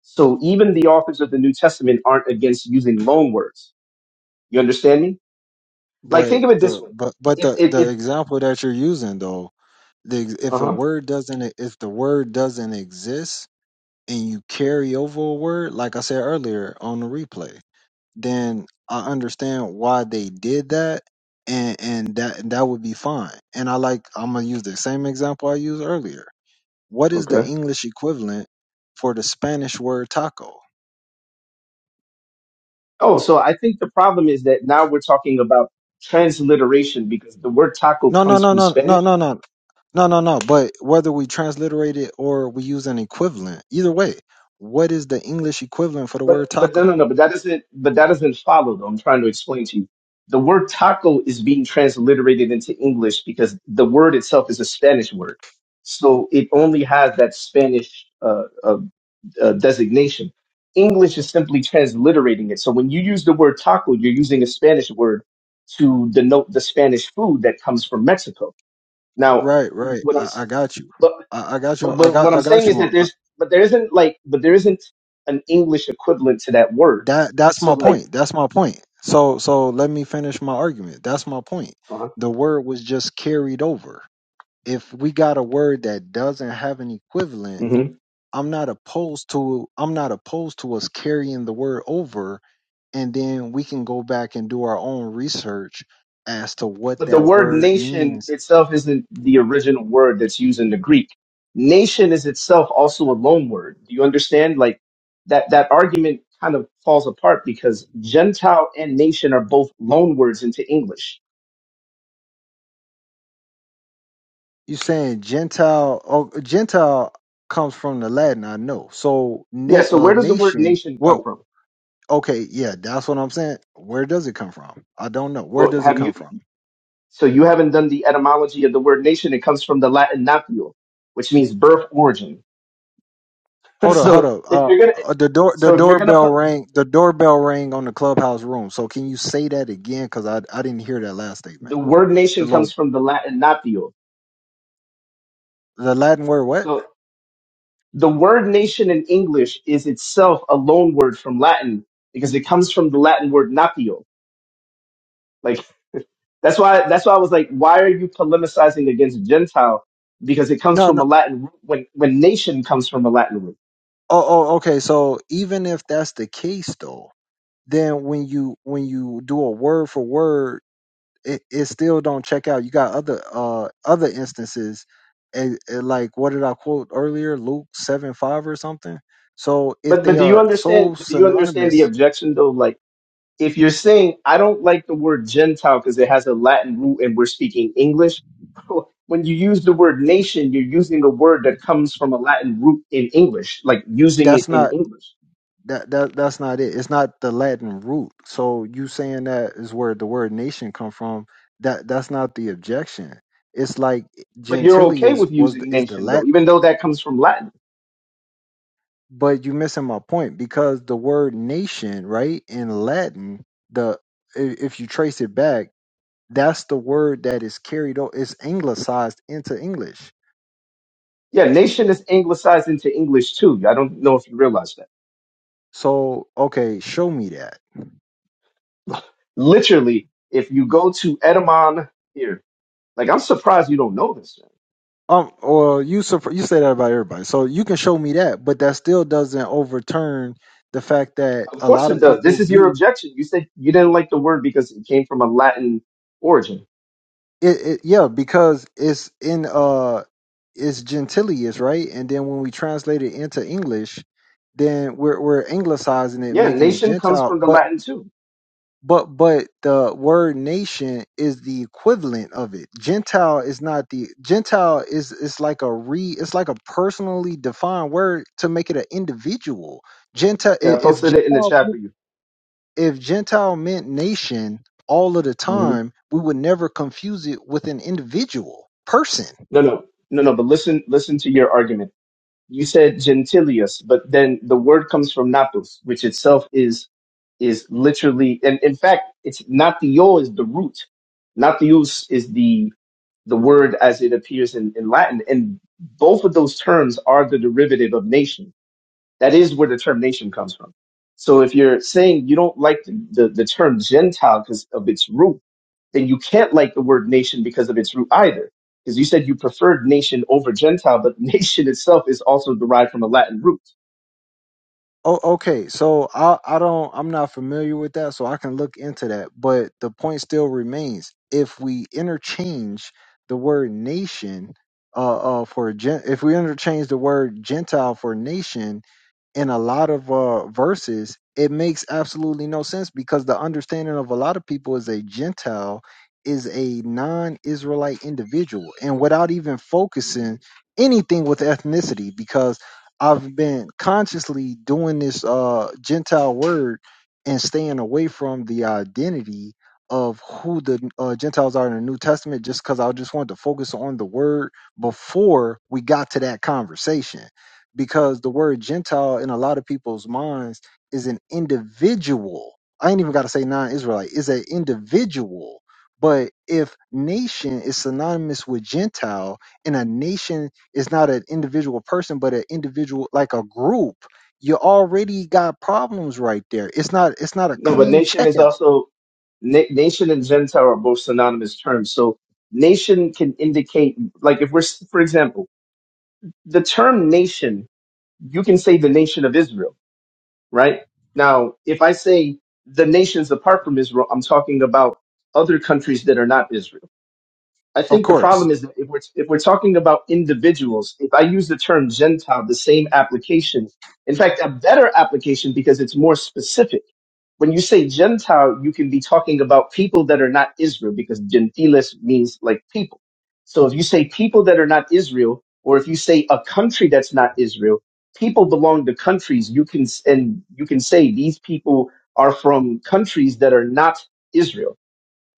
Speaker 13: So even the authors of the New Testament aren't against using loan words. You understand me? Like think
Speaker 1: But
Speaker 13: of it this
Speaker 1: the
Speaker 13: way.
Speaker 1: but but
Speaker 13: If,
Speaker 1: the
Speaker 13: if,
Speaker 1: the
Speaker 13: if,
Speaker 1: example that you're using though, the ex-
Speaker 13: uh
Speaker 1: if a
Speaker 13: huh.
Speaker 1: word doesn't e, if the word doesn't exist and you carry over a word, like I said earlier on the replay, then I understand why they did that, and and that that would be fine. And I like I'm gonna use the same example I used earlier. What is the
Speaker 13: Okay.
Speaker 1: English equivalent for the Spanish word taco?
Speaker 13: Oh, so I think the problem is that now we're talking about transliteration because the word taco
Speaker 1: No, no,
Speaker 13: comes
Speaker 1: no,
Speaker 13: from
Speaker 1: no,
Speaker 13: Spanish
Speaker 1: no, no, no, no, no, no. But whether we transliterate it or we use an equivalent, either way, what is the English equivalent for the
Speaker 13: But
Speaker 1: word
Speaker 13: but no
Speaker 1: taco?
Speaker 13: no no. But that doesn't but that doesn't follow though. I'm trying to explain to you. The word taco is being transliterated into English because the word itself is a Spanish word, so it only has that Spanish uh, uh, uh, designation. English is simply transliterating it. So when you use the word taco, you're using a Spanish word to denote the Spanish food that comes from Mexico. Now,
Speaker 1: Right, right.
Speaker 13: what I'm
Speaker 1: I,
Speaker 13: s-
Speaker 1: I got you. I, I got
Speaker 13: but
Speaker 1: you. I
Speaker 13: but what
Speaker 1: got.
Speaker 13: I'm
Speaker 1: I
Speaker 13: saying
Speaker 1: got
Speaker 13: is
Speaker 1: you. On.
Speaker 13: that
Speaker 1: I,
Speaker 13: there's but there isn't like but there isn't an English equivalent to that word.
Speaker 1: that that's
Speaker 13: So
Speaker 1: my
Speaker 13: like,
Speaker 1: point. That's my point. So so let me finish my argument. That's my point.
Speaker 13: uh,
Speaker 1: The word was just carried over. If we got a word that doesn't have an equivalent,
Speaker 13: hmm
Speaker 1: I'm not opposed to. I'm not opposed to us carrying the word over and then we can go back and do our own research as to what
Speaker 13: but the
Speaker 1: that
Speaker 13: word
Speaker 1: word
Speaker 13: nation
Speaker 1: means.
Speaker 13: itself isn't the original word that's used in the Greek. Nation is itself also a loan word. Do you understand? Like that that argument kind of falls apart because Gentile and nation are both loan words into English.
Speaker 1: you saying Gentile? Oh, Gentile comes from the Latin, I know. So
Speaker 13: Yeah.
Speaker 1: na-
Speaker 13: So
Speaker 1: uh,
Speaker 13: where does the word
Speaker 1: nation.
Speaker 13: nation come
Speaker 1: What?
Speaker 13: from?
Speaker 1: Okay, yeah, that's what I'm saying. Where does it come from? I don't know. Where
Speaker 13: Well,
Speaker 1: does it
Speaker 13: have you?
Speaker 1: come from?
Speaker 13: So you haven't done the etymology of the word nation. It comes from the Latin natio, which means birth origin. <laughs>
Speaker 1: Hold up, hold
Speaker 13: so
Speaker 1: up.
Speaker 13: if
Speaker 1: Uh,
Speaker 13: you're gonna,
Speaker 1: uh, the door, the
Speaker 13: so if you're gonna
Speaker 1: doorbell
Speaker 13: put
Speaker 1: rang. The doorbell rang on the clubhouse room. So can you say that again? Because I, I didn't hear that last statement.
Speaker 13: the word
Speaker 1: The
Speaker 13: nation
Speaker 1: little
Speaker 13: comes from the Latin natio.
Speaker 1: The Latin word what?
Speaker 13: So the word nation in English is itself a loan word from Latin because it comes from the Latin word natio. Like that's why that's why I was like, why are you polemicizing against Gentile? Because it comes
Speaker 1: No,
Speaker 13: from a
Speaker 1: no.
Speaker 13: Latin root when when nation comes from a Latin root.
Speaker 1: Oh, oh, okay. So even if that's the case, though, then when you when you do a word for word, it, it still don't check out. You got other uh other instances, eh, eh, like what did I quote earlier? Luke seven five or something. So if
Speaker 13: But but
Speaker 1: they
Speaker 13: do you
Speaker 1: are
Speaker 13: understand?
Speaker 1: so
Speaker 13: But Do you understand the
Speaker 1: synonymous,
Speaker 13: objection though? Like if you're saying I don't like the word Gentile because it has a Latin root and we're speaking English, <laughs> when you use the word nation, you're using a word that comes from a Latin root in English, like using it
Speaker 1: That's
Speaker 13: in
Speaker 1: not
Speaker 13: English.
Speaker 1: that that that's not it. It's not the Latin root. So you saying that is where the word nation come from. That that's not the objection. It's like
Speaker 13: But you're okay
Speaker 1: gentilius
Speaker 13: with
Speaker 1: was the,
Speaker 13: using
Speaker 1: is the
Speaker 13: nation though,
Speaker 1: Latin,
Speaker 13: even though that comes from Latin.
Speaker 1: but you missing my point because the word nation, right, in Latin, the i- if you trace it back, that's the word that is carried over. It's anglicized into English.
Speaker 13: Yeah, nation is anglicized into English too. I don't know if you realize that.
Speaker 1: So okay, show me that.
Speaker 13: Literally, if you go to Edamon here, like I'm surprised you don't know this. Man.
Speaker 1: Um, well, you supp- you say that about everybody, so you can show me that, but that still doesn't overturn the fact that
Speaker 13: Of
Speaker 1: a
Speaker 13: course
Speaker 1: lot
Speaker 13: it
Speaker 1: of
Speaker 13: does. This
Speaker 1: people
Speaker 13: is your
Speaker 1: view
Speaker 13: objection. You said you didn't like the word because it came from a Latin origin.
Speaker 1: it. it yeah, because it's in uh, it's gentilius, right? And then when we translate it into English, then we're we're anglicizing it,
Speaker 13: Yeah,
Speaker 1: making it
Speaker 13: nation comes
Speaker 1: Gentile.
Speaker 13: from the
Speaker 1: But
Speaker 13: Latin too.
Speaker 1: But but the word nation is the equivalent of it. Gentile is not the Gentile is it's like a re it's like a personally defined word to make it an individual. Gentile
Speaker 13: Okay,
Speaker 1: i-
Speaker 13: I
Speaker 1: if Gen-
Speaker 13: posted it in the chat for you.
Speaker 1: if Gentile meant nation all of the
Speaker 13: hmm
Speaker 1: time, we would never confuse it with an individual person.
Speaker 13: No, no, no, no. But listen, listen to your argument. You said gentilius, but then the word comes from natus, which itself is is literally, and in fact, it's natio is the root. Natius is the the word as it appears in, in Latin, and both of those terms are the derivative of nation. That is where the term nation comes from. So if you're saying you don't like the, the, the term Gentile because of its root, then you can't like the word nation because of its root either. Because you said you preferred nation over Gentile, but <laughs> nation itself is also derived from a Latin root.
Speaker 1: Oh, okay. So I I don't I'm not familiar with that, so I can look into that. But the point still remains: if we interchange the word nation, uh, uh for gen, if we interchange the word Gentile for nation, in a lot of uh, verses, it makes absolutely no sense because the understanding of a lot of people is a Gentile is a non-Israelite individual, and without even focusing anything with ethnicity, because I've been consciously doing this uh, Gentile word and staying away from the identity of who the uh, Gentiles are in the New Testament, just because I just wanted to focus on the word before we got to that conversation because the word Gentile in a lot of people's minds is an individual. I ain't even got to say non Israelite, It's an individual. But if nation is synonymous with Gentile and a nation is not an individual person, but an individual like a group, you already got problems right there. It's not it's not a
Speaker 13: No, but
Speaker 1: clean
Speaker 13: nation is
Speaker 1: checkout,
Speaker 13: also na- nation and Gentile are both synonymous terms. So nation can indicate, like if we're, s- for example, the term nation, you can say the nation of Israel right? Now, if I say the nations apart from Israel, I'm talking about other countries that are not Israel. I
Speaker 1: of
Speaker 13: think the
Speaker 1: course.
Speaker 13: problem is that if we're if we're talking about individuals, if I use the term Gentile, the same application, in fact, a better application because it's more specific. When you say Gentile, you can be talking about people that are not Israel because Gentiles means like people. So if you say people that are not Israel, or if you say a country that's not Israel, people belong to countries. You can and you can say these people are from countries that are not Israel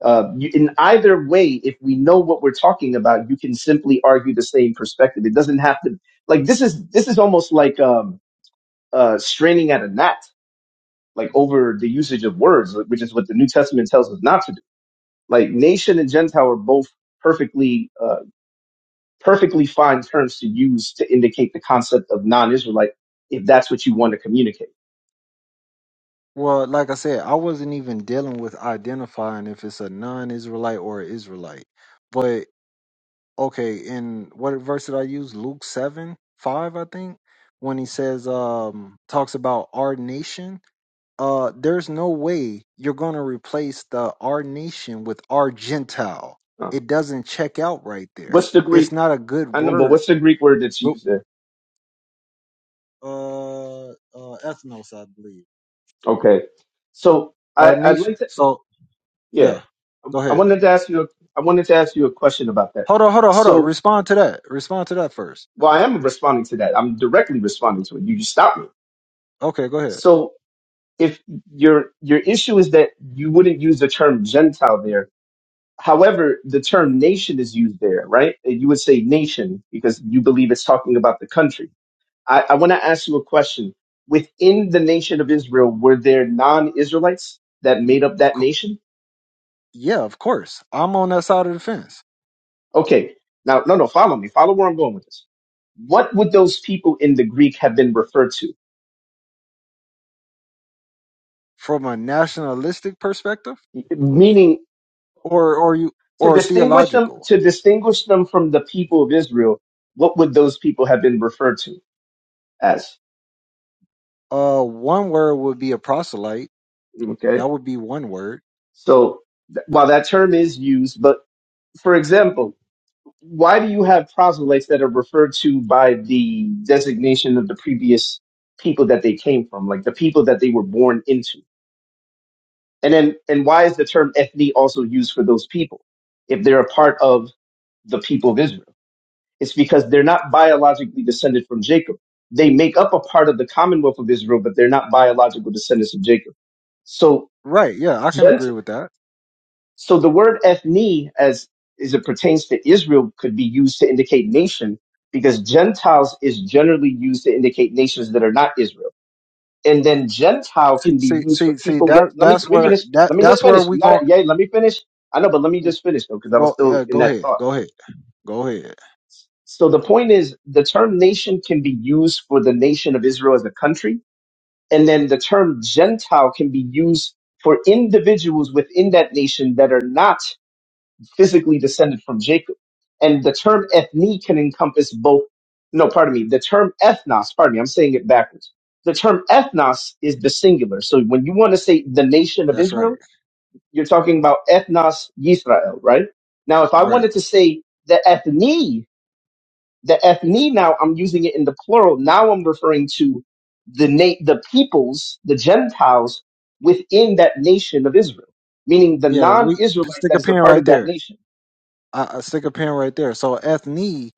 Speaker 13: uh, you, in either way, if we know what we're talking about, you can simply argue the same perspective. It doesn't have to like this is this is almost like um, uh, straining at a gnat, like over the usage of words, which is what the New Testament tells us not to do. Like nation and Gentile are both perfectly uh, perfectly fine terms to use to indicate the concept of non-Israelite, if that's what you want to communicate.
Speaker 1: Well, like I said, I wasn't even dealing with identifying if it's a non Israelite or an Israelite. But okay, and what verse did I use? Luke seven five, I think, when he says, um, talks about our nation. Uh, there's no way you're gonna replace the our nation with our Gentile.
Speaker 13: Oh.
Speaker 1: It doesn't check out right there.
Speaker 13: What's the
Speaker 1: It's
Speaker 13: Greek?
Speaker 1: not a good
Speaker 13: I know, but
Speaker 1: word.
Speaker 13: what's the Greek word that's
Speaker 1: Look,
Speaker 13: used there?
Speaker 1: uh, uh, ethnos, I believe,
Speaker 13: Okay, so I,
Speaker 1: our
Speaker 13: I'd
Speaker 1: nation.
Speaker 13: like to.
Speaker 1: So
Speaker 13: Yeah,
Speaker 1: yeah,
Speaker 13: I
Speaker 1: go
Speaker 13: I
Speaker 1: ahead.
Speaker 13: wanted to ask you. a- I wanted to ask you a question about that.
Speaker 1: Hold on, hold on, hold on.
Speaker 13: So,
Speaker 1: Respond to that. Respond to that first.
Speaker 13: well, I am responding to that. I'm directly responding to it. You, just stopped me.
Speaker 1: Okay, go ahead.
Speaker 13: So, if your your issue is that you wouldn't use the term Gentile there, however, the term nation is used there, right? And You would say nation because you believe it's talking about the country. I, I want to ask you a question. Within the nation of Israel, were there non-Israelites that made up
Speaker 1: Of
Speaker 13: that
Speaker 1: course.
Speaker 13: nation?
Speaker 1: Yeah, of course. I'm on that side of the fence.
Speaker 13: Okay. Now, no, no, follow me. Follow where I'm going with this. What would those people in the Greek have been referred to?
Speaker 1: from a nationalistic perspective
Speaker 13: Meaning,
Speaker 1: or or you
Speaker 13: to
Speaker 1: or
Speaker 13: distinguish them,
Speaker 1: theological
Speaker 13: to distinguish them from the people of Israel, what would those people have been referred to as?
Speaker 1: uh one word would be a proselyte
Speaker 13: Okay.
Speaker 1: that would be one word
Speaker 13: So th- while that term is used, but for example, why do you have proselytes that are referred to by the designation of the previous people that they came from, like the people that they were born into? And then, and why is the term ethne also used for those people if they're a part of the people of Israel? It's because they're not biologically descended from Jacob. They make up a part of the Commonwealth of Israel, but they're not biological descendants of Jacob. So,
Speaker 1: right yeah i can
Speaker 13: Gent-
Speaker 1: agree with that
Speaker 13: so the word ethne, as as it pertains to Israel, could be used to indicate nation because Gentiles is generally used to indicate nations that are not Israel and then Gentile
Speaker 1: see
Speaker 13: can be
Speaker 1: see
Speaker 13: used for
Speaker 1: see see
Speaker 13: people with.
Speaker 1: that
Speaker 13: Let me
Speaker 1: that's
Speaker 13: let me
Speaker 1: where
Speaker 13: finish.
Speaker 1: that
Speaker 13: Let me just
Speaker 1: that's where
Speaker 13: finish.
Speaker 1: we
Speaker 13: You got it.
Speaker 1: gon'
Speaker 13: Yeah, let me finish. I know, but let me just finish though, because I was
Speaker 1: go
Speaker 13: still
Speaker 1: uh,
Speaker 13: in
Speaker 1: go
Speaker 13: that
Speaker 1: ahead
Speaker 13: thought.
Speaker 1: go ahead go ahead
Speaker 13: So the point is, the term nation can be used for the nation of Israel as a country, and then the term Gentile can be used for individuals within that nation that are not physically descended from Jacob. And the term ethne can encompass both. No, pardon me. The term ethnos, pardon me, I'm saying it backwards. The term ethnos is the singular. So when you want to say the nation of
Speaker 1: that's right
Speaker 13: Israel, you're talking about ethnos Yisrael, right? Now, if I wanted
Speaker 1: right
Speaker 13: to say the ethne, the ethne now, I'm using it in the plural. Now I'm referring to the na- the peoples, the Gentiles within that nation of Israel, meaning the
Speaker 1: yeah we
Speaker 13: non-Israelite
Speaker 1: stick
Speaker 13: that
Speaker 1: a
Speaker 13: is a
Speaker 1: pin
Speaker 13: part
Speaker 1: right
Speaker 13: of
Speaker 1: there
Speaker 13: that nation.
Speaker 1: I, I stick a pin right there. So ethne,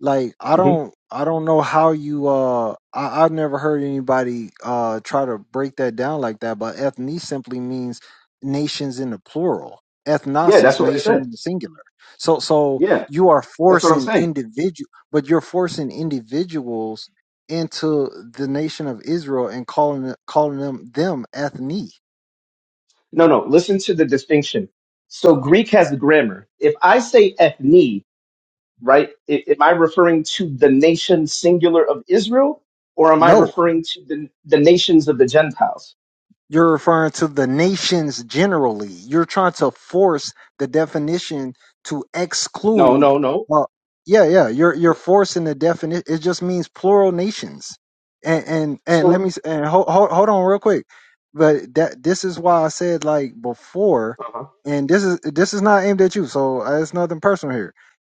Speaker 1: like I don't I don't know how you uh I, I've never heard anybody uh try to break that down like that, but ethne simply means nations in the plural.
Speaker 13: Yeah,
Speaker 1: Ethnos
Speaker 13: that's
Speaker 1: is
Speaker 13: what I
Speaker 1: nation
Speaker 13: said.
Speaker 1: in the singular. So so
Speaker 13: Yeah,
Speaker 1: you are
Speaker 13: that's what I'm
Speaker 1: forcing
Speaker 13: saying.
Speaker 1: individual but you're forcing individuals into the nation of Israel and calling it- calling them them ethne.
Speaker 13: No, no, listen to the distinction. So Greek has grammar. If I say ethne, right, i- am I referring to the nation singular of Israel or am I
Speaker 1: No.
Speaker 13: referring to the, the nations of the Gentiles?
Speaker 1: You're referring to the nations generally. You're trying to force the definition to
Speaker 13: No,
Speaker 1: exclude.
Speaker 13: no, no.
Speaker 1: Well, yeah, yeah. You're you're forcing the definition. It just means plural nations. And and and let
Speaker 13: So,
Speaker 1: me s- and hold hold, hold on real quick. But that this is why I said like before,
Speaker 13: uh-huh.
Speaker 1: and this is this is not aimed at you. So uh, it's nothing personal here.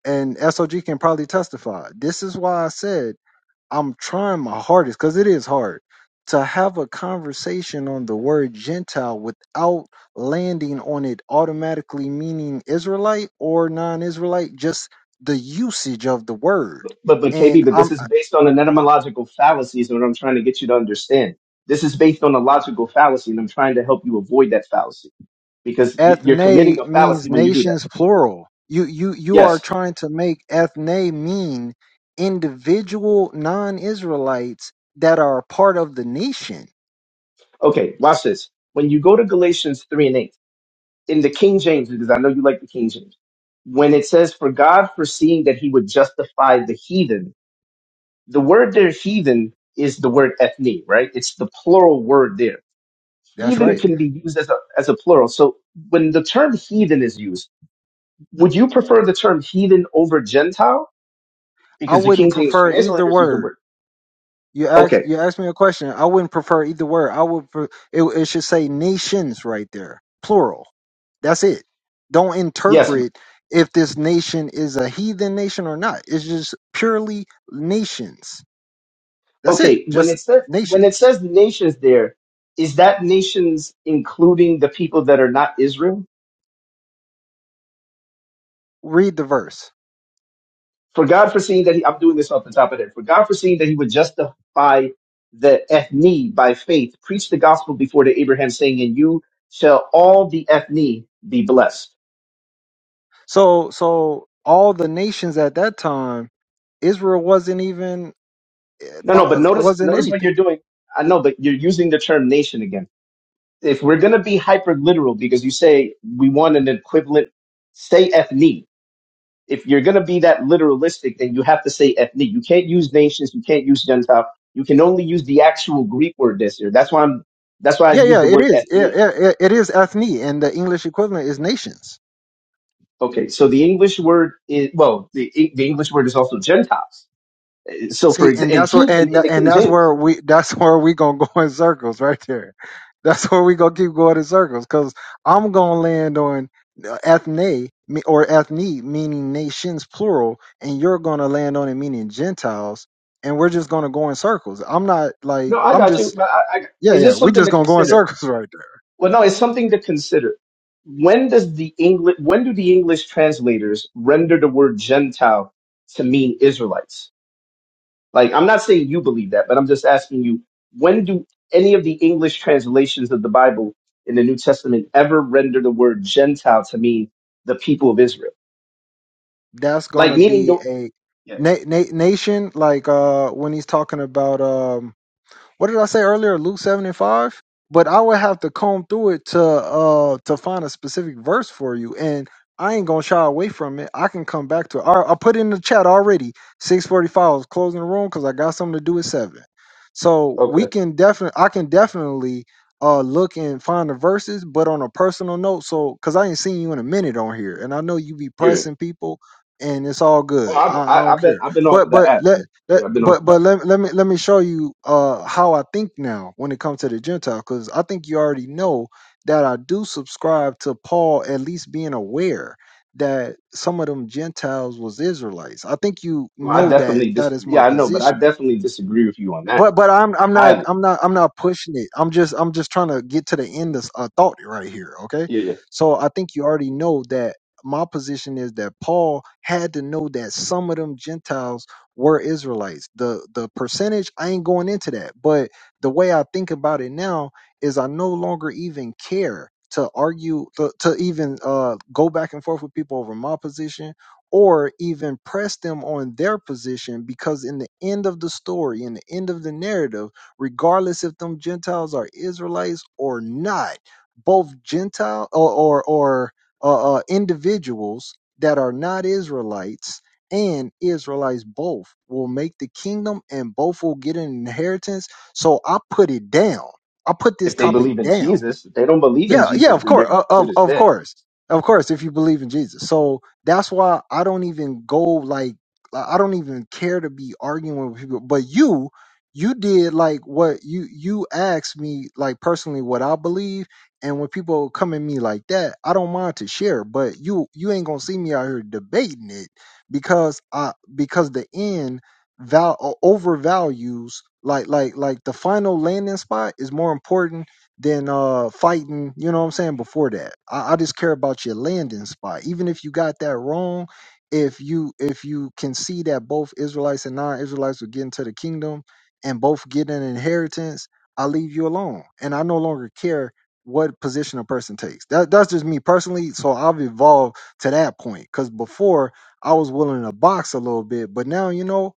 Speaker 1: And SOG can probably testify. This is why I said I'm trying my hardest because it is hard to have a conversation on the word Gentile without landing on it automatically meaning Israelite or non Israelite, just the usage of the word.
Speaker 13: but, but KB,
Speaker 1: And
Speaker 13: but this
Speaker 1: I'm
Speaker 13: is
Speaker 1: uh,
Speaker 13: based on an etymological fallacy is what I'm trying to get you to understand. This is based on a logical fallacy and I'm trying to help you avoid that fallacy because y- you're
Speaker 1: ethne
Speaker 13: committing a
Speaker 1: means
Speaker 13: fallacy when you do that.
Speaker 1: nations plural. You you you are
Speaker 13: Yes.
Speaker 1: trying to make ethne mean individual non Israelites that are part of the nation.
Speaker 13: Okay, watch this. When you go to Galatians 3 and 8, in the King James, because I know you like the King James, when it says, For God foreseeing that he would justify the heathen, the word there, heathen, is the word ethne, right? It's the plural word there.
Speaker 1: That's
Speaker 13: Heathen
Speaker 1: right.
Speaker 13: can be used as a, as a plural. So when the term heathen is used, would you prefer the term heathen over Gentile?
Speaker 1: I
Speaker 13: Because the
Speaker 1: wouldn't
Speaker 13: King James
Speaker 1: prefer either
Speaker 13: translators use the
Speaker 1: word.
Speaker 13: word.
Speaker 1: You ask
Speaker 13: Okay.
Speaker 1: you asked me a question. I wouldn't prefer either word. I would pre- it, it should say nations right there, plural. That's it. Don't
Speaker 13: Yes,
Speaker 1: interpret if this nation is a heathen nation or not. It's just purely nations. That's it.
Speaker 13: Okay, when
Speaker 1: Just
Speaker 13: it says when it
Speaker 1: nations.
Speaker 13: says nations there, is that nations including the people that are not Israel?
Speaker 1: Read the verse.
Speaker 13: For God foreseeing that he, I'm doing this off the top of it. For God foreseeing that he would justify the ethne by faith, preach the gospel before to Abraham, saying, "And you shall all the ethne be blessed."
Speaker 1: So so all the nations at that time, Israel wasn't even eh,
Speaker 13: No, no, but
Speaker 1: thought
Speaker 13: notice
Speaker 1: wasn't
Speaker 13: notice what you're
Speaker 1: anything.
Speaker 13: doing. I know, but you're using the term nation again. If we're gonna be hyper literal, because you say we want an equivalent, say ethne. if you're going to be that literalistic, then you have to say ethnic. You can't use nations. You can't use Gentile. You can only use the actual Greek word this year. That's why I'm, that's why I
Speaker 1: Yeah,
Speaker 13: use
Speaker 1: yeah,
Speaker 13: the
Speaker 1: it
Speaker 13: word
Speaker 1: is. It,
Speaker 13: ethnic.
Speaker 1: it, it is ethne, and the English equivalent is nations.
Speaker 13: Okay. So the English word is, well, the, the English word is also Gentiles. So for
Speaker 1: See, and
Speaker 13: example, and
Speaker 1: that's where
Speaker 13: heathen
Speaker 1: and
Speaker 13: in the
Speaker 1: and
Speaker 13: King
Speaker 1: that's
Speaker 13: James.
Speaker 1: where we <laughs> that's where we gonna go in circles right there. That's where we gonna keep going in circles because I'm gonna land on uh, ethne me- or ethne meaning nations plural, and you're gonna land on it meaning Gentiles, and we're just gonna go in circles. I'm not
Speaker 13: No,
Speaker 1: like
Speaker 13: I
Speaker 1: I'm
Speaker 13: got you.
Speaker 1: just
Speaker 13: But I, I,
Speaker 1: yeah
Speaker 13: it's
Speaker 1: yeah
Speaker 13: just
Speaker 1: we
Speaker 13: something
Speaker 1: just
Speaker 13: to
Speaker 1: gonna go in
Speaker 13: consider.
Speaker 1: circles <laughs> right there.
Speaker 13: Well, no, it's something to consider. When does the English, when do the English translators render the word Gentile to mean Israelites? Like, I'm not saying you believe that, but I'm just asking you, when do any of the English translations of the Bible in the New Testament ever render the word Gentile to mean the people of Israel?
Speaker 1: That's
Speaker 13: Like,
Speaker 1: gonna
Speaker 13: meaning
Speaker 1: be
Speaker 13: the
Speaker 1: a
Speaker 13: yeah.
Speaker 1: na- na- nation like uh when he's talking about um, what did I say earlier? Luke seven and five. But I would have to comb through it to uh to find a specific verse for you, and I ain't gonna shy away from it. I can come back to it. I, I put it in the chat already. Six forty five. I was closing the room because I got something to do at seven. So we
Speaker 13: Okay.
Speaker 1: can definitely, I can definitely uh look and find the verses, but on a personal note. So because I ain't seen you in a minute on here, and I know you be
Speaker 13: Yeah.
Speaker 1: pressing people, and it's all
Speaker 13: Well,
Speaker 1: good.
Speaker 13: I've,
Speaker 1: I, I
Speaker 13: I,
Speaker 1: don't
Speaker 13: I've been
Speaker 1: care.
Speaker 13: I've been off
Speaker 1: But
Speaker 13: of that
Speaker 1: but
Speaker 13: app,
Speaker 1: let
Speaker 13: man.
Speaker 1: that,
Speaker 13: Yeah, I've been off
Speaker 1: but
Speaker 13: of that.
Speaker 1: but let, let me let me show you uh how I think now when it comes to the Gentile because I think you already know that I do subscribe to Paul at least being aware that some of them Gentiles was Israelites. I think you
Speaker 13: Well, I
Speaker 1: know that
Speaker 13: definitely dis.
Speaker 1: that is my
Speaker 13: Yeah, I know, but I
Speaker 1: position
Speaker 13: definitely disagree with you on that
Speaker 1: but but I'm I'm not
Speaker 13: highly.
Speaker 1: I'm not I'm not pushing it. I'm just I'm just trying to get to the end of a thought right here. Okay,
Speaker 13: Yeah, yeah.
Speaker 1: so I think you already know that my position is that Paul had to know that some of them Gentiles were Israelites. The the percentage I ain't going into that, but the way I think about it now is I no longer even care to argue to, to even uh go back and forth with people over my position or even press them on their position because in the end of the story in the end of the narrative regardless if them gentiles are israelites or not both gentile or or, or uh, uh, individuals that are not israelites and israelites both will make the kingdom and both will get an inheritance so i put it down i put this
Speaker 13: If they
Speaker 1: topic
Speaker 13: believe in
Speaker 1: down
Speaker 13: Jesus, if they don't believe in
Speaker 1: yeah, yeah,
Speaker 13: Jesus,
Speaker 1: of
Speaker 13: then they're
Speaker 1: course,
Speaker 13: good
Speaker 1: of
Speaker 13: as
Speaker 1: of
Speaker 13: dead.
Speaker 1: course, of course. If you believe in Jesus, so that's why I don't even go like I I don't even care to be arguing with people. But you, you did like what you you asked me like personally what I believe, and when people come at me like that, I don't mind to share. But you you ain't gonna see me out here debating it because I because the end val overvalues like like like the final landing spot is more important than uh fighting, you know what I'm saying, before that. I, I just care about your landing spot. Even if you got that wrong, if you if you can see that both Israelites and non-Israelites will get into the kingdom and both get an inheritance, I leave you alone. And I no longer care what position a person takes. That that's just me personally. So I've evolved to that point. Cause before I was willing to box a little bit, but now you know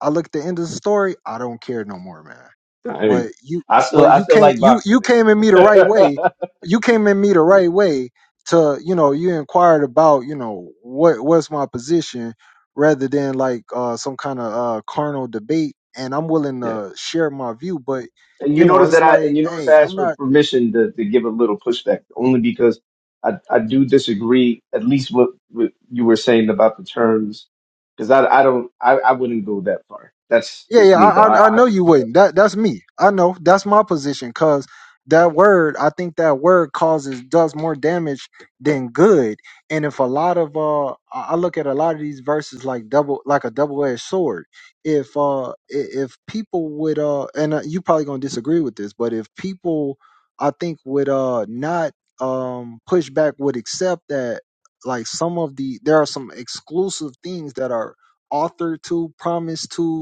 Speaker 1: I look at the end of the story, I don't care no more, man.
Speaker 13: I,
Speaker 1: But you
Speaker 13: I still
Speaker 1: but
Speaker 13: I
Speaker 1: you
Speaker 13: still
Speaker 1: can't
Speaker 13: like
Speaker 1: you
Speaker 13: boxing,
Speaker 1: you came in me the
Speaker 13: man.
Speaker 1: right way. You came in me the right
Speaker 13: <laughs>
Speaker 1: way to, you know, you inquired about, you know, what what's my position rather than like uh some kind of uh carnal debate and I'm willing
Speaker 13: yeah.
Speaker 1: to share my view, but
Speaker 13: And you
Speaker 1: you know,
Speaker 13: notice
Speaker 1: it's
Speaker 13: that I and
Speaker 1: like,
Speaker 13: you notice
Speaker 1: hey,
Speaker 13: I
Speaker 1: I'm
Speaker 13: asked for
Speaker 1: not
Speaker 13: permission to, to give a little pushback, only because I, I do disagree at least what, what you were saying about the terms, because I I don't I, I wouldn't go that far. That's
Speaker 1: Yeah,
Speaker 13: just
Speaker 1: yeah,
Speaker 13: me though.
Speaker 1: I,
Speaker 13: I,
Speaker 1: I I
Speaker 13: I
Speaker 1: know you
Speaker 13: wouldn't go that
Speaker 1: wouldn't. That that's me. I know that's my position. Cause that word, I think that word causes does more damage than good. And if a lot of uh, I I look at a lot of these verses like double, like a double edged sword. If uh, i- if people would uh, and uh, you probably gonna disagree with this, but if people, I think would uh not um push back would accept that like some of the there are some exclusive things that are authored to promised to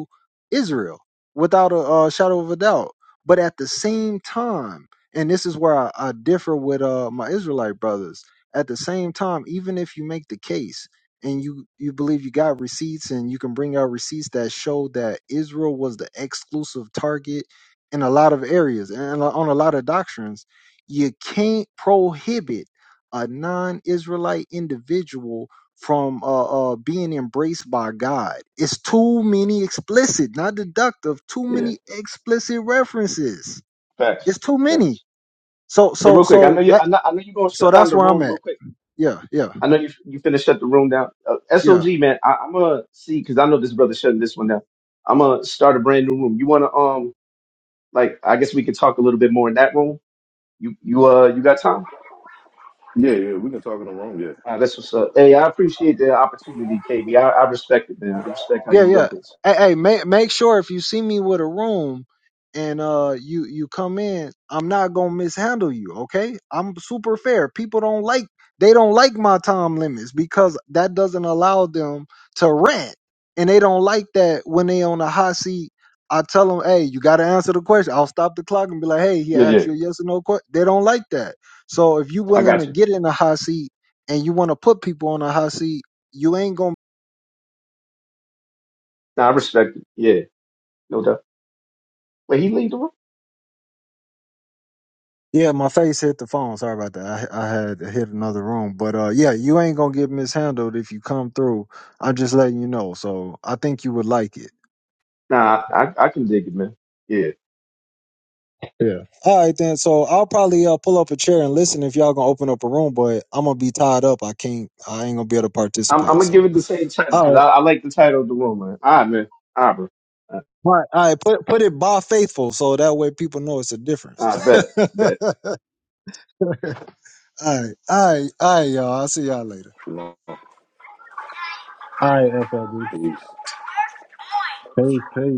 Speaker 1: Israel without a uh, shadow of a doubt. But at the same time, and this is where I, I differ with uh, my Israelite brothers. At the same time, even if you make the case and you you believe you got receipts and you can bring out receipts that show that Israel was the exclusive target in a lot of areas and on a lot of doctrines, you can't prohibit a non-Israelite individual from uh, uh, being embraced by God. It's too many explicit, not deductive, too
Speaker 13: far. Yeah,
Speaker 1: many explicit references.
Speaker 13: facts,
Speaker 1: It's too many.
Speaker 13: facts.
Speaker 1: So
Speaker 13: Hey,
Speaker 1: so
Speaker 13: real quick, I
Speaker 1: so
Speaker 13: know you
Speaker 1: that
Speaker 13: I know, I know you're gonna shut
Speaker 1: so
Speaker 13: down
Speaker 1: that's
Speaker 13: the
Speaker 1: where I'm
Speaker 13: room real
Speaker 1: at.
Speaker 13: quick.
Speaker 1: Yeah, yeah,
Speaker 13: I know you you finna shut the room down. Uh,
Speaker 1: yeah.
Speaker 13: SOG man, I, I'm gonna see because I know this brother shutting this one down. I'm gonna start a brand new room. You wanna um like I guess we could talk a little bit more in that room You you uh you got time?
Speaker 11: Yeah, yeah, we can talk in the room. Yeah.
Speaker 13: All right, that's what's up.
Speaker 11: So,
Speaker 13: Hey, I appreciate the opportunity, KB. respect it, man. I respect how
Speaker 1: Yeah,
Speaker 13: you run
Speaker 1: yeah.
Speaker 13: things.
Speaker 1: Hey, hey, make make sure if you see me with a room and uh you you come in, I'm not gonna mishandle you, okay? I'm super fair. People don't like they don't like my time limits because that doesn't allow them to rant. And they don't like that when they on the hot seat. I tell them, hey, you gotta answer the question. I'll stop the clock and be like, hey, he
Speaker 13: Yeah, yeah.
Speaker 1: asked you a yes or no question. They don't like that. So if you
Speaker 13: I
Speaker 1: willing
Speaker 13: got
Speaker 1: to
Speaker 13: you.
Speaker 1: get in the hot seat and you wanna put people on the hot seat, you ain't gonna
Speaker 13: Nah, I respect it. Yeah, no doubt. Wait, he leave the room?
Speaker 1: Yeah, my face hit the phone. Sorry about that. I, I had hit another room, but uh, yeah, you ain't gonna get mishandled if you come through. I'm just letting you know. So I think you would like it.
Speaker 13: Nah, I I can dig it, man. Yeah.
Speaker 1: Yeah. All right, then. So I'll probably uh, pull up a chair and listen if y'all gonna open up a room, but I'm gonna be tied up. I can't. I ain't gonna be able to
Speaker 13: I'm I'm
Speaker 1: participate.
Speaker 13: gonna give
Speaker 1: So
Speaker 13: it the same title
Speaker 1: all
Speaker 13: because
Speaker 1: right,
Speaker 13: I, I like the title of the room, man. All right, man. All right, bro. All right,
Speaker 1: all right, all right. Put put it by faithful, so that way people know it's a
Speaker 13: all
Speaker 1: difference.
Speaker 13: right
Speaker 1: <laughs> all
Speaker 13: bet, bet.
Speaker 1: right, all right, all right, y'all. I'll see y'all later.
Speaker 11: shalom.
Speaker 1: All right, FLB.
Speaker 11: Peace.
Speaker 1: Peace, peace.